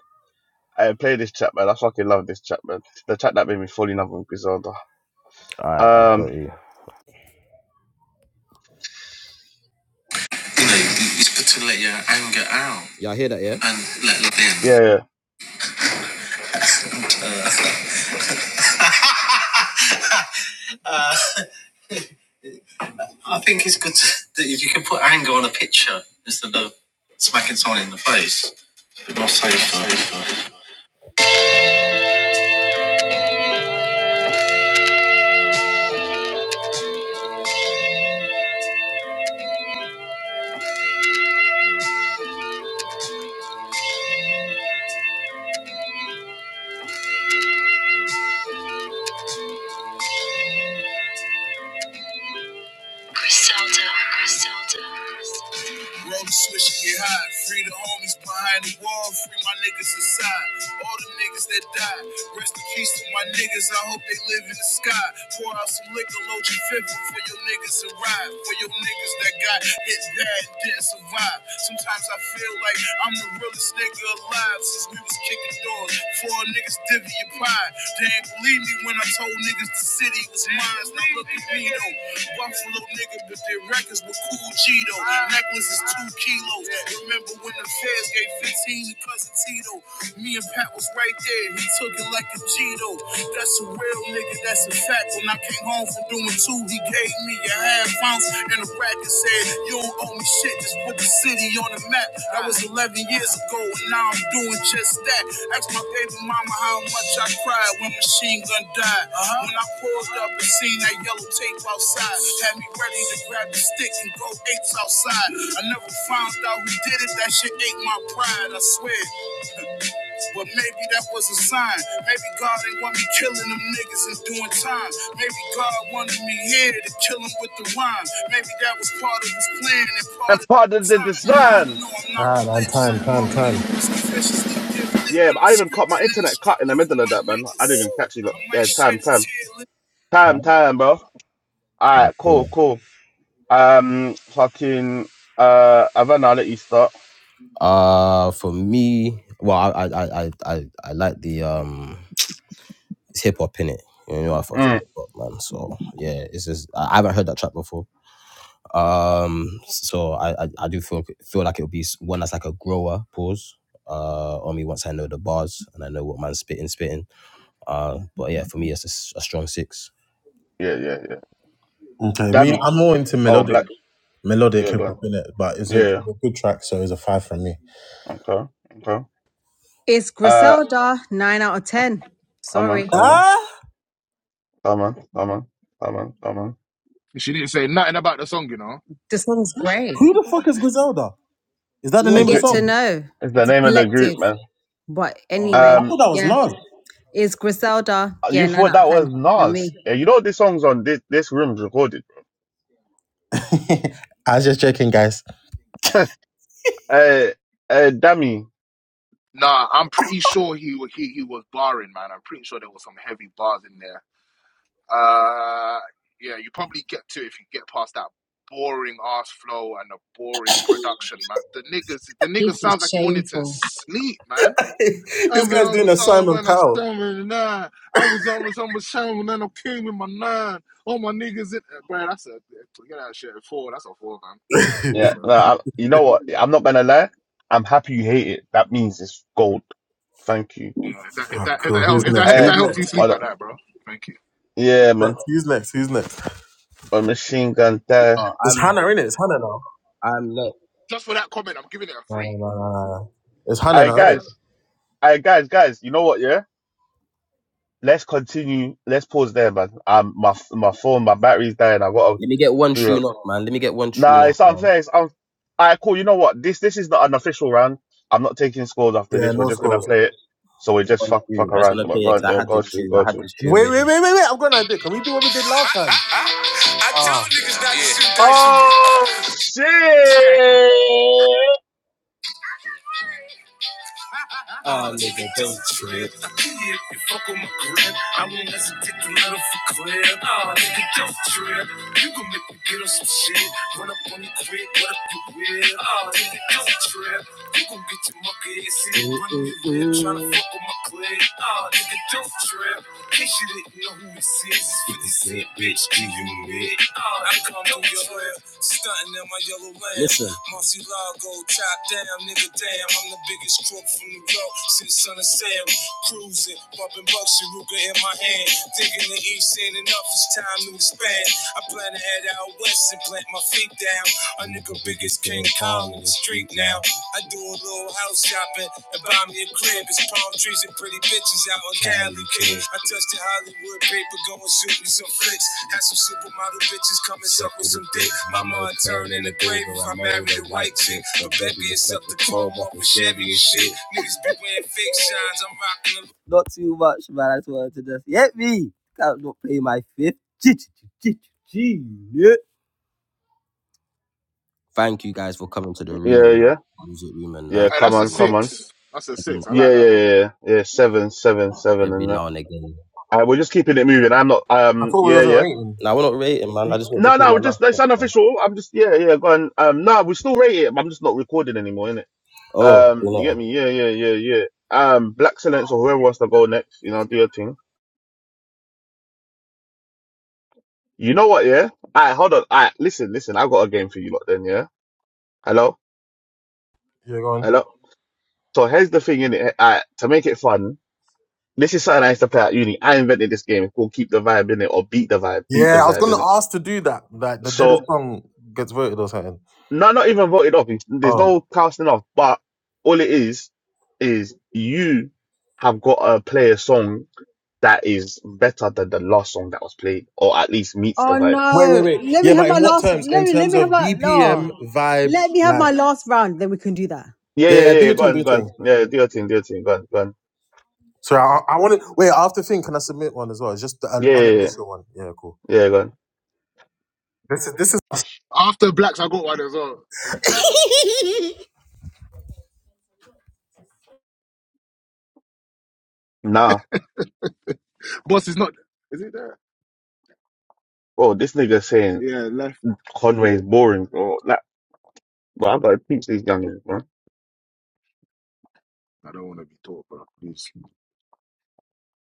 [SPEAKER 1] I play this chat, man. I fucking love this chat, man. It's the chat that made me fall in love with Griselda.
[SPEAKER 2] Alright, I got
[SPEAKER 1] Um.
[SPEAKER 2] you. You know, it's good to let your anger out. Yeah. And let it in.
[SPEAKER 1] Yeah. yeah.
[SPEAKER 2] I think it's good to, that if you can put anger on a picture instead of smacking someone in the face, it's more safer. Roll the switch and get high. Free the homies behind the wall. Free my niggas inside. All the niggas that died. Rest in peace to my niggas. I hope they live in the sky. Pour out some liquor, load your fifth for your niggas to ride. For your niggas that got hit bad and didn't survive. Sometimes I feel like I'm the realest nigga alive since we was kicking doors. Four niggas divvy your pie. They ain't believe me when I told niggas the city was mine. Now look at me though. Buffalo nigga, but they recognize. Lakers with cool Gito. Necklace is two kilos. Remember when the feds gave 15 to cousin Tito? Me and Pat was right there. He took it like a Gito. That's a real nigga. That's a fact. When I came home from doing two, he gave me a half ounce and a rack and said, "You don't owe me shit. Just put the city on the map." That was 11 years ago, and now I'm doing just that. Ask my baby mama how much I cried when Machine Gun died. When I pulled up and seen that yellow tape out outside. Had me ready to grab the stick and go apes outside. I never found out who did it. That shit ate my pride. I swear. But maybe that was a sign. Maybe God didn't want me killing them niggas and doing time. Maybe God wanted me here to kill him with the rhyme. Maybe that was part of his plan and part
[SPEAKER 1] And
[SPEAKER 2] of
[SPEAKER 1] part of
[SPEAKER 2] his
[SPEAKER 1] the
[SPEAKER 2] time. I
[SPEAKER 1] design.
[SPEAKER 2] don't know, I'm not
[SPEAKER 4] Ah, man,
[SPEAKER 2] religious.
[SPEAKER 4] time, time,
[SPEAKER 2] All I
[SPEAKER 4] time.
[SPEAKER 2] know is I'm viciously gifted
[SPEAKER 1] Yeah,
[SPEAKER 2] when
[SPEAKER 1] but
[SPEAKER 2] I'm
[SPEAKER 1] I even
[SPEAKER 2] scripted
[SPEAKER 1] caught my
[SPEAKER 2] and it's
[SPEAKER 1] internet cut in
[SPEAKER 2] strictly
[SPEAKER 1] the
[SPEAKER 2] for
[SPEAKER 1] middle of
[SPEAKER 2] my
[SPEAKER 1] that, man. I
[SPEAKER 2] niggas.
[SPEAKER 1] didn't even catch you. Look.
[SPEAKER 2] I might
[SPEAKER 1] Yeah,
[SPEAKER 2] shed
[SPEAKER 1] time,
[SPEAKER 2] a
[SPEAKER 1] time,
[SPEAKER 2] tear.
[SPEAKER 1] time, time, bro. All right,
[SPEAKER 2] Okay.
[SPEAKER 1] cool, cool. Um, fucking, uh, Havana, I'll let you start.
[SPEAKER 2] Uh, for me, well, I I I I I I like the um, it's hip hop in it. You know, I fucks with
[SPEAKER 1] Mm.
[SPEAKER 2] hip hop, man. So yeah, it's just I I haven't heard that track before. Um, so I I, I do feel feel like it'll be s- one that's like a grower pause. Uh, on me once I know the bars and I know what man's spitting, spitting. Uh, but yeah, for me it's a, s- a strong six.
[SPEAKER 1] Yeah, yeah, yeah.
[SPEAKER 4] Okay, me, I'm
[SPEAKER 1] Dammy.
[SPEAKER 4] more into
[SPEAKER 1] Oh,
[SPEAKER 4] melodic
[SPEAKER 1] black.
[SPEAKER 4] melodic
[SPEAKER 1] Yeah,
[SPEAKER 4] hip
[SPEAKER 1] go
[SPEAKER 4] hop
[SPEAKER 1] on.
[SPEAKER 4] in it, but it's a,
[SPEAKER 1] Yeah,
[SPEAKER 4] it's
[SPEAKER 1] yeah.
[SPEAKER 4] a good track, so it's a five from me.
[SPEAKER 1] okay, okay.
[SPEAKER 6] It's
[SPEAKER 1] Uh,
[SPEAKER 6] Griselda. Nine out of ten.
[SPEAKER 1] come on,
[SPEAKER 6] Sorry.
[SPEAKER 1] come on,
[SPEAKER 4] Ah?
[SPEAKER 1] come on, come on, come on, come on.
[SPEAKER 9] She didn't say nothing about the song, you know.
[SPEAKER 6] The song's great.
[SPEAKER 4] Who the fuck is Griselda? Is that the
[SPEAKER 6] We'll
[SPEAKER 1] Hey,
[SPEAKER 4] name of the
[SPEAKER 1] gr-
[SPEAKER 6] get to
[SPEAKER 4] song?
[SPEAKER 6] know.
[SPEAKER 1] It's the
[SPEAKER 6] It's
[SPEAKER 1] name of the group,
[SPEAKER 6] collective.
[SPEAKER 1] man.
[SPEAKER 6] But
[SPEAKER 4] Okay, I
[SPEAKER 6] anyway,
[SPEAKER 4] thought
[SPEAKER 1] Um,
[SPEAKER 4] that was
[SPEAKER 6] yeah.
[SPEAKER 4] Nas.
[SPEAKER 6] It's Griselda.
[SPEAKER 1] you
[SPEAKER 6] Yeah, nine
[SPEAKER 1] thought
[SPEAKER 6] out of
[SPEAKER 1] that
[SPEAKER 6] ten
[SPEAKER 1] was
[SPEAKER 6] for me.
[SPEAKER 1] Nas? Yeah, you know this song's on this this room's recorded.
[SPEAKER 4] I was just joking, guys.
[SPEAKER 1] Uh, uh, Dammy.
[SPEAKER 9] Nah, I'm pretty sure he wa- he he was barring, man. I'm pretty sure there was some heavy bars in there. Uh, yeah, you probably get to it if you get past that boring ass flow and the boring production, man. The niggas, the nigga
[SPEAKER 6] This
[SPEAKER 9] sounds like
[SPEAKER 6] is
[SPEAKER 9] he wanted to
[SPEAKER 6] shameful.
[SPEAKER 9] sleep, man. I
[SPEAKER 4] This
[SPEAKER 9] was
[SPEAKER 4] guy's
[SPEAKER 9] on
[SPEAKER 4] doing
[SPEAKER 9] the
[SPEAKER 4] a
[SPEAKER 9] side
[SPEAKER 4] Simon
[SPEAKER 9] when I was
[SPEAKER 4] Cowell.
[SPEAKER 9] seven nine. I was always on the show and then I came with my nine. All my niggas in, bro. That's a forget that shit. Four. That's a four, man. That's a four,
[SPEAKER 1] Yeah.
[SPEAKER 9] bro.
[SPEAKER 1] No, I, you know what? I'm not gonna lie. I'm happy you hate it. That means it's gold. Thank you.
[SPEAKER 9] Yeah, if that if
[SPEAKER 4] Alright,
[SPEAKER 9] that if that
[SPEAKER 4] cool. Who's
[SPEAKER 9] help, if
[SPEAKER 4] next?
[SPEAKER 9] that if
[SPEAKER 1] Uh,
[SPEAKER 4] Who's
[SPEAKER 9] that helps you
[SPEAKER 4] next?
[SPEAKER 9] sleep at
[SPEAKER 1] well,
[SPEAKER 9] that, bro. Thank you.
[SPEAKER 1] yeah, man.
[SPEAKER 4] next? Who's next? Who's next?
[SPEAKER 1] A machine gun there.
[SPEAKER 2] Uh,
[SPEAKER 4] It's
[SPEAKER 2] I'm
[SPEAKER 4] Hannah, in it? It's Hannah now.
[SPEAKER 2] I'm not.
[SPEAKER 9] Just for that comment, I'm giving it a
[SPEAKER 4] Nah,
[SPEAKER 9] three.
[SPEAKER 4] nah, nah, nah, nah. It's Hannah
[SPEAKER 1] Alright,
[SPEAKER 4] now, isn't it?
[SPEAKER 1] guys. Alright, guys, guys. You know what? Yeah. Let's continue. Let's pause there, man. Um, my f- my phone, my battery's dying. I gotta
[SPEAKER 2] Let me get one
[SPEAKER 1] do it.
[SPEAKER 2] tune off, man. Let me get one tune
[SPEAKER 1] Nah,
[SPEAKER 2] off,
[SPEAKER 1] it's
[SPEAKER 2] man.
[SPEAKER 1] unfair. It's un- Alright, cool. You know what? This this is not an official round. I'm not taking scores after
[SPEAKER 4] Yeah,
[SPEAKER 1] this. We're
[SPEAKER 4] no
[SPEAKER 1] just gonna
[SPEAKER 4] scores.
[SPEAKER 1] play it. So we just
[SPEAKER 2] One
[SPEAKER 1] fuck
[SPEAKER 2] tune.
[SPEAKER 1] fuck
[SPEAKER 2] I just
[SPEAKER 1] around.
[SPEAKER 2] want
[SPEAKER 1] Go
[SPEAKER 2] to play it
[SPEAKER 1] on,
[SPEAKER 2] because I
[SPEAKER 1] yeah,
[SPEAKER 2] had
[SPEAKER 1] go on,
[SPEAKER 2] this
[SPEAKER 1] shoot,
[SPEAKER 2] tune.
[SPEAKER 1] go
[SPEAKER 2] I
[SPEAKER 1] on, shoot.
[SPEAKER 2] had this tune
[SPEAKER 4] Wait,
[SPEAKER 2] ready.
[SPEAKER 4] wait, wait, wait, wait. I've got an idea. Can we do what we did last time?
[SPEAKER 2] I, I tell
[SPEAKER 4] Ah,
[SPEAKER 2] niggas not to Yeah. shoot dice with
[SPEAKER 1] Oh shit!
[SPEAKER 2] me. Oh, nigga, don't trip. Yeah, you fuck on my grip. I won't let you take another for clip. Oh, nigga, don't trip. You gon' make me get on some shit. Run up on me quick, what up you will? Oh, nigga, don't trip. You gon' get your monkey ass in. Run up your lip, tryna fuck on my clip. Oh, nigga, don't trip. In case you didn't know who this 56, bitch, do you mid? I come through your hood, stunting in my yellow land. Listen. Marcy Lago, top down, nigga, damn. I'm the biggest crook from New York since Son of Sam. Cruising, bumping bucks and Ruger in my hand. Thinking the East ain't enough, it's time to expand. I plan to head out west and plant my feet down. A nigga big as King Kong in the street now. I do a little house shopping and buy me a crib. It's palm trees and pretty bitches out on Cali, kid. I touched the Hollywood paper, go and shoot me some flicks. Had some supermodel bitches come and suck with some dick. Mama, I turn in the grave if I marry a white chick. But baby, it's up to chrome, walk with Chevy and shit. Niggas be wearing fake shines, I'm
[SPEAKER 1] Yeah, yeah, yeah.
[SPEAKER 9] Hey,
[SPEAKER 1] Come
[SPEAKER 9] that's a
[SPEAKER 1] on, come on.
[SPEAKER 9] six. That's a
[SPEAKER 2] rocking
[SPEAKER 9] six. I
[SPEAKER 2] them.
[SPEAKER 1] Yeah,
[SPEAKER 9] like
[SPEAKER 1] yeah, yeah,
[SPEAKER 9] that one.
[SPEAKER 1] yeah. yeah seven, seven, seven,
[SPEAKER 2] Every
[SPEAKER 1] and that.
[SPEAKER 2] now and again.
[SPEAKER 1] Uh, we're just keeping it moving. I'm not.
[SPEAKER 4] I
[SPEAKER 1] Um.
[SPEAKER 4] thought we
[SPEAKER 1] Yeah,
[SPEAKER 4] wasn't
[SPEAKER 1] yeah.
[SPEAKER 4] waiting.
[SPEAKER 2] Now, we're not rating, man. I just want to
[SPEAKER 1] No,
[SPEAKER 2] pay
[SPEAKER 1] no.
[SPEAKER 2] my
[SPEAKER 1] We're just.
[SPEAKER 2] last
[SPEAKER 1] It's
[SPEAKER 2] man.
[SPEAKER 1] unofficial. I'm just. Yeah, yeah. Go on. Um. No, we still rate it. but I'm just not recording anymore, innit?
[SPEAKER 2] Oh, you
[SPEAKER 1] Um. You get
[SPEAKER 2] know,
[SPEAKER 1] me? Yeah, yeah, yeah, yeah. Um. Black Silence or whoever wants to go next. You know, do your thing. You know what? Yeah. Alright, hold on. Alright, listen, listen. i got a game for you lot. Then, yeah. Hello,
[SPEAKER 4] Yeah, go on.
[SPEAKER 1] hello. So here's the thing, innit? Alright, to make it fun. This is something I used to play at uni. I invented this game It's called Keep the Vibe in it or Beat the Vibe, Beat
[SPEAKER 4] Yeah,
[SPEAKER 1] the
[SPEAKER 4] I was
[SPEAKER 1] Vibe
[SPEAKER 4] gonna
[SPEAKER 1] in it.
[SPEAKER 4] ask to do that. Like the deadest
[SPEAKER 1] So,
[SPEAKER 4] song gets voted or something.
[SPEAKER 1] no, not even voted off. It's- There's no
[SPEAKER 4] Oh,
[SPEAKER 1] casting off, but all it is, is you have got to play a song that is better than the last song that was played or at least meets the
[SPEAKER 6] Oh
[SPEAKER 1] vibe.
[SPEAKER 4] wait,
[SPEAKER 6] no!
[SPEAKER 4] wait, wait.
[SPEAKER 6] Let me
[SPEAKER 4] Yeah,
[SPEAKER 6] have
[SPEAKER 4] but
[SPEAKER 6] my
[SPEAKER 4] in what
[SPEAKER 6] last.
[SPEAKER 4] terms? In
[SPEAKER 6] Let me let
[SPEAKER 4] terms
[SPEAKER 6] me have
[SPEAKER 4] of
[SPEAKER 6] my no.
[SPEAKER 4] BPM, vibe,
[SPEAKER 6] Let me have
[SPEAKER 4] like.
[SPEAKER 6] my last round. Then we can do that.
[SPEAKER 1] Yeah, yeah,
[SPEAKER 4] Yeah, yeah,
[SPEAKER 1] yeah,
[SPEAKER 4] do
[SPEAKER 1] yeah.
[SPEAKER 4] your
[SPEAKER 1] Go
[SPEAKER 4] thing, do
[SPEAKER 1] on,
[SPEAKER 4] your
[SPEAKER 1] go on.
[SPEAKER 4] thing.
[SPEAKER 1] Yeah, do your thing, do your thing. Go on, go on.
[SPEAKER 4] Sorry, I, I want to wait. After thing, can I submit one as well? It's just an
[SPEAKER 1] Yeah, yeah, yeah.
[SPEAKER 4] unofficial one. Yeah, cool.
[SPEAKER 1] Yeah, go on.
[SPEAKER 4] This is this is.
[SPEAKER 9] After blacks, I got one as well. Let me do one.
[SPEAKER 1] Nah.
[SPEAKER 9] Boss is not. Is it there?
[SPEAKER 1] Bro, this nigga saying
[SPEAKER 9] Yeah, left.
[SPEAKER 1] Conway is boring, bro. Like, But I'm gonna teach these youngins, bro.
[SPEAKER 9] I don't want to be taught, bro. Please,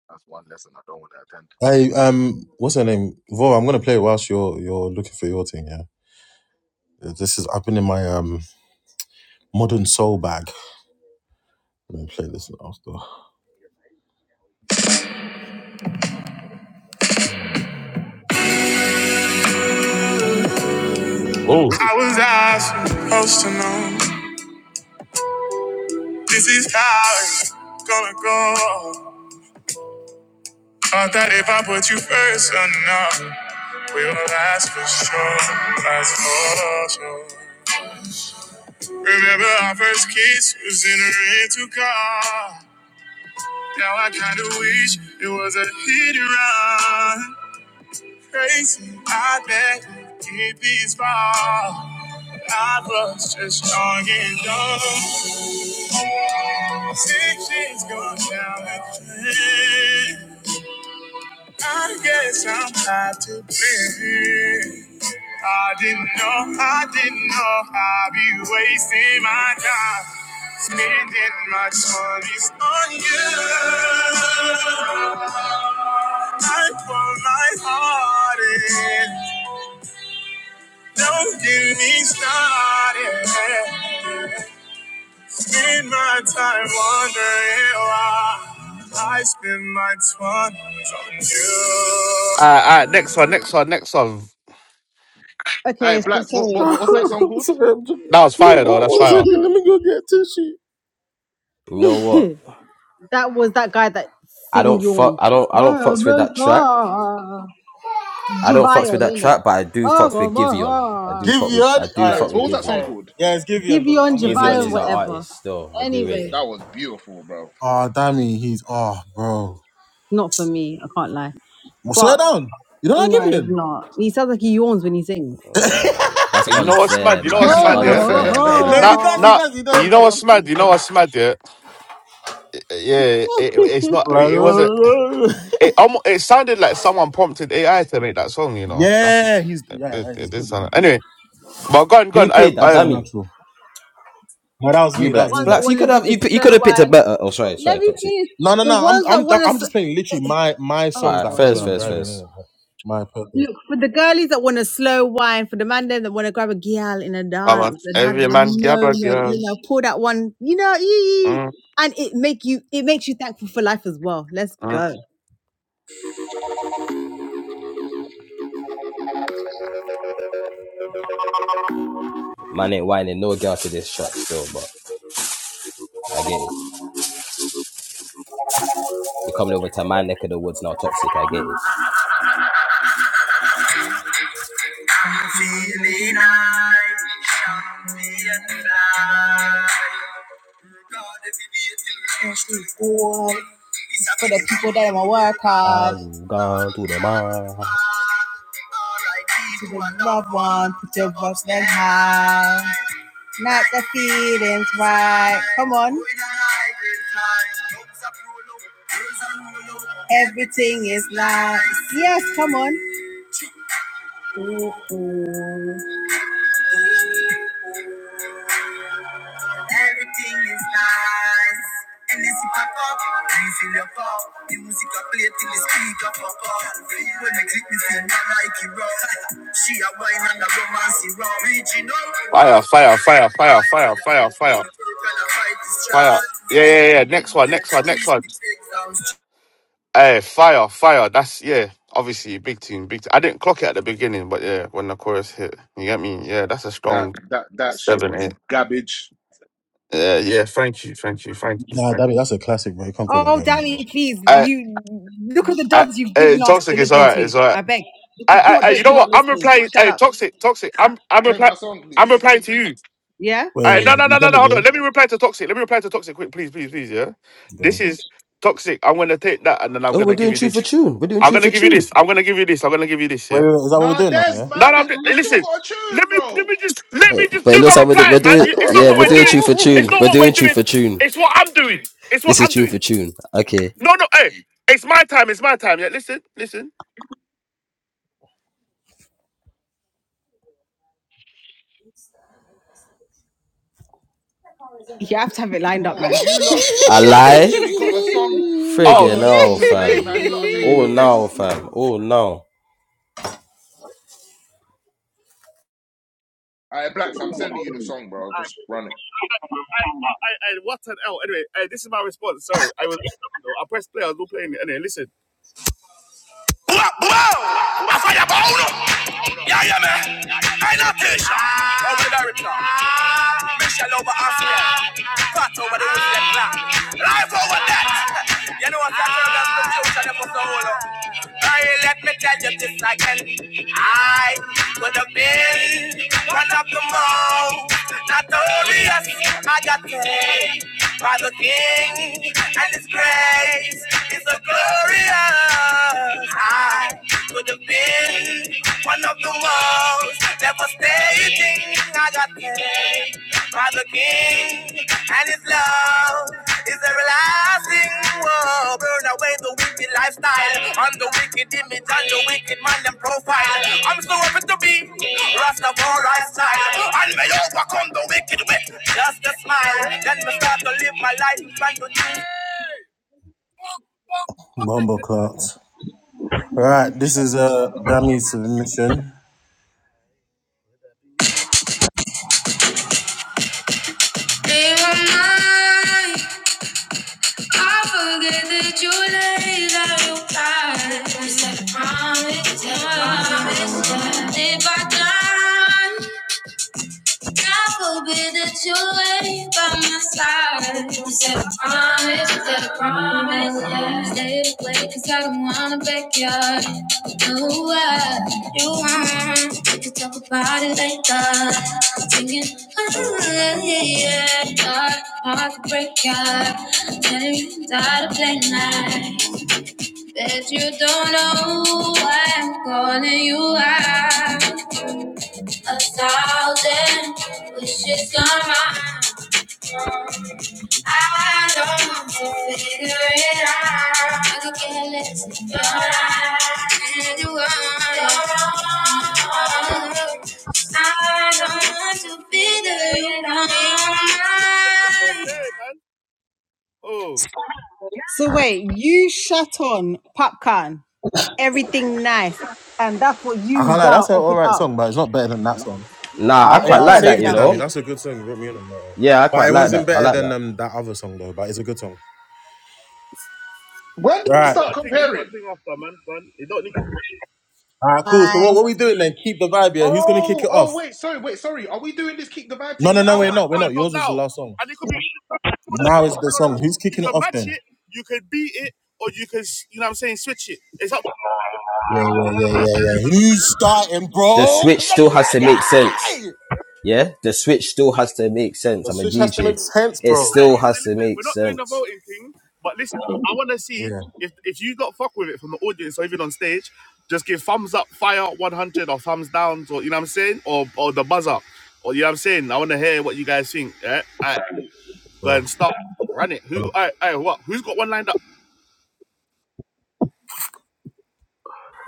[SPEAKER 9] that's one lesson I don't want to attend.
[SPEAKER 4] Hey, um, what's her name? Vo, I'm gonna play it whilst you're you're looking for your thing. Yeah, this is. I've been in my um modern soul bag. Let me play this after.
[SPEAKER 1] Oh, all right,
[SPEAKER 4] I'm supposed to know this is how it's gonna go. Thought that if I put you first enough, we'll last for sure. Last for sure. Remember our first kiss was in a rental car. Now I kinda wish it was a hit and run. Crazy, I bet it this far. I was just young and dumb. Six years gone down at the drain. I guess I'm not to blame. I didn't know, I didn't know I'd be wasting my time. Spending my twenties on you. I pour my heart in. Don't get me started. Spend my time wondering why I spend my twenties on you.
[SPEAKER 1] all right, next one, next one, next one.
[SPEAKER 9] Hey,
[SPEAKER 6] Okay. So,
[SPEAKER 9] blacks. What,
[SPEAKER 6] so-
[SPEAKER 9] what what's
[SPEAKER 6] but
[SPEAKER 9] that song
[SPEAKER 4] i
[SPEAKER 9] called?
[SPEAKER 4] sorry, I'm just,
[SPEAKER 1] That was
[SPEAKER 4] one,
[SPEAKER 1] fire though. That's
[SPEAKER 4] one
[SPEAKER 1] fire.
[SPEAKER 4] second. Let me go get tissue.
[SPEAKER 2] you know what?
[SPEAKER 6] that was that guy that
[SPEAKER 2] I
[SPEAKER 6] sing
[SPEAKER 2] don't fuck.
[SPEAKER 6] yawn.
[SPEAKER 2] I don't. I don't
[SPEAKER 6] Oh
[SPEAKER 2] fucks with
[SPEAKER 6] my
[SPEAKER 2] that track.
[SPEAKER 6] God.
[SPEAKER 2] I don't fucks
[SPEAKER 6] Javion,
[SPEAKER 2] with that
[SPEAKER 6] innit?
[SPEAKER 2] track, but I do fucks
[SPEAKER 6] Oh
[SPEAKER 2] with
[SPEAKER 6] my
[SPEAKER 2] Giveon. I
[SPEAKER 6] God.
[SPEAKER 2] do
[SPEAKER 4] Give
[SPEAKER 2] fuck
[SPEAKER 4] you
[SPEAKER 2] with.
[SPEAKER 4] all
[SPEAKER 2] I do
[SPEAKER 4] right,
[SPEAKER 2] fuck
[SPEAKER 9] Blacks. What
[SPEAKER 2] with
[SPEAKER 9] was that song
[SPEAKER 2] Giveon.
[SPEAKER 9] called?
[SPEAKER 4] yeah, it's Givian, bro.
[SPEAKER 6] Giveon,
[SPEAKER 4] I'm gonna send it
[SPEAKER 2] Giveon
[SPEAKER 6] Javion,
[SPEAKER 4] to
[SPEAKER 2] is
[SPEAKER 4] you,
[SPEAKER 2] our
[SPEAKER 4] Davin.
[SPEAKER 6] whatever.
[SPEAKER 2] artist still. I do rate
[SPEAKER 6] Anyway,
[SPEAKER 2] him.
[SPEAKER 9] That was beautiful, bro.
[SPEAKER 4] Oh, Dami, he's oh, bro.
[SPEAKER 6] not for me. I can't lie.
[SPEAKER 4] Well, swear
[SPEAKER 6] But
[SPEAKER 4] down. You don't like
[SPEAKER 6] no, it's
[SPEAKER 4] Givian?
[SPEAKER 6] not. He sounds like he yawns when he sings.
[SPEAKER 2] That's
[SPEAKER 1] Hey, You know what's mad?
[SPEAKER 2] unfair,
[SPEAKER 1] You know
[SPEAKER 2] man.
[SPEAKER 1] what's
[SPEAKER 2] That's
[SPEAKER 1] mad? Yeah,
[SPEAKER 2] unfair, man.
[SPEAKER 4] no,
[SPEAKER 9] that
[SPEAKER 4] he
[SPEAKER 1] not
[SPEAKER 4] does. He
[SPEAKER 1] not.
[SPEAKER 4] does. He does. He
[SPEAKER 1] You know
[SPEAKER 4] does.
[SPEAKER 1] what's
[SPEAKER 4] That's- He
[SPEAKER 1] mad? You know
[SPEAKER 4] does.
[SPEAKER 1] what's mad? Yeah, yeah. It, it's not. It, it wasn't.
[SPEAKER 4] Like,
[SPEAKER 1] It almost. It sounded like someone prompted AI to make that song. You know. That,
[SPEAKER 4] Yeah, he's yeah,
[SPEAKER 1] it,
[SPEAKER 4] yeah, he's
[SPEAKER 1] it did
[SPEAKER 4] good.
[SPEAKER 1] sound-
[SPEAKER 4] He's good.
[SPEAKER 1] Anyway, but go on, go
[SPEAKER 2] Who
[SPEAKER 1] on. I,
[SPEAKER 2] played that?
[SPEAKER 4] That's
[SPEAKER 1] I,
[SPEAKER 4] all
[SPEAKER 2] Dummy.
[SPEAKER 4] natural. No, that was
[SPEAKER 2] You
[SPEAKER 4] me. That was
[SPEAKER 2] blacks.
[SPEAKER 6] ones
[SPEAKER 4] me.
[SPEAKER 6] that
[SPEAKER 2] Blacks. You
[SPEAKER 6] want to
[SPEAKER 2] could
[SPEAKER 6] do
[SPEAKER 2] have.
[SPEAKER 6] the
[SPEAKER 2] You, you could
[SPEAKER 6] slow
[SPEAKER 2] have picked a
[SPEAKER 6] one.
[SPEAKER 2] better. Oh, sorry.
[SPEAKER 6] Let
[SPEAKER 2] Sorry,
[SPEAKER 6] me
[SPEAKER 2] toxic.
[SPEAKER 6] finish.
[SPEAKER 4] No, no,
[SPEAKER 6] The
[SPEAKER 4] no. I'm
[SPEAKER 6] ones that
[SPEAKER 4] I'm
[SPEAKER 6] want
[SPEAKER 4] I'm
[SPEAKER 6] to.
[SPEAKER 4] just playing literally my my
[SPEAKER 6] Oh
[SPEAKER 4] songs
[SPEAKER 2] All
[SPEAKER 4] that
[SPEAKER 2] right.
[SPEAKER 4] I
[SPEAKER 6] gosh,
[SPEAKER 4] play
[SPEAKER 2] Fairs.
[SPEAKER 4] when
[SPEAKER 6] here we
[SPEAKER 4] I'm
[SPEAKER 2] Fairs.
[SPEAKER 6] go.
[SPEAKER 4] driving.
[SPEAKER 2] Fairs.
[SPEAKER 4] Innit? Like, my purpose.
[SPEAKER 6] Look for the girlies that want a slow wine, for the man them that want to grab a gal in a
[SPEAKER 1] Come
[SPEAKER 6] dance
[SPEAKER 1] on,
[SPEAKER 6] and have
[SPEAKER 1] every
[SPEAKER 6] your
[SPEAKER 1] man grab a
[SPEAKER 6] moment.
[SPEAKER 1] girl.
[SPEAKER 6] You know, pull that one. You know, ee,
[SPEAKER 1] Mm,
[SPEAKER 6] and it make you. It makes you thankful for life as well. Let's
[SPEAKER 1] mm.
[SPEAKER 6] go.
[SPEAKER 2] Man ain't whining. No girl to this track still, but I get it. You're coming over to my neck of the woods now, toxic. I get it.
[SPEAKER 6] Feeling high, champion high. God, if you be a till for the people that want to work hard,
[SPEAKER 2] I'm gone to the man.
[SPEAKER 6] to the loved one, put your voice then high, not the feelings right. Come on. Everything is nice. Yes, come on. Mm-mm. Everything is nice. And it's pop up, and feel your pop. The music I play till the speaker pop up. When I click me finger like it rock. She a wine and a romance it rock. Reaching out to her.
[SPEAKER 1] Fire, fire,
[SPEAKER 6] Nine
[SPEAKER 1] fire,
[SPEAKER 6] to
[SPEAKER 1] fire, fire, fire,
[SPEAKER 6] you're
[SPEAKER 1] fire,
[SPEAKER 6] in the work and I fight this
[SPEAKER 1] fire.
[SPEAKER 6] child.
[SPEAKER 1] Yeah,
[SPEAKER 6] You
[SPEAKER 1] yeah, yeah. Next one,
[SPEAKER 6] need
[SPEAKER 1] next
[SPEAKER 6] to
[SPEAKER 1] one, next
[SPEAKER 6] ease
[SPEAKER 1] one.
[SPEAKER 6] the exams.
[SPEAKER 1] Hey, fire, fire. That's yeah. Obviously, big team, big. Team. I didn't clock it at the beginning, but yeah, when the chorus hit, you get me. Yeah, that's a strong
[SPEAKER 9] that that shit
[SPEAKER 1] seven,
[SPEAKER 9] was
[SPEAKER 1] eight.
[SPEAKER 9] garbage.
[SPEAKER 1] Yeah, yeah. Thank you, thank you, thank you,
[SPEAKER 4] Nah,
[SPEAKER 1] thank you.
[SPEAKER 4] that, that's a classic, bro. You can't call that
[SPEAKER 6] Oh,
[SPEAKER 4] garbage,
[SPEAKER 6] Danny,
[SPEAKER 4] bro.
[SPEAKER 6] please,
[SPEAKER 1] I,
[SPEAKER 6] you look at the
[SPEAKER 1] I,
[SPEAKER 6] duds you've
[SPEAKER 1] hey,
[SPEAKER 6] given us
[SPEAKER 1] toxic
[SPEAKER 6] to
[SPEAKER 1] is
[SPEAKER 6] listen
[SPEAKER 1] alright,
[SPEAKER 6] to.
[SPEAKER 1] it's alright.
[SPEAKER 6] I beg. If
[SPEAKER 1] I,
[SPEAKER 6] it's not
[SPEAKER 1] I, I, you
[SPEAKER 6] that
[SPEAKER 1] know
[SPEAKER 6] you're not
[SPEAKER 1] what? I'm
[SPEAKER 6] listening.
[SPEAKER 1] replying.
[SPEAKER 6] Shut
[SPEAKER 1] Hey,
[SPEAKER 6] up.
[SPEAKER 1] toxic, toxic. I'm, I'm
[SPEAKER 9] Play
[SPEAKER 1] replying.
[SPEAKER 9] my song,
[SPEAKER 1] I'm
[SPEAKER 9] please.
[SPEAKER 1] replying to you.
[SPEAKER 6] Yeah?
[SPEAKER 4] Wait,
[SPEAKER 1] All
[SPEAKER 4] wait,
[SPEAKER 1] right, no,
[SPEAKER 4] wait.
[SPEAKER 1] no,
[SPEAKER 4] you
[SPEAKER 1] no, no,
[SPEAKER 4] send
[SPEAKER 1] no.
[SPEAKER 4] it,
[SPEAKER 1] Hold on. Let
[SPEAKER 4] yeah?
[SPEAKER 1] me reply to toxic. Let me reply to toxic quick, please, please, please. Yeah, this
[SPEAKER 4] Go.
[SPEAKER 1] is toxic. I'm gonna take that, and then I'm
[SPEAKER 2] Oh, we're
[SPEAKER 1] gonna give
[SPEAKER 2] doing
[SPEAKER 1] you
[SPEAKER 2] tune for
[SPEAKER 1] this.
[SPEAKER 2] tune. We're doing
[SPEAKER 1] I'm
[SPEAKER 2] tune
[SPEAKER 1] gonna
[SPEAKER 2] for
[SPEAKER 1] give you
[SPEAKER 2] tune.
[SPEAKER 1] this. I'm gonna give you this. I'm gonna give you this.
[SPEAKER 4] Wait, wait,
[SPEAKER 1] Yeah.
[SPEAKER 4] wait, is that what we're
[SPEAKER 9] Nah,
[SPEAKER 4] doing now?
[SPEAKER 9] Des,
[SPEAKER 4] Yeah.
[SPEAKER 1] No,
[SPEAKER 9] man.
[SPEAKER 1] no. I'm just,
[SPEAKER 9] I still
[SPEAKER 1] listen.
[SPEAKER 9] got a
[SPEAKER 1] Let
[SPEAKER 9] tune,
[SPEAKER 1] me let
[SPEAKER 9] bro.
[SPEAKER 1] me just let
[SPEAKER 2] Eh,
[SPEAKER 1] me just
[SPEAKER 2] But it
[SPEAKER 1] do
[SPEAKER 2] looks
[SPEAKER 1] my
[SPEAKER 2] like we're, do- we're
[SPEAKER 1] reply, man.
[SPEAKER 2] doing,
[SPEAKER 1] You- It's not
[SPEAKER 2] yeah,
[SPEAKER 1] what
[SPEAKER 2] we're
[SPEAKER 1] we're
[SPEAKER 2] doing
[SPEAKER 1] doing.
[SPEAKER 2] tune for
[SPEAKER 1] It's
[SPEAKER 2] tune.
[SPEAKER 1] not
[SPEAKER 2] We're
[SPEAKER 1] what we're
[SPEAKER 2] doing tune
[SPEAKER 1] doing.
[SPEAKER 2] for tune.
[SPEAKER 1] It's what I'm doing. It's what
[SPEAKER 2] This is
[SPEAKER 1] I'm
[SPEAKER 2] tune for
[SPEAKER 1] doing.
[SPEAKER 2] tune. Okay.
[SPEAKER 1] No, no. Hey, it's my time. It's my time. Yeah. Listen, listen.
[SPEAKER 6] You have to have it
[SPEAKER 9] Nah,
[SPEAKER 6] lined up,
[SPEAKER 9] Bro,
[SPEAKER 6] man.
[SPEAKER 9] you lot.
[SPEAKER 2] I
[SPEAKER 9] I
[SPEAKER 2] lie.
[SPEAKER 9] literally got a song. I
[SPEAKER 1] Oh,
[SPEAKER 2] Friggin'
[SPEAKER 9] got a
[SPEAKER 1] I,
[SPEAKER 9] song
[SPEAKER 2] no,
[SPEAKER 9] to play,
[SPEAKER 2] fam.
[SPEAKER 9] man. You lot are taking
[SPEAKER 2] Oh
[SPEAKER 9] the
[SPEAKER 2] no,
[SPEAKER 9] piss.
[SPEAKER 2] fam. Oh no.
[SPEAKER 9] All right, Blacks, I'm sending you the song, bro. Just run it.
[SPEAKER 1] I, I, what an L. Anyway, uh, this is my response. Sorry, I was. I pressed play. I was not playing it. Anyway, listen. Yeah, yeah, man. I not Tisha. Over the Rita. Michelle over Austria. Fat over the Russian black. Life over death. You know what I tell us the future never so low. Hey, let me tell you this again. I could have been one of the most notorious. I got paid by the king and his grace is a good warrior. I could have been one of the most devastating. I got paid by the king, and his love is everlasting. Whoa, burn away the wicked lifestyle, on the wicked image, on the wicked man and profile. I'm so happy to be Rastafari style, and may overcome the wicked with just a smile.
[SPEAKER 4] Mumble clouds. Right, this is a uh Dami's submission. They were mine. I forget that you lay down your promise. Promise. If I die. God forbid that you'll lay by my side. You said a promise, you said a promise, yeah. Stay away, cause I don't wanna backyard. No, I, you want, we could talk about it later. Singing, oh yeah, yeah. Heart, heart to break up. Telling you die to play nice. Bet you don't know why I'm calling you out. A thousand wishes come out. I long to figure it out. I could care less if you're right. And you are wrong. I don't long to figure it out.
[SPEAKER 1] It's okay, man. Oh,
[SPEAKER 6] so wait, you shut on popcorn, everything nice, and that's what
[SPEAKER 4] I can't
[SPEAKER 6] you
[SPEAKER 4] lie,
[SPEAKER 6] now
[SPEAKER 4] that's an
[SPEAKER 6] offered
[SPEAKER 4] alright song,
[SPEAKER 6] up.
[SPEAKER 4] but it's not better than that song.
[SPEAKER 2] Nah,
[SPEAKER 4] I
[SPEAKER 2] I
[SPEAKER 6] I
[SPEAKER 2] quite
[SPEAKER 4] yeah,
[SPEAKER 6] beg
[SPEAKER 4] I
[SPEAKER 6] go and
[SPEAKER 2] like that,
[SPEAKER 6] sit
[SPEAKER 4] saved
[SPEAKER 2] you
[SPEAKER 4] it,
[SPEAKER 6] down,
[SPEAKER 4] I mean,
[SPEAKER 6] please.
[SPEAKER 2] know?
[SPEAKER 4] that's a good song. You wrote me in on that.
[SPEAKER 2] Yeah, I
[SPEAKER 4] But
[SPEAKER 2] quite
[SPEAKER 4] it
[SPEAKER 2] like
[SPEAKER 4] wasn't
[SPEAKER 2] that. I
[SPEAKER 4] better
[SPEAKER 2] like
[SPEAKER 4] than
[SPEAKER 2] that.
[SPEAKER 4] um, that other song though, but it's a good song.
[SPEAKER 9] When did we
[SPEAKER 1] we
[SPEAKER 4] Right.
[SPEAKER 9] start
[SPEAKER 1] got a thing, we got a
[SPEAKER 9] comparing?
[SPEAKER 1] thing after, man. man. You don't need. to
[SPEAKER 4] All right, cool. So what,
[SPEAKER 6] I
[SPEAKER 4] what we doing then? Keep the vibe here. Who's gonna kick
[SPEAKER 9] Oh,
[SPEAKER 4] it
[SPEAKER 9] oh,
[SPEAKER 4] off?
[SPEAKER 9] wait, sorry, wait, sorry. Are we doing this kick the bad
[SPEAKER 4] No,
[SPEAKER 9] thing
[SPEAKER 4] no, no,
[SPEAKER 1] Now
[SPEAKER 9] now?
[SPEAKER 1] we're
[SPEAKER 4] we're not. We're
[SPEAKER 1] starting
[SPEAKER 4] not.
[SPEAKER 1] from
[SPEAKER 4] Yours was the
[SPEAKER 1] now.
[SPEAKER 4] last song.
[SPEAKER 1] And it could be
[SPEAKER 4] Now is
[SPEAKER 9] Oh,
[SPEAKER 4] the song. Who's
[SPEAKER 1] you
[SPEAKER 4] kicking it
[SPEAKER 1] can
[SPEAKER 4] off
[SPEAKER 1] match
[SPEAKER 4] then?
[SPEAKER 1] it, you can beat it, or you can you know what I'm saying, switch it. It's up to you.
[SPEAKER 4] Yeah, yeah, yeah, yeah, yeah. Who's starting,
[SPEAKER 2] The
[SPEAKER 4] bro?
[SPEAKER 2] switch still has to make sense.
[SPEAKER 4] Play.
[SPEAKER 2] Yeah? The switch still has to make sense.
[SPEAKER 4] The
[SPEAKER 2] I'm a
[SPEAKER 4] switch has to
[SPEAKER 2] DJ.
[SPEAKER 4] make sense,
[SPEAKER 2] It
[SPEAKER 4] bro.
[SPEAKER 2] still has to
[SPEAKER 1] listen, we're
[SPEAKER 2] make
[SPEAKER 1] not doing the
[SPEAKER 2] sense.
[SPEAKER 1] voting thing, but listen, I wanna see
[SPEAKER 4] Yeah.
[SPEAKER 1] if if you got fuck with it from the audience or even on stage, just give thumbs up, fire 100 or thumbs down, or you know what I'm saying, or or the buzzer. Or you know what I'm saying? I wanna hear what you guys think. Yeah? Alright, go ahead
[SPEAKER 4] Bro.
[SPEAKER 1] and start. Run it. Who alright, alright, what? Who's got one lined up?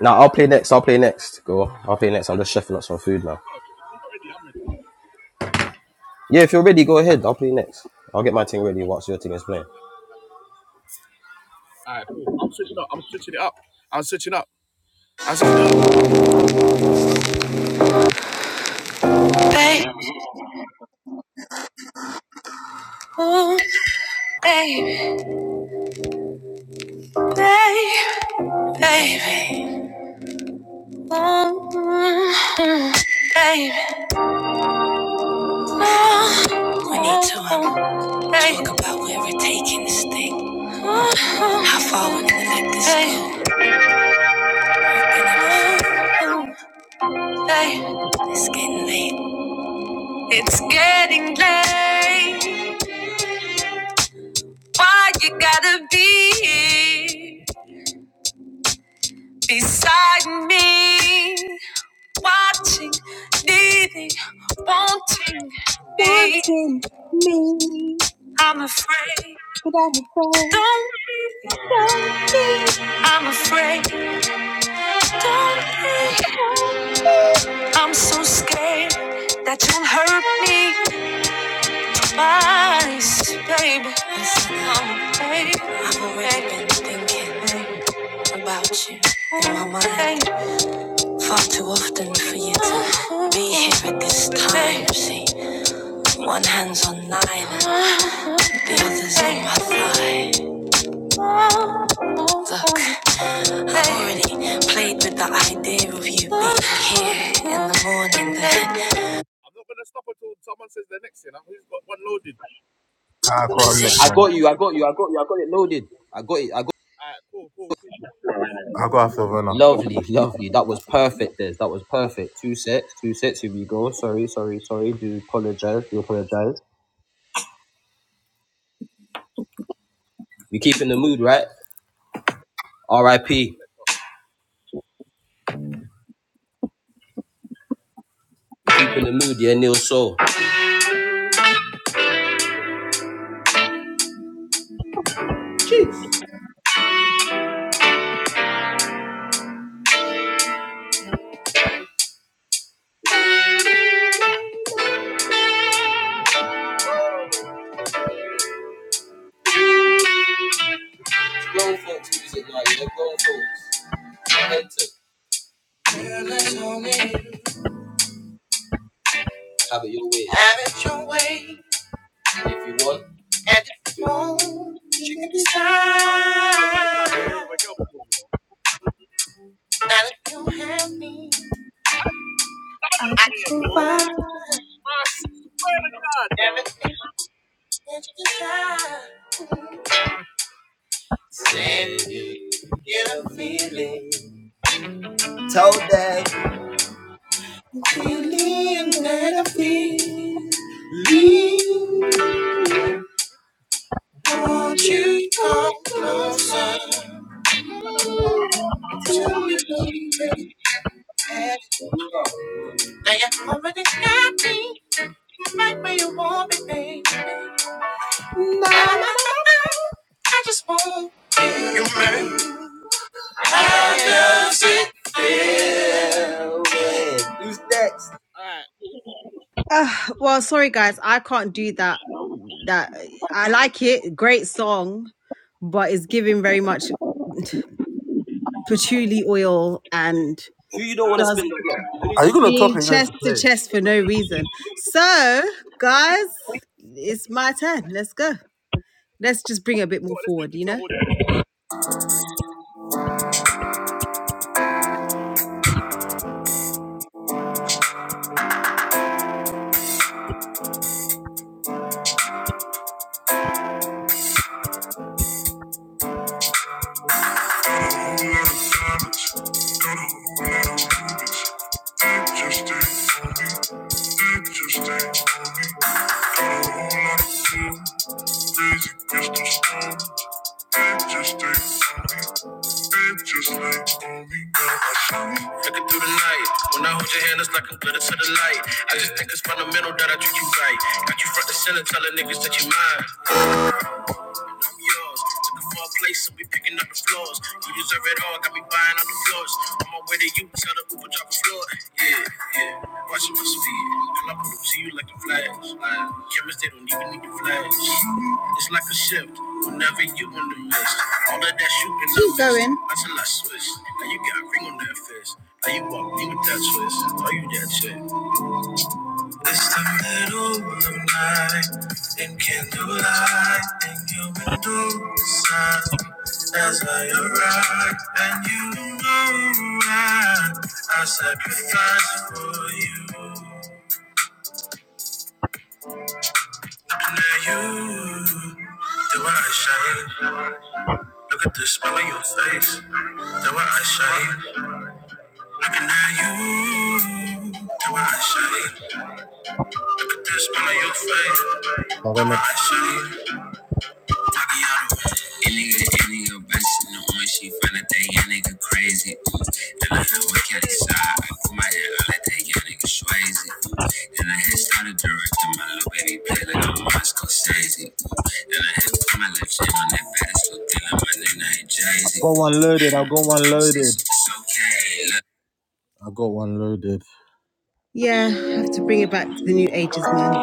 [SPEAKER 2] Now, I'll play next. I'll play next. Go. I'll play next. I'm just chefing up some food now.
[SPEAKER 1] Ready, I'm ready.
[SPEAKER 2] Yeah, if you're ready, go ahead. I'll play next. I'll get my thing ready whilst your thing is playing.
[SPEAKER 1] Alright, cool. I'm switching up, I'm switching it up. I'm switching up. I'm switching up. Baby, ooh, baby, baby, baby, ooh, baby, ooh, we need to um, talk about where we're taking this thing, how far we're gonna let this go. It's getting late. It's getting late. Why you gotta be here beside me? watching, needing, wanting me.
[SPEAKER 6] wanting me,
[SPEAKER 1] I'm afraid,
[SPEAKER 6] but I'm afraid
[SPEAKER 1] don't leave.
[SPEAKER 6] don't be.
[SPEAKER 1] I'm afraid, don't leave. I'm so scared that you'll hurt me twice, baby. Listen, I'm afraid. I've already been thinking about you in my mind far too often for you to be here at this time. See, one hand's on nine, and the other's on my thigh. Look, I already played with the idea of you being here in the morning. The I'm not gonna stop until someone says the next thing. I'm who's got one loaded.
[SPEAKER 4] I got him next
[SPEAKER 2] I
[SPEAKER 1] Position.
[SPEAKER 4] one.
[SPEAKER 2] got you. I got you. I got you. I got it loaded. I got it. I got.
[SPEAKER 1] Alright, cool, cool, cool.
[SPEAKER 4] I got after Verna.
[SPEAKER 2] Lovely, lovely. That was perfect, Des. That was perfect. Two sets, two sets. Here we go. Sorry, sorry, sorry. Do apologize. Do apologize. We keep in the mood, right? R.I.P. Keep in the mood, yeah. Neil Soul. Have it your way. Go on.
[SPEAKER 1] This vibration with a girl before, you know. No?
[SPEAKER 2] Feeling that I feel. Leave. Won't you come closer to me, baby? Now you already got me right where you want me, baby. Nah, nah, nah, nah. I just want. Who
[SPEAKER 6] don't be. Uh, well, sorry guys, I can't do that. That I like it, great song, but it's giving very much patchouli oil and.
[SPEAKER 2] you don't want to
[SPEAKER 6] just
[SPEAKER 2] spin the block? Who need
[SPEAKER 4] Are you
[SPEAKER 2] you?
[SPEAKER 4] gonna talk? Or
[SPEAKER 6] being
[SPEAKER 4] are you going
[SPEAKER 6] chest
[SPEAKER 4] to
[SPEAKER 6] to
[SPEAKER 4] play?
[SPEAKER 6] chest for no reason. So, guys, it's my turn. Let's go. Let's just bring it a bit more
[SPEAKER 1] let's do
[SPEAKER 6] forward, you
[SPEAKER 1] PTO
[SPEAKER 6] know?
[SPEAKER 1] order.
[SPEAKER 6] Got a whole lot of silence, got a whole lot of rumors. That just ain't on me, that just ain't on me. Got a whole lot of fear, crazy crystal storms. That just ain't on me, that just ain't on me. Looking through the night, when I hold your hand, it's like I'm glitter to the light. I just think it's fundamental that I treat you right. Got you front and center, telling niggas that you mine and I'm yours. Took it for a place, so we picking up the floors. You deserve it all, got me buying on the floors. On my way to you, tell the Uber drop floor. Yeah, yeah, watching my speed. And I'm gonna see you like a flash. Like, chemists, they don't even need to flash. It's like a shift, whenever you in the mist. All of that shooting, keep going. Until I switch, now you got a ring on that fist. Now you walk me with that twist. Are you that chick? It's the middle of the night in candlelight, and your window sign. As I arrive, and you know I, I sacrifice for you. Now you, the way I shine. Look at the smile on your face. The way I shine. Looking at you, the way I shine. Look at the smile on your face. The way
[SPEAKER 4] Verna.
[SPEAKER 6] I shine. It nigga, it nigga, bashing the orange, she find out that young nigga crazy, ooh. Then I had one county side, I put my head out like that young nigga swayzy, ooh. Then I had started directing my little baby play like I'm Moscow Sazy, ooh. Then I had put my left hand on that baddest little thing like my nigga ain't
[SPEAKER 4] I
[SPEAKER 6] Jay-Z,
[SPEAKER 4] got
[SPEAKER 6] ooh.
[SPEAKER 4] one loaded. I got one
[SPEAKER 6] I'ma say
[SPEAKER 4] loaded.
[SPEAKER 6] okay, look.
[SPEAKER 4] I got one loaded.
[SPEAKER 6] Yeah, I have to bring it back to the new ages, man.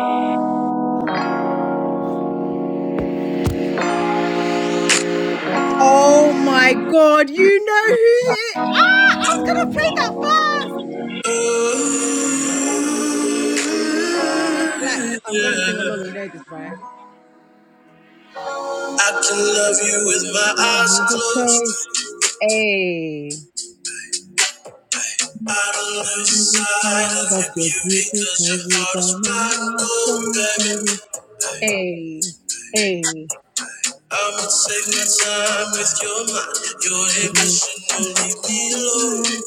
[SPEAKER 6] Oh my god, you know who it is. Ah, I was gonna play that first! Black, I'm gonna sing along. You know this, right?
[SPEAKER 4] To
[SPEAKER 6] Beautiful, hey.
[SPEAKER 4] the
[SPEAKER 6] Beautiful,
[SPEAKER 4] side
[SPEAKER 6] that
[SPEAKER 4] of
[SPEAKER 6] you're
[SPEAKER 4] your beauty, 'cause
[SPEAKER 6] beautiful.
[SPEAKER 4] your
[SPEAKER 6] You
[SPEAKER 4] heart is
[SPEAKER 6] don't know
[SPEAKER 4] black
[SPEAKER 6] my
[SPEAKER 4] gold,
[SPEAKER 6] shame,
[SPEAKER 4] baby.
[SPEAKER 6] baby. Hey, hey.
[SPEAKER 4] I'ma take my time with your mind. Your ambition don't leave me alone.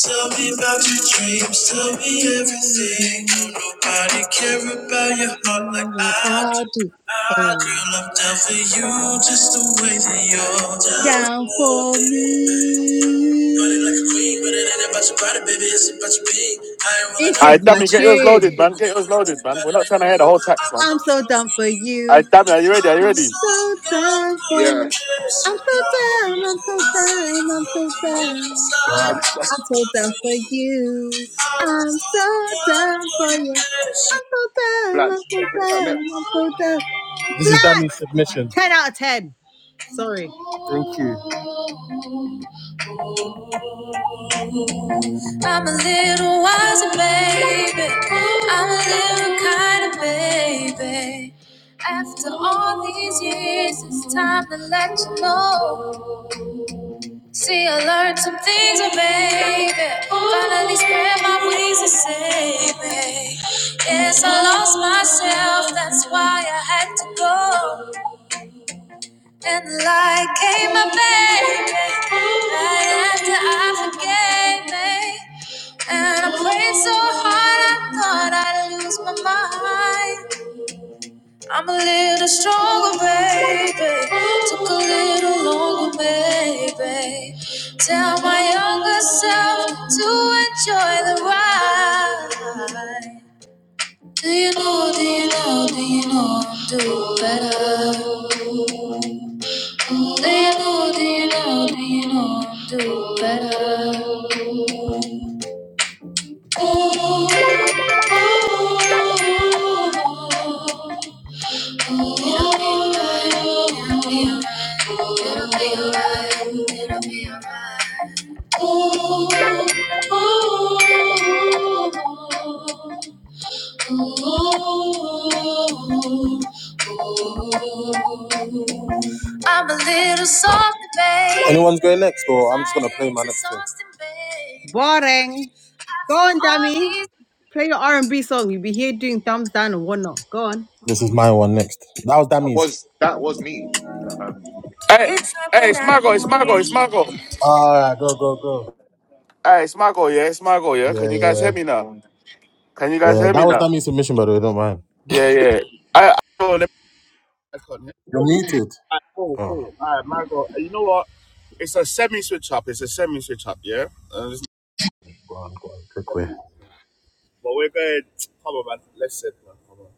[SPEAKER 4] Tell me about your dreams, tell me everything. Don't nobody care about your heart like I do.
[SPEAKER 6] I do.
[SPEAKER 4] I do. Girl, I'm down for you just the way that you're down
[SPEAKER 6] Down
[SPEAKER 4] for
[SPEAKER 6] for
[SPEAKER 4] me. Party like a queen, but it
[SPEAKER 6] me.
[SPEAKER 4] ain't about your body, baby. It's about your being. I ain't rolling
[SPEAKER 6] This
[SPEAKER 4] up,
[SPEAKER 6] is
[SPEAKER 1] Alright,
[SPEAKER 6] my
[SPEAKER 4] I'm
[SPEAKER 1] dummy, get
[SPEAKER 4] rolling
[SPEAKER 1] yours
[SPEAKER 4] up.
[SPEAKER 6] tune.
[SPEAKER 1] loaded,
[SPEAKER 4] I
[SPEAKER 1] man. Get
[SPEAKER 4] didn't
[SPEAKER 1] yours
[SPEAKER 4] really think
[SPEAKER 1] loaded, man.
[SPEAKER 4] about
[SPEAKER 1] We're
[SPEAKER 4] it,
[SPEAKER 1] not
[SPEAKER 4] ain't
[SPEAKER 1] trying
[SPEAKER 4] no
[SPEAKER 1] to hear the
[SPEAKER 4] wonder
[SPEAKER 1] whole
[SPEAKER 4] why
[SPEAKER 1] tracks,
[SPEAKER 4] I'm
[SPEAKER 1] man.
[SPEAKER 4] so
[SPEAKER 6] I'm so
[SPEAKER 4] down
[SPEAKER 6] down
[SPEAKER 4] for
[SPEAKER 6] for
[SPEAKER 4] you.
[SPEAKER 6] you.
[SPEAKER 1] Alright, dummy, are you ready? Are you
[SPEAKER 4] I'm
[SPEAKER 1] ready?
[SPEAKER 4] so
[SPEAKER 6] So
[SPEAKER 4] down
[SPEAKER 6] down
[SPEAKER 4] for
[SPEAKER 6] for
[SPEAKER 4] you,
[SPEAKER 9] yeah.
[SPEAKER 6] you.
[SPEAKER 4] yeah, so
[SPEAKER 6] I'm so
[SPEAKER 4] down.
[SPEAKER 6] down. I'm so
[SPEAKER 4] I see
[SPEAKER 6] down.
[SPEAKER 4] you
[SPEAKER 6] I'm
[SPEAKER 4] from
[SPEAKER 6] so
[SPEAKER 9] Oh,
[SPEAKER 4] the
[SPEAKER 6] down.
[SPEAKER 9] okay, forget
[SPEAKER 4] inside,
[SPEAKER 9] this.
[SPEAKER 4] I'm
[SPEAKER 6] I'm
[SPEAKER 4] so
[SPEAKER 9] Blacks,
[SPEAKER 6] so
[SPEAKER 4] down
[SPEAKER 6] down
[SPEAKER 4] for
[SPEAKER 6] for
[SPEAKER 4] you.
[SPEAKER 6] you.
[SPEAKER 4] I'm
[SPEAKER 6] I'm so
[SPEAKER 4] so down
[SPEAKER 6] down
[SPEAKER 4] for
[SPEAKER 6] for
[SPEAKER 4] you,
[SPEAKER 6] you. I'm so down, I'm
[SPEAKER 9] Blacks,
[SPEAKER 6] so
[SPEAKER 9] play that
[SPEAKER 6] down, I'm
[SPEAKER 9] next.
[SPEAKER 6] so down.
[SPEAKER 4] yeah. This is
[SPEAKER 6] Black!
[SPEAKER 4] Danny's submission.
[SPEAKER 6] 10 out of 10. Sorry.
[SPEAKER 4] Thank you. I'm a little wiser, baby. I'm a little kind of baby. After all these years, it's time to let you know. See, I learned some things, oh, baby. Finally spread my wings and say, baby. Yes, I lost myself, that's why I had to go. And the light came my way, right after I forgave me. And I prayed so hard, I thought I'd lose my mind. I'm a little stronger, baby. Took a little longer, baby. Tell my younger self to enjoy the ride. Do you know, do you know, do you know I'm doing better? Mm, Do you know, do you know, do you know I'm doing better? Ooh, ooh, ooh, ooh, ooh, ooh, ooh. I'm a little soft, baby. Anyone's going next, or I'm just gonna play my next one.
[SPEAKER 6] Boring. Go on, Dami. Play your R&B song. You'll be here doing thumbs down and whatnot. Go on.
[SPEAKER 4] This is my one next. That was
[SPEAKER 9] That
[SPEAKER 4] Dammy's.
[SPEAKER 9] was that was me. Like, um,
[SPEAKER 1] Hey, it's, hey, it's Margot, it's Margot, it's Margot.
[SPEAKER 4] All right, go, go, go.
[SPEAKER 1] Hey, it's Margot, yeah, it's Margot, yeah.
[SPEAKER 4] Yeah,
[SPEAKER 1] Can you
[SPEAKER 4] yeah,
[SPEAKER 1] guys hear
[SPEAKER 4] yeah.
[SPEAKER 1] me now? Can you guys
[SPEAKER 4] Yeah,
[SPEAKER 1] hear
[SPEAKER 4] That
[SPEAKER 1] me
[SPEAKER 4] was
[SPEAKER 1] now?
[SPEAKER 4] Dammy's submission, by the way. Don't mind.
[SPEAKER 1] Yeah, yeah. I, I, I could
[SPEAKER 4] You're muted.
[SPEAKER 1] Cool,
[SPEAKER 4] Oh,
[SPEAKER 1] cool. All right, Margot. You know what? It's a semi switch up. It's a semi switch up, yeah? Uh, it's not
[SPEAKER 4] go on, go on, quick way.
[SPEAKER 1] semi- but we're going. Come on, man. Let's sit, man. Come on.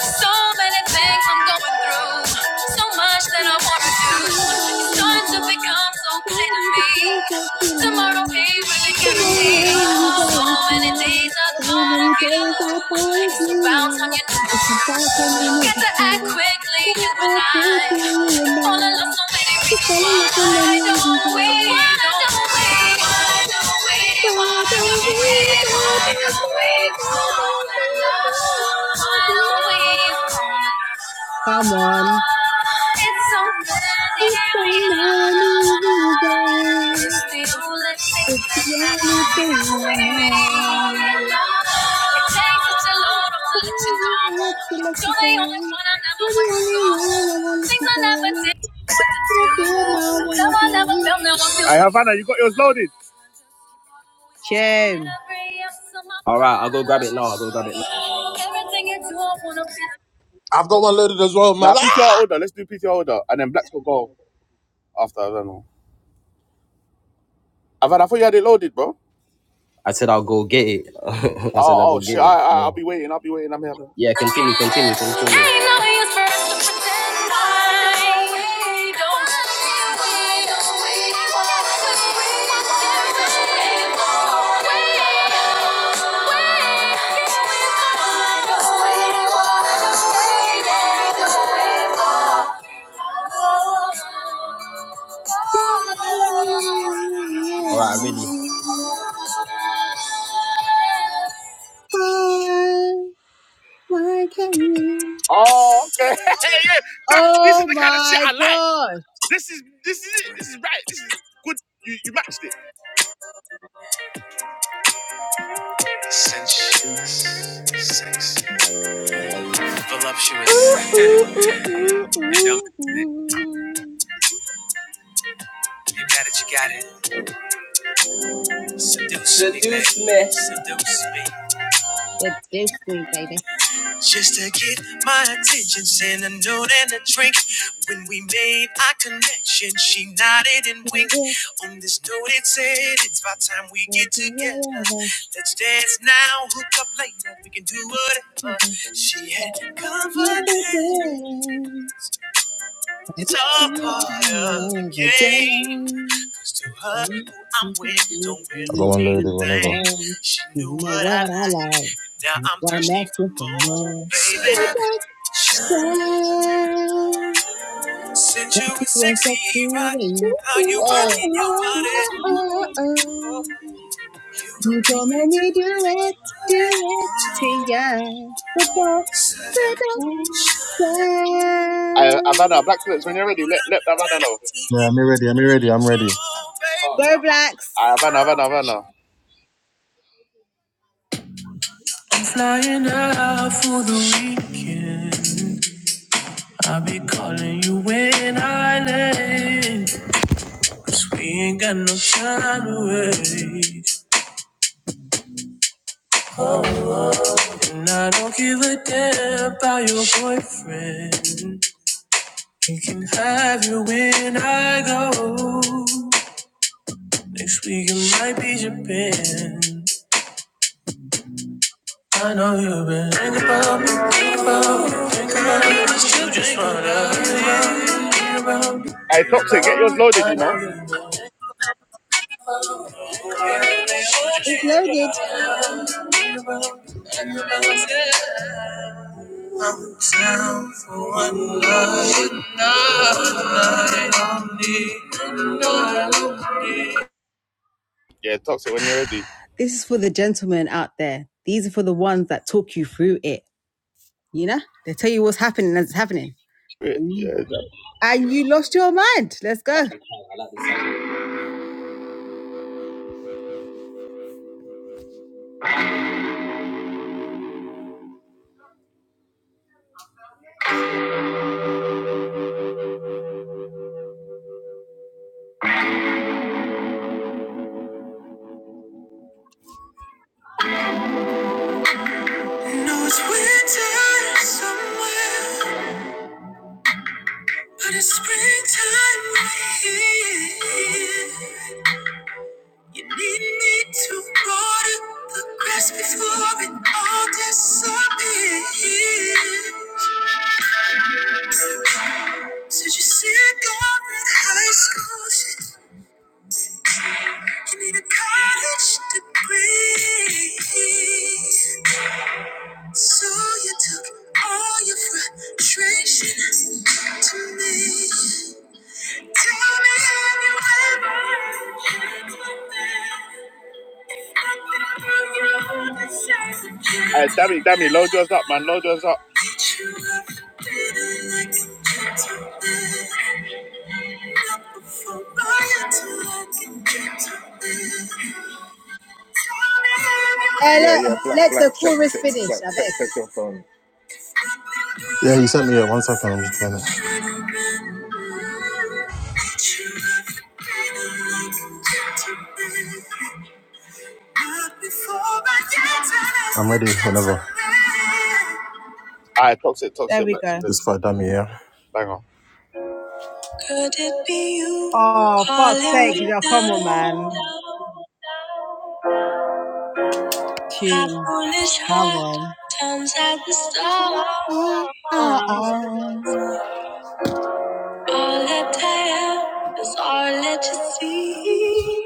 [SPEAKER 1] So many things I'm going through. So much that I want to do.
[SPEAKER 6] That's all I
[SPEAKER 1] It's
[SPEAKER 6] wanna
[SPEAKER 1] starting
[SPEAKER 6] do.
[SPEAKER 1] to become so
[SPEAKER 6] All
[SPEAKER 1] clear
[SPEAKER 6] I
[SPEAKER 1] to
[SPEAKER 6] need to
[SPEAKER 1] me.
[SPEAKER 6] call for
[SPEAKER 1] Tomorrow
[SPEAKER 6] criminal.
[SPEAKER 1] ain't really
[SPEAKER 6] Tomorrow
[SPEAKER 1] guaranteed.
[SPEAKER 6] ain't
[SPEAKER 1] So many
[SPEAKER 6] guaranteed.
[SPEAKER 1] days I
[SPEAKER 6] So
[SPEAKER 1] thought
[SPEAKER 6] many
[SPEAKER 1] of you.
[SPEAKER 6] days I thought of
[SPEAKER 1] It's about time
[SPEAKER 6] you.
[SPEAKER 1] you
[SPEAKER 6] It can start coming
[SPEAKER 1] knew.
[SPEAKER 6] with
[SPEAKER 1] Got
[SPEAKER 6] the
[SPEAKER 1] to act
[SPEAKER 6] key.
[SPEAKER 1] quickly, you and I.
[SPEAKER 6] Coming out quickly and
[SPEAKER 1] Fall in
[SPEAKER 6] I.
[SPEAKER 1] love
[SPEAKER 6] To falling like a money desire.
[SPEAKER 1] so
[SPEAKER 6] Why don't we, why don't we,
[SPEAKER 1] we
[SPEAKER 6] why don't we fall in love? Come on. It's so many reasons. பெட்டியாலே ஆமா
[SPEAKER 1] Hey, Havana, you got yours loaded?
[SPEAKER 6] Joan.
[SPEAKER 2] All right, I'll go grab it now. I'll go grab it now.
[SPEAKER 4] I've got one loaded as well, man.
[SPEAKER 1] Nah,
[SPEAKER 4] Ah!
[SPEAKER 1] PTR order. Let's do PTR order. And then Blacks will go after. I don't know. Havana, I thought you had it loaded, bro.
[SPEAKER 2] I said I'll go get it. I said I'll
[SPEAKER 1] Oh, oh
[SPEAKER 2] go
[SPEAKER 1] shit!
[SPEAKER 2] get
[SPEAKER 1] I,
[SPEAKER 2] it.
[SPEAKER 1] I, I'll be
[SPEAKER 2] No.
[SPEAKER 1] waiting. I'll be waiting. I'm having. Ain't
[SPEAKER 2] Yeah, continue, continue, continue.
[SPEAKER 1] no use for us to pretend like we don't. We don't, we won't, we won't, we
[SPEAKER 2] All right, I'm ready.
[SPEAKER 1] won't, we won't, we won't.
[SPEAKER 6] Why, why can't we?
[SPEAKER 1] yeah. That, this
[SPEAKER 6] Oh
[SPEAKER 1] is the kind of shit
[SPEAKER 6] my
[SPEAKER 1] I like.
[SPEAKER 6] gosh.
[SPEAKER 1] This is this is it. This is right. This is good. You you matched it.
[SPEAKER 2] Sensuous, sex, voluptuous. you know, you got it, you got it. Seduce me, Seduce baby. me. Seduce me. Just to get my attention, send a note and a drink. When we made our connection, she nodded and
[SPEAKER 6] No,
[SPEAKER 2] winked.
[SPEAKER 6] we
[SPEAKER 2] On this note, it said, It's about time we get
[SPEAKER 6] do
[SPEAKER 2] together.
[SPEAKER 6] whatever,
[SPEAKER 2] Let's dance now, hook up later. We can do whatever.
[SPEAKER 6] ever,
[SPEAKER 2] She had
[SPEAKER 6] if we
[SPEAKER 2] confidence.
[SPEAKER 6] did. But
[SPEAKER 2] It's
[SPEAKER 6] it's
[SPEAKER 2] all part
[SPEAKER 6] not
[SPEAKER 2] of the
[SPEAKER 6] whatever,
[SPEAKER 2] game.
[SPEAKER 6] girl.
[SPEAKER 2] Cause to her,
[SPEAKER 6] You
[SPEAKER 2] who I'm with don't
[SPEAKER 4] I've
[SPEAKER 2] really
[SPEAKER 4] got one
[SPEAKER 2] mean a
[SPEAKER 4] loaded whenever.
[SPEAKER 2] thing. She knew
[SPEAKER 6] know
[SPEAKER 2] what
[SPEAKER 6] what
[SPEAKER 2] I
[SPEAKER 6] I
[SPEAKER 2] liked.
[SPEAKER 6] like.
[SPEAKER 2] Now I'm
[SPEAKER 6] Now I'm
[SPEAKER 2] thirsty for
[SPEAKER 6] asking for
[SPEAKER 2] more,
[SPEAKER 6] more.
[SPEAKER 2] baby.
[SPEAKER 6] With that style.
[SPEAKER 2] Since you is
[SPEAKER 6] With that
[SPEAKER 2] sexy, right?
[SPEAKER 6] feeling.
[SPEAKER 2] How you
[SPEAKER 6] Oh,
[SPEAKER 2] working your
[SPEAKER 6] oh,
[SPEAKER 2] body?
[SPEAKER 6] oh, oh,
[SPEAKER 2] You
[SPEAKER 6] oh.
[SPEAKER 2] don't
[SPEAKER 6] You
[SPEAKER 2] make me
[SPEAKER 6] gonna make
[SPEAKER 2] do
[SPEAKER 6] me
[SPEAKER 2] it.
[SPEAKER 6] do it, do it to ya.
[SPEAKER 2] So I'm
[SPEAKER 6] With
[SPEAKER 1] I
[SPEAKER 6] that style.
[SPEAKER 1] Havana, Black Clips, when you're ready, let, let
[SPEAKER 2] the
[SPEAKER 1] the Havana know.
[SPEAKER 2] best.
[SPEAKER 4] Yeah, I'm ready. I'm ready. I'm ready.
[SPEAKER 6] Go blacks.
[SPEAKER 1] I Havana, Havana, Havana.
[SPEAKER 4] And you went out, you don't give a damn about your boyfriend. You can have you when I go. Next week it might be Japan. I know you've been thinking about me, thinking about me, thinking about me, but you just wanna.
[SPEAKER 1] Hey, Toxic, get yours loaded, you know?
[SPEAKER 6] It's loaded.
[SPEAKER 1] Yeah, Toxic, when you're ready.
[SPEAKER 6] This is for the gentlemen out there. These are for the ones that talk you through it. You know, they tell you what's happening as it's happening.
[SPEAKER 1] Yeah.
[SPEAKER 6] And you lost your mind. Let's go. No, it's winter somewhere, but it's springtime here. You need me to water the grass before it all disappears. Said you said God in high school, shit. You need a college degree. So you took all your frustration to me. Tell me have you ever had one man? I never knew the size of
[SPEAKER 1] Hey,
[SPEAKER 6] gentleman.
[SPEAKER 1] Dammy, Dammy, load yours up, man. Load yours up.
[SPEAKER 6] Did you ever feel like a gentleman? Not before I until I can get to this. Tell me have you ever- Hey,
[SPEAKER 9] yeah,
[SPEAKER 6] look,
[SPEAKER 9] yeah, Black,
[SPEAKER 6] let the
[SPEAKER 9] Black, check,
[SPEAKER 6] chorus
[SPEAKER 9] check, Black,
[SPEAKER 6] finish, I
[SPEAKER 9] check,
[SPEAKER 6] beg.
[SPEAKER 9] check your phone.
[SPEAKER 4] Yeah, you sent me a one second. I'm just playing it. I'm ready whenever.
[SPEAKER 1] Aye, Toxic,
[SPEAKER 6] There
[SPEAKER 1] Toxic,
[SPEAKER 6] we
[SPEAKER 1] Max is
[SPEAKER 6] go.
[SPEAKER 1] a
[SPEAKER 4] This for dummy, yeah.
[SPEAKER 1] banger.
[SPEAKER 4] Could it be you
[SPEAKER 6] Oh, fuck's
[SPEAKER 4] calling
[SPEAKER 6] sake.
[SPEAKER 4] me
[SPEAKER 6] Yeah, come on,
[SPEAKER 4] down?
[SPEAKER 6] man.
[SPEAKER 4] My
[SPEAKER 6] Tune.
[SPEAKER 4] foolish
[SPEAKER 6] Come
[SPEAKER 4] heart
[SPEAKER 6] on.
[SPEAKER 4] turns at the storm. All that I tell is all that you see.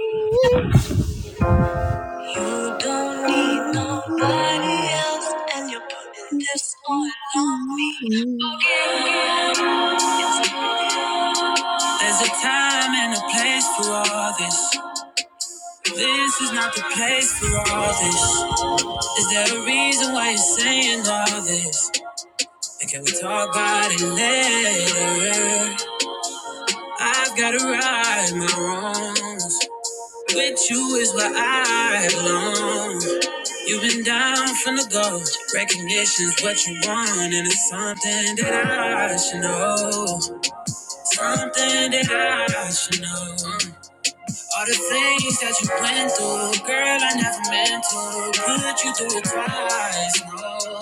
[SPEAKER 4] You don't need nobody else, and you're putting this all on me. Okay. There's a time and a place for all this. This is not the place for all this. Is there a reason why you're saying all this? And can we talk about it later? I've gotta right my wrongs. With you is where I belong. You've been down from the go. Recognition's what you want, and it's something that I should know. Something that I should know. All the things that you went through, girl, I never meant to put you through it twice. No.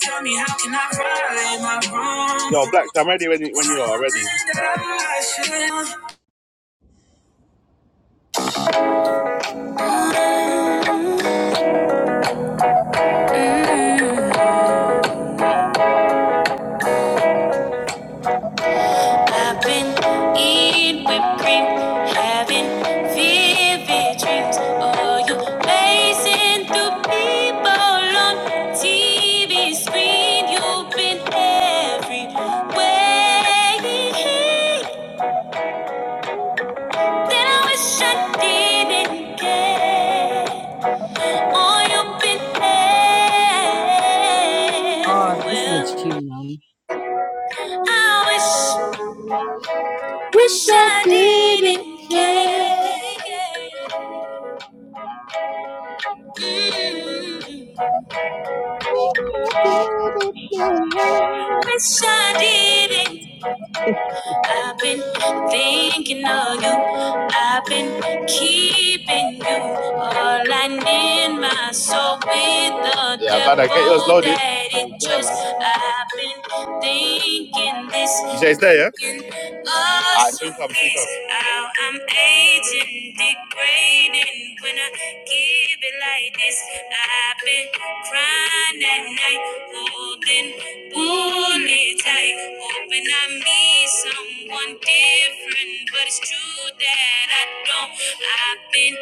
[SPEAKER 4] Tell me, how can I right my wrongs?
[SPEAKER 1] Yo, Black, I'm ready when you, when you
[SPEAKER 4] Something that I should know.
[SPEAKER 1] are ready. I've been eating whipped cream, having vivid dreams. Oh, you pacing through people on TV screen. You've been everywhere that I wish I didn't get. Oh, you've been
[SPEAKER 6] Oh, this is a
[SPEAKER 1] everywhere.
[SPEAKER 6] tune, man.
[SPEAKER 1] I wish, wish I didn't get. Wish I did it. I've been thinking of you. I've been keeping you all I need. my soul with the yeah, devil para que ellos lo di- that it
[SPEAKER 2] Yeah,
[SPEAKER 1] chose.
[SPEAKER 2] man.
[SPEAKER 1] I've been thinking this. Ya está, ya. I think I'm think I'm. I'm aging, degrading when I give it like this. I've been crying at night, holding bullet tight, hoping I meet someone different. But it's true that I don't. I've been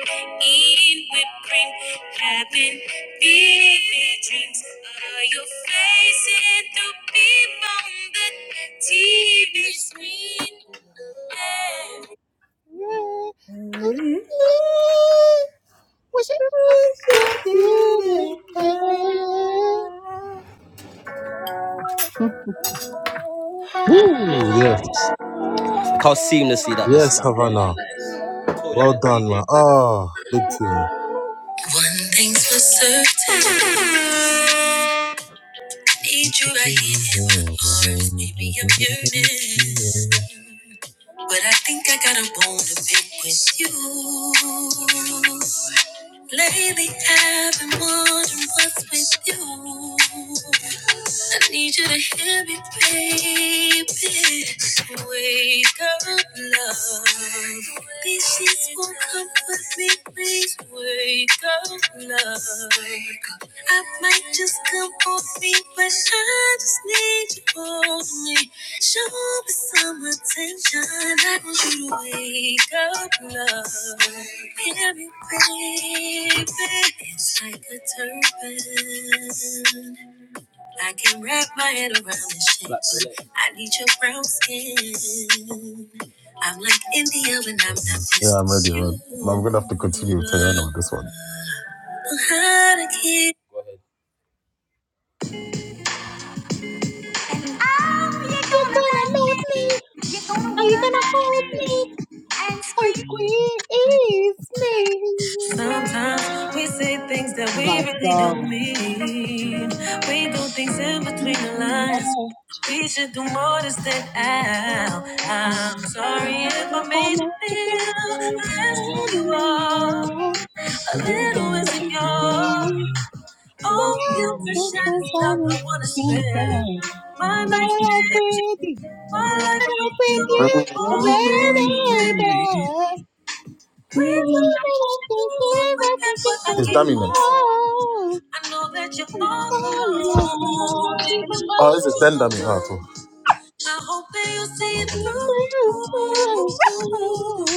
[SPEAKER 1] eating whipped cream, having vivid dreams are you facing the people on the TV screen?
[SPEAKER 4] Woo, yes.
[SPEAKER 2] How seamlessly that this
[SPEAKER 4] Yes,
[SPEAKER 2] stuff
[SPEAKER 4] Havana.
[SPEAKER 2] Like.
[SPEAKER 4] Well done, man. Ah, big team.
[SPEAKER 2] One thing's for certain. Need you
[SPEAKER 4] Yeah,
[SPEAKER 2] right here in my arms. Baby, I'm yearning. But I think I got a bone to pick with you. Lately I've been wondering what's with you. I need you to hear me, baby. Wake up, love. These sheets won't comfort me, please. Wake up, love. I might just come on me, but I just need you hold me. Show me some attention. I want you to wake up, love. Hear me, baby. It's like a turban. I can wrap my head around this shit. I need your brown skin. I'm like India when I'm not
[SPEAKER 4] I'm ready,
[SPEAKER 2] just you.
[SPEAKER 4] man. I'm gonna have to continue with Tayana on this one.
[SPEAKER 2] Know how to keep
[SPEAKER 6] You're gonna love me. Are you gonna hold me? And squeeze me.
[SPEAKER 4] Sometimes we say things that
[SPEAKER 6] My
[SPEAKER 4] we really don't
[SPEAKER 6] darling.
[SPEAKER 4] mean. We do things in between the
[SPEAKER 6] You
[SPEAKER 4] lines.
[SPEAKER 6] know
[SPEAKER 4] We should do more to stand out.
[SPEAKER 6] I
[SPEAKER 4] I'm
[SPEAKER 6] I
[SPEAKER 4] sorry if I made you
[SPEAKER 6] want to be
[SPEAKER 4] feel less than who you are.
[SPEAKER 6] anymore.
[SPEAKER 4] A little insecure. Oh, guilt and shame is I wanna spend. My
[SPEAKER 6] Start
[SPEAKER 4] life
[SPEAKER 6] off
[SPEAKER 4] with
[SPEAKER 6] with you,
[SPEAKER 4] my life
[SPEAKER 6] start off
[SPEAKER 4] with
[SPEAKER 6] with
[SPEAKER 4] you.
[SPEAKER 6] you,
[SPEAKER 4] Oh, baby, baby.
[SPEAKER 6] baby.
[SPEAKER 4] Please don't forget what I It's gave dominant. you. I know that you're all alone. Oh, this is ten dominant. Oh, cool. I hope that you see it through.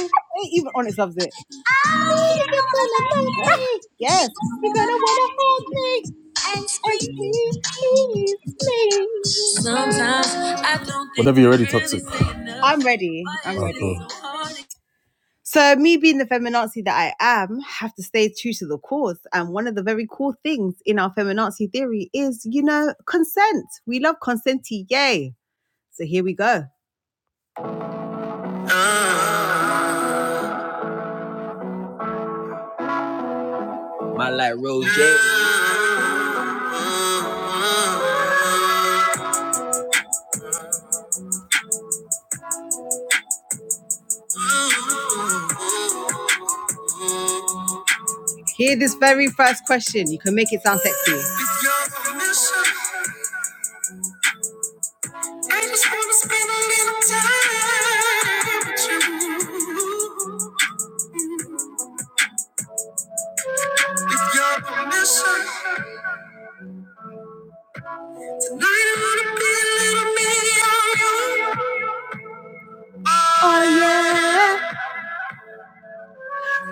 [SPEAKER 6] Even Onyx loves it.
[SPEAKER 4] Oh, you're gonna let me. You're
[SPEAKER 6] Yes.
[SPEAKER 4] gonna
[SPEAKER 6] You're gonna
[SPEAKER 4] let
[SPEAKER 6] wanna
[SPEAKER 4] me.
[SPEAKER 6] hold me
[SPEAKER 4] And
[SPEAKER 6] and
[SPEAKER 4] scream.
[SPEAKER 6] squeeze me.
[SPEAKER 4] Sometimes I don't think Whatever you're ready, really toxic. saying
[SPEAKER 6] I'm ready.
[SPEAKER 4] Oh,
[SPEAKER 6] I'm
[SPEAKER 4] cool. so
[SPEAKER 6] ready. So me being the feminazi that I am, have to stay true to the cause. And one of the very cool things in our feminazi theory is, you know, consent. We love consenti, yay. So here we go.
[SPEAKER 2] my light, Roll James.
[SPEAKER 6] Hear this very first question. You can make it sound sexy. Oh yeah.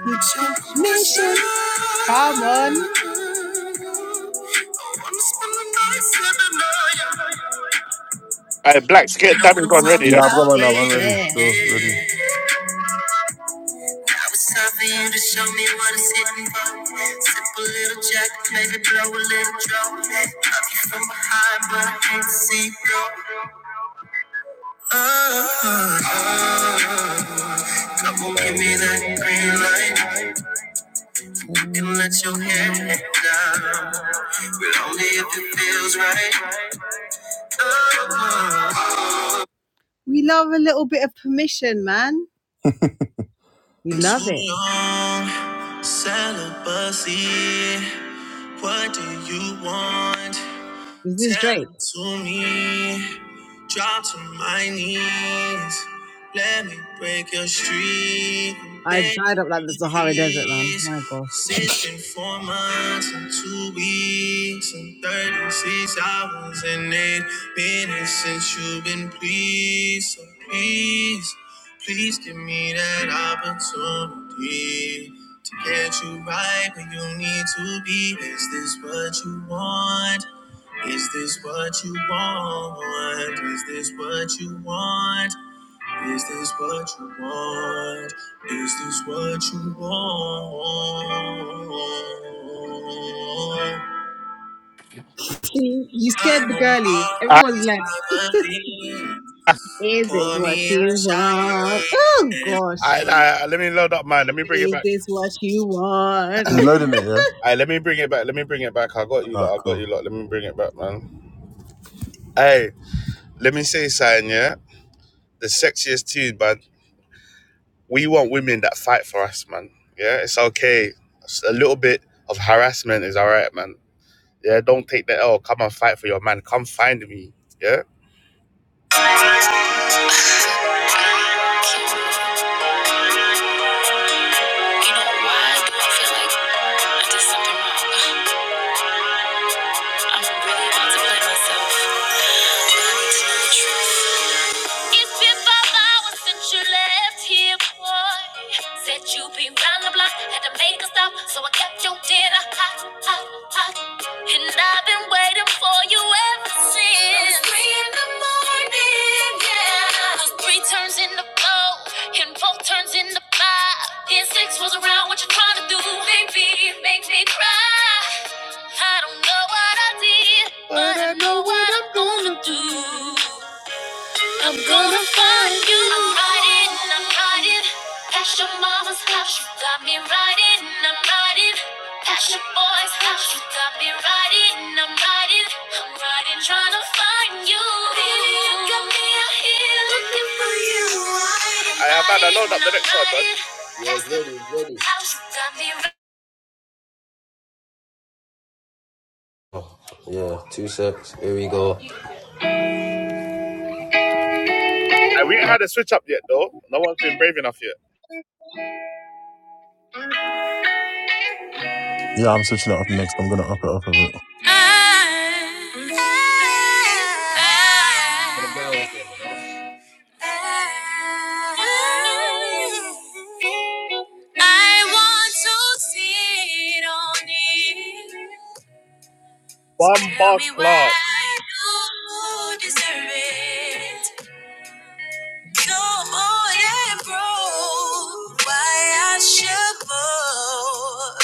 [SPEAKER 6] Transmission. Come on.
[SPEAKER 1] All right, Blacks, get
[SPEAKER 6] Know what
[SPEAKER 1] that gone
[SPEAKER 6] I'm
[SPEAKER 1] ready,
[SPEAKER 6] talking
[SPEAKER 4] Yeah,
[SPEAKER 1] yeah?
[SPEAKER 4] I've
[SPEAKER 6] about,
[SPEAKER 4] got one now.
[SPEAKER 6] baby.
[SPEAKER 4] I'm ready. So
[SPEAKER 6] Yeah,
[SPEAKER 4] ready.
[SPEAKER 6] I was talking you to show me what it's hitting for. Up a little jack, maybe blow a little drop. High, but I can't see it go. Uh, uh, uh. come on, give me that green light. You can let your hair down, but only if it feels right. We love a little bit of permission, man. We love
[SPEAKER 4] Too
[SPEAKER 6] it.
[SPEAKER 4] long, celibacy. What do you want?
[SPEAKER 6] Is this
[SPEAKER 4] Tell
[SPEAKER 6] Drake?
[SPEAKER 4] it to me. Drop to my knees. Let me break your streak.
[SPEAKER 6] I
[SPEAKER 4] Beg
[SPEAKER 6] dried up like
[SPEAKER 4] you,
[SPEAKER 6] the Sahara Desert, man.
[SPEAKER 4] please.
[SPEAKER 6] My gosh.
[SPEAKER 4] it it's been four months and two weeks and 36 hours and eight minutes since you've been pleased. So please, please give me that opportunity to get you right where you need to be. Is this what you want? Is this what you want? Is this what you want? Is this what you want? Is this what you want?
[SPEAKER 6] See, you scared
[SPEAKER 4] I'm
[SPEAKER 6] the
[SPEAKER 4] on
[SPEAKER 6] girlies.
[SPEAKER 4] all
[SPEAKER 1] I,
[SPEAKER 6] Everyone's
[SPEAKER 4] these
[SPEAKER 6] like,
[SPEAKER 4] other things.
[SPEAKER 6] is this
[SPEAKER 4] Pour
[SPEAKER 6] what
[SPEAKER 4] me a
[SPEAKER 6] you
[SPEAKER 4] shot
[SPEAKER 6] want?
[SPEAKER 4] again.
[SPEAKER 6] Oh, gosh.
[SPEAKER 1] I,
[SPEAKER 4] And
[SPEAKER 1] I, let me load up mine. Let me bring it
[SPEAKER 6] Is
[SPEAKER 1] back.
[SPEAKER 6] this what you want?
[SPEAKER 4] you loading it, yeah?
[SPEAKER 1] Hey, let me bring it back. Let me bring it back. I got you
[SPEAKER 4] Alright,
[SPEAKER 1] lot. I got you
[SPEAKER 4] cool.
[SPEAKER 1] lot. Let me bring it back, man. Hey, let me say something, yeah? The sexiest tune, man. We want women that fight for us, man. Yeah, it's okay. It's a little bit of harassment is all right, man. Yeah, don't take the L. Come and fight for your man. Come find me. Yeah? Yeah. Three turns in the four, and four turns in the five. Then six was around what you trying to do. Make make me cry. I don't know what I did. Do I'm riding past your mama's house. You got me riding. I'm riding past your boy's house. You got me riding. I'm riding. I'm riding trying to find you. Baby, you got me out here looking for you. I have had a load up the next one, bud.
[SPEAKER 2] Yeah, two sips. Here we go.
[SPEAKER 1] Uh, we ain't had a switch up yet, though. No one's been brave enough yet.
[SPEAKER 4] Yeah, I'm switching it up next. I'm gonna up it up a bit.
[SPEAKER 2] So
[SPEAKER 1] Bomba
[SPEAKER 2] tell me
[SPEAKER 1] Clark.
[SPEAKER 2] why you deserve it. So old and broke, why I should fall.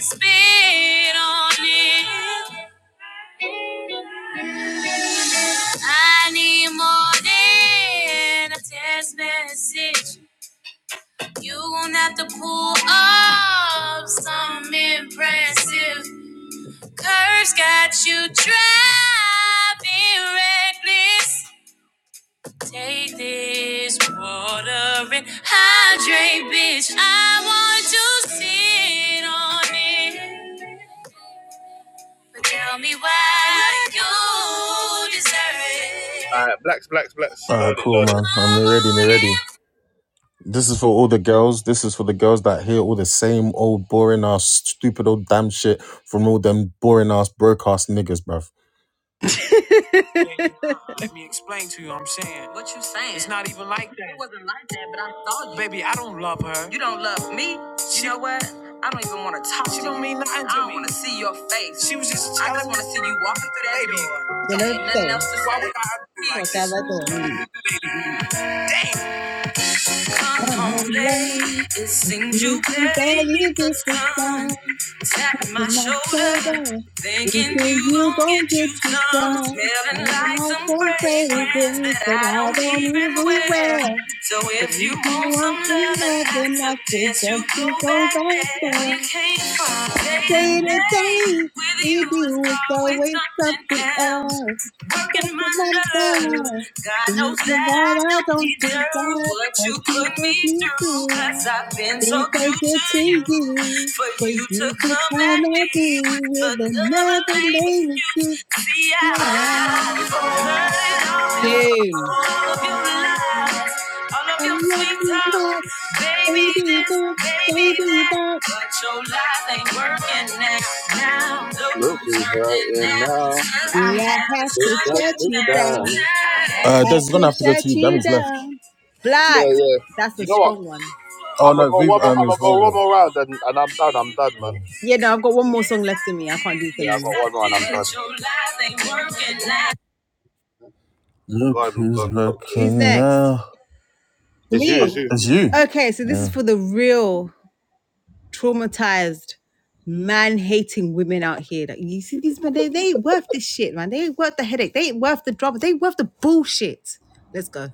[SPEAKER 2] Spit on it. I need more than a text message. You gon' have to pull up some impressive. Curves got you driving reckless. Take this water and hydrate, bitch. I want to sit on it. But tell me why you deserve it.
[SPEAKER 1] All right, blacks, blacks, blacks.
[SPEAKER 4] Alright,
[SPEAKER 1] Load it,
[SPEAKER 4] cool,
[SPEAKER 1] load it.
[SPEAKER 4] man. I'm ready. Me ready. This is for all the girls. This is for the girls that hear all the same old boring ass, stupid old damn shit from all them boring ass broke ass niggas, bruv. let me explain to you what I'm saying. What you saying? It's not even like that. It wasn't like that, but I saw you. Baby, I, you don't love me. She, You know what? I don't even want to talk to you. She don't mean nothing to me. I don't want to see your face. She was just telling me. I just want to see you walking through that Baby. door. There
[SPEAKER 6] Gonna
[SPEAKER 4] ain't nothing
[SPEAKER 6] say,
[SPEAKER 4] else to say. Why would I do
[SPEAKER 6] what
[SPEAKER 4] like this?
[SPEAKER 6] have I do
[SPEAKER 4] Come
[SPEAKER 6] Come
[SPEAKER 4] home
[SPEAKER 6] home
[SPEAKER 4] late.
[SPEAKER 6] late.
[SPEAKER 4] It seems you
[SPEAKER 6] You
[SPEAKER 4] barely
[SPEAKER 6] barely
[SPEAKER 4] beat the
[SPEAKER 6] did the
[SPEAKER 4] sun.
[SPEAKER 6] time.
[SPEAKER 4] Tapping
[SPEAKER 6] to
[SPEAKER 4] my
[SPEAKER 6] my
[SPEAKER 4] shoulder.
[SPEAKER 6] shoulder,
[SPEAKER 4] Thinking
[SPEAKER 6] thinking
[SPEAKER 4] you
[SPEAKER 6] you
[SPEAKER 4] gon'
[SPEAKER 6] gon'
[SPEAKER 4] get
[SPEAKER 6] get
[SPEAKER 4] you
[SPEAKER 6] your
[SPEAKER 4] some.
[SPEAKER 6] stride.
[SPEAKER 4] Smelling
[SPEAKER 6] Turning
[SPEAKER 4] like
[SPEAKER 6] like
[SPEAKER 4] some
[SPEAKER 6] a
[SPEAKER 4] fragrance
[SPEAKER 6] fragrance
[SPEAKER 4] that
[SPEAKER 6] that
[SPEAKER 4] I
[SPEAKER 6] I
[SPEAKER 4] don't
[SPEAKER 6] don't
[SPEAKER 4] even
[SPEAKER 6] even
[SPEAKER 4] wear.
[SPEAKER 6] wear.
[SPEAKER 4] So
[SPEAKER 6] But
[SPEAKER 4] if you
[SPEAKER 6] if you
[SPEAKER 4] want some
[SPEAKER 6] want some
[SPEAKER 4] loving, I
[SPEAKER 6] loving, I
[SPEAKER 4] suggest you
[SPEAKER 6] suggest
[SPEAKER 4] go
[SPEAKER 6] you go
[SPEAKER 4] back
[SPEAKER 6] back
[SPEAKER 4] there. Where you
[SPEAKER 6] there.
[SPEAKER 4] came from. Day to
[SPEAKER 6] Day to
[SPEAKER 4] day.
[SPEAKER 6] day,
[SPEAKER 4] With you
[SPEAKER 6] with
[SPEAKER 4] is
[SPEAKER 6] you it's
[SPEAKER 4] always
[SPEAKER 6] always
[SPEAKER 4] something
[SPEAKER 6] something
[SPEAKER 4] else.
[SPEAKER 6] else. But
[SPEAKER 4] Working my nerve.
[SPEAKER 6] remember,
[SPEAKER 4] God knows
[SPEAKER 6] thinking
[SPEAKER 4] that I
[SPEAKER 6] that I
[SPEAKER 4] don't
[SPEAKER 6] don't
[SPEAKER 4] deserve
[SPEAKER 6] deserve
[SPEAKER 4] what
[SPEAKER 6] what
[SPEAKER 4] you
[SPEAKER 6] you
[SPEAKER 4] put me
[SPEAKER 6] put me
[SPEAKER 4] through, i
[SPEAKER 6] through.
[SPEAKER 4] I've been so
[SPEAKER 6] Things I
[SPEAKER 4] true
[SPEAKER 6] give
[SPEAKER 4] to
[SPEAKER 6] to
[SPEAKER 4] you.
[SPEAKER 6] you,
[SPEAKER 4] For
[SPEAKER 6] but
[SPEAKER 4] you to
[SPEAKER 6] you to
[SPEAKER 4] come
[SPEAKER 6] come
[SPEAKER 4] at
[SPEAKER 6] at
[SPEAKER 4] me
[SPEAKER 6] me
[SPEAKER 4] with
[SPEAKER 6] with
[SPEAKER 4] another
[SPEAKER 6] another
[SPEAKER 4] lame
[SPEAKER 6] lame excuse.
[SPEAKER 4] excuse. See, I heard it all before
[SPEAKER 6] You.
[SPEAKER 4] all of your lies, all
[SPEAKER 6] I
[SPEAKER 4] of your
[SPEAKER 6] love
[SPEAKER 4] sweet
[SPEAKER 6] you,
[SPEAKER 4] talk,
[SPEAKER 6] but
[SPEAKER 4] baby
[SPEAKER 6] baby,
[SPEAKER 4] this,
[SPEAKER 6] this,
[SPEAKER 4] baby that.
[SPEAKER 6] baby, that.
[SPEAKER 4] But your life ain't working now. Now look
[SPEAKER 1] Look
[SPEAKER 4] who's
[SPEAKER 1] who's
[SPEAKER 4] hurting
[SPEAKER 1] hurting
[SPEAKER 4] now. You
[SPEAKER 1] now.
[SPEAKER 4] see, I
[SPEAKER 6] Yeah,
[SPEAKER 4] had
[SPEAKER 6] I have
[SPEAKER 4] to
[SPEAKER 1] It's
[SPEAKER 6] to
[SPEAKER 4] shut
[SPEAKER 1] that
[SPEAKER 6] shut
[SPEAKER 1] good
[SPEAKER 6] you down.
[SPEAKER 4] you
[SPEAKER 1] time.
[SPEAKER 4] down. Now. Uh, Des
[SPEAKER 6] Have
[SPEAKER 4] is gonna
[SPEAKER 6] to
[SPEAKER 4] have to go
[SPEAKER 6] shut
[SPEAKER 4] to you.
[SPEAKER 6] you
[SPEAKER 4] Dammy's left.
[SPEAKER 6] down.
[SPEAKER 1] Yeah,
[SPEAKER 6] Blacks.
[SPEAKER 1] yeah.
[SPEAKER 6] That's
[SPEAKER 1] You
[SPEAKER 6] a
[SPEAKER 1] know what?
[SPEAKER 6] strong one.
[SPEAKER 4] Oh
[SPEAKER 1] I'm gonna
[SPEAKER 4] no,
[SPEAKER 1] go
[SPEAKER 4] Viv
[SPEAKER 1] one more.
[SPEAKER 4] um
[SPEAKER 1] I'm
[SPEAKER 4] is
[SPEAKER 1] gonna go
[SPEAKER 4] Volvo.
[SPEAKER 1] one more round,
[SPEAKER 4] Yes,
[SPEAKER 1] and, and I'm done. I'm done,
[SPEAKER 4] I
[SPEAKER 1] man.
[SPEAKER 6] Yeah, no, I've got one more song left in me. I can't do it
[SPEAKER 4] did.
[SPEAKER 1] Yeah,
[SPEAKER 4] Yes,
[SPEAKER 1] I got
[SPEAKER 6] anymore.
[SPEAKER 4] I
[SPEAKER 1] one more, and
[SPEAKER 4] did.
[SPEAKER 1] I'm
[SPEAKER 4] But
[SPEAKER 1] done.
[SPEAKER 4] your life ain't working now.
[SPEAKER 1] Go
[SPEAKER 4] Look
[SPEAKER 1] ahead, and- go
[SPEAKER 4] who's
[SPEAKER 1] ahead and talk to it.
[SPEAKER 6] Who's
[SPEAKER 4] looking
[SPEAKER 6] next?
[SPEAKER 4] now.
[SPEAKER 1] It's you. It's
[SPEAKER 6] Me.
[SPEAKER 1] you.
[SPEAKER 4] It's you.
[SPEAKER 6] Okay, so this is
[SPEAKER 4] Yeah.
[SPEAKER 6] for the real traumatized man hating women out here. Like, you see these men, they, they ain't worth this shit, man. They ain't worth the headache. They ain't worth the drama. They ain't worth the bullshit. Let's go.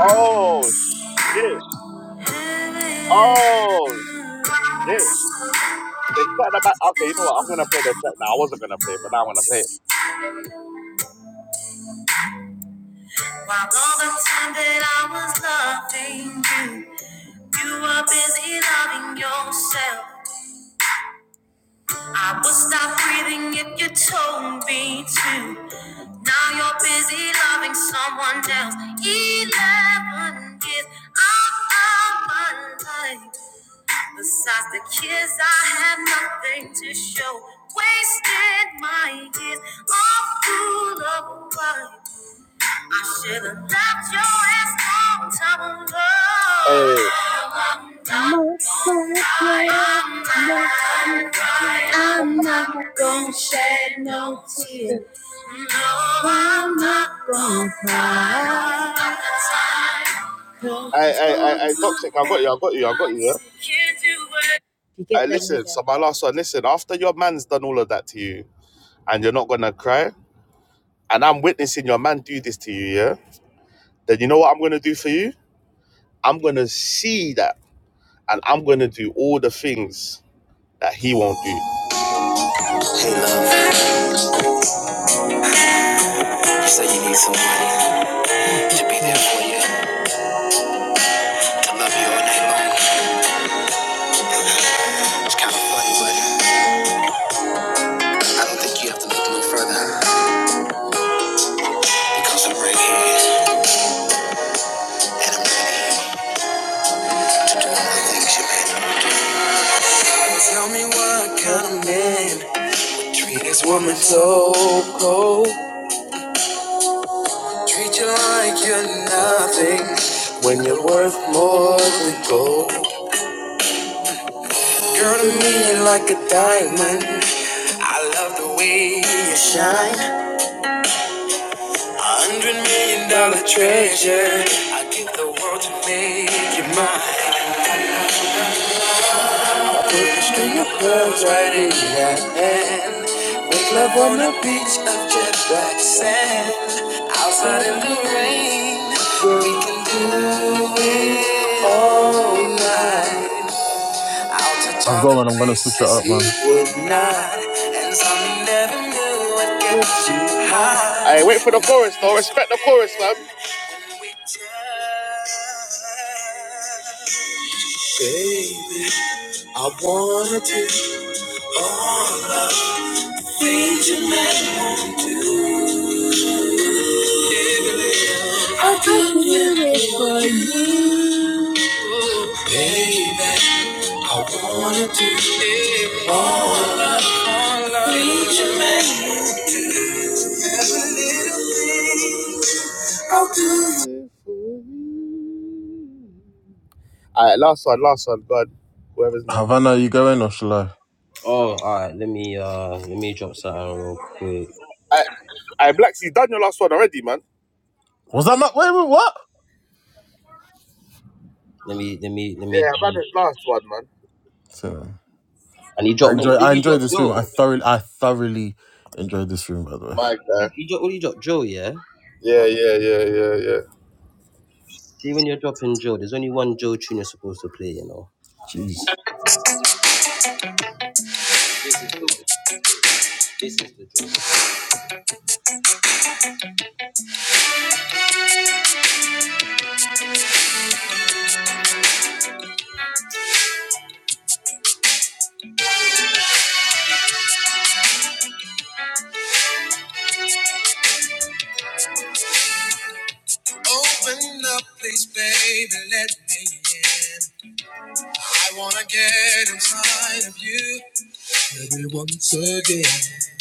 [SPEAKER 1] Oh shit.
[SPEAKER 6] While
[SPEAKER 1] Oh shit. They started about. Okay, you know what? I'm gonna play the track now. I wasn't gonna play, but now I'm gonna play it.
[SPEAKER 6] all the time that I was loving you, you were busy loving yourself. I would stop breathing if you told me to. Now you're busy loving someone else. Eleven years out of my life. Besides the kids, I had nothing to show. Wasted my years all full of pride. I should have ducked your ass long time ago.
[SPEAKER 1] Hey,
[SPEAKER 6] I'm done. I'm done. I'm not gonna shed no tears. I'm not gonna
[SPEAKER 1] I, I, I,
[SPEAKER 6] fall no
[SPEAKER 1] I,
[SPEAKER 6] more.
[SPEAKER 1] toxic. I got you.
[SPEAKER 6] Can't
[SPEAKER 1] I got you. I got you. Yeah?
[SPEAKER 6] do it. You
[SPEAKER 1] I
[SPEAKER 6] get them
[SPEAKER 1] listen.
[SPEAKER 6] with a
[SPEAKER 1] So my last one. Listen, after your man's done all of that to you, and you're not gonna cry, and I'm witnessing your man do this to you, yeah. Then you know what I'm gonna do for you? I'm gonna see that, and I'm gonna do all the things that he won't do. Hey love, you said you need somebody to be there for you, to love you all night long. It's kind of funny, but I don't think you have to look no further because I'm right here and I'm ready. All the things you meant. Tell me what kind of man. This woman's so cold. Treat you like you're nothing when you're worth more than gold. Girl to me like a diamond. I love the way you shine. A hundred million dollar treasure. I give the world to make you mine. Put a string of pearls right in your hand. Make love on the beach of jet black sand. Outside in the rain, we can do it all night. I'll touch
[SPEAKER 4] I've
[SPEAKER 1] all
[SPEAKER 4] got
[SPEAKER 1] the
[SPEAKER 4] one. I'm gonna switch it
[SPEAKER 1] places
[SPEAKER 4] up,
[SPEAKER 1] he
[SPEAKER 4] man.
[SPEAKER 1] would not, and some he never knew would get you high. Hey, wait for the chorus, though. Respect the chorus, man.
[SPEAKER 6] do it for you.
[SPEAKER 1] Alright, last one, last one, bud. Whoever's next.
[SPEAKER 4] Havana, you going or shall I?
[SPEAKER 2] Oh, alright, let me uh let me drop something real quick.
[SPEAKER 1] Alright, alright, Blacks, you done your last one already, man.
[SPEAKER 4] Was that my wait? wait what?
[SPEAKER 2] Let me let me let me
[SPEAKER 1] Yeah, I've had a last one, man.
[SPEAKER 4] So,
[SPEAKER 2] and he
[SPEAKER 4] I
[SPEAKER 2] dropped what
[SPEAKER 4] enjoy
[SPEAKER 2] did
[SPEAKER 4] I
[SPEAKER 2] he
[SPEAKER 4] enjoy
[SPEAKER 2] drop
[SPEAKER 4] this room. I
[SPEAKER 2] Joe?
[SPEAKER 4] thoroughly I thoroughly enjoyed this room, by the way.
[SPEAKER 1] My guy.
[SPEAKER 2] He, he dropped what did he drop Joe, yeah?
[SPEAKER 1] Yeah, yeah, yeah, yeah, yeah.
[SPEAKER 2] See when you're dropping Joe, there's only one Joe tune you're supposed to play, you know.
[SPEAKER 4] Jeez.
[SPEAKER 2] Open up, please, baby, let me in. I wanna get inside of you, baby, once again.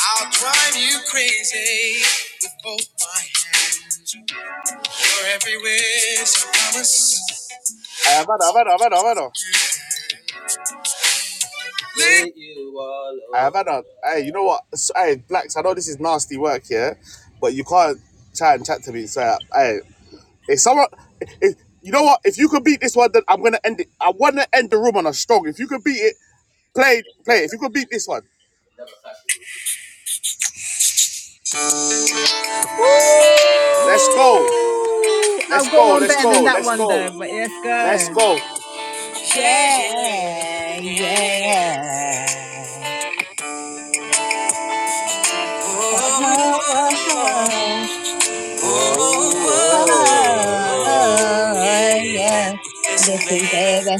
[SPEAKER 2] I'll drive you crazy with both my hands. You're everywhere, so promise.
[SPEAKER 1] I have had, I've had, I've had, I've had.
[SPEAKER 2] Leave
[SPEAKER 1] I have had. a- Hey, you know what? So, hey, blacks. I know this is nasty work, yeah, but you can't try and chat to me. So, hey, if someone, if, you know what? If you could beat this one, then I'm gonna end it. I wanna end the room on a strong. If you could beat it, play, play. If you could beat this one, let's go,
[SPEAKER 6] Ooh! I've
[SPEAKER 1] let's
[SPEAKER 6] got
[SPEAKER 1] go,
[SPEAKER 6] one
[SPEAKER 1] let's
[SPEAKER 6] better than
[SPEAKER 1] go,
[SPEAKER 6] that
[SPEAKER 1] let's
[SPEAKER 6] one though,
[SPEAKER 1] go,
[SPEAKER 6] but let's go.
[SPEAKER 1] let's go. Yeah,
[SPEAKER 6] Yeah,
[SPEAKER 1] yeah,
[SPEAKER 6] yeah,
[SPEAKER 1] yeah.
[SPEAKER 6] yeah. Uh-huh, uh-huh,
[SPEAKER 1] Oh, oh, oh,
[SPEAKER 6] uh yeah. Listen, baby,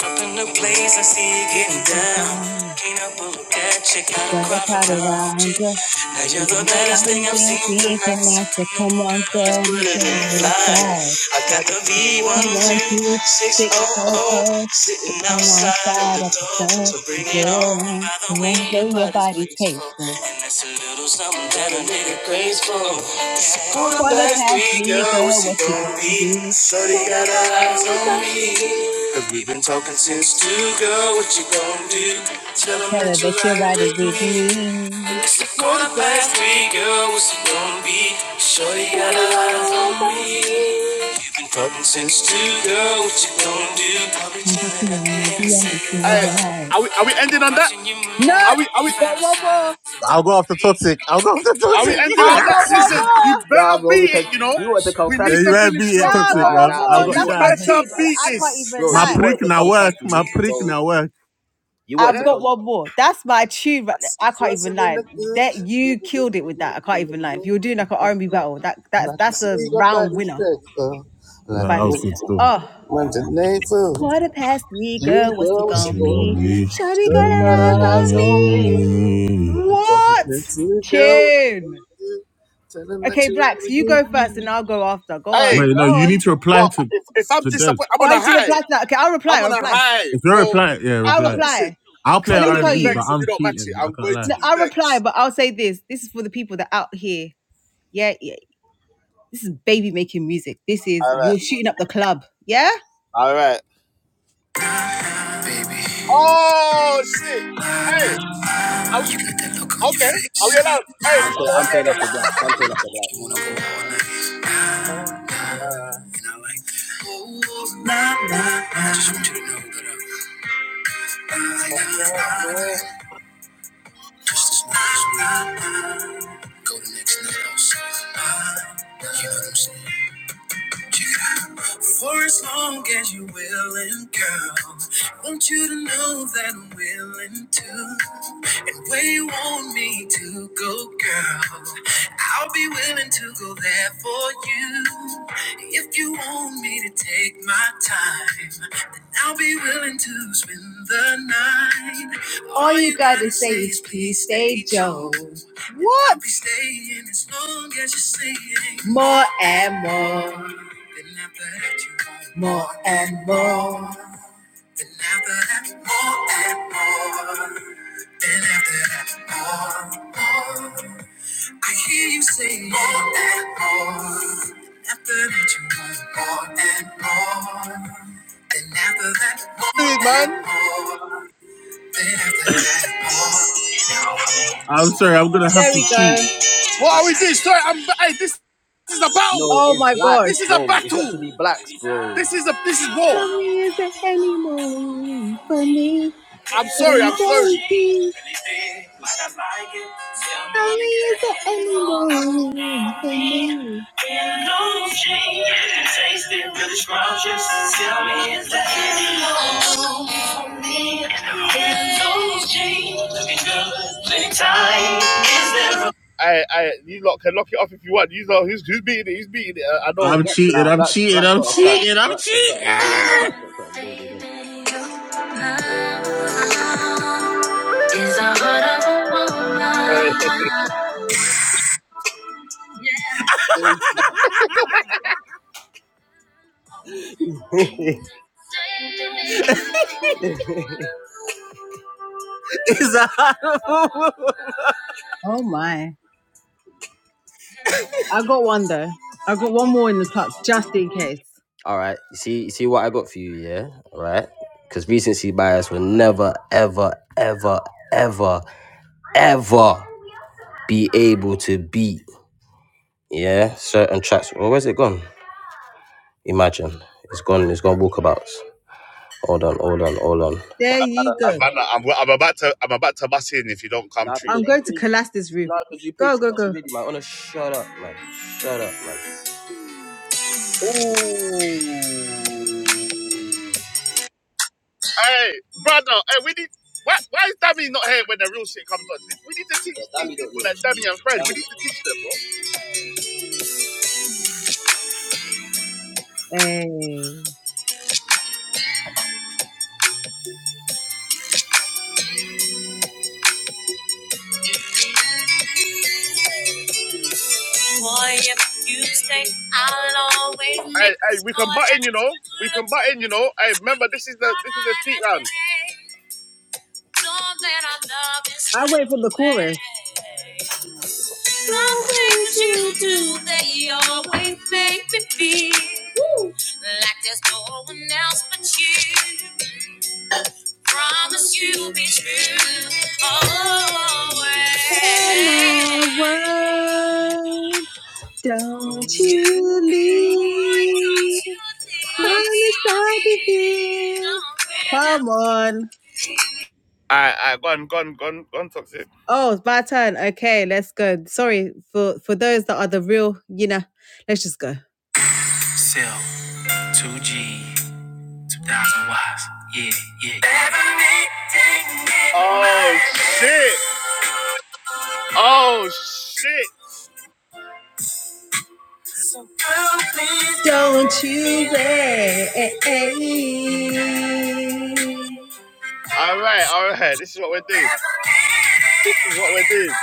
[SPEAKER 1] up in the place, I see you getting
[SPEAKER 6] you
[SPEAKER 1] down.
[SPEAKER 6] find
[SPEAKER 1] Can't help but look at you,
[SPEAKER 6] you
[SPEAKER 1] gotta
[SPEAKER 6] got a
[SPEAKER 1] cry
[SPEAKER 6] crowd
[SPEAKER 1] for you.
[SPEAKER 6] around you.
[SPEAKER 1] Now
[SPEAKER 6] and
[SPEAKER 1] you're the
[SPEAKER 6] You can
[SPEAKER 1] baddest thing
[SPEAKER 6] find
[SPEAKER 1] I've
[SPEAKER 6] their
[SPEAKER 1] seen
[SPEAKER 6] peace
[SPEAKER 1] tonight.
[SPEAKER 6] and
[SPEAKER 1] So
[SPEAKER 6] not so
[SPEAKER 1] come on,
[SPEAKER 6] come on,
[SPEAKER 1] girl, let's
[SPEAKER 6] girl,
[SPEAKER 1] put
[SPEAKER 6] you
[SPEAKER 1] it in
[SPEAKER 6] get
[SPEAKER 1] flight.
[SPEAKER 6] inside.
[SPEAKER 1] I got the
[SPEAKER 6] He wants you
[SPEAKER 1] V12600
[SPEAKER 6] 600,
[SPEAKER 1] sitting
[SPEAKER 6] sitting
[SPEAKER 1] outside of
[SPEAKER 6] outside
[SPEAKER 1] the
[SPEAKER 6] at the
[SPEAKER 1] door, so
[SPEAKER 6] door.
[SPEAKER 1] bring it it
[SPEAKER 6] Get it
[SPEAKER 1] on
[SPEAKER 6] on,
[SPEAKER 1] by the
[SPEAKER 6] the
[SPEAKER 1] way
[SPEAKER 6] one
[SPEAKER 1] your
[SPEAKER 6] way your
[SPEAKER 1] body's
[SPEAKER 6] body
[SPEAKER 1] graceful.
[SPEAKER 6] tastes.
[SPEAKER 1] And that's a little something that'll make it graceful. Pull
[SPEAKER 6] For
[SPEAKER 1] up
[SPEAKER 6] the
[SPEAKER 1] as
[SPEAKER 6] past
[SPEAKER 1] we go,
[SPEAKER 6] week,
[SPEAKER 1] what's
[SPEAKER 6] girl,
[SPEAKER 1] it
[SPEAKER 6] what you
[SPEAKER 1] gonna
[SPEAKER 6] gonna
[SPEAKER 1] be?
[SPEAKER 6] do? Show
[SPEAKER 1] Shorty
[SPEAKER 6] the
[SPEAKER 1] got her eyes
[SPEAKER 6] girls
[SPEAKER 1] on
[SPEAKER 6] on
[SPEAKER 1] me.
[SPEAKER 6] me.
[SPEAKER 1] Cause we've been talking since two, girl, what you gonna do? Tell 'em
[SPEAKER 6] Tell
[SPEAKER 1] that
[SPEAKER 6] her
[SPEAKER 1] you're
[SPEAKER 6] that you're
[SPEAKER 1] riding
[SPEAKER 6] riding
[SPEAKER 1] with
[SPEAKER 6] with
[SPEAKER 1] me.
[SPEAKER 6] me.
[SPEAKER 1] It's the quarter past three, girl, what's it gonna be? Shorty got her eyes on me. Been Common sense to girl, what you gonna do? I've been chilling at
[SPEAKER 6] You'll
[SPEAKER 1] the
[SPEAKER 6] be
[SPEAKER 1] end of
[SPEAKER 6] on the
[SPEAKER 1] second. Hey,
[SPEAKER 6] freeway.
[SPEAKER 1] are we are we ending on that?
[SPEAKER 6] No,
[SPEAKER 1] Are we are we
[SPEAKER 6] go one more.
[SPEAKER 4] I'll go after toxic. I'll go after
[SPEAKER 1] are we
[SPEAKER 4] toxic.
[SPEAKER 1] ending
[SPEAKER 6] I
[SPEAKER 1] on that?
[SPEAKER 6] got
[SPEAKER 4] yeah,
[SPEAKER 6] one
[SPEAKER 1] Listen, you
[SPEAKER 6] more.
[SPEAKER 2] Nah,
[SPEAKER 1] better
[SPEAKER 2] bro,
[SPEAKER 1] beat
[SPEAKER 2] because
[SPEAKER 1] it, you know.
[SPEAKER 2] you want to come
[SPEAKER 1] We
[SPEAKER 2] catch
[SPEAKER 1] need
[SPEAKER 4] you
[SPEAKER 1] to
[SPEAKER 2] me.
[SPEAKER 4] better
[SPEAKER 1] finish
[SPEAKER 4] beat
[SPEAKER 6] No,
[SPEAKER 4] it,
[SPEAKER 1] strong.
[SPEAKER 6] I
[SPEAKER 4] toxic,
[SPEAKER 6] got
[SPEAKER 2] Nah,
[SPEAKER 6] one
[SPEAKER 4] bruv.
[SPEAKER 2] nah,
[SPEAKER 4] I'll
[SPEAKER 2] bro.
[SPEAKER 6] more.
[SPEAKER 4] got
[SPEAKER 2] You
[SPEAKER 1] You
[SPEAKER 6] That's
[SPEAKER 2] want,
[SPEAKER 6] my
[SPEAKER 4] shy.
[SPEAKER 1] better
[SPEAKER 6] tune.
[SPEAKER 1] beat
[SPEAKER 6] I can't
[SPEAKER 1] this.
[SPEAKER 6] even
[SPEAKER 2] bro.
[SPEAKER 4] My
[SPEAKER 2] You
[SPEAKER 6] lie.
[SPEAKER 4] prick
[SPEAKER 2] wanted to
[SPEAKER 4] now
[SPEAKER 2] come
[SPEAKER 4] work.
[SPEAKER 2] catch
[SPEAKER 4] My
[SPEAKER 2] me,
[SPEAKER 4] prick
[SPEAKER 2] so
[SPEAKER 4] now work.
[SPEAKER 2] you
[SPEAKER 1] Yeah.
[SPEAKER 2] wanted
[SPEAKER 6] I've
[SPEAKER 2] to
[SPEAKER 6] got
[SPEAKER 2] come.
[SPEAKER 1] It
[SPEAKER 6] one more. That's my tune. right there. I can't even
[SPEAKER 1] wasn't in
[SPEAKER 6] lie.
[SPEAKER 1] the good,
[SPEAKER 6] That you
[SPEAKER 1] never
[SPEAKER 6] killed it
[SPEAKER 1] written
[SPEAKER 6] with that.
[SPEAKER 1] word
[SPEAKER 6] I can't
[SPEAKER 1] in the
[SPEAKER 6] even lie. If you
[SPEAKER 1] book
[SPEAKER 6] were doing like an R&B battle, that
[SPEAKER 1] And I
[SPEAKER 6] that's
[SPEAKER 1] can
[SPEAKER 6] that's
[SPEAKER 1] see
[SPEAKER 6] a
[SPEAKER 1] your
[SPEAKER 6] round
[SPEAKER 1] body
[SPEAKER 6] winner.
[SPEAKER 1] break, uh,
[SPEAKER 4] No,
[SPEAKER 1] like
[SPEAKER 4] that
[SPEAKER 1] a
[SPEAKER 6] Fant.
[SPEAKER 4] was
[SPEAKER 1] wet
[SPEAKER 4] good stuff.
[SPEAKER 6] Oh.
[SPEAKER 1] Monday night fool.
[SPEAKER 6] Quarter past three, girl, what's it
[SPEAKER 1] Jesus,
[SPEAKER 6] gonna
[SPEAKER 1] oh,
[SPEAKER 6] be? Shawty
[SPEAKER 1] girl,
[SPEAKER 6] got
[SPEAKER 1] you
[SPEAKER 6] her eyes
[SPEAKER 1] eyes
[SPEAKER 6] on
[SPEAKER 1] on me. We've
[SPEAKER 6] me.
[SPEAKER 1] been talking
[SPEAKER 6] What?
[SPEAKER 1] since you go.
[SPEAKER 6] Tune.
[SPEAKER 1] Tell him that
[SPEAKER 6] Okay, Blacks,
[SPEAKER 1] you're
[SPEAKER 6] you go first and
[SPEAKER 1] me.
[SPEAKER 6] I'll go after. Go on. Go
[SPEAKER 1] Hey,
[SPEAKER 4] Wait, no, you need
[SPEAKER 6] on.
[SPEAKER 4] to reply
[SPEAKER 1] well,
[SPEAKER 4] to
[SPEAKER 1] if, if I'm
[SPEAKER 4] to Des.
[SPEAKER 1] disappointed, I'm
[SPEAKER 6] Oh,
[SPEAKER 1] on
[SPEAKER 6] I
[SPEAKER 1] a
[SPEAKER 6] need to
[SPEAKER 1] high.
[SPEAKER 6] reply to that. Okay, I'll
[SPEAKER 1] I'm
[SPEAKER 6] reply. I'll
[SPEAKER 1] on a
[SPEAKER 6] reply.
[SPEAKER 1] high,
[SPEAKER 4] If you
[SPEAKER 1] bro. I,
[SPEAKER 4] reply, yeah,
[SPEAKER 6] I'll
[SPEAKER 1] I,
[SPEAKER 4] reply.
[SPEAKER 1] listen,
[SPEAKER 6] reply.
[SPEAKER 4] I'll play
[SPEAKER 6] So
[SPEAKER 1] I'm
[SPEAKER 6] let me
[SPEAKER 4] R
[SPEAKER 1] gonna
[SPEAKER 4] and
[SPEAKER 6] tell
[SPEAKER 1] be
[SPEAKER 4] B,
[SPEAKER 6] you.
[SPEAKER 4] but
[SPEAKER 1] vexed if
[SPEAKER 4] I'm
[SPEAKER 1] you don't match it.
[SPEAKER 4] cheating. I
[SPEAKER 1] I'm
[SPEAKER 4] can't
[SPEAKER 1] going
[SPEAKER 4] lie.
[SPEAKER 1] to
[SPEAKER 6] No,
[SPEAKER 1] be
[SPEAKER 6] I'll reply,
[SPEAKER 1] vexed.
[SPEAKER 6] but I'll say this. This is for the people that out here. Yeah, yeah. This is baby making music. This is
[SPEAKER 1] All right,
[SPEAKER 6] you're shooting up the club. Yeah?
[SPEAKER 1] all right. Oh shit! Hey, are we, okay. Are we allowed? Hey,
[SPEAKER 2] I'm
[SPEAKER 1] hold
[SPEAKER 2] paying.
[SPEAKER 1] on,
[SPEAKER 2] I'm paying off the
[SPEAKER 1] what's
[SPEAKER 2] black. I'm paying off the black. I'm paying off the black.
[SPEAKER 6] like Oh, oh, nah, nah, nah. go to next level. So, you know what I'm saying? Yeah. For as long as you're willing, girl, want you to know that I'm willing to. And where you want me to go, girl, I'll be willing to go there for you. If you want me to take my time, then I'll be willing to spend the night. All All you gotta say is please stay, Joe. What? I'll be staying as long as you say more More and more more and more than ever that more. I hear you say more and more than that you want. More and more than ever that more
[SPEAKER 1] going on,
[SPEAKER 6] and
[SPEAKER 1] Dude, man?
[SPEAKER 6] more than ever that.
[SPEAKER 4] I'm sorry. I'm gonna have
[SPEAKER 6] There
[SPEAKER 4] to
[SPEAKER 6] we
[SPEAKER 4] cheat.
[SPEAKER 6] go.
[SPEAKER 1] What are we doing? Sorry, I'm. Hey, this, this is a battle.
[SPEAKER 6] Oh
[SPEAKER 2] It's
[SPEAKER 6] my
[SPEAKER 2] black.
[SPEAKER 6] gosh.
[SPEAKER 1] This is a battle. This is a this is war.
[SPEAKER 6] Mommy is an honeymoon for me.
[SPEAKER 1] I'm sorry. I'm sorry.
[SPEAKER 6] And Tommy is the animal for
[SPEAKER 1] I, I, you lot can lock it off if you want. You know who's who's beating it. Who's beating it? I, know. Black Phillip.
[SPEAKER 2] Nah, black. Black got a track. Black got something loaded. Black got something loaded.
[SPEAKER 4] I
[SPEAKER 2] innit?
[SPEAKER 6] Oh my. I got one though. I got one more in the tuck just in case.
[SPEAKER 2] All right. You see. You see what I got for you. Yeah. All right. Because recency bias will never, ever, ever, ever, ever be able to beat. Yeah. Certain tracks. Well, where's it gone? Imagine. It's gone. It's gone walkabouts. Hold on, hold on, hold on.
[SPEAKER 6] There you go.
[SPEAKER 1] I'm, I'm about to I'm about to bust in if you don't come
[SPEAKER 2] Nah,
[SPEAKER 1] true.
[SPEAKER 6] I'm
[SPEAKER 2] because you
[SPEAKER 6] going to
[SPEAKER 2] paid.
[SPEAKER 6] collapse this roof.
[SPEAKER 2] Nah, because you paid
[SPEAKER 6] Go,
[SPEAKER 2] two
[SPEAKER 6] go,
[SPEAKER 2] pots
[SPEAKER 6] go.
[SPEAKER 2] already, man. Wanna shut up, man. Shut up, man.
[SPEAKER 1] Ooh. Hey, brother, hey, we need. Why, why is Dami not here when the real shit comes on? We need to teach these people like Dami and Fred. We need to teach them, bro.
[SPEAKER 6] Hey.
[SPEAKER 2] Boy, if you stay, I'll always
[SPEAKER 1] Hey,
[SPEAKER 2] make
[SPEAKER 1] hey, we can
[SPEAKER 2] sure
[SPEAKER 1] button,
[SPEAKER 2] that
[SPEAKER 1] you know. We can button, you
[SPEAKER 2] you
[SPEAKER 1] know.
[SPEAKER 2] look
[SPEAKER 1] Hey, remember
[SPEAKER 2] the
[SPEAKER 1] this is the this is the treat
[SPEAKER 2] brighter
[SPEAKER 1] round.
[SPEAKER 2] day. Know that our love is
[SPEAKER 6] I wait for the chorus.
[SPEAKER 2] way. Some things you do, they always make me feel Woo. like there's no one else but you. Promise you'll be true always.
[SPEAKER 6] Oh my world,
[SPEAKER 2] Don't
[SPEAKER 6] don't
[SPEAKER 2] you
[SPEAKER 6] you
[SPEAKER 2] think? Why don't
[SPEAKER 6] leave.
[SPEAKER 2] you think
[SPEAKER 6] Promise
[SPEAKER 2] I'll be
[SPEAKER 6] I'll be here.
[SPEAKER 2] nowhere?
[SPEAKER 6] Come on.
[SPEAKER 1] I I gone gone gone toxic.
[SPEAKER 6] Oh, it's my turn. Okay, let's go. Sorry for for those that are the real, you know. Let's just go. Sell 2G, 2000 watts. Yeah, yeah. Everything in my
[SPEAKER 1] Oh
[SPEAKER 6] head.
[SPEAKER 1] shit! Oh shit!
[SPEAKER 6] So, girl, please don't you
[SPEAKER 1] Sophie.
[SPEAKER 6] wait?
[SPEAKER 1] All right, all right. This is what we're doing. This is what we're doing.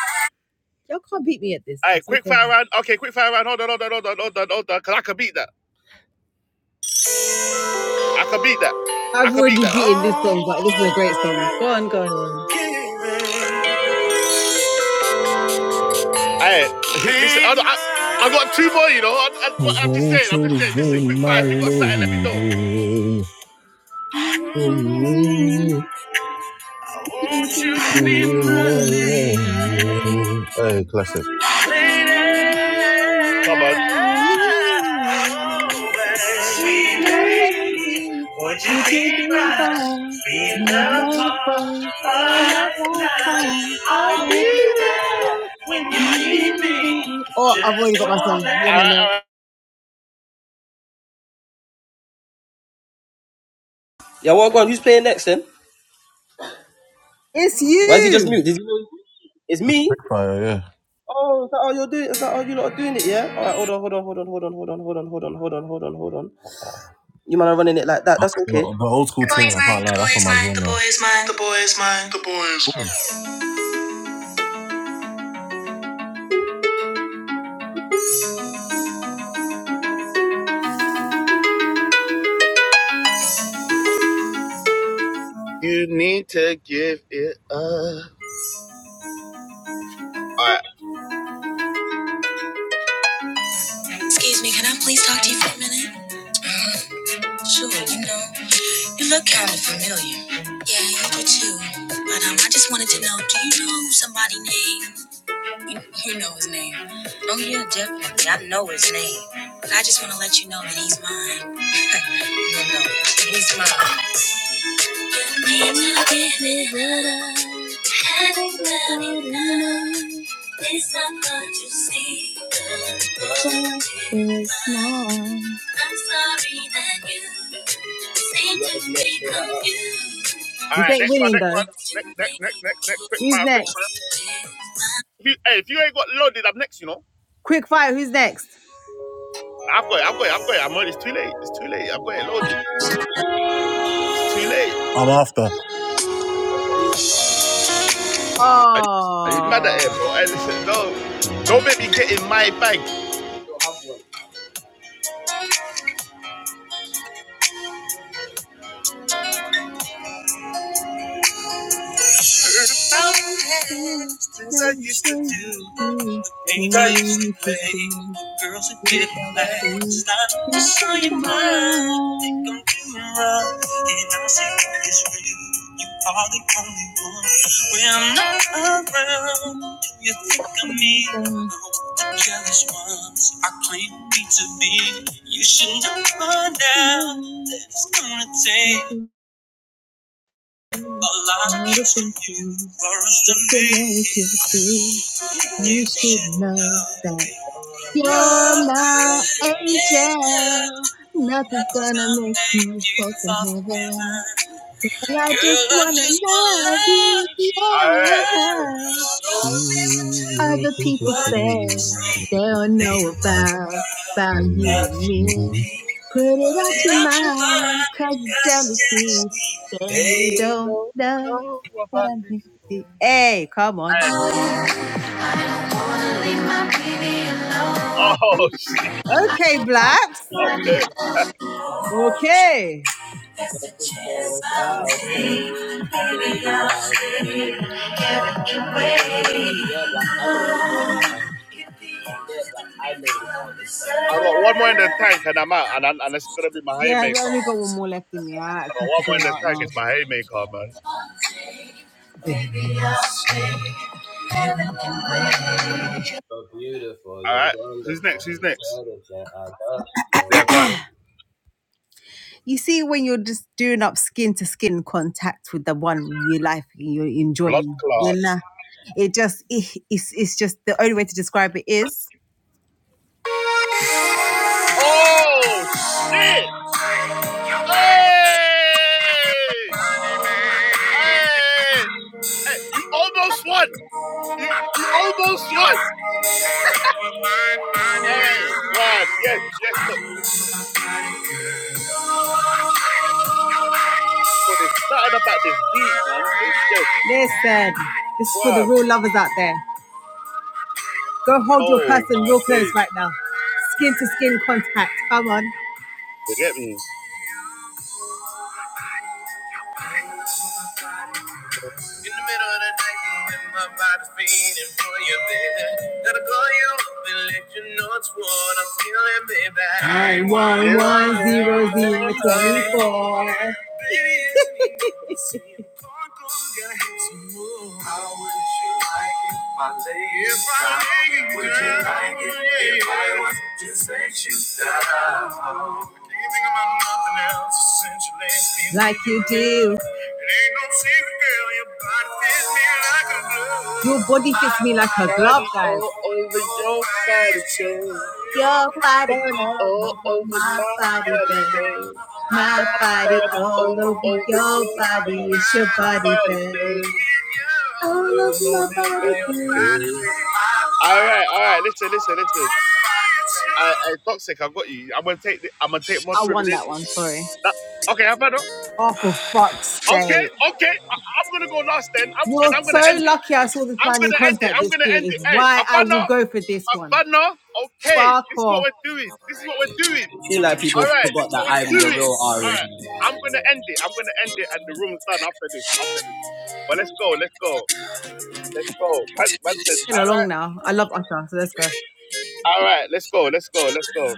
[SPEAKER 6] Y'all can't beat me at this.
[SPEAKER 1] Hey,
[SPEAKER 6] I'm so
[SPEAKER 1] quick fire
[SPEAKER 6] sorry.
[SPEAKER 1] round. Okay, quick fire round. Hold on, hold on, hold on, hold on, hold on. Cause I can beat that. I can beat that. I
[SPEAKER 6] I've
[SPEAKER 1] can beat
[SPEAKER 6] already
[SPEAKER 1] that.
[SPEAKER 6] beaten this song, but this is a great song. Go on, go
[SPEAKER 1] Hey, listen, I, I, I got two more, you know. I, I, am just
[SPEAKER 4] want
[SPEAKER 1] saying, I'm
[SPEAKER 4] you
[SPEAKER 1] just
[SPEAKER 4] to
[SPEAKER 1] saying.
[SPEAKER 4] be
[SPEAKER 1] Listen, quick fire.
[SPEAKER 4] my
[SPEAKER 1] If you got something, let me know.
[SPEAKER 4] lady. Oh, yeah. You be my
[SPEAKER 6] on.
[SPEAKER 4] lady. Hey, classic.
[SPEAKER 6] Maybe
[SPEAKER 1] Come on.
[SPEAKER 6] would you be there? You lovely, I like her. Happy love, you be. Oh, I've already got my song. One minute.
[SPEAKER 2] Yeah, well, go on. Who's playing next then?
[SPEAKER 6] It's
[SPEAKER 2] Why is he just
[SPEAKER 6] you.
[SPEAKER 2] mute? Did he know it's me?
[SPEAKER 4] Right, yeah.
[SPEAKER 2] Oh, is that all you're doing? Is that all you lot are doing it? Yeah. All right, hold on, hold on, hold on, hold on, hold on, hold on, hold on, hold on, hold on, hold on. You man are running it like that. That's
[SPEAKER 4] The,
[SPEAKER 2] okay.
[SPEAKER 4] the old school team, I can't lie, that's on my zone now. Ooh.
[SPEAKER 1] You need to give it up.
[SPEAKER 2] Excuse me, can I please talk to you for a minute? Sure, you know, you look kind of familiar. Yeah, you do too. But um, I just wanted to know, do you know somebody named? You, you know his name. Oh yeah, definitely. I know his name. But I just want to let you know that he's mine. no, no, he's mine.
[SPEAKER 6] You can give it all. Everybody knows
[SPEAKER 2] It's not much to see, but
[SPEAKER 6] that it's mine.
[SPEAKER 2] I'm sorry that you seem to be confused.
[SPEAKER 1] All
[SPEAKER 6] This
[SPEAKER 1] right,
[SPEAKER 6] ain't
[SPEAKER 1] next one,
[SPEAKER 6] winning
[SPEAKER 1] next
[SPEAKER 6] though.
[SPEAKER 1] one. Next, next, next, next, next. Quick
[SPEAKER 6] Who's
[SPEAKER 1] fire, quick
[SPEAKER 6] next?
[SPEAKER 1] fire. If you, hey, if you ain't got loaded, I'm next, you know.
[SPEAKER 6] Quick fire. Who's next?
[SPEAKER 1] I've got it, I've got it, I've got it. I'm on, it's too late. It's too late. I've got it loaded. It's too late.
[SPEAKER 4] I'm after.
[SPEAKER 1] Are you mad at him,
[SPEAKER 6] Oh,
[SPEAKER 1] bro? Hey, listen, no. Don't make me get in my bag
[SPEAKER 6] but the night is through.
[SPEAKER 1] I'm Just on your mind. think I'm doing wrong, and I say it's real. You are the only one. When I'm not around, do you think I need the jealous ones? I claim me to be. You should know by now that it's gonna take a lot of trust from you for us to make
[SPEAKER 6] You
[SPEAKER 1] you
[SPEAKER 6] should
[SPEAKER 1] shit.
[SPEAKER 6] know that you're my angel. Nothing's gonna make you fall from heaven. Well, I just
[SPEAKER 1] But I
[SPEAKER 6] wanna
[SPEAKER 1] just wanna
[SPEAKER 6] love you,
[SPEAKER 1] love you. All right.
[SPEAKER 6] yeah.
[SPEAKER 1] not listen
[SPEAKER 6] Other
[SPEAKER 1] to
[SPEAKER 6] people
[SPEAKER 1] what
[SPEAKER 6] say
[SPEAKER 1] people say.
[SPEAKER 6] they don't
[SPEAKER 1] Oh
[SPEAKER 6] know about, about you and me. Put it out your mind, cause of jealousy, they don't know what I'm doing. Hey, come on.
[SPEAKER 4] My baby, I love
[SPEAKER 1] shit.
[SPEAKER 6] Okay, blacks.
[SPEAKER 1] Okay.
[SPEAKER 6] Okay.
[SPEAKER 4] That's the chance
[SPEAKER 2] Yes,
[SPEAKER 4] I'll
[SPEAKER 2] I'll
[SPEAKER 4] take
[SPEAKER 2] sing, baby, I'll sing.
[SPEAKER 4] away.
[SPEAKER 2] Yeah, Black, I know this album cover.
[SPEAKER 4] Get the
[SPEAKER 2] Yeah,
[SPEAKER 4] angels to
[SPEAKER 2] Black, I
[SPEAKER 4] make
[SPEAKER 2] know this
[SPEAKER 4] love
[SPEAKER 2] album cover.
[SPEAKER 1] I got one more in the
[SPEAKER 4] deserve.
[SPEAKER 1] tank and I'm out, and, I- and it's gonna be my
[SPEAKER 6] Yeah,
[SPEAKER 1] haymaker.
[SPEAKER 6] I only
[SPEAKER 1] I
[SPEAKER 6] got one more left in me. I have
[SPEAKER 1] got one
[SPEAKER 6] to go
[SPEAKER 1] more in the
[SPEAKER 6] out now.
[SPEAKER 1] tank. It's my haymaker, man. All right. Who's next? Who's next? They are gone.
[SPEAKER 6] You see, when you're just doing up skin to skin contact with the one you like, you're
[SPEAKER 1] Blood
[SPEAKER 6] enjoying, you
[SPEAKER 1] clots.
[SPEAKER 6] know, it just, it- it's, it's just the only way to describe it is
[SPEAKER 1] Oh shit! Hey! Hey! Hey! You almost won. You you almost won. Hey, one. Yes, yes. But there's nothing about this beat, man. It's just
[SPEAKER 6] listen, this is for the
[SPEAKER 1] wow.
[SPEAKER 6] real lovers out there. Go hold your
[SPEAKER 1] Oh
[SPEAKER 6] person
[SPEAKER 1] my
[SPEAKER 6] real close
[SPEAKER 1] days.
[SPEAKER 6] right now. Skin to skin contact. Come on. In
[SPEAKER 1] You get me?
[SPEAKER 6] the middle of the night, when my body's beating for you, baby. Gotta call you up and let you know it's what I'm feeling, baby. I want zero zero twenty four. Like you do no Your body fits me like a glove. like guys.
[SPEAKER 1] All over your body, babe.
[SPEAKER 6] Your body
[SPEAKER 1] Body
[SPEAKER 6] all
[SPEAKER 1] all
[SPEAKER 6] over
[SPEAKER 1] over
[SPEAKER 6] my
[SPEAKER 1] my
[SPEAKER 6] body,
[SPEAKER 1] body,
[SPEAKER 6] babe.
[SPEAKER 1] babe.
[SPEAKER 6] My
[SPEAKER 1] My
[SPEAKER 6] body
[SPEAKER 1] body
[SPEAKER 6] all
[SPEAKER 1] all
[SPEAKER 6] over
[SPEAKER 1] over
[SPEAKER 6] your
[SPEAKER 1] your
[SPEAKER 6] body.
[SPEAKER 1] body.
[SPEAKER 6] It's your
[SPEAKER 1] My
[SPEAKER 6] body,
[SPEAKER 1] body,
[SPEAKER 6] babe.
[SPEAKER 1] babe.
[SPEAKER 6] All of
[SPEAKER 1] All
[SPEAKER 6] my
[SPEAKER 1] over your
[SPEAKER 6] body,
[SPEAKER 1] body,
[SPEAKER 6] babe.
[SPEAKER 1] babe. All right, all right. Listen, listen, listen. I, I, toxic. I got you. I'm gonna take. The, I'm gonna take mod
[SPEAKER 6] I won
[SPEAKER 1] privilege.
[SPEAKER 6] that one, sorry.
[SPEAKER 1] That, okay, I've had her.
[SPEAKER 6] Oh, for fuck's
[SPEAKER 1] Okay,
[SPEAKER 6] sake.
[SPEAKER 1] okay. I, I'm gonna go last then. I'm, and
[SPEAKER 6] You're
[SPEAKER 1] I'm gonna
[SPEAKER 6] so
[SPEAKER 1] end it.
[SPEAKER 6] lucky I saw this
[SPEAKER 1] I'm
[SPEAKER 6] man in
[SPEAKER 1] gonna end it.
[SPEAKER 6] concert
[SPEAKER 1] I'm
[SPEAKER 6] this
[SPEAKER 1] gonna
[SPEAKER 6] year,
[SPEAKER 1] end
[SPEAKER 6] is
[SPEAKER 1] it. Hey,
[SPEAKER 6] why I
[SPEAKER 1] Havana,
[SPEAKER 6] will go for this one.
[SPEAKER 1] Havana. Okay,
[SPEAKER 6] Fuck
[SPEAKER 1] this is what
[SPEAKER 6] off.
[SPEAKER 1] we're doing. This is what we're doing.
[SPEAKER 2] feel like people
[SPEAKER 1] All right, this
[SPEAKER 2] forgot
[SPEAKER 1] is what
[SPEAKER 2] that
[SPEAKER 1] we're
[SPEAKER 2] I'm the
[SPEAKER 1] doing.
[SPEAKER 2] real
[SPEAKER 1] All
[SPEAKER 2] Ari.
[SPEAKER 1] right, I'm gonna end it. I'm gonna end it, and the room's done after this. After this. Well, let's go. Let's go. Let's go. Man, man said,
[SPEAKER 6] Been
[SPEAKER 1] all right,
[SPEAKER 6] along now. I love Usher, so let's go.
[SPEAKER 1] all right. Let's go. Let's go. Let's go.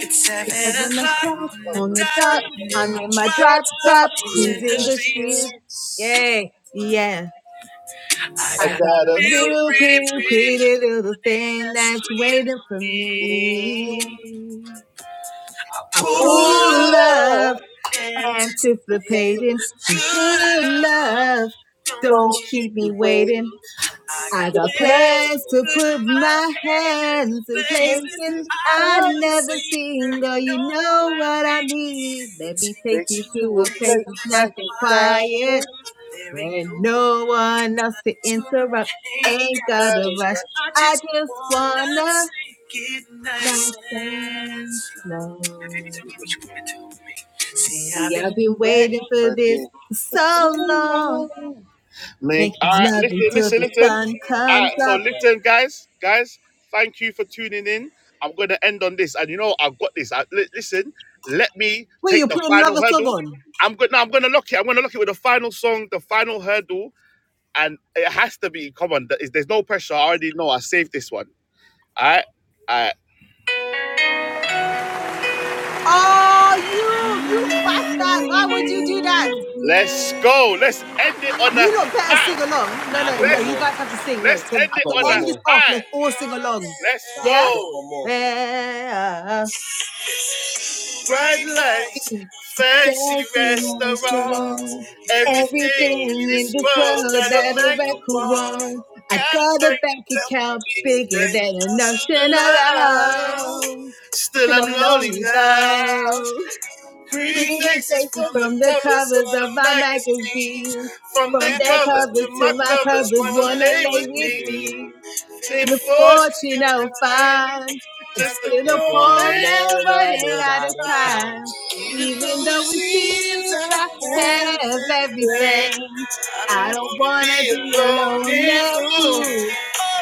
[SPEAKER 2] It's seven
[SPEAKER 6] Because when the
[SPEAKER 2] o'clock
[SPEAKER 6] clock
[SPEAKER 2] on the
[SPEAKER 6] on the
[SPEAKER 2] dot,
[SPEAKER 6] top,
[SPEAKER 2] and
[SPEAKER 6] I'm
[SPEAKER 2] my
[SPEAKER 6] in my
[SPEAKER 2] drop
[SPEAKER 6] drop
[SPEAKER 2] top,
[SPEAKER 6] top,
[SPEAKER 2] is in the
[SPEAKER 6] cruising the
[SPEAKER 2] streets.
[SPEAKER 6] street. Yeah, yeah.
[SPEAKER 2] I
[SPEAKER 6] I
[SPEAKER 2] got
[SPEAKER 6] got a
[SPEAKER 2] real
[SPEAKER 6] real
[SPEAKER 2] pretty,
[SPEAKER 6] pretty,
[SPEAKER 2] pretty
[SPEAKER 6] pretty
[SPEAKER 2] little
[SPEAKER 6] little
[SPEAKER 2] thing
[SPEAKER 6] thing
[SPEAKER 2] that's
[SPEAKER 6] that's
[SPEAKER 2] waiting
[SPEAKER 6] waiting
[SPEAKER 2] for
[SPEAKER 6] for
[SPEAKER 2] me.
[SPEAKER 6] me.
[SPEAKER 2] I
[SPEAKER 6] I
[SPEAKER 2] pull
[SPEAKER 1] Ooh,
[SPEAKER 6] pull
[SPEAKER 2] up,
[SPEAKER 1] love,
[SPEAKER 6] up and
[SPEAKER 1] it's
[SPEAKER 2] anticipating
[SPEAKER 1] a thing.
[SPEAKER 6] waiting,
[SPEAKER 2] good
[SPEAKER 6] pull
[SPEAKER 2] love.
[SPEAKER 6] up.
[SPEAKER 2] Don't
[SPEAKER 6] Don't
[SPEAKER 1] Don't keep
[SPEAKER 6] keep
[SPEAKER 1] me
[SPEAKER 6] me
[SPEAKER 2] you?
[SPEAKER 6] waiting.
[SPEAKER 1] waiting.
[SPEAKER 2] I got
[SPEAKER 6] I
[SPEAKER 1] The
[SPEAKER 6] got
[SPEAKER 2] plans
[SPEAKER 1] place,
[SPEAKER 2] to
[SPEAKER 6] plans to
[SPEAKER 2] put
[SPEAKER 6] put
[SPEAKER 2] my
[SPEAKER 6] my
[SPEAKER 2] hand in
[SPEAKER 6] hands in
[SPEAKER 2] places
[SPEAKER 6] places
[SPEAKER 1] places
[SPEAKER 2] I've
[SPEAKER 6] I
[SPEAKER 1] I've never
[SPEAKER 2] never
[SPEAKER 6] never
[SPEAKER 1] been.
[SPEAKER 2] seen.
[SPEAKER 6] seen.
[SPEAKER 2] Girl, you
[SPEAKER 6] Girl, you
[SPEAKER 2] know what
[SPEAKER 6] know
[SPEAKER 2] I
[SPEAKER 6] what I
[SPEAKER 2] mean. Let
[SPEAKER 6] mean.
[SPEAKER 2] me
[SPEAKER 6] Let me
[SPEAKER 2] take you
[SPEAKER 6] take
[SPEAKER 1] Take you
[SPEAKER 6] you
[SPEAKER 2] to a
[SPEAKER 1] to
[SPEAKER 6] to
[SPEAKER 1] a
[SPEAKER 6] a
[SPEAKER 2] place
[SPEAKER 6] place
[SPEAKER 1] place
[SPEAKER 6] that's
[SPEAKER 2] nice
[SPEAKER 6] nice
[SPEAKER 1] nice
[SPEAKER 2] and
[SPEAKER 6] and
[SPEAKER 1] and
[SPEAKER 2] quiet.
[SPEAKER 6] quiet
[SPEAKER 1] quiet.
[SPEAKER 2] There ain't
[SPEAKER 6] where
[SPEAKER 2] no one
[SPEAKER 6] no one else to
[SPEAKER 2] to
[SPEAKER 6] interrupt. And
[SPEAKER 2] ain't got. I
[SPEAKER 6] I
[SPEAKER 2] just
[SPEAKER 6] just
[SPEAKER 2] wanna
[SPEAKER 6] know,
[SPEAKER 2] take it
[SPEAKER 6] nice
[SPEAKER 2] nice and
[SPEAKER 6] and
[SPEAKER 2] slow. Now, baby,
[SPEAKER 6] slow.
[SPEAKER 2] tell me what you wanna do with me. See, I've
[SPEAKER 6] See, I've
[SPEAKER 2] been.
[SPEAKER 6] been waiting for this for so long.
[SPEAKER 1] Nick. All
[SPEAKER 6] Making
[SPEAKER 1] right,
[SPEAKER 6] love
[SPEAKER 1] listen,
[SPEAKER 6] until
[SPEAKER 1] listen,
[SPEAKER 6] the
[SPEAKER 1] listen.
[SPEAKER 6] sun
[SPEAKER 1] All
[SPEAKER 6] comes
[SPEAKER 1] right, so
[SPEAKER 6] up.
[SPEAKER 1] listen, guys, guys. Thank you for tuning in. I'm going to end on this, and you know I've got this. I, li- listen, let me
[SPEAKER 6] Wait, you
[SPEAKER 1] take the
[SPEAKER 6] put
[SPEAKER 1] final
[SPEAKER 6] another song
[SPEAKER 1] hurdle.
[SPEAKER 6] on?
[SPEAKER 1] I'm going. No, I'm going to lock it. I'm going to lock it with the final song, the final hurdle, and it has to be. Come on, there is- there's no pressure. I already know. I saved this one. All right, all right.
[SPEAKER 6] Oh, you, you bastard! Why would you do that?
[SPEAKER 1] Let's go. Let's end it on
[SPEAKER 6] You
[SPEAKER 1] a
[SPEAKER 6] lot better
[SPEAKER 1] high.
[SPEAKER 6] sing along. No,
[SPEAKER 2] Nah, I
[SPEAKER 6] no,
[SPEAKER 2] got
[SPEAKER 6] no.
[SPEAKER 2] one
[SPEAKER 1] Let's
[SPEAKER 6] You
[SPEAKER 2] more.
[SPEAKER 6] guys have to sing. No,
[SPEAKER 1] let's
[SPEAKER 6] to,
[SPEAKER 1] end
[SPEAKER 2] I
[SPEAKER 1] it
[SPEAKER 6] to
[SPEAKER 2] got
[SPEAKER 1] on
[SPEAKER 2] one
[SPEAKER 1] a
[SPEAKER 6] end this
[SPEAKER 2] more.
[SPEAKER 6] off,
[SPEAKER 1] high.
[SPEAKER 6] let's all sing along.
[SPEAKER 1] Let's
[SPEAKER 2] Nah, I
[SPEAKER 6] Yeah.
[SPEAKER 2] got
[SPEAKER 1] go.
[SPEAKER 2] one more.
[SPEAKER 6] Yeah.
[SPEAKER 1] See you
[SPEAKER 6] Death
[SPEAKER 2] It's a grown man
[SPEAKER 1] the
[SPEAKER 6] belongs to
[SPEAKER 1] road.
[SPEAKER 6] God. Everything in this world that a record wants. I got a bank account bigger than a notion alone.
[SPEAKER 1] Still,
[SPEAKER 6] Still
[SPEAKER 1] I'm
[SPEAKER 6] I'm
[SPEAKER 1] lonely
[SPEAKER 6] lonely though.
[SPEAKER 1] now. Pretty
[SPEAKER 6] Pretty
[SPEAKER 1] faces
[SPEAKER 6] faces
[SPEAKER 1] from the
[SPEAKER 6] from the
[SPEAKER 1] covers
[SPEAKER 6] covers
[SPEAKER 1] of
[SPEAKER 6] of
[SPEAKER 1] the
[SPEAKER 6] magazines.
[SPEAKER 1] magazines. From
[SPEAKER 6] From
[SPEAKER 1] their
[SPEAKER 6] their
[SPEAKER 1] covers to
[SPEAKER 6] covers
[SPEAKER 1] my
[SPEAKER 6] to my
[SPEAKER 1] covers, wanna lay with
[SPEAKER 6] thick
[SPEAKER 1] me.
[SPEAKER 6] beams.
[SPEAKER 1] Same
[SPEAKER 6] Looks
[SPEAKER 1] before she's
[SPEAKER 6] you know
[SPEAKER 1] getting time.
[SPEAKER 6] fun.
[SPEAKER 1] Just a
[SPEAKER 6] To the
[SPEAKER 1] cold
[SPEAKER 6] poor
[SPEAKER 1] man
[SPEAKER 6] man
[SPEAKER 1] running
[SPEAKER 6] running
[SPEAKER 2] running
[SPEAKER 6] out of
[SPEAKER 2] out of time.
[SPEAKER 6] time.
[SPEAKER 1] out of time. Even
[SPEAKER 6] Even
[SPEAKER 1] though it
[SPEAKER 6] though it
[SPEAKER 1] seems
[SPEAKER 6] seems
[SPEAKER 1] I
[SPEAKER 6] I
[SPEAKER 1] had
[SPEAKER 6] have
[SPEAKER 1] to blame,
[SPEAKER 6] everything.
[SPEAKER 1] I
[SPEAKER 6] I
[SPEAKER 1] don't
[SPEAKER 6] don't
[SPEAKER 1] wanna
[SPEAKER 6] wanna
[SPEAKER 1] be
[SPEAKER 6] be a lonely
[SPEAKER 1] a lonely fool
[SPEAKER 6] fool.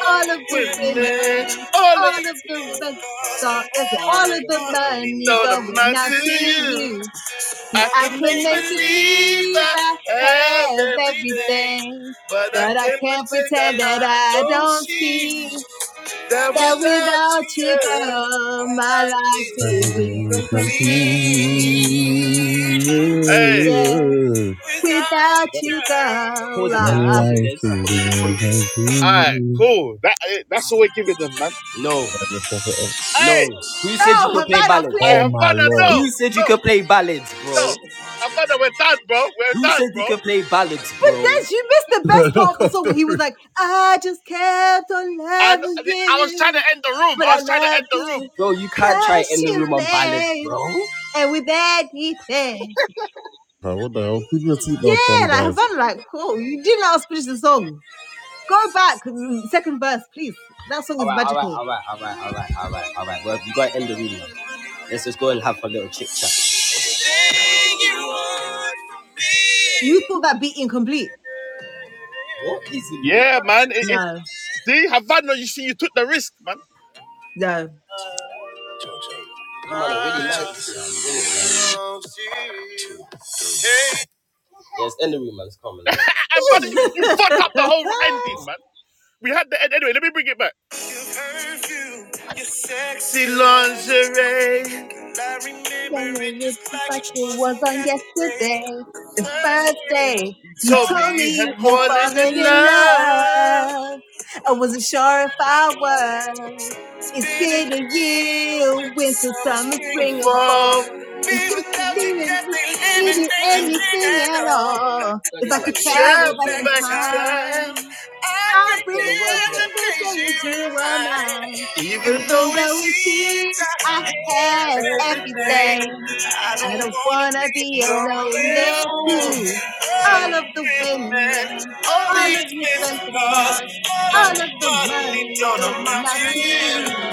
[SPEAKER 6] All of the
[SPEAKER 1] with me.
[SPEAKER 6] women,
[SPEAKER 1] All of
[SPEAKER 6] all of the
[SPEAKER 2] This
[SPEAKER 6] rest
[SPEAKER 2] is hard.
[SPEAKER 6] all
[SPEAKER 2] All of
[SPEAKER 6] of
[SPEAKER 2] the
[SPEAKER 6] the money
[SPEAKER 2] money.
[SPEAKER 1] Don't
[SPEAKER 6] going
[SPEAKER 1] amount
[SPEAKER 6] out
[SPEAKER 1] to
[SPEAKER 6] to
[SPEAKER 1] you.
[SPEAKER 6] you. See,
[SPEAKER 1] I
[SPEAKER 6] I
[SPEAKER 1] can
[SPEAKER 6] can
[SPEAKER 1] make
[SPEAKER 6] make
[SPEAKER 1] believe
[SPEAKER 6] believe
[SPEAKER 1] I
[SPEAKER 6] I
[SPEAKER 1] have
[SPEAKER 6] have
[SPEAKER 1] everything,
[SPEAKER 6] everything,
[SPEAKER 1] but I
[SPEAKER 6] but I
[SPEAKER 1] can't
[SPEAKER 6] can't
[SPEAKER 1] pretend that
[SPEAKER 6] pretend that
[SPEAKER 1] I
[SPEAKER 6] I
[SPEAKER 1] don't
[SPEAKER 6] don't
[SPEAKER 1] see
[SPEAKER 6] see.
[SPEAKER 1] that
[SPEAKER 6] That
[SPEAKER 1] without you,
[SPEAKER 6] chick
[SPEAKER 1] girl, my
[SPEAKER 6] my
[SPEAKER 1] life
[SPEAKER 6] life is
[SPEAKER 1] is incomplete.
[SPEAKER 6] incomplete.
[SPEAKER 1] Hey,
[SPEAKER 6] Yeah,
[SPEAKER 4] Ooh,
[SPEAKER 6] without you, girl.
[SPEAKER 2] Pause it
[SPEAKER 4] My
[SPEAKER 2] then,
[SPEAKER 6] ah.
[SPEAKER 2] pause it then.
[SPEAKER 4] life is
[SPEAKER 2] From you,
[SPEAKER 4] in
[SPEAKER 2] from...
[SPEAKER 4] a
[SPEAKER 1] all right,
[SPEAKER 4] dream.
[SPEAKER 1] cool. That eh, that's the way give it them, man.
[SPEAKER 2] No,
[SPEAKER 4] I just woke up.
[SPEAKER 2] no.
[SPEAKER 1] Hey,
[SPEAKER 2] Who said you
[SPEAKER 6] Oh,
[SPEAKER 2] could play
[SPEAKER 6] Havana,
[SPEAKER 1] I
[SPEAKER 6] please.
[SPEAKER 2] ballads?
[SPEAKER 4] Oh
[SPEAKER 1] have
[SPEAKER 4] my
[SPEAKER 1] fun.
[SPEAKER 4] lord.
[SPEAKER 2] Who
[SPEAKER 1] No,
[SPEAKER 2] said you
[SPEAKER 1] no.
[SPEAKER 2] could play ballads, bro?
[SPEAKER 1] No, Amanda, we're done, bro. We're
[SPEAKER 2] Who
[SPEAKER 1] done,
[SPEAKER 2] said you could
[SPEAKER 1] bro.
[SPEAKER 2] play ballads,
[SPEAKER 6] But
[SPEAKER 2] bro?
[SPEAKER 6] then you missed the
[SPEAKER 4] I
[SPEAKER 6] best part of the
[SPEAKER 4] up
[SPEAKER 6] song
[SPEAKER 4] to-
[SPEAKER 6] when he was like, I just kept on
[SPEAKER 1] And
[SPEAKER 6] loving
[SPEAKER 1] I, I was trying to
[SPEAKER 6] you,
[SPEAKER 1] end the room.
[SPEAKER 6] but
[SPEAKER 1] I
[SPEAKER 6] I
[SPEAKER 1] was trying to end
[SPEAKER 6] loved
[SPEAKER 1] the room.
[SPEAKER 6] you
[SPEAKER 2] Bro, you can't try and
[SPEAKER 6] much
[SPEAKER 2] end the room
[SPEAKER 6] too
[SPEAKER 2] on ballad,
[SPEAKER 6] late.
[SPEAKER 2] bro. Alright,
[SPEAKER 6] And with anything.
[SPEAKER 4] Uh, What the hell? Keep your seatbelt on,
[SPEAKER 6] Yeah, like
[SPEAKER 4] guys.
[SPEAKER 6] Havana, like, cool. You didn't let us finish the song. Go back, mm, second verse, please. That song is
[SPEAKER 2] alright,
[SPEAKER 6] magical.
[SPEAKER 2] alright, alright, alright, alright, alright. Well, you gotta end the room now. Let's just go and have a little chit chat.
[SPEAKER 6] You thought that beat incomplete.
[SPEAKER 2] What is it,
[SPEAKER 1] Yeah,
[SPEAKER 2] man?
[SPEAKER 1] man. It, it,
[SPEAKER 6] No.
[SPEAKER 1] see, Havana, you see, you took the risk, man.
[SPEAKER 6] The
[SPEAKER 2] Really nice. Yes, end the room, man. It's common. anyway.
[SPEAKER 1] Havana, you, you fucked up the whole ending, man. We had the end anyway. Let me bring it back. Your perfume, your sexy lingerie. I remember it
[SPEAKER 6] January
[SPEAKER 1] just
[SPEAKER 6] is
[SPEAKER 1] like
[SPEAKER 6] like
[SPEAKER 1] it
[SPEAKER 6] it
[SPEAKER 1] was
[SPEAKER 6] was
[SPEAKER 1] on
[SPEAKER 6] on
[SPEAKER 1] yesterday.
[SPEAKER 6] yesterday, the first
[SPEAKER 1] Thursday.
[SPEAKER 6] day
[SPEAKER 1] You
[SPEAKER 6] you
[SPEAKER 1] told me
[SPEAKER 6] told
[SPEAKER 1] you
[SPEAKER 6] me
[SPEAKER 1] had
[SPEAKER 6] you had
[SPEAKER 1] fallen
[SPEAKER 6] fallen
[SPEAKER 1] in
[SPEAKER 6] in
[SPEAKER 1] love. I
[SPEAKER 6] love. I
[SPEAKER 1] wasn't
[SPEAKER 6] wasn't
[SPEAKER 1] sure
[SPEAKER 6] sure if
[SPEAKER 1] that I
[SPEAKER 6] I
[SPEAKER 1] was.
[SPEAKER 6] was.
[SPEAKER 1] It's
[SPEAKER 6] It's
[SPEAKER 1] been a
[SPEAKER 6] been a
[SPEAKER 1] year with
[SPEAKER 6] year,
[SPEAKER 1] the
[SPEAKER 6] winter,
[SPEAKER 1] summer,
[SPEAKER 6] summer,
[SPEAKER 1] spring,
[SPEAKER 6] spring,
[SPEAKER 1] and
[SPEAKER 6] and
[SPEAKER 1] fall.
[SPEAKER 6] fall. And
[SPEAKER 1] Be
[SPEAKER 6] just
[SPEAKER 1] without you
[SPEAKER 6] believing
[SPEAKER 1] just
[SPEAKER 6] it
[SPEAKER 1] ain't
[SPEAKER 6] it
[SPEAKER 1] living,
[SPEAKER 6] be
[SPEAKER 1] ain't living
[SPEAKER 6] anything
[SPEAKER 1] at
[SPEAKER 6] at
[SPEAKER 1] all.
[SPEAKER 6] all.
[SPEAKER 2] I
[SPEAKER 6] If I
[SPEAKER 1] I
[SPEAKER 2] didn't
[SPEAKER 1] would
[SPEAKER 6] could
[SPEAKER 2] get the
[SPEAKER 6] travel
[SPEAKER 2] words
[SPEAKER 1] travel
[SPEAKER 6] back in
[SPEAKER 2] right.
[SPEAKER 1] back in time.
[SPEAKER 6] time.
[SPEAKER 1] I
[SPEAKER 6] I will
[SPEAKER 2] Get the words
[SPEAKER 1] pretend the
[SPEAKER 6] pretend
[SPEAKER 2] right.
[SPEAKER 6] the
[SPEAKER 1] days you
[SPEAKER 6] days
[SPEAKER 1] were
[SPEAKER 6] you were mine,
[SPEAKER 1] mine. Even though
[SPEAKER 6] even
[SPEAKER 1] it
[SPEAKER 6] though it
[SPEAKER 1] seems
[SPEAKER 6] seems I
[SPEAKER 1] I have
[SPEAKER 6] have
[SPEAKER 1] everything,
[SPEAKER 6] everything.
[SPEAKER 1] I
[SPEAKER 6] I
[SPEAKER 1] don't
[SPEAKER 6] don't
[SPEAKER 1] wanna
[SPEAKER 6] wanna be
[SPEAKER 1] be a
[SPEAKER 6] a
[SPEAKER 1] lonely
[SPEAKER 6] lonely
[SPEAKER 1] fool.
[SPEAKER 6] fool.
[SPEAKER 1] All of
[SPEAKER 6] All of the
[SPEAKER 1] the women,
[SPEAKER 6] women,
[SPEAKER 1] all the
[SPEAKER 6] all of you spent
[SPEAKER 1] expensive
[SPEAKER 6] the
[SPEAKER 1] cars,
[SPEAKER 6] cost,
[SPEAKER 1] all of
[SPEAKER 6] all
[SPEAKER 1] the
[SPEAKER 6] of the
[SPEAKER 1] money
[SPEAKER 6] money
[SPEAKER 1] don't
[SPEAKER 6] going
[SPEAKER 1] amount
[SPEAKER 6] out
[SPEAKER 1] to
[SPEAKER 6] to
[SPEAKER 1] you.
[SPEAKER 6] you.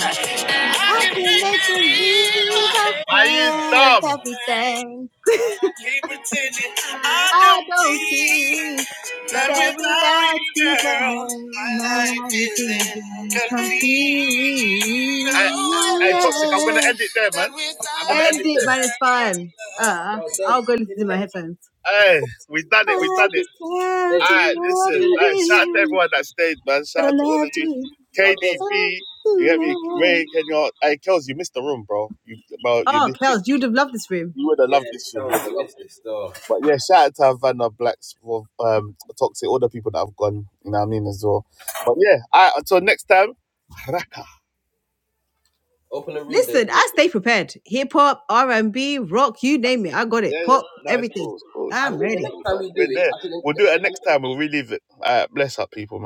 [SPEAKER 6] I can make believe I
[SPEAKER 1] I ain't
[SPEAKER 6] have
[SPEAKER 1] dumb.
[SPEAKER 6] everything.
[SPEAKER 1] But I can't pretend it. I
[SPEAKER 6] I
[SPEAKER 1] don't
[SPEAKER 6] don't
[SPEAKER 1] need
[SPEAKER 6] see.
[SPEAKER 1] that
[SPEAKER 6] That
[SPEAKER 1] without
[SPEAKER 6] without
[SPEAKER 1] you,
[SPEAKER 6] you
[SPEAKER 1] girl.
[SPEAKER 6] gone, my
[SPEAKER 1] My life
[SPEAKER 6] life is
[SPEAKER 1] isn't complete.
[SPEAKER 6] incomplete. Oh
[SPEAKER 1] Hey,
[SPEAKER 6] yeah.
[SPEAKER 1] Toxic, I'm going to end it there, man. I'm going to end
[SPEAKER 6] and
[SPEAKER 1] it
[SPEAKER 6] it,
[SPEAKER 1] there.
[SPEAKER 6] man. It's fine. Uh,
[SPEAKER 2] Yo,
[SPEAKER 6] I'll
[SPEAKER 2] Dez,
[SPEAKER 6] go
[SPEAKER 2] you
[SPEAKER 6] listen
[SPEAKER 2] see
[SPEAKER 6] to
[SPEAKER 2] the
[SPEAKER 6] my
[SPEAKER 2] next?
[SPEAKER 6] headphones.
[SPEAKER 2] You
[SPEAKER 1] Hey, we done it. We
[SPEAKER 6] I
[SPEAKER 1] done it.
[SPEAKER 6] just can't
[SPEAKER 1] All
[SPEAKER 2] Dez, you
[SPEAKER 1] right,
[SPEAKER 2] see
[SPEAKER 6] love
[SPEAKER 1] listen.
[SPEAKER 2] the
[SPEAKER 1] All
[SPEAKER 2] next?
[SPEAKER 1] right, shout out to
[SPEAKER 6] you,
[SPEAKER 1] everyone that stayed, man.
[SPEAKER 6] but
[SPEAKER 1] Shout
[SPEAKER 6] I
[SPEAKER 1] out to all of you.
[SPEAKER 6] need
[SPEAKER 2] Yo, Dez.
[SPEAKER 6] love
[SPEAKER 1] KDB, you get me?
[SPEAKER 6] tonight.
[SPEAKER 1] Ray, Kenya. Hey, Kels, you missed the room, bro. You, bro, you
[SPEAKER 6] Oh,
[SPEAKER 1] missed it.
[SPEAKER 6] Kels, you'd have loved this room.
[SPEAKER 1] You would have
[SPEAKER 2] Yeah,
[SPEAKER 1] loved this room.
[SPEAKER 2] no,
[SPEAKER 1] You would
[SPEAKER 2] we
[SPEAKER 1] have loved it.
[SPEAKER 2] missed this, though.
[SPEAKER 1] But yeah, shout out to Havana Blacks for um toxic, all the people that have gone, you know what I mean, as well. But yeah, all right, until next time. no,
[SPEAKER 2] Open the room, Dez,
[SPEAKER 6] Listen, I stay prepared. Hip hop, R and B, rock, you name it, I got it. Pop,
[SPEAKER 1] it's
[SPEAKER 6] everything.
[SPEAKER 1] cool, it's cool,
[SPEAKER 2] I
[SPEAKER 6] I'm
[SPEAKER 2] think
[SPEAKER 1] it's
[SPEAKER 2] the
[SPEAKER 6] ready.
[SPEAKER 2] next
[SPEAKER 1] cool,
[SPEAKER 2] time
[SPEAKER 1] man.
[SPEAKER 2] we do
[SPEAKER 1] We're
[SPEAKER 2] it,
[SPEAKER 1] there.
[SPEAKER 2] I think,
[SPEAKER 1] We'll
[SPEAKER 2] I think,
[SPEAKER 1] leave it. All right, bless up people, man.